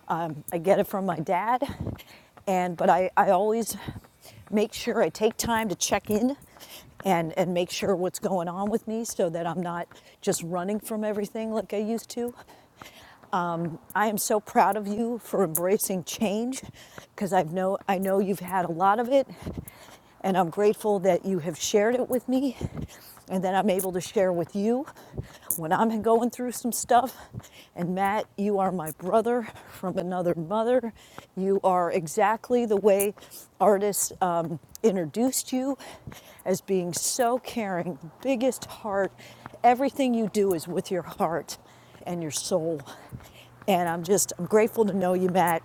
Um, I get it from my dad and but I, I always make sure I take time to check in and and make sure what's going on with me so that I'm not just running from everything like I used to. I am so proud of you for embracing change because I've know I know you've had a lot of it and I'm grateful that you have shared it with me and that I'm able to share with you when I'm going through some stuff. And Matt, you are my brother from another mother. You are exactly the way artists um, introduced you as being so caring, biggest heart. Everything you do is with your heart and your soul. And I'm just, I'm grateful to know you, Matt.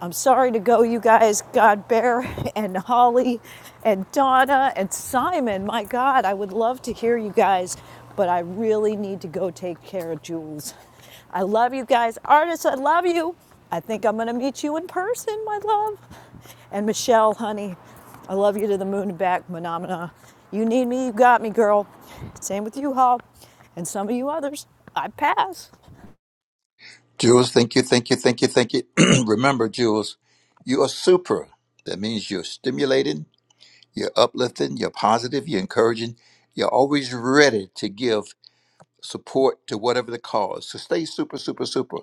I'm sorry to go, you guys. God Bear and Holly and Donna and Simon. My God, I would love to hear you guys, but I really need to go take care of Jules. I love you guys. Artists, I love you. I think I'm going to meet you in person, my love. And Michelle, honey, I love you to the moon and back, phenomena. You need me, you got me, girl. Same with you, Hall, and some of you others. I pass. Jules, thank you, thank you, thank you, thank you. Remember, Jules, you are super. That means you're stimulating, you're uplifting, you're positive, you're encouraging, you're always ready to give support to whatever the cause. So stay super, super, super.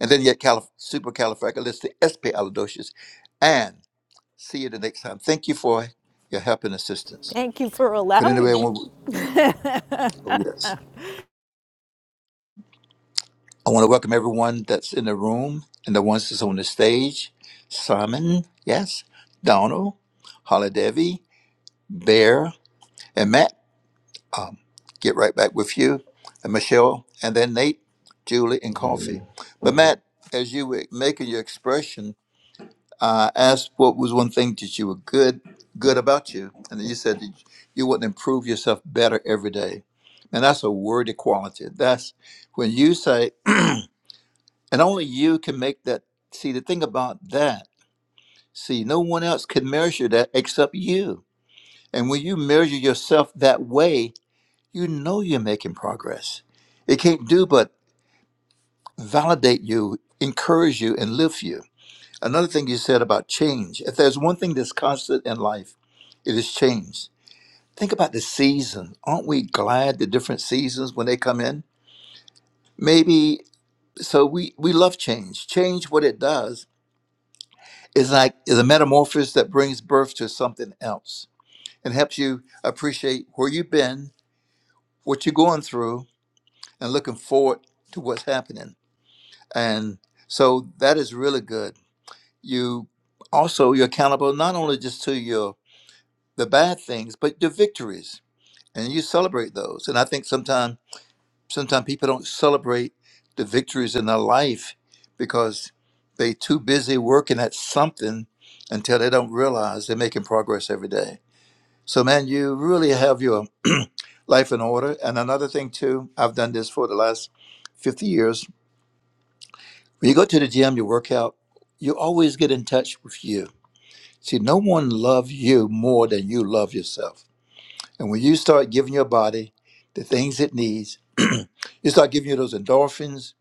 And then yet calif- supercalifragilisticexpialidocious and see you the next time. Thank you for your help and assistance. Thank you for But anyway, allowing I me. want, oh yes. I want to welcome everyone that's in the room and the ones that's on the stage. Simon, yes. Donald, Holiday, Bear, and Matt. Um, get right back with you. And Michelle, and then Nate, Julie, and Coffee. But Matt, as you were making your expression, I asked what was one thing that you were good good about you, and you said that you wouldn't improve yourself better every day. And that's a worthy quality. That's when you say, and only you can make that. See, the thing about that, see, no one else can measure that except you. And when you measure yourself that way, you know you're making progress. It can't do but validate you, encourage you, and lift you. Another thing you said about change. If there's one thing that's constant in life, it is change. Think about the season. Aren't we glad the different seasons when they come in? Maybe so we, we love change. Change what it does is like is a metamorphosis that brings birth to something else and helps you appreciate where you've been, what you're going through, and looking forward to what's happening. And so that is really good. You also you're accountable not only just to your the bad things, but the victories, and you celebrate those. And I think sometimes sometimes people don't celebrate the victories in their life because they too busy working at something until they don't realize they're making progress every day. So man, you really have your life in order. And another thing too, I've done this for the last 50 years. When you go to the gym, you work out, you always get in touch with you. See, no one loves you more than you love yourself And when you start giving your body the things it needs, you start giving you those endorphins,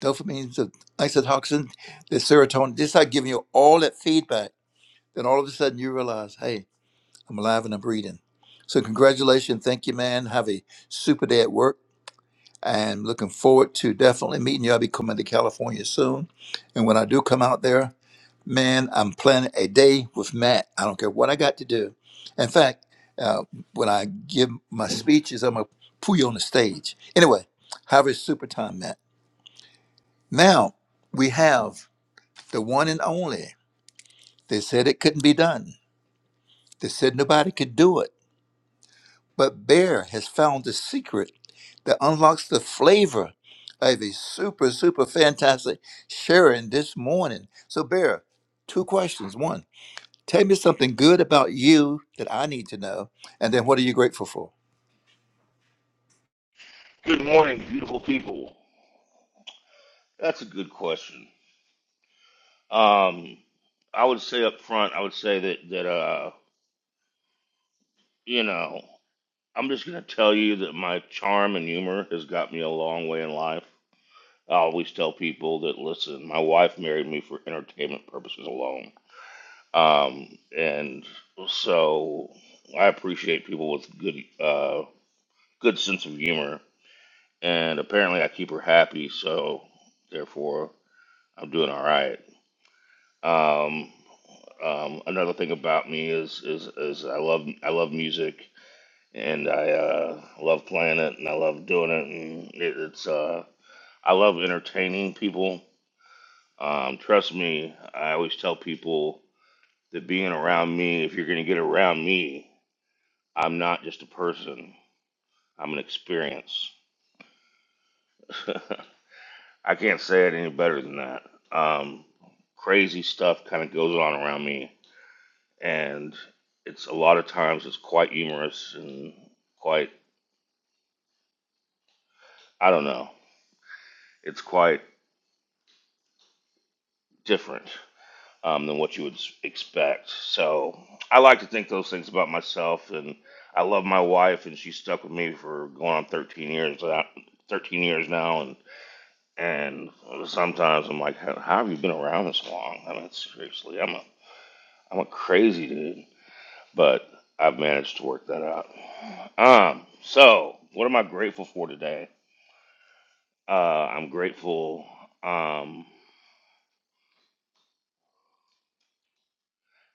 dopamines, the isotoxin, the serotonin. They start giving you all that feedback. Then all of a sudden you realize, hey, I'm alive and I'm breathing. So congratulations. Thank you, man. Have a super day at work and looking forward to definitely meeting you. I'll be coming to California soon. And when I do come out there, man, I'm planning a day with Matt. I don't care what I got to do. In fact, uh, when I give my speeches, I'm going to put you on the stage. Anyway, have a super time, Matt. Now we have the one and only. They said it couldn't be done. They said nobody could do it. But Bear has found the secret that unlocks the flavor of a super, super fantastic sharing this morning. So, Bear, two questions. One, tell me something good about you that I need to know. And then, what are you grateful for? Good morning, beautiful people. That's a good question. Um, I would say up front, I would say that that uh, you know, I'm just gonna tell you that my charm and humor has got me a long way in life. I always tell people that listen, my wife married me for entertainment purposes alone. Um, and so I appreciate people with good uh good sense of humor. And apparently, I keep her happy, so therefore. I'm doing all right. Um, um, another thing about me is is is I love I love music and I uh, love playing it and I love doing it and it, it's uh, I love entertaining people. Um, trust me, I always tell people that being around me, if you're gonna get around me, I'm not just a person. I'm an experience. I can't say it any better than that. Um, crazy stuff kind of goes on around me and it's a lot of times it's quite humorous and quite I don't know it's quite different um, than what you would expect. So I like to think those things about myself, and I love my wife, and she stuck with me for going on 13 years uh, 13 years now, and and sometimes I'm like, how, how have you been around this long? I mean, seriously, I'm a I'm a crazy dude, but I've managed to work that out. Um, so what am I grateful for today? Uh, I'm grateful. Um,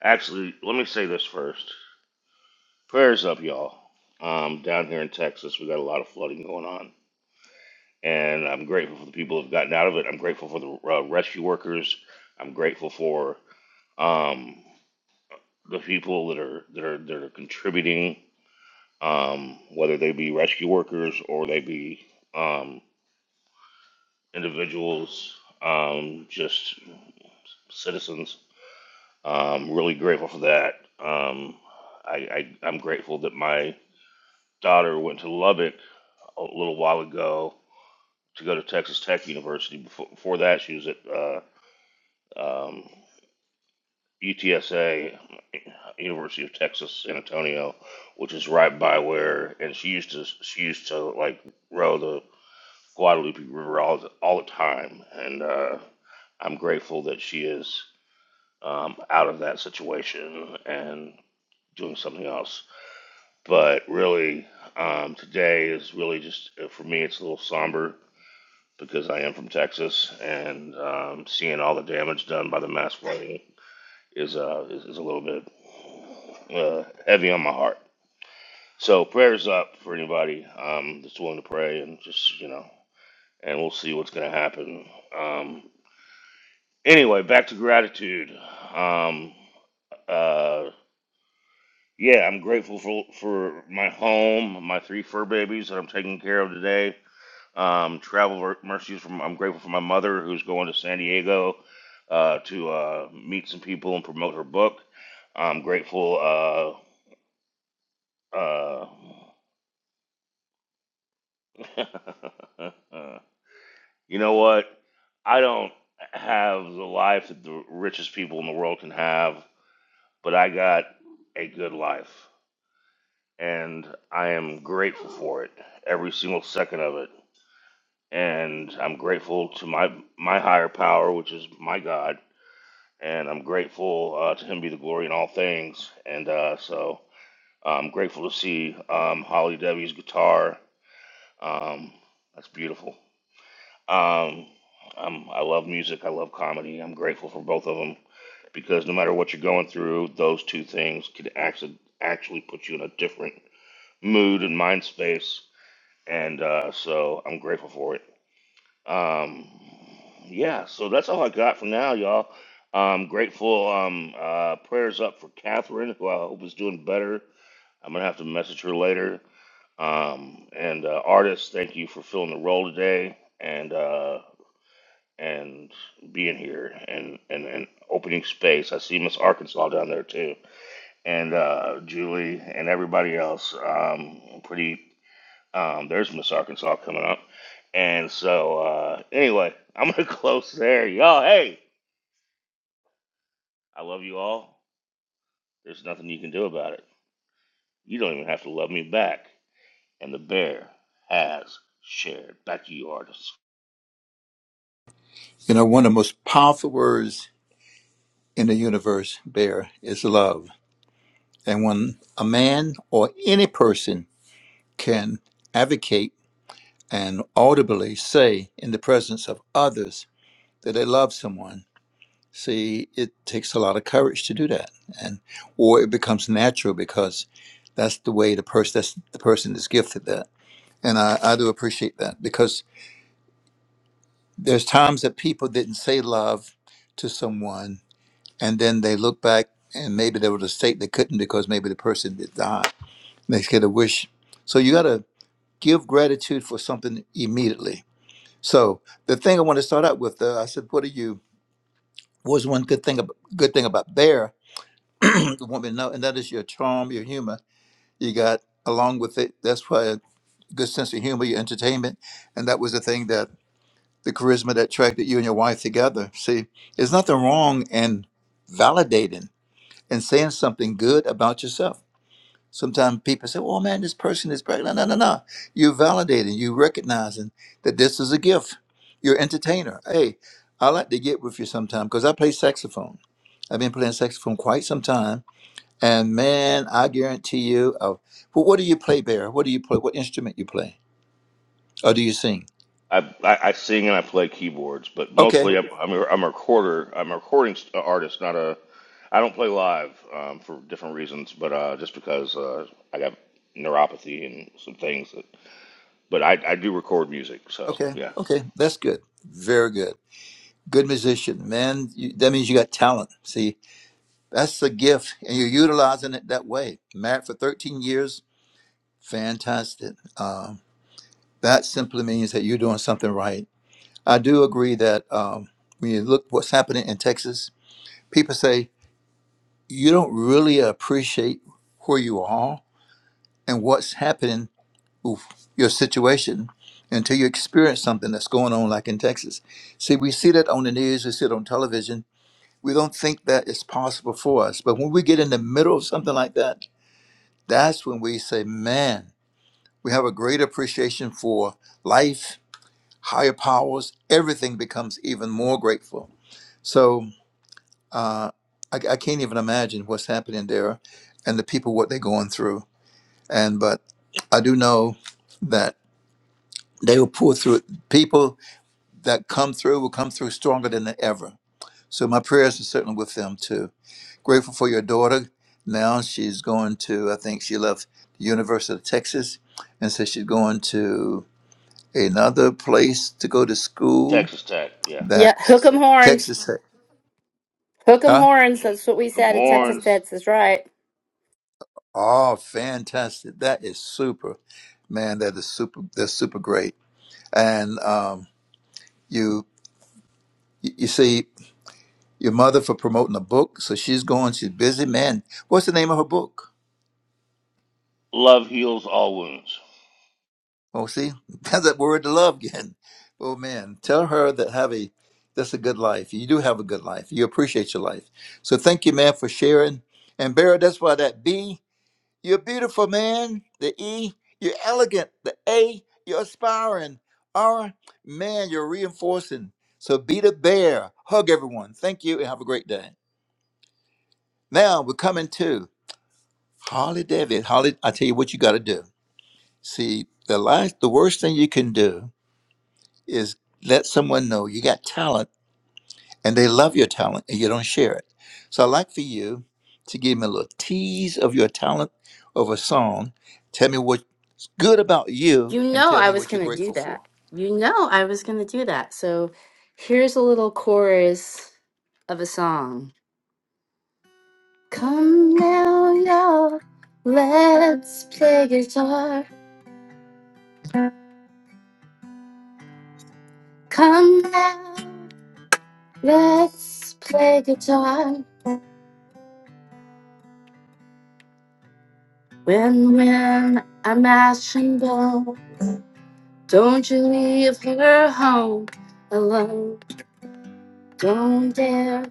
actually, let me say this first. Prayers up, y'all. Um, down here in Texas, we got a lot of flooding going on, and I'm grateful for the people who've gotten out of it. I'm grateful for the uh, rescue workers. I'm grateful for um, the people that are that are that are contributing, um, whether they be rescue workers or they be um, individuals, um, just citizens Um, really grateful for that. Um, I, I, I'm grateful that my daughter went to Lubbock a little while ago to go to Texas Tech University. Before, before that, she was at uh, um, UTSA, University of Texas San Antonio, which is right by where. And she used to she used to like row the Guadalupe River all the, all the time. And uh, I'm grateful that she is um, out of that situation and doing something else. But really, um, today is really just uh, for me. It's a little somber because I am from Texas, and um, seeing all the damage done by the mass flooding is uh, is, is a little bit uh, heavy on my heart. So prayers up for anybody um, that's willing to pray, and just you know, and we'll see what's going to happen. Um, anyway, back to gratitude. Um, uh, yeah, I'm grateful for for my home, my three fur babies that I'm taking care of today. Um, travel ver- mercies from I'm grateful for my mother who's going to San Diego uh, to uh, meet some people and promote her book. I'm grateful. Uh, uh, you know what? I don't have the life that the richest people in the world can have, but I got a good life, and I am grateful for it every single second of it. And I'm grateful to my my higher power, which is my God, and I'm grateful uh, to Him be the glory in all things. And uh, so I'm grateful to see um, Holly Debbie's guitar. Um, that's beautiful. Um, I'm, I love music. I love comedy. I'm grateful for both of them because no matter what you're going through, those two things could actually actually put you in a different mood and mind space. And uh, so I'm grateful for it. Um, yeah, so that's all I got for now, y'all. I'm grateful. Um, uh, prayers up for Catherine, who I hope is doing better. I'm gonna have to message her later. Um, and uh, artist, thank you for filling the role today and uh, and being here and, and, and opening space. I see Miss Arkansas down there too, and uh, Julie and everybody else. Um, pretty um, there's Miss Arkansas coming up. And so, uh, anyway, I'm going to close there. Y'all, hey, I love you all. There's nothing you can do about it. You don't even have to love me back. And the bear has shared. Back to you, artists. You know, one of the most powerful words in the universe, Bear, is love. And when a man or any person can advocate and audibly say in the presence of others that they love someone, See, it takes a lot of courage to do that, and or it becomes natural because that's the way the person that's the person is gifted that, and I, I do appreciate that because there's times that people didn't say love to someone, and then they look back and maybe there was a state they couldn't because maybe the person did die. They get a wish, so you got to give gratitude for something immediately. So the thing I want to start out with, though, I said, what are you? What was one good thing? ab- Good thing about bear? The woman know, and that is your charm, your humor. You got along with it. That's why a good sense of humor, your entertainment, and that was the thing that the charisma that attracted you and your wife together. See, there's nothing wrong in validating and saying something good about yourself. Sometimes people say, "Oh man, this person is pregnant." No, no, no. no. You're validating. You recognizing that this is a gift. You're an entertainer. Hey, I like to get with you sometime because I play saxophone. I've been playing saxophone quite some time and man, I guarantee you. Oh, well, what do you play, Bear? What do you play? What instrument you play? Or do you sing? I, I, I sing and I play keyboards, but Okay, mostly I'm, I'm, a, I'm a recorder. I'm a recording st- uh, artist, not a. I don't play live um, for different reasons, but uh, just because uh, I got neuropathy and some things. That, but I, I do record music, so okay, yeah. okay. That's good. Very good. Good musician, man. You, that means you got talent. See, that's the gift, and you're utilizing it that way. Married for 13 years, fantastic. Um, that simply means that you're doing something right. I do agree that um, when you look what's happening in Texas, people say you don't really appreciate where you are and what's happening oof, your situation until you experience something that's going on like in Texas. See, we see that on the news, we see it on television. We don't think that it's possible for us. But when we get in the middle of something like that, that's when we say, man, we have a great appreciation for life, higher powers. Everything becomes even more grateful. So uh, I, I can't even imagine what's happening there and the people, what they're going through. And but I do know that. they will pull through. People that come through will come through stronger than ever. So my prayers are certainly with them too. Grateful for your daughter. Now she's going to. I think she left the University of Texas, and so she's going to another place to go to school. Texas Tech, yeah. That Yeah, hook 'em horns. Texas, Hook 'em huh? horns. That's what we Come said at Texas Horns, Ted's is right. Oh, fantastic! That is super, man. That is super. That's super great. And um, you, you see. your mother for promoting a book. So she's going, she's busy. Man, what's the name of her book? love heals all wounds. Oh, see, that's that word to love again. Oh man, tell her that have a that's a good life. You do have a good life. You appreciate your life. So thank you, man, for sharing. And Barry, that's why that B, you're beautiful, man. The E, you're elegant. The A, you're aspiring. R, man, you're reinforcing. So be the bear. Hug everyone. Thank you and have a great day. Now we're coming to Holly David, Holly, I tell you what you got to do. See, the last, the worst thing you can do is let someone know you got talent and they love your talent and you don't share it. So I'd like for you to give me a little tease of your talent of a song. Tell me what's good about you You and know tell I me was what you're going to do grateful that. for. You know I was going to do that. So here's a little chorus of a song. Come now, y'all. Let's play guitar. Come now. Let's play guitar. When, when I'm ash and bone, Don't you leave her home alone. Don't dare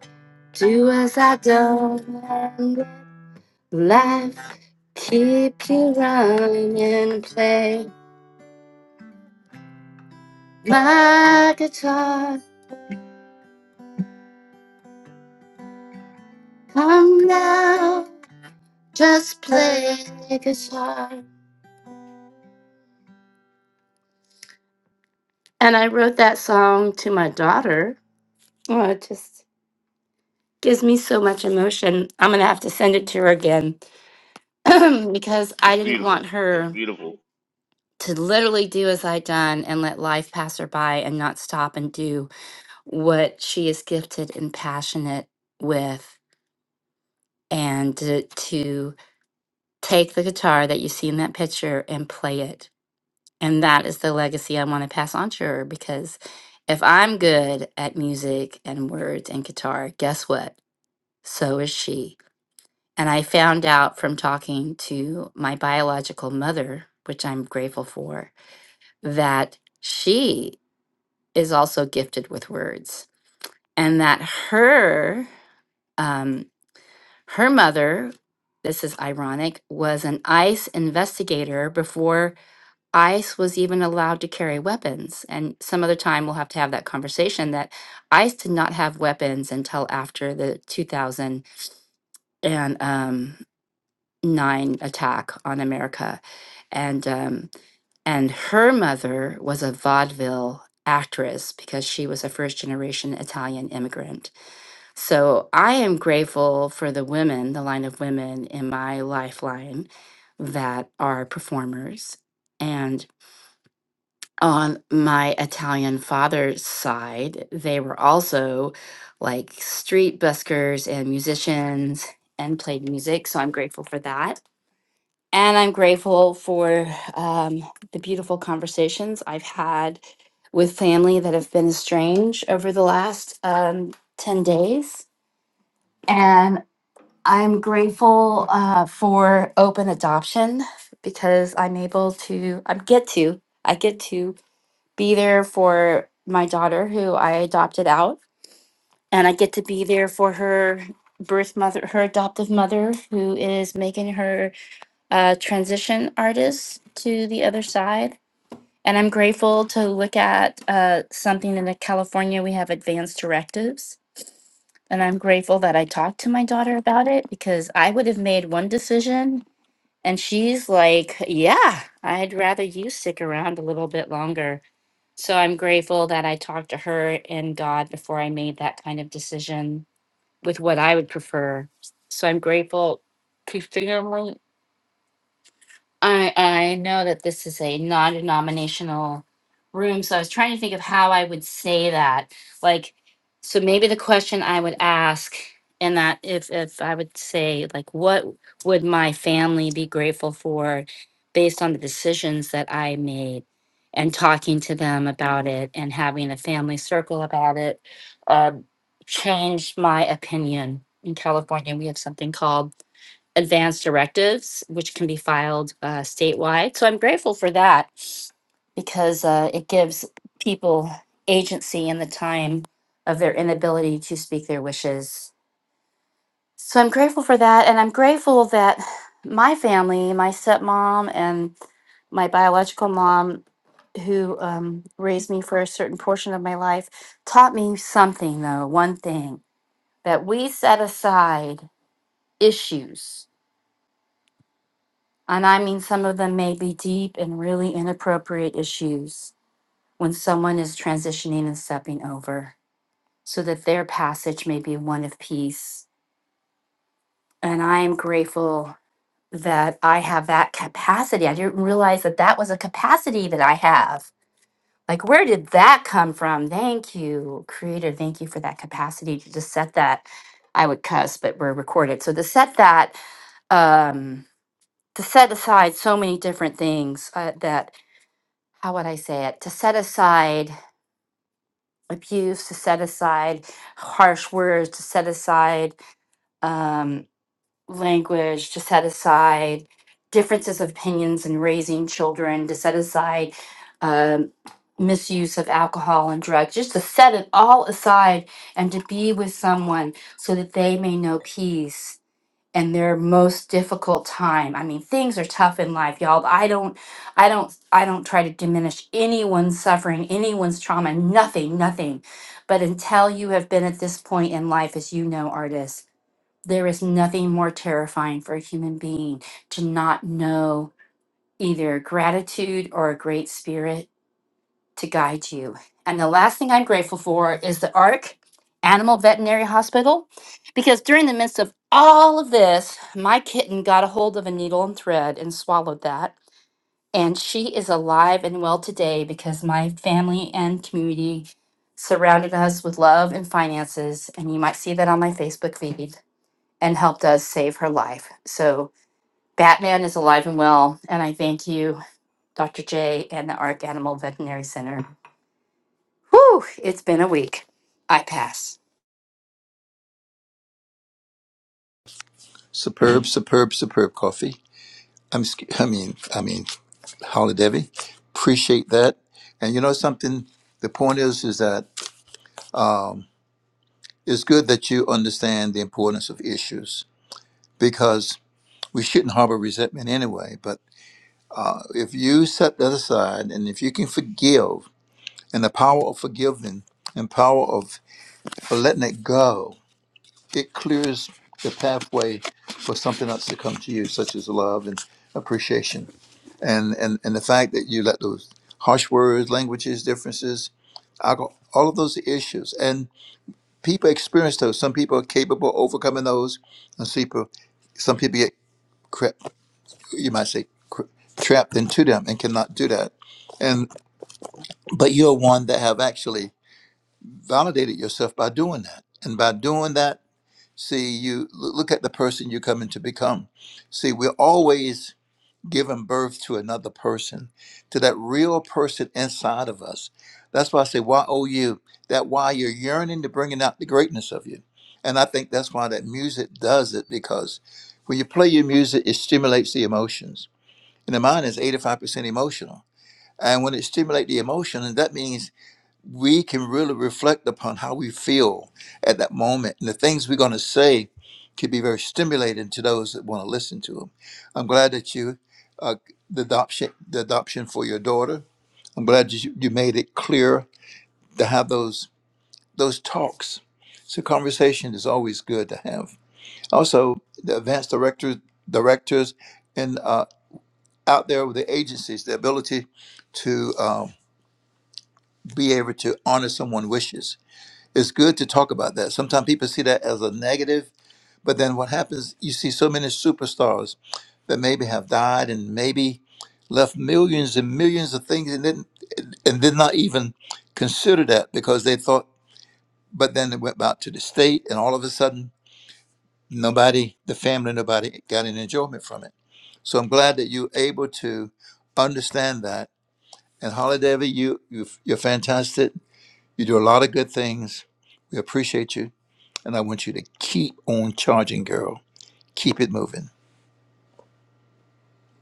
do as I don't. and let Life keep you running. and Play my guitar. Come now, just play guitar. And I wrote that song to my daughter. Oh, it just gives me so much emotion. I'm gonna have to send it to her again because I It's didn't beautiful. want It's her beautiful. to literally do as I done and let life pass her by and not stop and do what she is gifted and passionate with and to, to take the guitar that you see in that picture and play it. And that is the legacy I want to pass on to her because if I'm good at music and words and guitar, guess what? So is she. And I found out from talking to my biological mother, which I'm grateful for, that she is also gifted with words and that her um, Her mother, this is ironic, was an ICE investigator before ICE was even allowed to carry weapons. And some other time we'll have to have that conversation that ICE did not have weapons until after the 2009 attack on America. And um, and her mother was a vaudeville actress because she was a first generation Italian immigrant. So I am grateful for the women, the line of women in my lifeline that are performers. And on my Italian father's side, they were also like street buskers and musicians and played music. So I'm grateful for that. And I'm grateful for um, the beautiful conversations I've had with family that have been estranged over the last um, 10 days. And. I'm grateful uh, for open adoption because I'm able to, I get to, I get to be there for my daughter who I adopted out, and I get to be there for her birth mother, her adoptive mother who is making her uh, transition artist to the other side. And I'm grateful to look at uh, something in the California we have advanced directives. And I'm grateful that I talked to my daughter about it because I would have made one decision and she's like, Yeah, I'd rather you stick around a little bit longer. So I'm grateful that I talked to her and God before I made that kind of decision with what I would prefer. So I'm grateful. I I know that this is a non-denominational room, so I was trying to think of how I would say that. Like, so maybe the question I would ask and that if if I would say like what would my family be grateful for based on the decisions that I made and talking to them about it and having a family circle about it uh, changed my opinion. In California, we have something called advanced directives, which can be filed uh, statewide. So I'm grateful for that because uh, it gives people agency in the time of their inability to speak their wishes. So I'm grateful for that. And I'm grateful that my family, my stepmom, and my biological mom, who um, raised me for a certain portion of my life, taught me something, though, one thing that we set aside issues And I mean, some of them may be deep and really inappropriate issues when someone is transitioning and stepping over, so that their passage may be one of peace. And I am grateful that I have that capacity. I didn't realize that that was a capacity that I have. Like, where did that come from? Thank you, Creator. Thank you for that capacity to just set that. I would cuss, but we're recorded. So to set that, um, to set aside so many different things uh, that how would I say it, to set aside abuse, to set aside harsh words, to set aside um, language, to set aside differences of opinions in raising children, to set aside um, misuse of alcohol and drugs, just to set it all aside and to be with someone so that they may know peace and their most difficult time. I mean, things are tough in life, y'all. I don't I don't I don't try to diminish anyone's suffering, anyone's trauma, nothing, nothing. But until you have been at this point in life as you know artists, there is nothing more terrifying for a human being to not know either gratitude or a great spirit to guide you. And the last thing I'm grateful for is the ARC Animal Veterinary Hospital, because during the midst of all of this, my kitten got a hold of a needle and thread and swallowed that. And she is alive and well today because my family and community surrounded us with love and finances. And you might see that on my Facebook feed and helped us save her life. So Batman is alive and well. And I thank you, Dr. J, and the ARC Animal Veterinary Center. Whew, it's been a week. I pass. Superb, superb, superb coffee. I'm, sc- I mean, I mean, Holly Devi, appreciate that. And you know something? The point is, is that It's good that you understand the importance of issues because we shouldn't harbor resentment anyway. But uh, if you set that aside and if you can forgive and the power of forgiving and power of letting it go, it clears the pathway for something else to come to you, such as love and appreciation. And and, and the fact that you let those harsh words, languages, differences, alcohol, all of those issues. and people experience those. Some people are capable of overcoming those, and some people, some people get crap, you might say cra- trapped into them and cannot do that. And but you're one that have actually validated yourself by doing that, and by doing that, see you l- look at the person you're coming to become. See, we're always giving birth to another person, to that real person inside of us. That's why I say, why oh you? That why you're yearning to bringing out the greatness of you. And I think that's why that music does it because when you play your music, it stimulates the emotions. And the mind is 85% emotional. And when it stimulates the emotion, and that means we can really reflect upon how we feel at that moment. And the things we're going to say can be very stimulating to those that want to listen to them. I'm glad that you, uh, the adoption, the adoption for your daughter. I'm glad that you, you made it clear to have those those talks. So conversation is always good to have. Also, the advanced directors, directors, and uh, out there with the agencies, the ability to uh, be able to honor someone's wishes it's good to talk about that. Sometimes people see that as a negative, but then what happens, you see so many superstars that maybe have died and maybe left millions and millions of things and didn't and did not even consider that because they thought but then they went out to the state and all of a sudden nobody the family nobody got any enjoyment from it so i'm glad that you're able to understand that and holly Davy, you, you you're fantastic you do a lot of good things we appreciate you and I want you to keep on charging, girl. Keep it moving.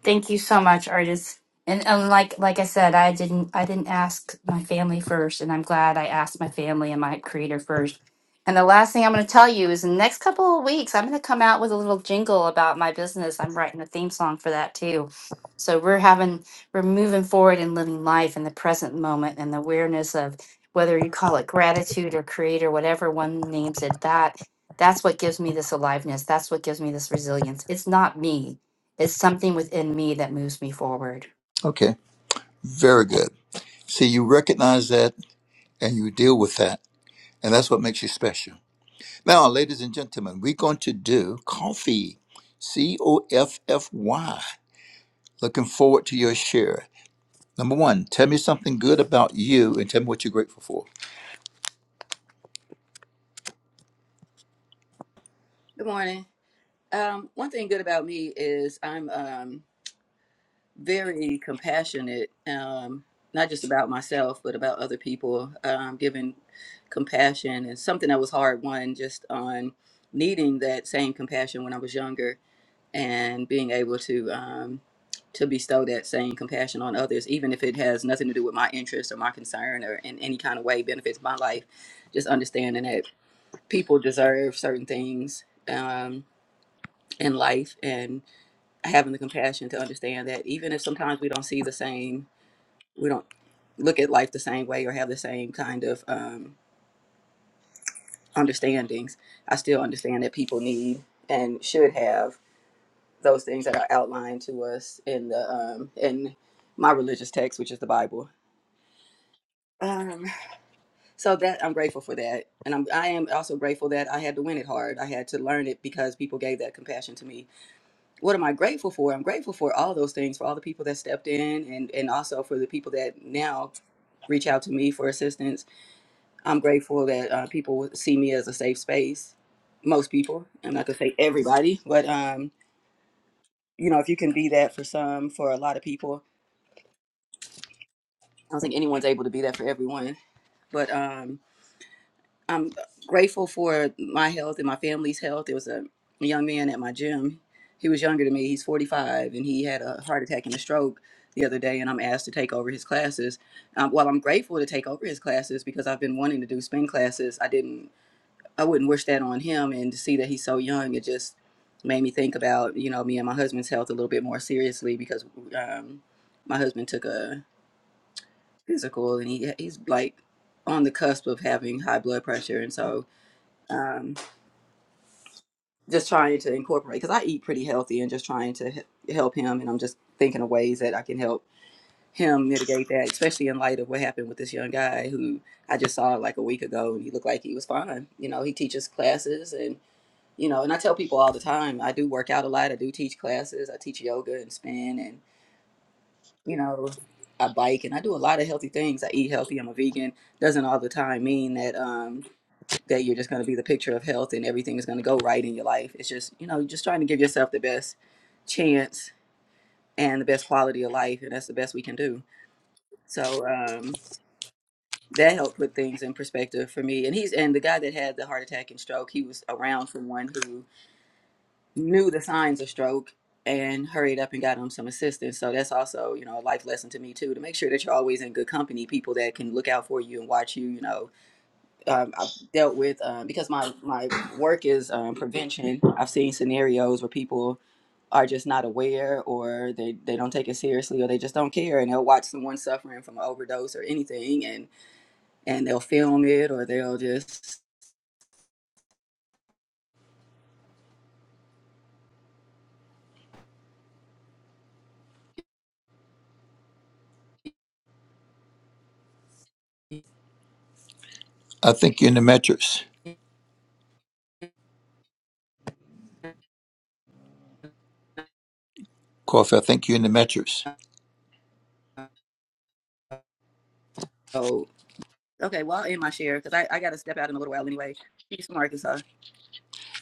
Thank you so much, artist. And, and like like I said, I didn't I didn't ask my family first, and I'm glad I asked my family and my creator first. And the last thing I'm going to tell you is, in the next couple of weeks, I'm going to come out with a little jingle about my business. I'm writing a theme song for that too. So we're having we're moving forward and living life in the present moment and the awareness of whether you call it gratitude or creator, whatever one names it. That that's what gives me this aliveness. That's what gives me this resilience. It's not me it's something within me that moves me forward. Okay, very good. See, you recognize that and you deal with that, and that's what makes you special. Now, ladies and gentlemen, we're going to do coffee. C O F F Y. Looking forward to your share. Number one, tell me something good about you and tell me what you're grateful for. Good morning. Um, one thing good about me is I'm um, very compassionate, um, not just about myself, but about other people, um, giving compassion and something that was hard one just on needing that same compassion when I was younger and being able to um, to bestow that same compassion on others, even if it has nothing to do with my interest or my concern or in any kind of way benefits my life, just understanding that people deserve certain things. Um, in life and having the compassion to understand that even if sometimes we don't see the same, we don't look at life the same way or have the same kind of um, understandings, I still understand that people need and should have those things that are outlined to us in the um, in my religious text, which is the Bible. Um, so that I'm grateful for that, and I'm I am also grateful that I had to win it hard. I had to learn it because people gave that compassion to me what am I grateful for? I'm grateful for all those things, for all the people that stepped in and, and also for the people that now reach out to me for assistance. I'm grateful that uh, people see me as a safe space. Most people, I'm not gonna say everybody, but um, you know, if you can be that for some, for a lot of people, I don't think anyone's able to be that for everyone. But um, I'm grateful for my health and my family's health. There was a young man at my gym. He was younger than me. He's 45, and he had a heart attack and a stroke the other day. And I'm asked to take over his classes. Um, while I'm grateful to take over his classes because I've been wanting to do spin classes, I didn't. I wouldn't wish that on him. And to see that he's so young, it just made me think about you know me and my husband's health a little bit more seriously because um, my husband took a physical, and he he's like on the cusp of having high blood pressure, and so um, just trying to incorporate because I eat pretty healthy and just trying to he- help him. And I'm just thinking of ways that I can help him mitigate that, especially in light of what happened with this young guy who I just saw like a week ago and he looked like he was fine. You know, he teaches classes and, you know, and I tell people all the time, I do work out a lot. I do teach classes. I teach yoga and spin and, you know, I bike and I do a lot of healthy things. I eat healthy. I'm a vegan. Doesn't all the time mean that, um that you're just going to be the picture of health and everything is going to go right in your life. It's just, you know, you're just trying to give yourself the best chance and the best quality of life, and that's the best we can do. So um, that helped put things in perspective for me. And he's and the guy that had the heart attack and stroke, he was around someone who knew the signs of stroke and hurried up and got him some assistance. So that's also, you know, a life lesson to me too, to make sure that you're always in good company, people that can look out for you and watch you, you know, um, I've dealt with um, because my my work is um, prevention. I've seen scenarios where people are just not aware, or they they don't take it seriously, or they just don't care, and they'll watch someone suffering from an overdose or anything, and and they'll film it, or they'll just I think you're in the mattress. Coffee, I think you're in the mattress. oh okay, well, I'll end my share because I I got to step out in a little while anyway. She's from Arkansas.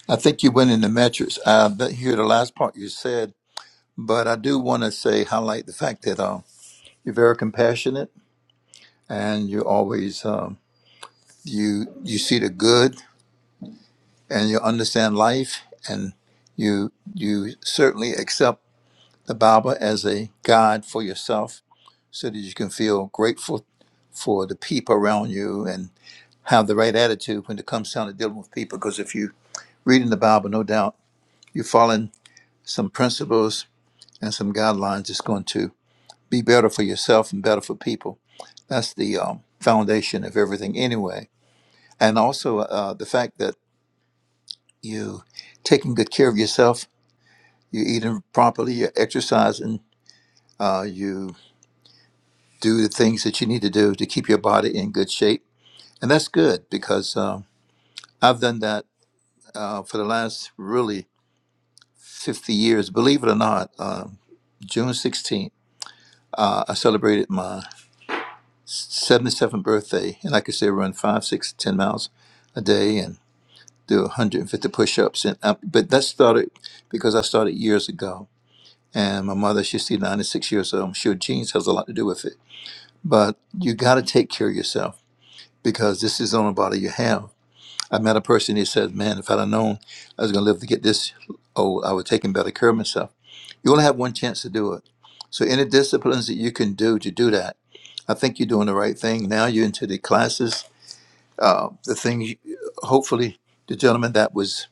I think you went in the mattress. I didn't hear the last part you said, but I do want to say, highlight the fact that. uh, You're very compassionate, and you always um, you you see the good, and you understand life, and you you certainly accept the Bible as a guide for yourself, so that you can feel grateful for the people around you, and have the right attitude when it comes down to dealing with people. Because if you reading the Bible, no doubt you're following some principles and some guidelines. that's going to be better for yourself and better for people. That's the um, foundation of everything, anyway and also uh, the fact that you taking good care of yourself, you're eating properly, you're exercising, uh, you do the things that you need to do to keep your body in good shape, and that's good because um I've done that uh, for the last really 50 years. Believe it or not, um, June 16th. Uh, I celebrated my 77th birthday, and like I could say run five, six, ten miles a day and do 150 push-ups. And uh, but that started because I started years ago And my mother, she's still 96 years old. I'm sure genes has a lot to do with it. But you got to take care of yourself because this is the only body you have. I met a person, he said, man, if I'd have known I was going to live to get this old, I would take better care of myself. You only have one chance to do it. So any disciplines that you can do to do that, I think you're doing the right thing. Now you're into the classes. Uh, the thing, you- hopefully, the gentleman that was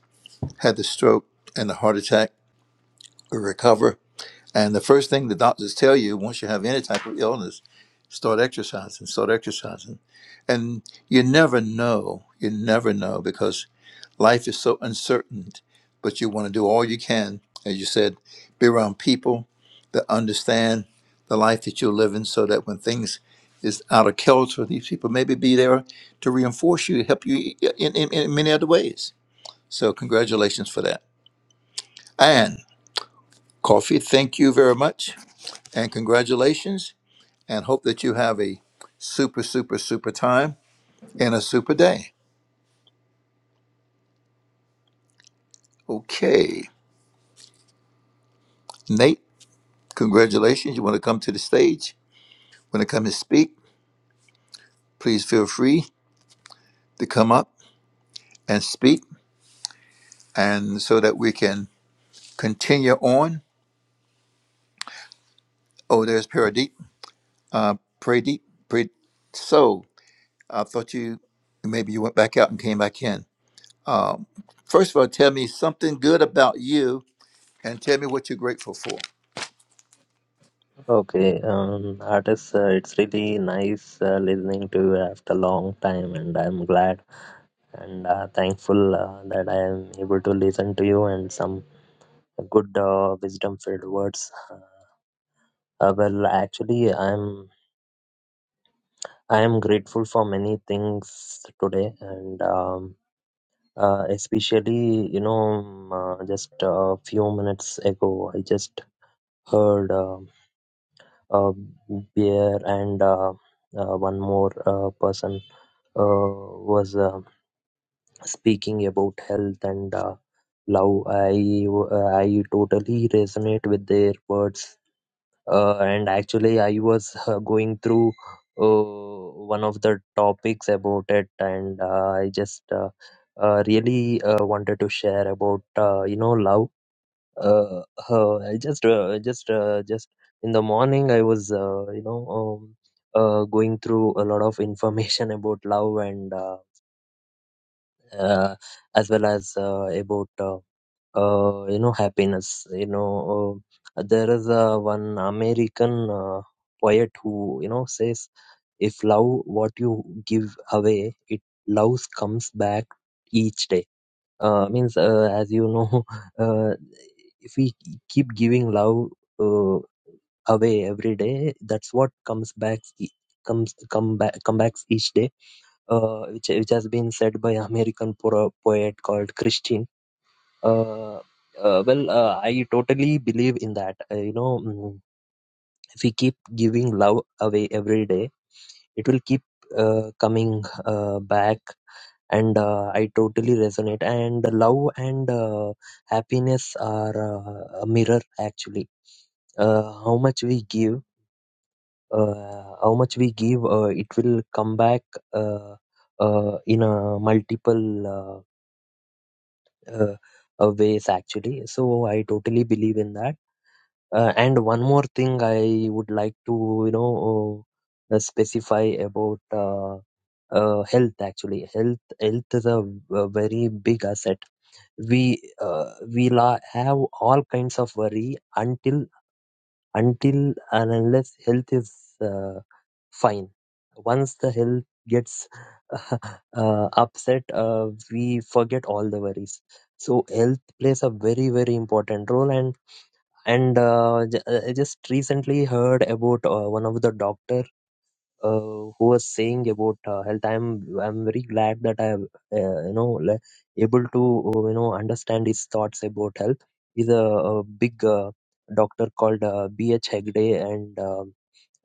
had the stroke and the heart attack will recover And the first thing the doctors tell you once you have any type of illness, start exercising, start exercising. And you never know, you never know because life is so uncertain, but you want to do all you can, as you said, be around people that understand the life that you're living so that when things is out of kilter, these people maybe be there to reinforce you, help you in, in, in many other ways. So congratulations for that. And Coffee, thank you very much. And congratulations, and hope that you have a super, super, super time and a super day. Okay. Nate, congratulations. You want to come to the stage? Want to come and speak? Please feel free to come up and speak, and so that we can continue on. Oh, there's Paradeep. Uh, Pradeep. Pray. So I thought you maybe you went back out and came back in. Um, first of all, tell me something good about you, and tell me what you're grateful for. Okay, um, artists, uh, it's really nice uh, listening to you after a long time, and I'm glad and uh, thankful uh, that I am able to listen to you and some good uh, wisdom-filled words. Uh, uh, well, actually, I'm I am grateful for many things today, and um, uh, especially you know um, uh, just a few minutes ago, I just heard. Um uh, bear and uh, uh, one more uh, person uh, was uh, speaking about health and uh, love. I I totally resonate with their words. Uh, and actually, I was uh, going through uh, one of the topics about it, and uh, I just uh, uh, really uh, wanted to share about uh, you know love uh, uh, I just uh, just uh, just in the morning I was uh, you know um, uh, going through a lot of information about love and uh, uh, as well as uh, about uh, uh, you know happiness you know uh, there is uh, one American uh, poet who you know says if love what you give away it love comes back each day uh, means uh, as you know uh, if we keep giving love uh, away every day that's what comes back e- comes come back come back each day uh, which which has been said by american po- poet called christine uh, uh, well uh, i totally believe in that uh, you know mm, if we keep giving love away every day it will keep uh, coming uh, back and uh, i totally resonate and love and uh, happiness are uh, a mirror actually uh, how much we give uh, how much we give uh, it will come back uh, uh, in a multiple uh, uh, uh, ways actually so i totally believe in that uh, and one more thing I would like to, you know, uh, specify about uh, uh, health. Actually, health health is a, a very big asset. We uh, we la- have all kinds of worry until until and unless health is uh, fine. Once the health gets uh, upset, uh, we forget all the worries. So health plays a very very important role, and and uh, j- uh, I just recently heard about uh, one of the doctor uh, who was saying about uh, health. I'm I'm very glad that I am uh, you know le- able to uh, you know understand his thoughts about health. He's a, a big uh, doctor called uh, B H Hegde and uh,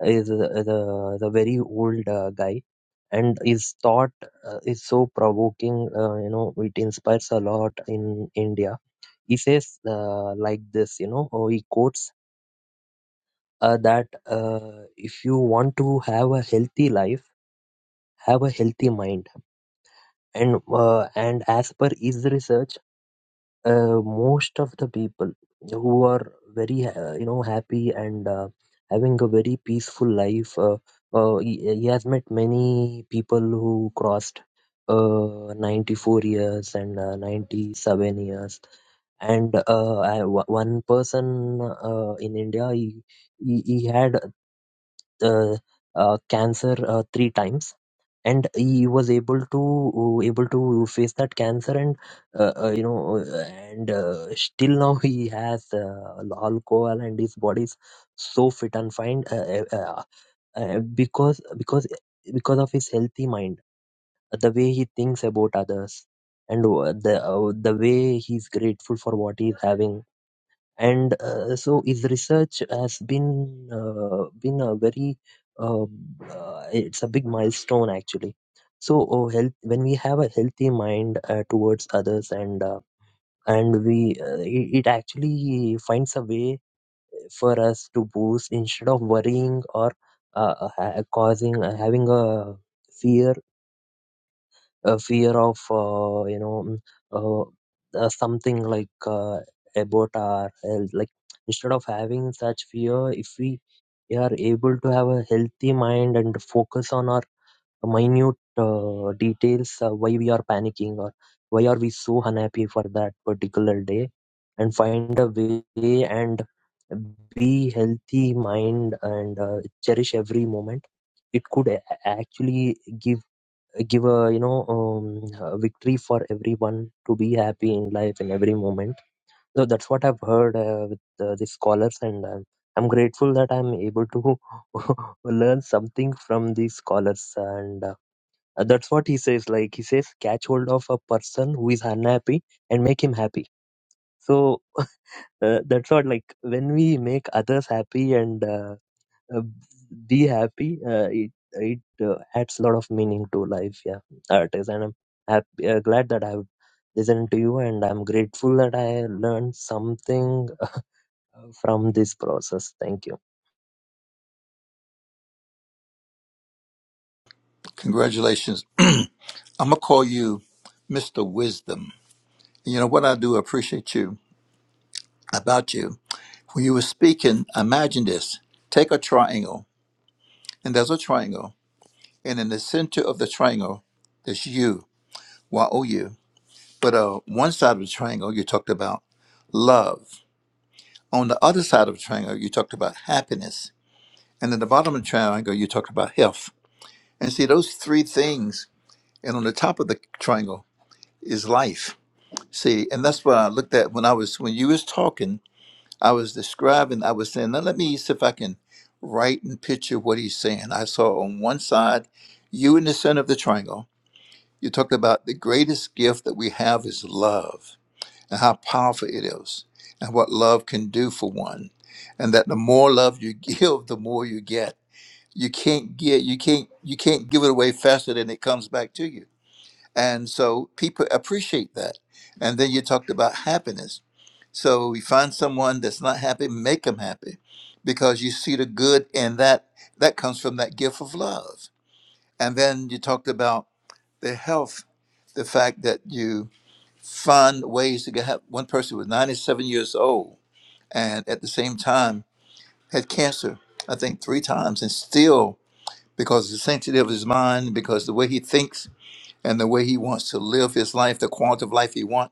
is a- is a is a very old uh, guy. And his thought uh, is so provoking. Uh, you know, it inspires a lot in India. He says uh, like this. You know, or he quotes uh, that uh, if you want to have a healthy life, have a healthy mind. And uh, and as per his research, uh, most of the people who are very uh, you know happy and uh, having a very peaceful life, uh, uh, he, he has met many people who crossed uh, 94 years and uh, 97 years and uh, I, one person uh, in India he, he, he had uh, uh, cancer uh, three times and he was able to uh, able to face that cancer and uh, uh, you know uh, and uh, still now he has uh, alcohol and his body is so fit and fine uh, uh, uh, uh, because because because of his healthy mind the way he thinks about others and uh, the uh, the way he's grateful for what he's having and uh, so his research has been uh, been a very um, uh, it's a big milestone actually so oh, health when we have a healthy mind uh, towards others and uh, and we uh, it, it actually finds a way for us to boost instead of worrying or uh, uh, ha- causing uh, having a fear a fear of uh, you know mm, uh, uh, something like uh, about our health like instead of having such fear if we are able to have a healthy mind and focus on our minute uh, details uh, why we are panicking or why are we so unhappy for that particular day and find a way and be healthy mind and uh, cherish every moment it could a- actually give give a you know um, a victory for everyone to be happy in life in every moment so that's what i've heard uh, with uh, the scholars and um, i'm grateful that i'm able to learn something from these scholars and uh, that's what he says like he says catch hold of a person who is unhappy and make him happy so uh, that's what like when we make others happy and uh, uh, be happy. Uh, it it uh, adds a lot of meaning to life. Yeah, uh, it is, and I'm happy, uh, glad that I've listened to you, and I'm grateful that I learned something from this process. Thank you. Congratulations. I'm going to call you Mr. Wisdom. You know what I do appreciate you about you. When you were speaking, imagine this. Take a triangle, and there's a triangle, and in the center of the triangle, there's you, Y O U. But uh, one side of the triangle, you talked about love. On the other side of the triangle, you talked about happiness. And at the bottom of the triangle, you talked about health. And see, those three things, and on the top of the triangle is life See, and that's what I looked at when I was when you was talking. I was describing. I was saying, now let me see if I can write and picture what he's saying. I saw on one side, you in the center of the triangle. You talked about the greatest gift that we have is love and how powerful it is and what love can do for one, and that the more love you give, the more you get. You can't get you can't you can't give it away faster than it comes back to you. And so people appreciate that. And then you talked about happiness so we find someone that's not happy, make them happy because you see the good in that. That comes from that gift of love. And then you talked about the health, the fact that you find ways to get help. One person was 97 years old and at the same time had cancer, I think three times, and still, because of the sanctity of his mind, because the way he thinks and the way he wants to live his life, the quality of life he wants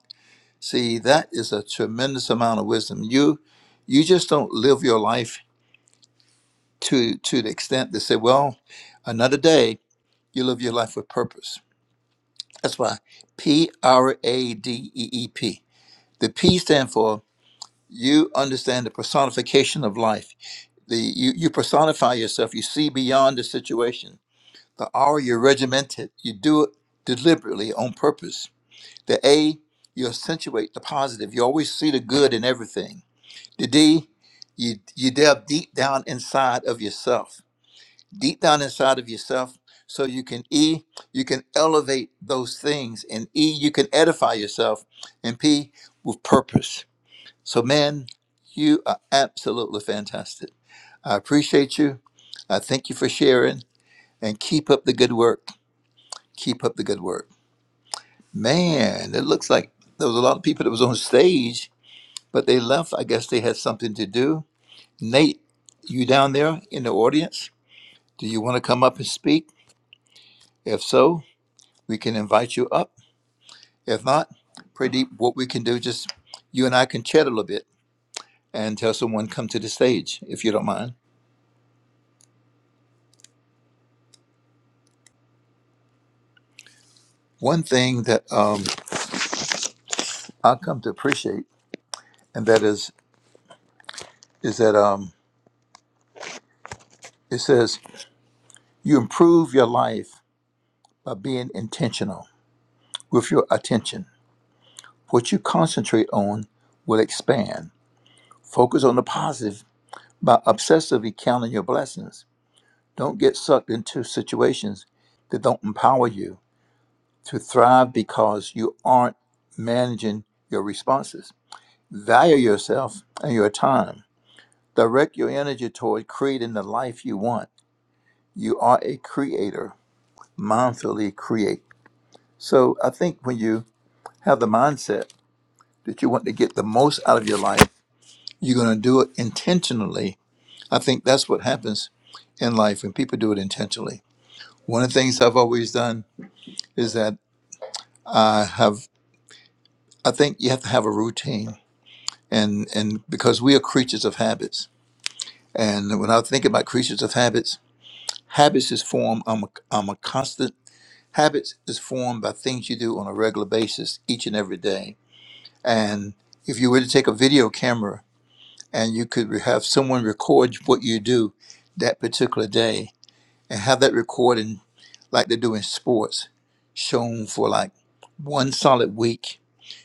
See, that is a tremendous amount of wisdom. You you just don't live your life to to the extent to say, well, another day, you live your life with purpose. That's why P R A D E E P. The P stand for you understand the personification of life. The you, you personify yourself, you see beyond the situation. The R you're regimented. You do it deliberately on purpose. The A, you accentuate the positive. You always see the good in everything Today, you you delve deep down inside of yourself, deep down inside of yourself, so you can e you can elevate those things, and e you can edify yourself, and p with purpose. So, man, you are absolutely fantastic. I appreciate you. I thank you for sharing, and keep up the good work. Keep up the good work, man. It looks like there was a lot of people that was on stage, but they left. I guess they had something to do Nate, you down there in the audience? Do you want to come up and speak? If so, we can invite you up. If not, pretty what we can do just you and I can chat a little bit and tell someone come to the stage if you don't mind. One thing that um, I come to appreciate, and that is is that um, it says you improve your life by being intentional with your attention. What you concentrate on will expand. Focus on the positive by obsessively counting your blessings Don't get sucked into situations that don't empower you to thrive because you aren't managing your responses. Value yourself and your time. Direct your energy toward creating the life you want. You are a creator. Mindfully create. So I think when you have the mindset that you want to get the most out of your life, you're going to do it intentionally. I think that's what happens in life when people do it intentionally. One of the things I've always done is that. I have I think you have to have a routine and and because we are creatures of habits and when I think about creatures of habits habits is formed I'm a, I'm a constant habits is formed by things you do on a regular basis each and every day and if you were to take a video camera and you could re- have someone record what you do that particular day and have that recording like they do in sports shown for like one solid week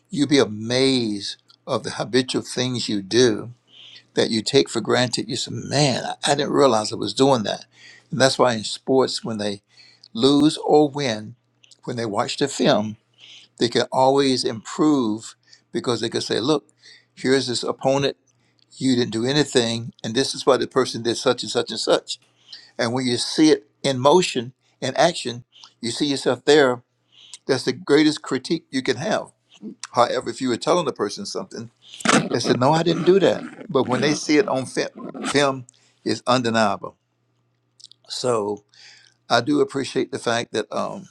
You'd be amazed of the habitual things you do that you take for granted. You say, man, I I didn't realize I was doing that. And that's why in sports, when they lose or win, when they watch the film, they can always improve because they can say, look, here's this opponent. You didn't do anything. And this is why the person did such and such and such. And when you see it in motion, in action, you see yourself there. That's the greatest critique you can have. However, if you were telling the person something, they said, no, I didn't do that. But when they see it on film, film it's undeniable. So I do appreciate the fact that, um,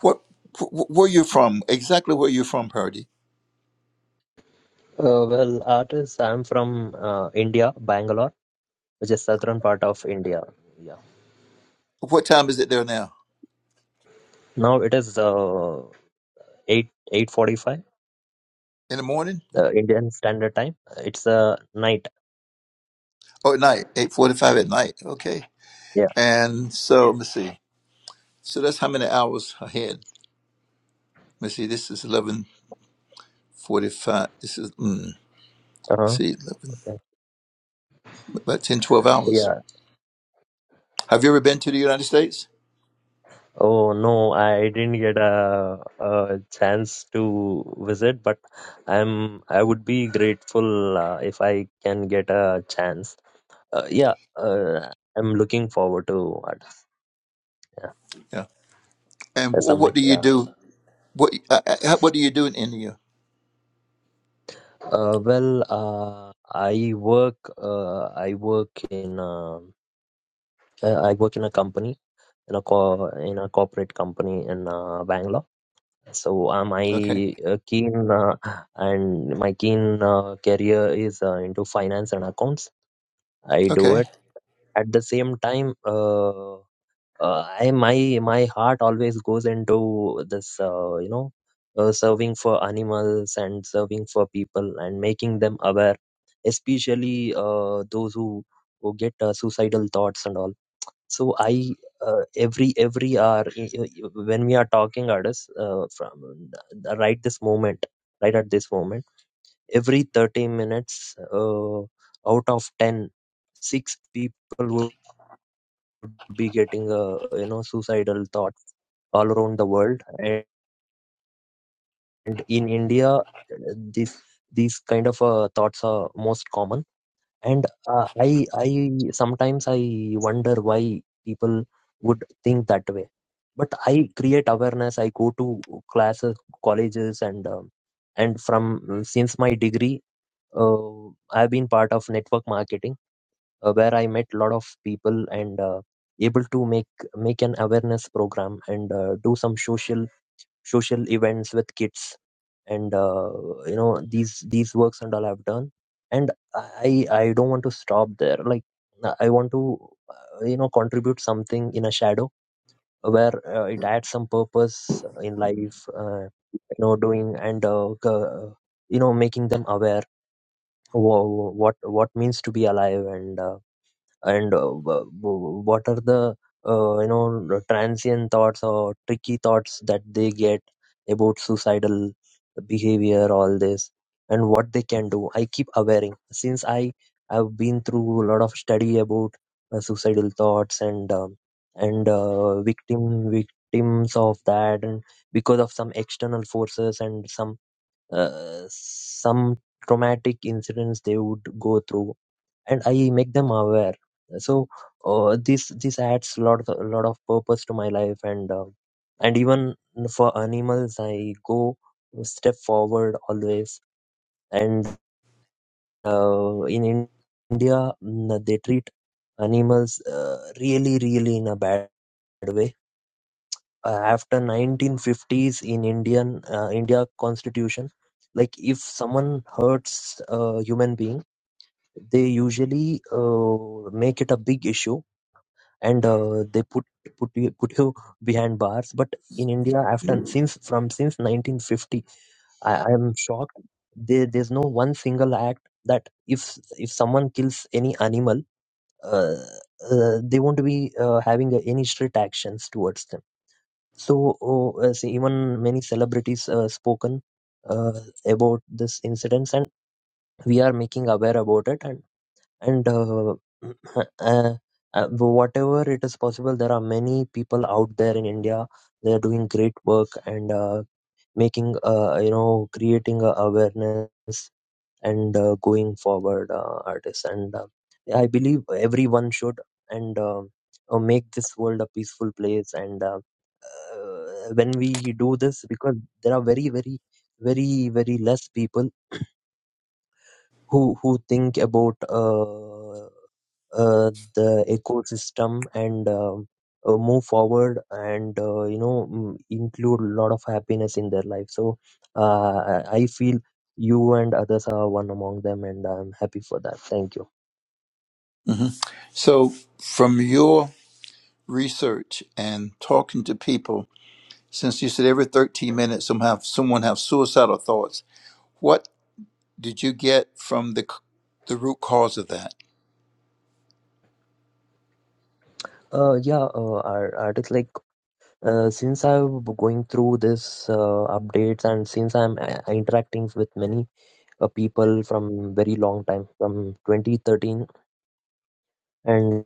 what, wh- where you from? Exactly where you're from, Purdy. Uh, well, artists, I'm from uh, India, Bangalore, which is southern part of India. Yeah. What time is it there now? Now it is uh, eight eight forty five. In the morning? The Indian Standard Time. It's uh, night. Oh, at night, 8.45 at night. Okay. Yeah. And so, let me see. So that's how many hours ahead. Let me see, this is 11.45. This is, mm, Uh-huh. see, 11, Okay. about 10, 12 Yeah. hours. Have you ever been to the United States? Oh no, I didn't get a, a chance to visit, but I'm I would be grateful uh, if I can get a chance. Uh, yeah, uh, I'm looking forward to it. Yeah, Yeah. And uh, wh- what someday. do you Yeah. do? What uh, uh, what do you do in India? Uh, well, uh, I work. Uh, I work in. Uh, uh, I work in a company in a co- in a corporate company in uh, Bangalore. So uh, Okay, my uh, keen uh, and my keen uh, career is uh, into finance and accounts. I do okay. it at the same time. Uh, uh, I my my heart always goes into this. Uh, you know, uh, serving for animals and serving for people and making them aware, especially uh, those who who get uh, suicidal thoughts and all so i uh, every every hour i- i- when we are talking artists uh, from uh, right this moment right at this moment every 30 minutes uh, out of ten, six people would be getting a you know suicidal thoughts all around the world and in india uh, this these kind of uh, thoughts are most common and uh, i i sometimes i wonder why people would think that way but i create awareness i go to classes colleges and um, and from uh, since my degree uh, i've been part of network marketing uh, where i met a lot of people and uh, able to make make an awareness program and uh, do some social social events with kids and uh, you know these these works and all i've done and i i don't want to stop there like i want to uh, you know contribute something in a shadow where uh, it adds some purpose in life uh, you know doing and uh, c- uh, you know making them aware wha- what what means to be alive and uh, and uh, wh- wh- what are the uh, you know the transient thoughts or tricky thoughts that they get about suicidal behavior all this and what they can do i keep awareing since i have been through a lot of study about uh, suicidal thoughts and um, and uh, victim victims of that and because of some external forces and some uh, some traumatic incidents they would go through and I make them aware. So uh, this this adds lot of, lot of purpose to my life, and uh, and even for animals, I go step forward always. And uh, in In- India, mm, they treat animals uh, really really in a bad way. Uh, after 1950s in Indian uh, India Constitution, like if someone hurts a human being, they usually uh, make it a big issue and uh, they put put you put you behind bars but in india after since from since 1950 i, I am shocked there, there's no one single act that if if someone kills any animal uh, uh, they won't be uh, having uh, any strict actions towards them so oh, uh, see, even many celebrities uh, spoken uh, about this incidents and we are making aware about it and and uh, uh, uh, whatever it is possible there are many people out there in india they are doing great work and uh, making uh, you know creating a awareness and uh, going forward uh, artists and uh, i believe everyone should and uh, uh, make this world a peaceful place and uh, uh, when we do this because there are very very very very less people who who think about uh, uh, the ecosystem and uh, uh, move forward and uh, you know mm, include a lot of happiness in their life so uh, i I feel you and others are one among them and i'm happy for that thank you hmm So from your research and talking to people, since you said every thirteen minutes, some have someone have suicidal thoughts. What did you get from the c- the root cause of that? uh, yeah uh, ar- artist like uh, since i'm going through this uh, updates and since i'm uh, interacting with many uh, people from very long time from 2013 and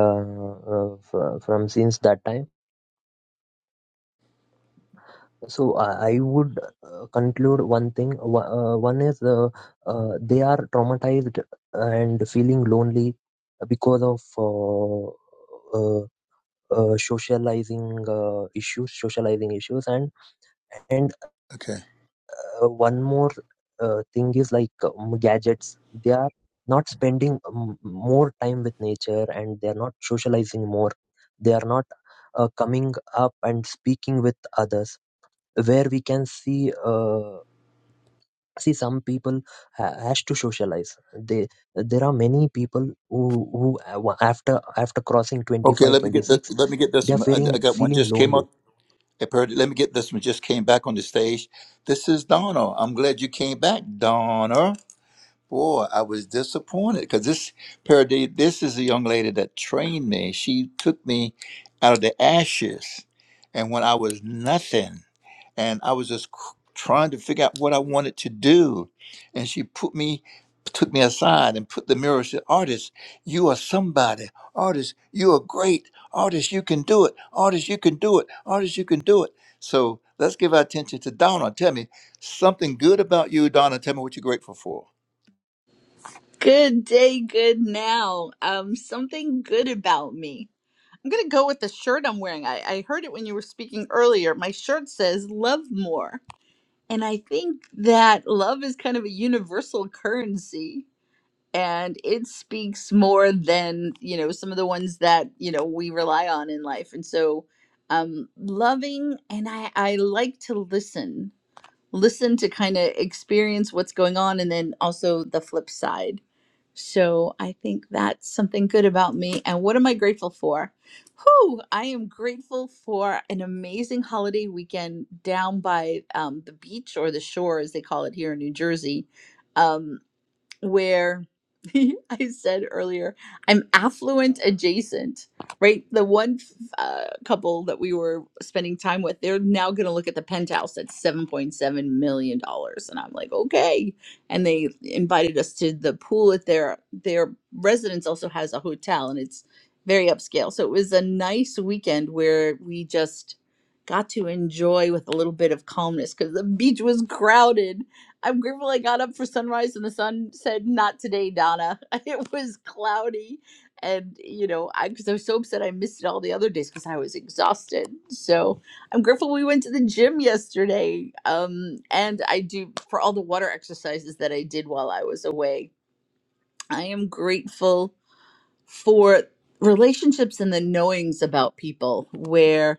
uh, uh, fr- from since that time So I I would uh, conclude one thing. Wha- Uh, one is uh, uh, they are traumatized and feeling lonely because of uh, uh, uh, socializing uh, issues, socializing issues, and and Okay, uh, one more uh, thing is like um, gadgets. They are not spending um, more time with nature, and they are not socializing more. They are not uh, coming up and speaking with others where we can see. Uh, see some people ha- has to socialize they there are many people who who uh, wa- after after crossing twenty okay. five, Let me twenty get the, six, let me get they this are one. I, feeling I got one feeling just came lonely up. I heard it. Let me get this one. Just came back on the stage. This is Donna. I'm glad you came back, Donna. Boy, I was disappointed because this Paraday, this is a young lady that trained me. She took me out of the ashes, and when I was nothing, and I was just cr- trying to figure out what I wanted to do, and she put me, took me aside and put the mirror. and Said, "Artist, you are somebody. Artist, you are great. Artist, you can do it. Artist, you can do it. Artist, you can do it." So let's give our attention to Donna. Tell me something good about you, Donna. Tell me what you're grateful for. Good day, good now. Um, something good about me. I'm gonna go with the shirt I'm wearing. I, I heard it when you were speaking earlier. My shirt says love more. And I think that love is kind of a universal currency and it speaks more than, you know, some of the ones that, you know, we rely on in life. And so um loving and I, I like to listen. Listen to kind of experience what's going on and then also the flip side so I think that's something good about me. And what am I grateful for? Whew, I am grateful for an amazing holiday weekend down by um, the beach or the shore, as they call it here in New Jersey. Um, where I said earlier, I'm affluent adjacent, right? The one uh, couple that we were spending time with, they're now going to look at the penthouse that's $7.7 million. dollars, And I'm like, okay. And they invited us to the pool at their, their residence also has a hotel and it's very upscale. So it was a nice weekend where we just got to enjoy with a little bit of calmness because the beach was crowded I'm grateful I got up for sunrise and the sun said, Not today, Donna. It was cloudy. And, you know, I, because I was so upset I missed it all the other days because I was exhausted. So I'm grateful we went to the gym yesterday. Um, and I do, for all the water exercises that I did while I was away, I am grateful for relationships and the knowings about people where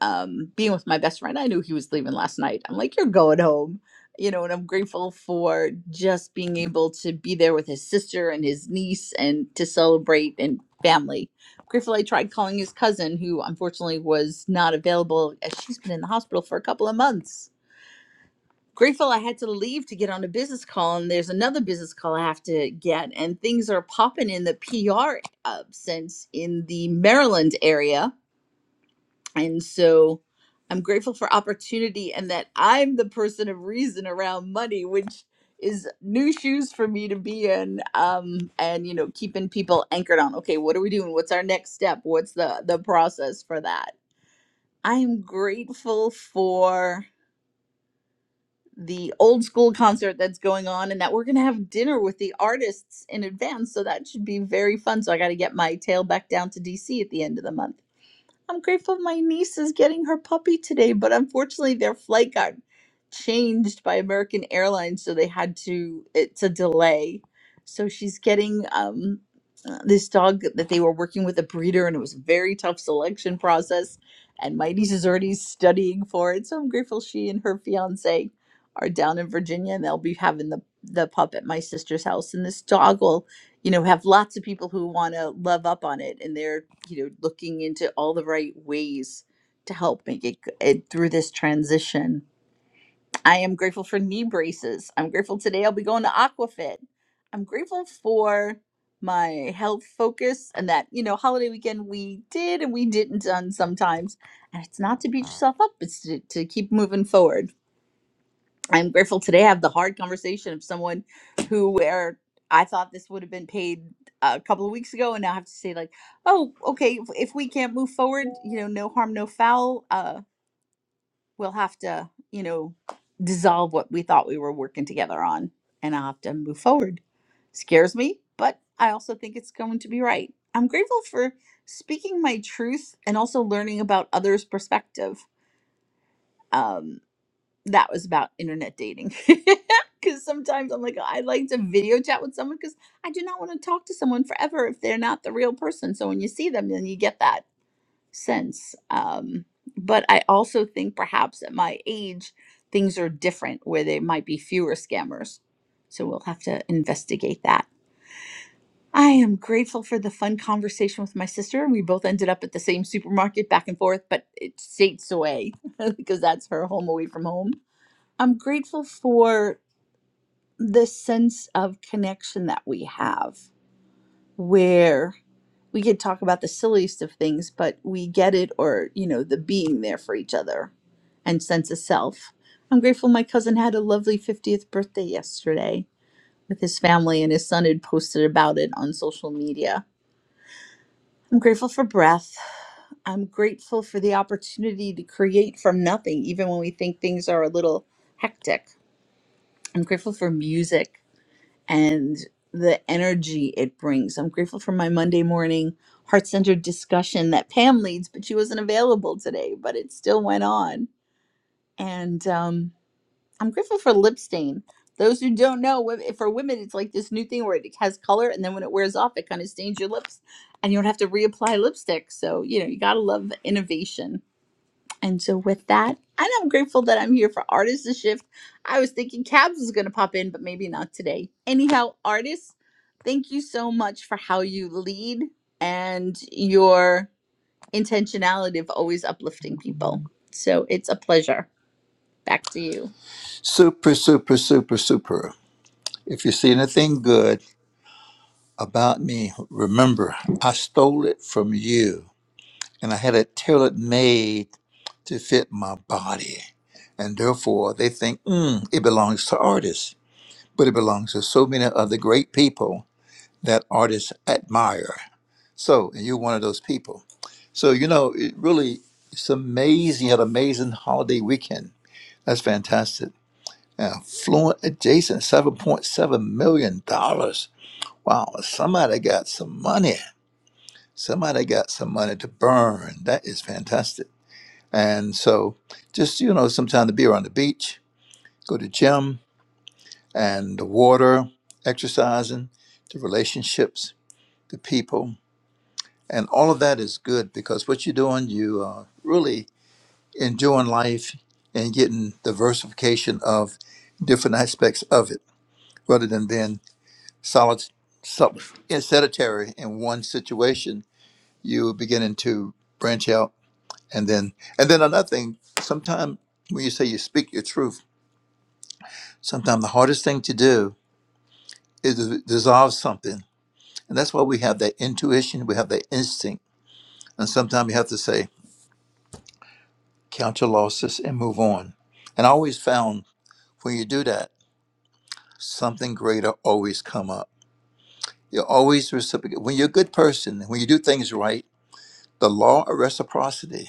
um, being with my best friend, I knew he was leaving last night. I'm like, you're going home, you know, and I'm grateful for just being able to be there with his sister and his niece and to celebrate and family. Grateful I tried calling his cousin, who unfortunately was not available as she's been in the hospital for a couple of months. Grateful I had to leave to get on a business call, and there's another business call I have to get, and things are popping in the PR uh, sense in the Maryland area and so I'm grateful for opportunity and that I'm the person of reason around money, which is new shoes for me to be in. Um, and you know, keeping people anchored on, okay, what are we doing? What's our next step? What's the the process for that? I am grateful for the old school concert that's going on and that we're gonna have dinner with the artists in advance. So that should be very fun. So I gotta get my tail back down to DC at the end of the month I'm grateful my niece is getting her puppy today, but unfortunately their flight got changed by American Airlines, so they had to it's a delay. So she's getting um uh, this dog that they were working with a breeder and it was a very tough selection process and my niece is already studying for it. So I'm grateful she and her fiance are down in Virginia and they'll be having the the pup at my sister's house and this dog will you know have lots of people who want to love up on it and they're you know looking into all the right ways to help make it, it through this transition i am grateful for knee braces i'm grateful today i'll be going to aquafit i'm grateful for my health focus and that you know holiday weekend we did and we didn't done sometimes and it's not to beat yourself up it's to, to keep moving forward I'm grateful today I have the hard conversation of someone who where I thought this would have been paid a couple of weeks ago and now I have to say like, oh, okay, if, if we can't move forward, you know, no harm, no foul, uh, we'll have to, you know, dissolve what we thought we were working together on and I'll have to move forward. Scares me, but I also think it's going to be right. I'm grateful for speaking my truth and also learning about others' perspective. um, that was about internet dating. Because sometimes I'm like, I like to video chat with someone because I do not want to talk to someone forever if they're not the real person. So when you see them, then you get that sense. Um, but I also think perhaps at my age, things are different where there might be fewer scammers. So we'll have to investigate that. I am grateful for the fun conversation with my sister. We both ended up at the same supermarket back and forth, but it's states away because that's her home away from home I'm grateful for the sense of connection that we have where we could talk about the silliest of things, but we get it or, you know, the being there for each other and sense of self. I'm grateful my cousin had a lovely 50th birthday yesterday with his family and his son had posted about it on social media. I'm grateful for breath. I'm grateful for the opportunity to create from nothing, even when we think things are a little hectic. I'm grateful for music. and the energy it brings. I'm grateful for my Monday morning heart centered discussion that Pam leads, but she wasn't available today, but it still went on. And um, I'm grateful for lip stain. Those who don't know, wo- for women, it's like this new thing where it has color, and then when it wears off, it kind of stains your lips, and you don't have to reapply lipstick. So, you know, you got to love innovation and so with that, and I'm grateful that I'm here for Artists to Shift. I was thinking Cabs was going to pop in, but maybe not today. Anyhow, artists, thank you so much for how you lead and your intentionality of always uplifting people. So it's a pleasure. Back to you. Super, super, super, super. If you see anything good about me, remember I stole it from you and I had it tailored made to fit my body. And therefore, they think, mm, it belongs to artists, but it belongs to so many other great people that artists admire. So, and you're one of those people. So, you know, it really, it's amazing. You had an amazing holiday weekend. That's fantastic. and Fluent Adjacent, $7.7 million. dollars. Wow, somebody got some money. Somebody got some money to burn. That is fantastic. And so just, you know, sometime to be around the beach, go to gym and the water, exercising, the relationships, the people, and all of that is good because what you're doing, you are really enjoying life and getting diversification of different aspects of it rather than being solid so, yeah, sedentary in one situation, you are beginning to branch out, and then and then another thing. Sometimes when you say you speak your truth, sometimes the hardest thing to do is to dissolve something, and that's why we have that intuition, we have that instinct, and sometimes you have to say count your losses and move on. And I always found when you do that, something greater always come up. You're always reciprocate. When you're a good person, when you do things right, the law of reciprocity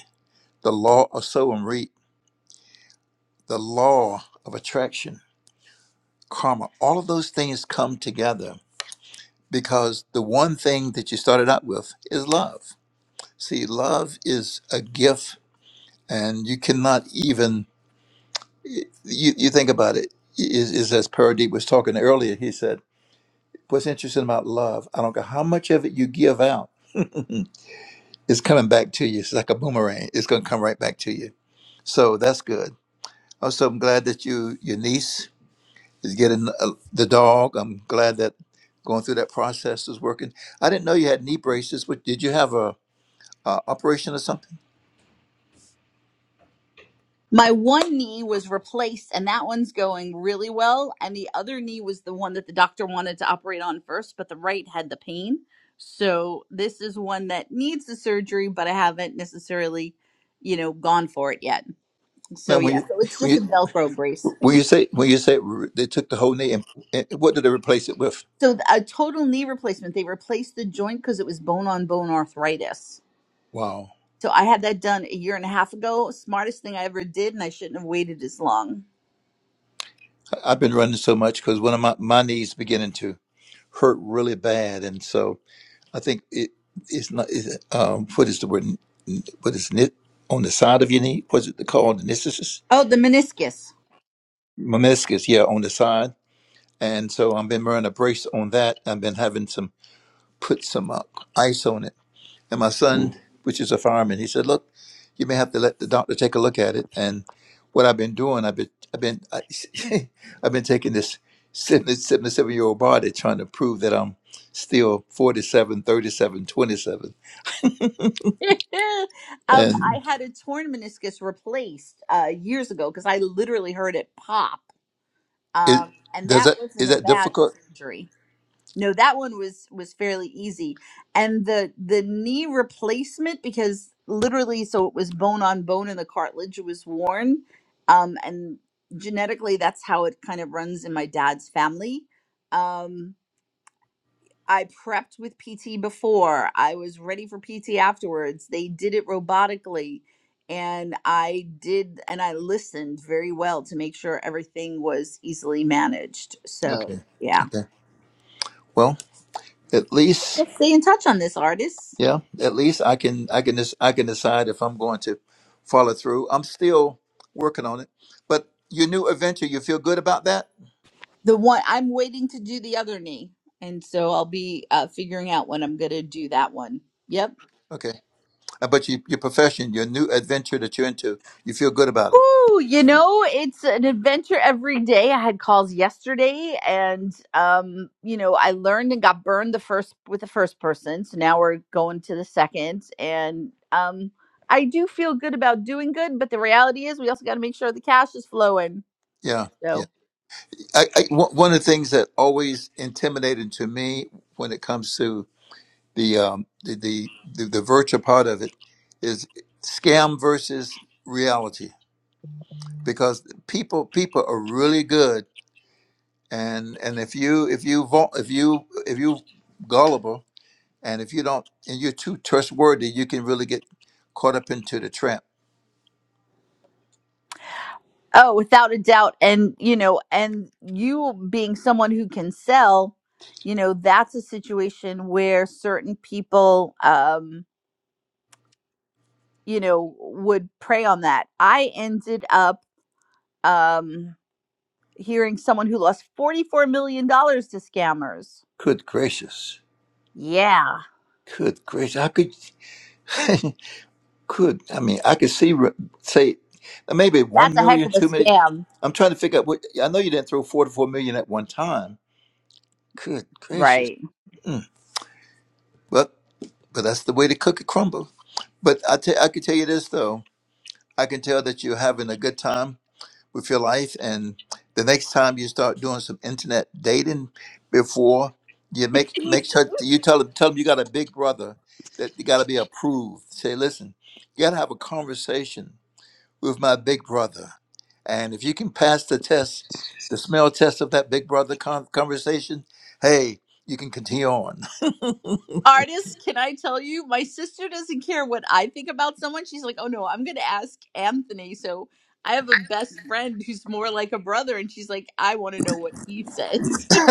the law of sow and reap, the law of attraction, karma, all of those things come together because the one thing that you started out with is love. See, love is a gift, and you cannot even, you, you think about it, is, is as Paradeep was talking earlier, he said, What's interesting about love? I don't care how much of it you give out, it's coming back to you. It's like a boomerang, it's going to come right back to you. So that's good. Also, I'm glad that you, your niece, is getting uh, the dog. I'm glad that going through that process is working. I didn't know you had knee braces. But did you have a, a operation or something? My one knee was replaced, and that one's going really well. And the other knee was the one that the doctor wanted to operate on first, but the right had the pain. So this is one that needs the surgery, but I haven't necessarily, you know, gone for it yet. Now, So when yeah, you so it's when just a you, Velcro brace. when you say when you say re- they took the whole knee and, and what did they replace it with? So th- a total knee replacement. They replaced the joint because it was bone on bone arthritis. Wow, So I had that done a year and a half ago. Smartest thing I ever did, and I shouldn't have waited as long. I- I've been running so much because one of my my knees beginning to hurt really bad, and so I think it it's not it's, um what is the word N- what is knit on the side of your knee? What's it called? Meniscus, Oh, the meniscus. meniscus, yeah, on the side and so I've been wearing a brace on that. I've been having some put some uh, ice on it. And my son, which is a fireman, he said, "Look, you may have to let the doctor take a look at it." And what I've been doing, I've been, I've been, I, I've been taking this 77 year old body trying to prove that I'm still 47, 37, 27. um, I And had a torn meniscus replaced uh, years ago because I literally heard it pop, it, um, and does that that wasn't is a that bad difficult? surgery. No, that one was was fairly easy, and the the knee replacement because literally, so it was bone on bone, and the cartilage was worn, um, and genetically, that's how it kind of runs in my dad's family. Um, I prepped with PT before. I was ready for PT afterwards. They did it robotically and I did and I listened very well to make sure everything was easily managed. So, Okay, yeah. okay. Well, at least We'll stay in touch on this artist. Yeah, at least I can I can des- I can decide if I'm going to follow through. I'm still working on it. But your new adventure, you feel good about that? The one I'm waiting to do the other knee. And so I'll be uh, figuring out when I'm going to do that one. Yep. Okay. Uh, But your your profession, your new adventure that you're into, you feel good about it. Whew, you know, it's an adventure every day. I had calls yesterday and um, you know, I learned and got burned the first with the first person. So now we're going to the second and um I do feel good about doing good, but the reality is we also got to make sure the cash is flowing. Yeah, yeah. So, I, I, one one of the things that always intimidated to me when it comes to the um, the, the the the virtual part of it is scam versus reality because people people are really good and and if you if you vul- if you if you gullible and if you don't and you're too trustworthy you can really get caught up into the trap oh, without a doubt and you know, and you being someone who can sell, you know, that's a situation where certain people um. you know, would prey on that. I ended up um, hearing someone who lost $44 million dollars to scammers. good gracious Yeah, good gracious i could could i mean i could see re- say uh, maybe one that's a heck million of a two million scam. i'm trying to figure out what i know you didn't throw four to four million at one time good gracious Right. mm. well but that's the way to cook a crumble but i tell I can tell you this though i can tell that you're having a good time with your life and the next time you start doing some internet dating before you make make sure you tell them tell them you got a big brother that you got to be approved say listen you got to have a conversation with my big brother and if you can pass the test the smell test of that big brother con- conversation hey you can continue on Artists, can I tell you? My sister doesn't care what I think about someone. She's like, oh no, I'm going to ask Anthony. So I have a best friend who's more like a brother, and she's like, I want to know what he says.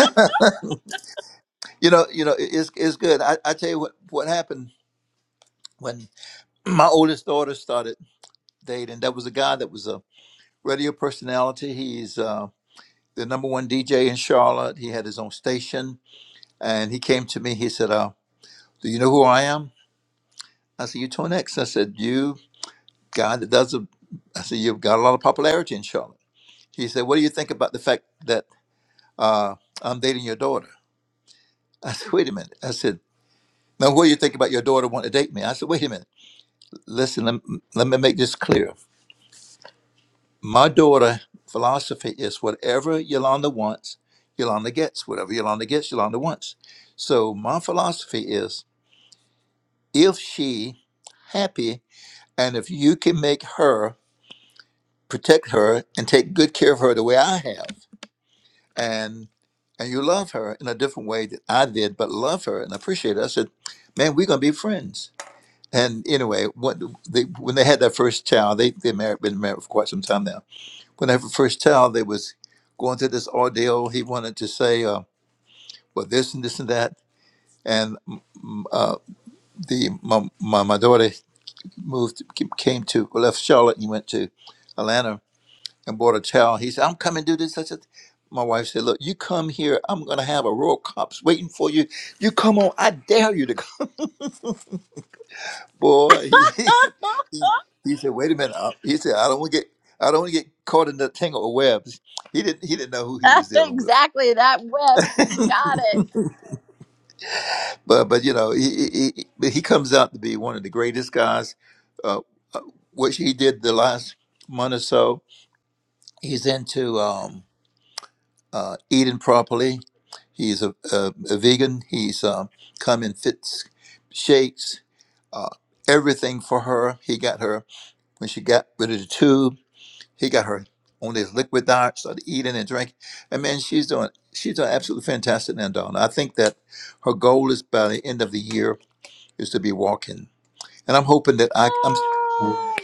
you know you know it- it's, it's good I, I tell you what what happened when my oldest daughter started dating there was a guy that was radio personality. He's uh, the number one DJ in Charlotte. He had his own station, and he came to me. He said, uh, "Do you know who I am?" I said, "You Tone X." I said, "You guy that does a." I said, "You've got a lot of popularity in Charlotte." He said, "What do you think about the fact that uh, I'm dating your daughter?" I said, "Wait a minute." I said, "Now, what do you think about your daughter wanting to date me?" I said, "Wait a minute. Listen, let, let me make this clear." My daughter philosophy is whatever Yolanda wants, Yolanda gets. Whatever Yolanda gets, Yolanda wants. So my philosophy is if she happy and if you can make her protect her and take good care of her the way I have and and you love her in a different way that I did, but love her and appreciate her. I said, man, we're gonna be friends. And anyway, what they, when they had their first child, they they married been married for quite some time now whenever first child they was going through this ordeal he wanted to say uh, well this and this and that and mm, mm, uh, the my, my, my daughter moved came to left charlotte and went to atlanta and bought a child he said i'm coming to do this such a my wife said look you come here i'm going to have a row of cops waiting for you you come on i dare you to come boy he, he, he, he said wait a minute Uh, he said i don't want to get i don't want to get caught in the tangle of webs he didn't he didn't know who he was dealing with exactly that web. You got it. but but you know he he, he but he comes out to be one of the greatest guys. Uh, uh, which he did the last month or so. He's into um, uh, eating properly. He's a, a, a vegan. He's um, come in fits, shakes, uh, everything for her. He got her when she got rid of the tube. He got her on this liquid diet, started eating and drinking. And man, she's doing she's doing absolutely fantastic now, Donna. I think that her goal is by the end of the year is to be walking. and I'm hoping that I, I'm Oh.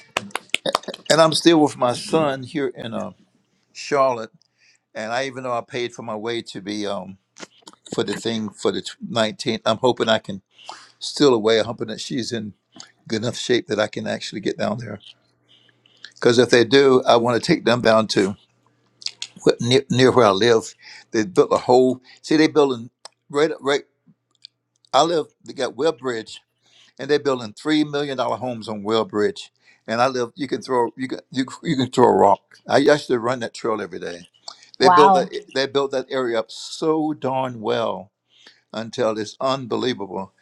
and I'm still with my son here in uh, Charlotte, and I even though I paid for my way to be um for the thing for the 19th, I'm hoping I can still away. I'm hoping that she's in good enough shape that I can actually get down there. Because if they do, I want to take them down to what, near, near where I live. They built a whole see they building right right. I live. They got Webbridge and they're building three million dollar homes on Wellbridge. And I live. You can throw you can you, you can throw a rock. I used to run that trail every day. They built Wow. that they built that area up so darn well until it's unbelievable.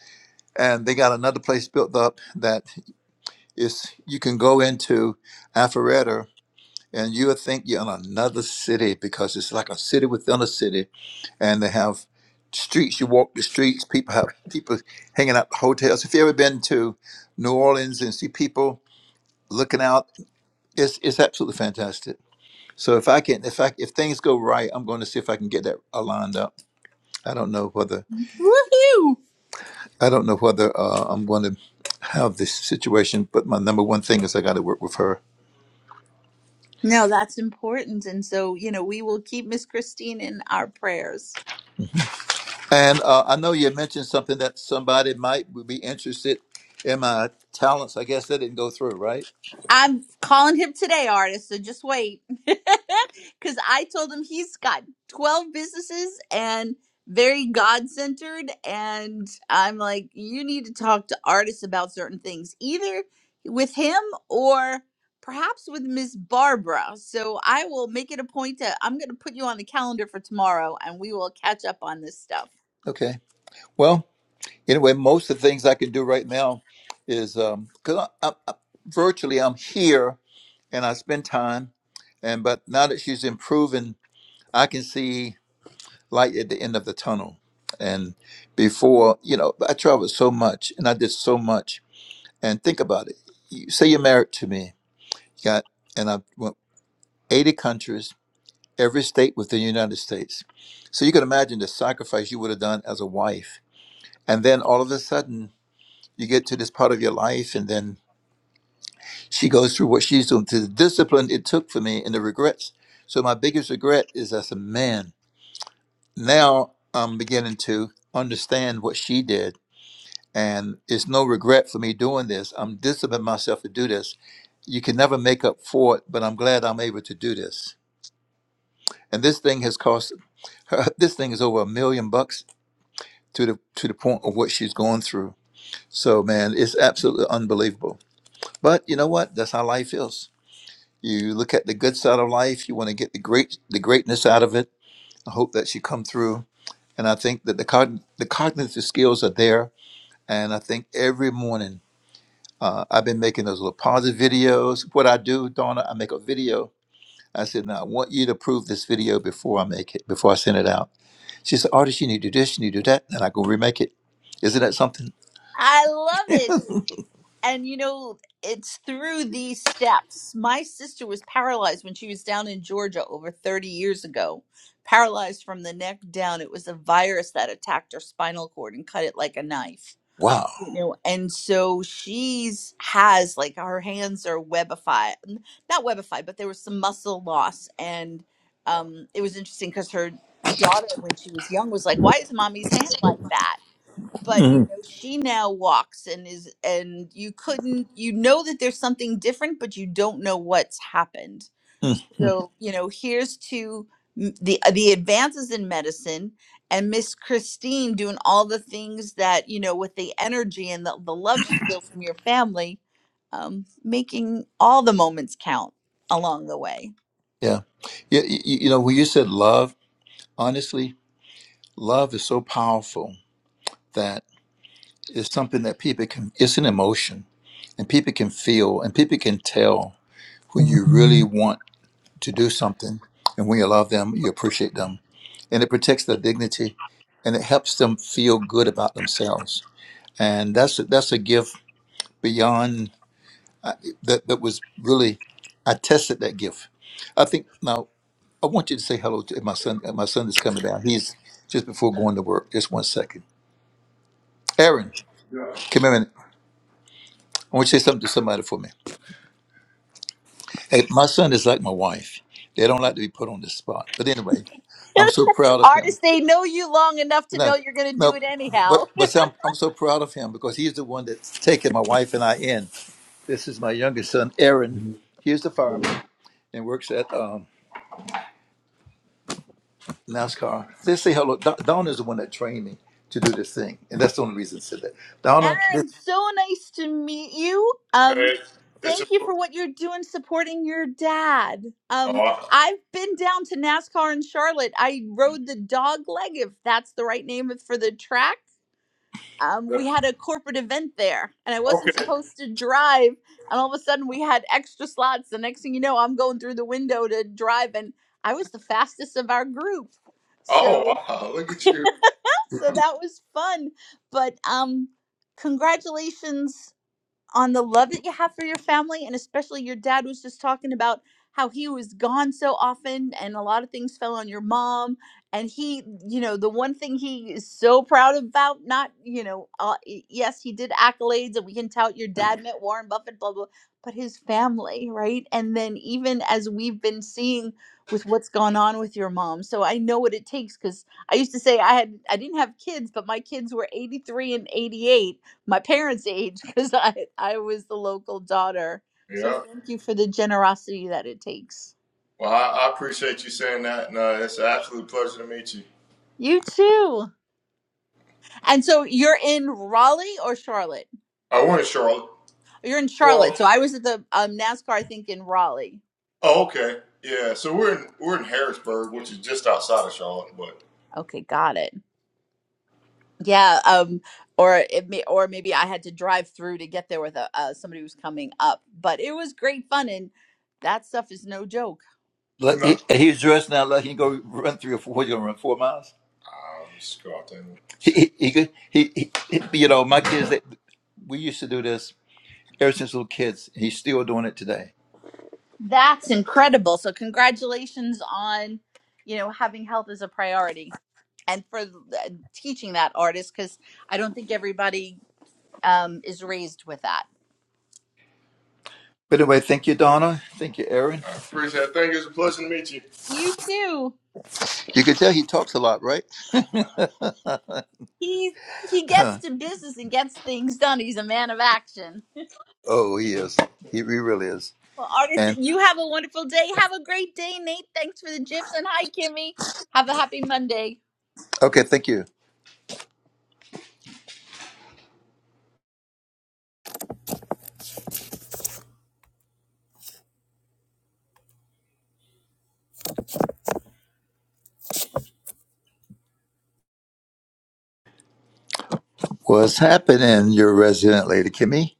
And they got another place built up that is you can go into Alpharetta and you would think you're in another city because it's like a city within a city, and they have streets. You walk the streets. People have people hanging out the hotels. If you ever been to New Orleans and see people looking out, it's it's absolutely fantastic. So if I can, if I if things go right, I'm going to see if I can get that uh, lined up. I don't know whether Woohoo! I don't know whether uh, I'm going to have this situation, but my number one thing is I got to work with her No, that's important. And so, you know, we will keep Miss Christine in our prayers. And uh, I know you mentioned something that somebody might would be interested in my talents. I guess that didn't go through, right? I'm calling him today, artist, so just wait. Because I told him he's got 12 businesses and very God centered. And I'm like, you need to talk to artists about certain things, either with him or perhaps with Miss Barbara. So I will make it a point to, I'm going to put you on the calendar for tomorrow and we will catch up on this stuff. Okay. Well, anyway, most of the things I can do right now is um, because I, I, I, virtually I'm here and I spend time, and but now that she's improving, I can see light at the end of the tunnel. And before, you know, I traveled so much and I did so much. And think about it. You say you're married to me, got, and I went 80 countries every state within the United States. So you can imagine the sacrifice you would have done as a wife. And then all of a sudden, you get to this part of your life, and then she goes through what she's doing to the discipline it took for me and the regrets. So, my biggest regret is as a man, now I'm beginning to understand what she did. And it's no regret for me doing this. I'm disciplining myself to do this. You can never make up for it, but I'm glad I'm able to do this. And this thing has cost her, this thing is over a million bucks to the to the point of what she's going through. So man, it's absolutely unbelievable. But you know what? That's how life is. You look at the good side of life. You want to get the great the greatness out of it. I hope that she come through. And I think that the cogn- the cognitive skills are there. And I think every morning uh, I've been making those little positive videos. What I do, Donna, I make a video. I said, now I want you to approve this video before I make it, before I send it out. She said, artist, you need to do this, you need to do that, and I go remake it. Isn't that something? I love it. And you know, it's through these steps. My sister was paralyzed when she was down in Georgia over 30 years ago, paralyzed from the neck down. It was a virus that attacked her spinal cord and cut it like a knife. Wow. You know, and so she's has like her hands are webified, n- not webified, but there was some muscle loss. And um, it was interesting because her daughter, when she was young, was like, Why is mommy's hand like that? but you know she now walks and is and you couldn't you know that there's something different but you don't know what's happened Mm, mm, so you know here's to m- the uh, the advances in medicine and miss christine doing all the things that you know with the energy and the, the love she feels from your family um, making all the moments count along the way Yeah. yeah you, you know, when you said love, honestly, love is so powerful that it's something that people can, it's an emotion and people can feel and people can tell when you really want to do something. And when you love them, you appreciate them. And it protects their dignity and it helps them feel good about themselves. And that's, that's a gift beyond uh, that, that was really, I tested that gift. I think now I want you to say hello to my son. My son is coming down. He's just before going to work. Just one second. Aaron, come here a minute. I want you to say something to somebody for me. Hey, my son is like my wife. They don't like to be put on the spot. But anyway, I'm so proud of him. artists they know you long enough to know No, you're going to do no, it anyhow but but see, I'm, I'm so proud of him because he's the one that's taken my wife and I in. This is my youngest son, Aaron. He's the fireman and works at um, NASCAR. They say hello. Don, Donna is the one that trained me to do this thing, and that's the only reason I said that. Donna, Aaron, so nice to meet you. Um, Hey, it's thank a you oh, for what you're doing supporting your dad. Um, I- I've been down to NASCAR in Charlotte. I rode the dog leg, if that's the right name for the track. Um, we had a corporate event there, and I wasn't okay. supposed to drive. And all of a sudden, we had extra slots. The next thing you know, I'm going through the window to drive, and I was the fastest of our group. Oh So, wow, look at you. so that was fun. But um, congratulations on the love that you have for your family and especially your dad was just talking about how he was gone so often and a lot of things fell on your mom and he you know the one thing he is so proud about not you know uh, y- yes he did accolades and we can tout your dad met warren buffett blah blah but his family right and then even as we've been seeing with what's gone on with your mom so i know what it takes because i used to say i had i didn't have kids but my kids were 83 and 88 my parents' age because I I was the local daughter. So Yeah. thank you for the generosity that it takes. Well, I, I appreciate you saying that, and uh, it's an absolute pleasure to meet you. You too. And so you're in Raleigh or Charlotte? I went in Charlotte. You're in Charlotte. Well, So I was at the um, NASCAR, I think, in Raleigh. oh, okay, yeah. So we're in we're in Harrisburg, which is just outside of Charlotte, but Okay, got it. Yeah. Um. Or it may, or maybe I had to drive through to get there with a, uh, somebody who was coming up. But it was great fun, and that stuff is no joke. Let, not. he, he was dressed now like he can go run three or four. He's gonna run four miles. I'll just go out there. And, He he, he could he, he you know my kids they, we used to do this ever since little kids. He's still doing it today. That's incredible. So congratulations on, you know, having health as a priority and for uh, teaching that artist cuz I don't think everybody um is raised with that. But anyway, thank you, Donna. Thank you, Aaron. I appreciate it. Thank you. It's a pleasure to meet you. You too. You can tell he talks a lot, right? He he gets to business and gets things done. He's a man of action. oh, he is. He, he really is. Well, artist, And you have a wonderful day. Have a great day, Nate. Thanks for the gifs and hi Kimmy. Have a happy Monday. okay, thank you. What's happening, your resident lady, Kimmy?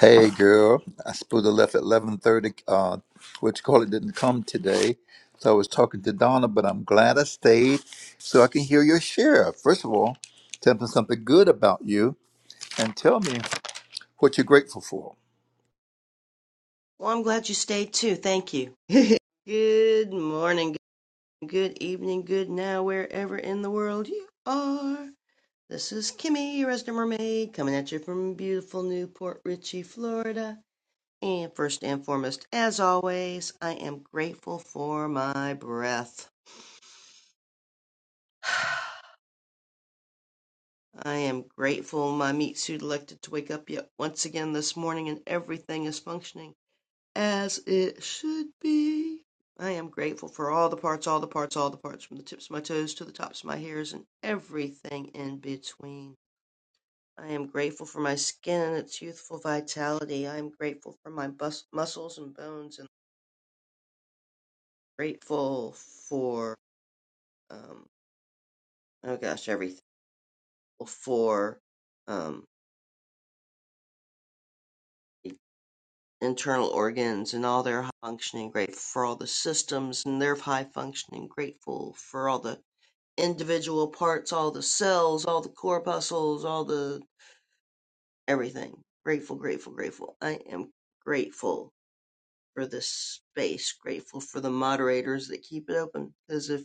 Hey, girl. I supposed to left at eleven thirty. Uh, what you call it didn't come today, so I was talking to Donna, but I'm glad I stayed so I can hear your share. First of all, tell me something good about you, and tell me what you're grateful for. Well, I'm glad you stayed too. Thank you. good morning, good evening, good now, wherever in the world you are. This is Kimmy, your resident mermaid, coming at you from beautiful Newport Richey, Florida. And first and foremost, as always, I am grateful for my breath. I am grateful my meat suit elected to wake up yet once again this morning and everything is functioning. as it should be. I am grateful for all the parts, all the parts, all the parts, from the tips of my toes to the tops of my hairs and everything in between. I am grateful for my skin and its youthful vitality. I am grateful for my bus- muscles and bones, and grateful for um oh gosh everything for um internal organs and all their high functioning. Grateful for all the systems and their high functioning. Grateful for all the individual parts, all the cells, all the corpuscles, all the everything. Grateful, grateful, grateful. I am grateful for this space, grateful for the moderators that keep it open. Because if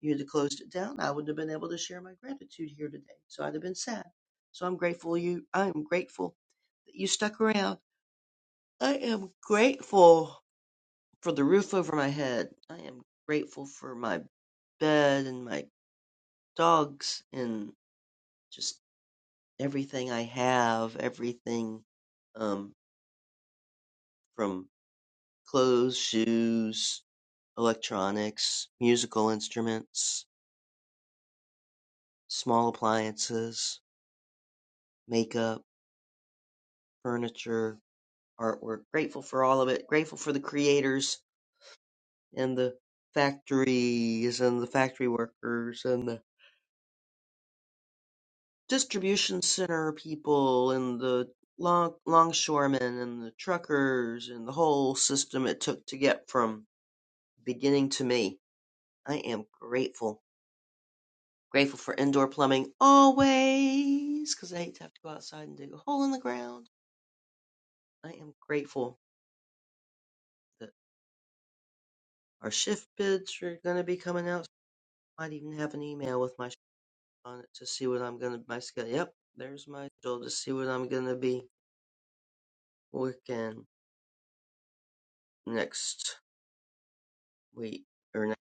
you had closed it down, I wouldn't have been able to share my gratitude here today. So I'd have been sad. So I'm grateful you I am grateful that you stuck around. I am grateful for the roof over my head. I am grateful for my bed and my dogs and just everything I have, everything um, from clothes, shoes, electronics, musical instruments, small appliances, makeup, furniture, artwork. Grateful for all of it. Grateful for the creators and the factories and the factory workers and the distribution center people and the long longshoremen and the truckers and the whole system it took to get from beginning to me I am grateful. Grateful for indoor plumbing always, 'cause I hate to have to go outside and dig a hole in the ground. I am grateful that our shift bids are going to be coming out. so I might even have an email with my shift on it to see what I'm going to, my schedule. Yep, there's my schedule to see what I'm going to be working next week or next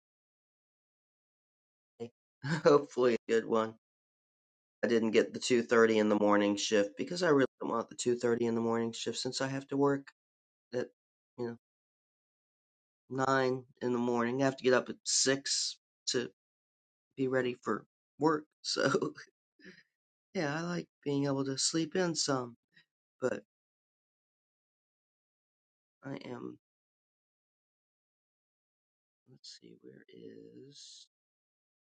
day. Hopefully a good one. I didn't get the 2.30 in the morning shift because I really don't want the 2.30 in the morning shift since I have to work at, you know nine in the morning. I have to get up at six to be ready for work. So yeah, I like being able to sleep in some, but I am. Let's see, where is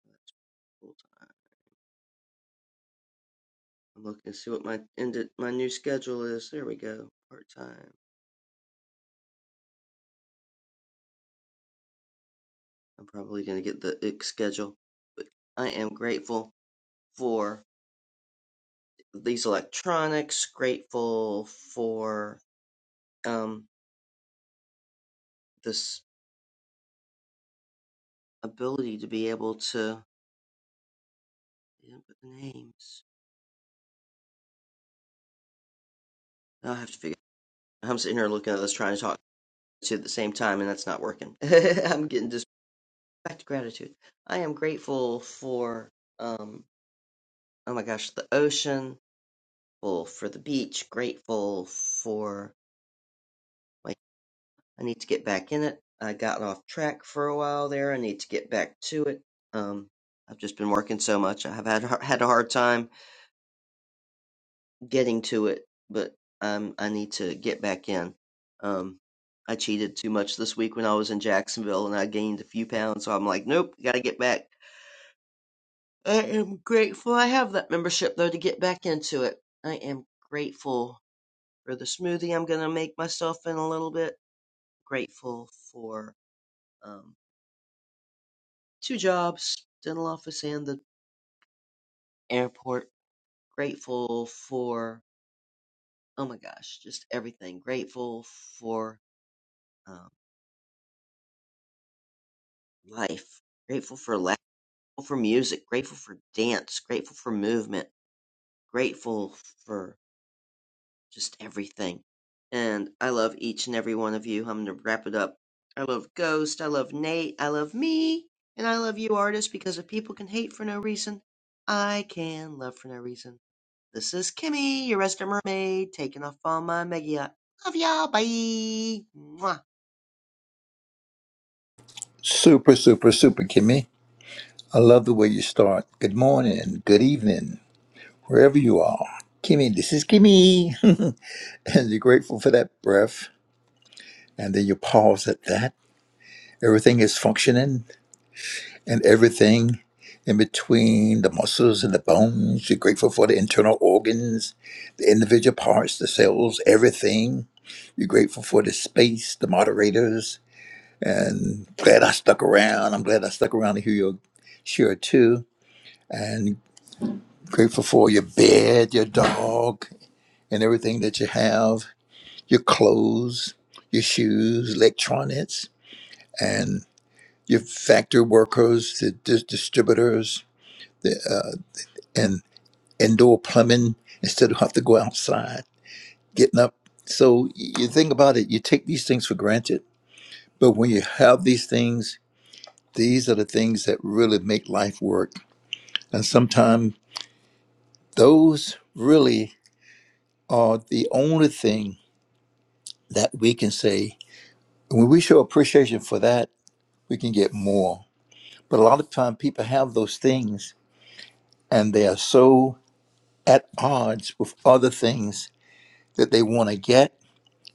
that's full time? I'm looking to see what my ended my new schedule is. There we go, part time. I'm probably gonna get the ick schedule, but I am grateful for these electronics. Grateful for um this ability to be able to They didn't put the names. I'll have to figure. it out. I'm sitting here looking at this, trying to talk to at the same time, and that's not working. I'm getting just back to gratitude. I am grateful for um. Oh my gosh, the ocean. Grateful for the beach. Grateful for my. I need to get back in it. I got off track for a while there. I need to get back to it. Um, I've just been working so much. I have had had a hard time. getting to it, but um, I need to get back in. Um, I cheated too much this week when I was in Jacksonville, and I gained a few pounds. So I'm like, nope, gotta get back. I am grateful I have that membership though to get back into it. I am grateful for the smoothie I'm gonna make myself in a little bit. Grateful for um, two jobs, dental office and the airport. Grateful for oh my gosh, just everything. Grateful for um, life, grateful for laugh, grateful for music, grateful for dance, grateful for movement, grateful for just everything. And I love each and every one of you. I'm going to wrap it up. I love Ghost. I love Nate. I love me. And I love you, artists, because if people can hate for no reason, I can love for no reason. This is Kimmy, your resident mermaid, taking off on my mega yacht. Love y'all. Bye. Mwah. Super, super, super, Kimmy. I love the way you start. Good morning, good evening, wherever you are. Kimmy, this is Kimmy. and you're grateful for that breath. And then you pause at that. Everything is functioning and everything in between the muscles and the bones. You're grateful for the internal organs, the individual parts, the cells, everything. You're grateful for the space, the moderators. And glad I stuck around. I'm glad I stuck around to hear your share too and grateful for your bed, your dog, and everything that you have, your clothes, your shoes, electronics, and your factory workers, the dis- distributors, the, uh, and indoor plumbing instead of have to go outside, getting up. So you think about it, you take these things for granted, but when you have these things, these are the things that really make life work. And sometimes those really are the only thing that we can say when we show appreciation for that we can get more but a lot of time people have those things and they are so at odds with other things that they want to get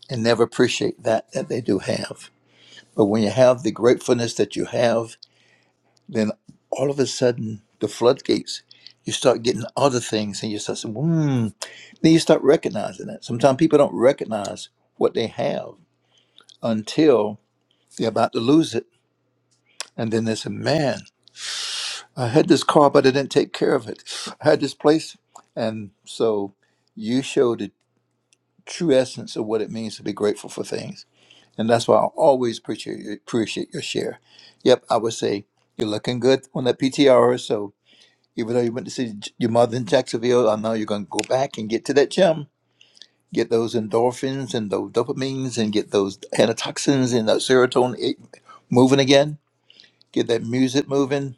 and never appreciate that that they do have but when you have the gratefulness that you have then all of a sudden the floodgates you start getting other things and you start saying hmm then you start recognizing that sometimes people don't recognize what they have until they're about to lose it and then they say man I had this car, but I didn't take care of it. I had this place. And so you show the true essence of what it means to be grateful for things. And that's why I always appreciate your, appreciate your share. Yep, I would say you're looking good on that PTR. So even though you went to see J- your mother in Jacksonville, I know you're going to go back and get to that gym, get those endorphins and those dopamines and get those antitoxins and that serotonin eh, moving again, get that music moving,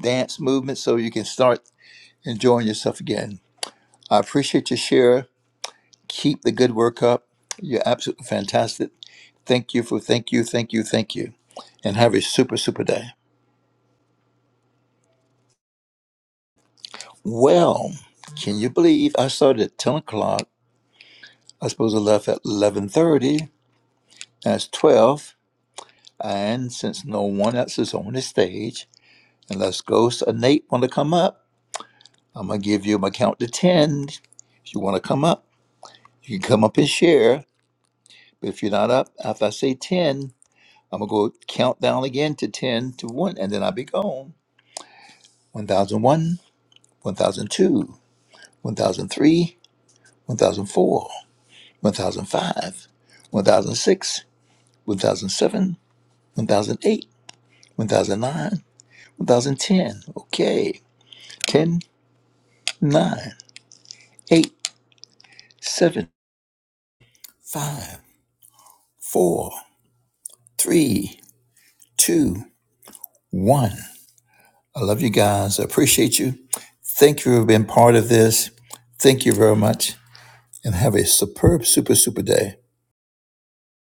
dance movement so you can start enjoying yourself again. I appreciate your share. Keep the good work up. You're absolutely fantastic. Thank you for thank you, thank you, thank you. And have a super, super day. Well, can you believe I started at 10 o'clock? I suppose I left at 11.30. That's 12. And since no one else is on the stage, unless Ghost or Nate want to come up, I'm going to give you my count to 10. If you want to come up, you can come up and share. But if you're not up after I say 10, I'm gonna go count down again to ten to one, and then I'll be gone. One thousand one, one thousand two, one thousand three, one thousand four, one thousand five, one thousand six, one thousand seven, one thousand eight, one thousand nine, one thousand ten. Okay, ten, nine, eight, seven, five, four, three, two, one. I love you guys. I appreciate you. Thank you for being part of this. Thank you very much. and have a superb, super, super day.